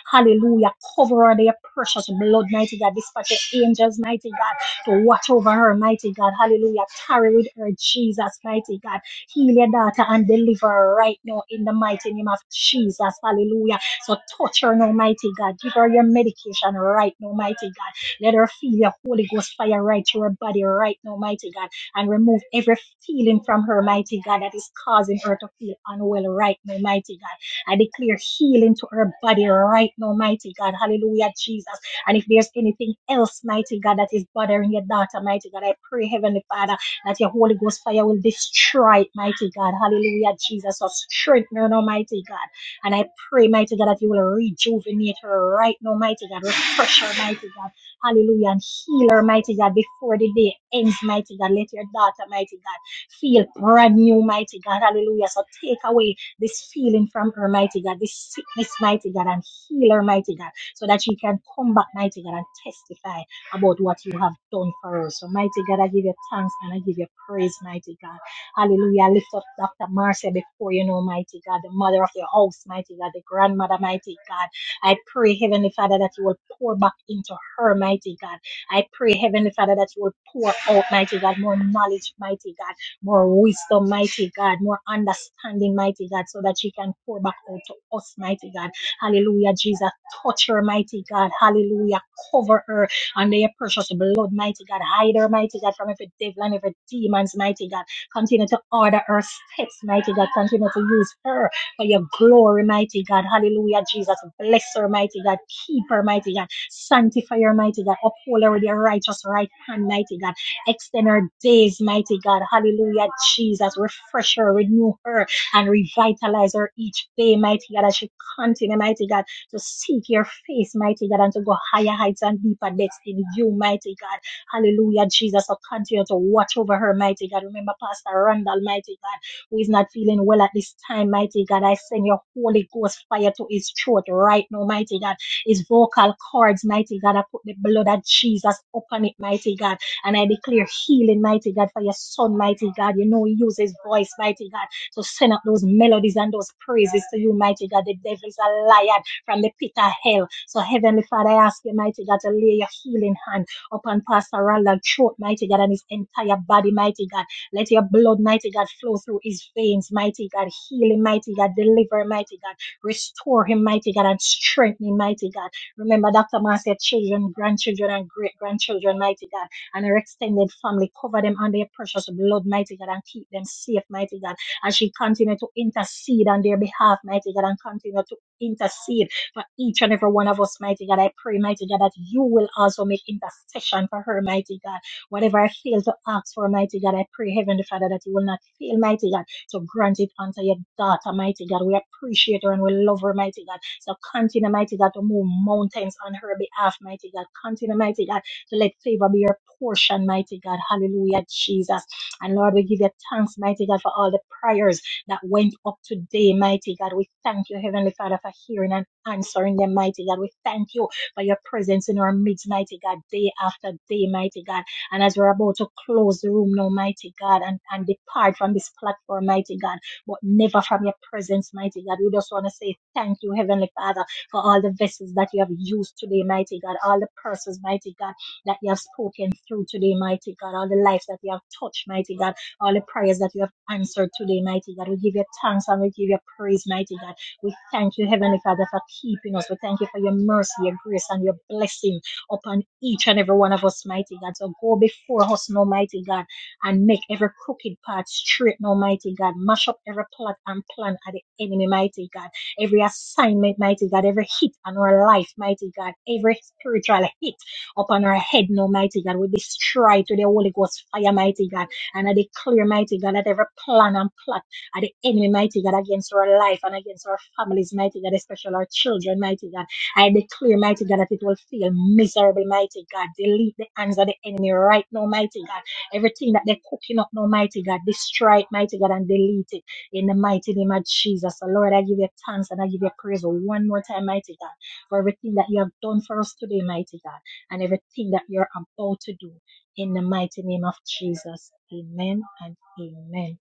Hallelujah. Cover her, their precious blood, mighty God. Dispatch your angels, mighty God, to watch over her, mighty God. Hallelujah. Tarry with her, Jesus, mighty God. Heal your daughter and deliver her right now in the mighty name of Jesus. Hallelujah. So touch her, now, mighty God. Give her your medication right now, mighty God. Let her feel your Holy Ghost fire right through her body right now, mighty God. And remove every feeling from her, mighty God, that is causing her to feel unwell right now, mighty God. I declare healing to her body right now, mighty God. Hallelujah, Jesus. And if there's anything else, mighty God, that is bothering your daughter, mighty God, I pray, Heavenly Father, that your Holy Ghost fire will destroy it, mighty God. Hallelujah, Jesus. So strengthen her, Almighty God. And I pray, mighty God, that you will rejuvenate her right now, mighty God. Refresh her, mighty God. Hallelujah. And heal her, mighty God, before the day ends, mighty God. Let your daughter, mighty God, feel brand new, mighty God. Hallelujah. So take away this feeling from her, mighty God, this sickness, mighty God, and heal her, mighty God, so that she can come back, mighty God, and testify about what you have done for her. So, mighty God, I give you thanks and I give you praise, mighty God. Hallelujah. I Lift up Dr. Marcia before you know, mighty God, the mother of your house, mighty God, the grandmother, mighty God. I pray, Heavenly Father, that you will pour back into her, mighty God. I pray, Heavenly Father, that you will pour out, mighty God, more knowledge, mighty God, more wisdom, mighty God, more understanding, mighty God, so that she can pour back out to us, mighty God. Hallelujah, Jesus. Touch her, mighty God. Hallelujah. Cover her under your precious blood, mighty God. Hide her, mighty God, from every devil and every demons, mighty God. Continue to order her steps, mighty God. Continue to use her for your glory, mighty God. Hallelujah, Jesus. Bless her, mighty God. Keep her, mighty God. Sanctify her, mighty God. Uphold her with your righteous right hand, mighty God. Extend her days, mighty God. Hallelujah, Jesus. Refresh her, renew her, and revitalize her each day, mighty God. As she continue, mighty God, to seek your face, mighty God, and to go higher heights and deeper depths in you, mighty God. Hallelujah, Jesus. So continue to watch over her, mighty God. Remember Pastor Randall, mighty God, who is not feeling well at this time, mighty God. I send your Holy Ghost fire to his throat right now, mighty God. His vocal cords, mighty God. I put the blood of Jesus upon it, mighty God. And I declare healing, mighty God, for your son, mighty God. You know, he uses his voice, mighty God, to send up those melodies and those praises to you, mighty God. The devil is a liar from the pit of hell. So, Heavenly Father, I ask you, mighty God, to lay your healing hand upon Pastor Roland throat, mighty God, and his entire body, mighty God. Let your blood, mighty God, flow through his veins, mighty God. Heal him, mighty God. Deliver him, mighty God. Restore him, mighty God, and strengthen him, mighty God. Remember, Dr. said, children, grandchildren, and great grandchildren, mighty God, and her extended family. Cover them under your precious blood, mighty God, and keep them safe, mighty God. As she continue to intercede on their behalf, mighty God, and continue to intercede for each and every one of us, mighty God. I pray, mighty God, that you will also make intercession for her, mighty God. Whatever I fail to ask for, mighty God, I pray, Heavenly Father, that you will not fail, mighty God, to grant it unto your daughter, mighty God. We appreciate her and we love her, mighty God. So continue, mighty God, to move mountains on her behalf, mighty God. Continue, mighty God, to let favor be your portion, mighty God. Hallelujah, Jesus. And Lord, we give you thanks, mighty God, for all the prayers that went up today, mighty God. We thank you, Heavenly Father, for hearing and answering them, mighty God. We thank you for your presence in our midst, mighty God, day after day, mighty God. And as we're about to close the room now, mighty God, and, and depart from this platform, mighty God, but never from your presence, mighty God. We just want to say thank you, Heavenly Father, for all the vessels that you have used today, mighty God, all the persons, mighty God, that you have spoken through today, mighty God, all the lives that you have touched, mighty God all the prayers that you have answered today, mighty God. We give you thanks and we give you praise, mighty God. We thank you, Heavenly Father, for keeping us. We thank you for your mercy, your grace, and your blessing upon each and every one of us, mighty God. So go before us, no mighty God, and make every crooked path straight, no mighty God. Mash up every plot and plan of the enemy, mighty God. Every assignment, mighty God, every hit on our life, mighty God, every spiritual hit upon our head, no mighty God. We destroy to the Holy Ghost fire, mighty God and I declare, mighty God, that every plan and plot of the enemy, mighty God, against our life and against our families, mighty God, especially our children, mighty God. I declare, mighty God, that it will fail miserable, mighty God. Delete the hands of the enemy right now, mighty God. Everything that they're cooking up now, mighty God, destroy it, mighty God, and delete it in the mighty name of Jesus. So, Lord, I give you thanks and I give you praise one more time, mighty God, for everything that you have done for us today, mighty God, and everything that you're about to do. In the mighty name of Jesus. Amen and amen.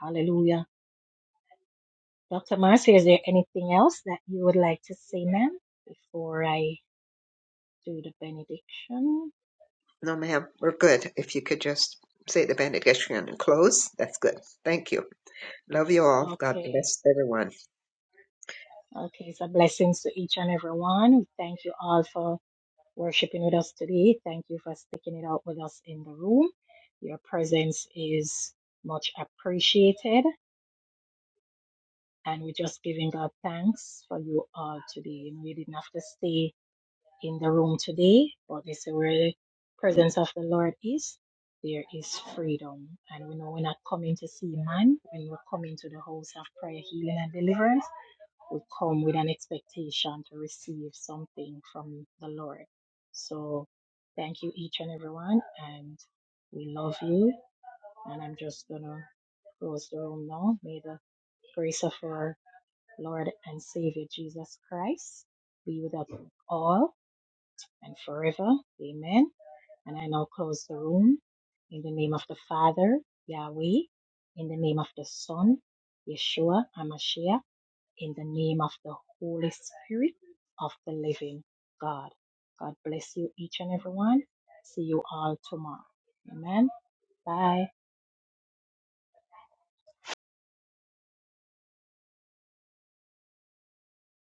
Hallelujah. Dr. Marcy, is there anything else that you would like to say, ma'am, before I do the benediction? No, ma'am. We're good. If you could just say the benediction and close, that's good. Thank you. Love you all. God Okay. bless everyone. Okay. So blessings to each and every one. We Thank you all for worshiping with us today. Thank you for sticking it out with us in the room. Your presence is much appreciated. And we're just giving God thanks for you all today. And we didn't have to stay in the room today, but this is where the presence of the Lord is. There is freedom. And we know we're not coming to see man. When we're coming to the house of prayer, healing, and deliverance, we come with an expectation to receive something from the Lord. So thank you, each and everyone. And we love you. And I'm just going to close the room now. May the grace of our Lord and Savior Jesus Christ be with us all and forever. Amen. And I now close the room in the name of the Father, Yahweh, in the name of the Son, Yeshua, Amashiach, in the name of the Holy Spirit of the living God. God bless you, each and every one. See you all tomorrow. Amen. Bye.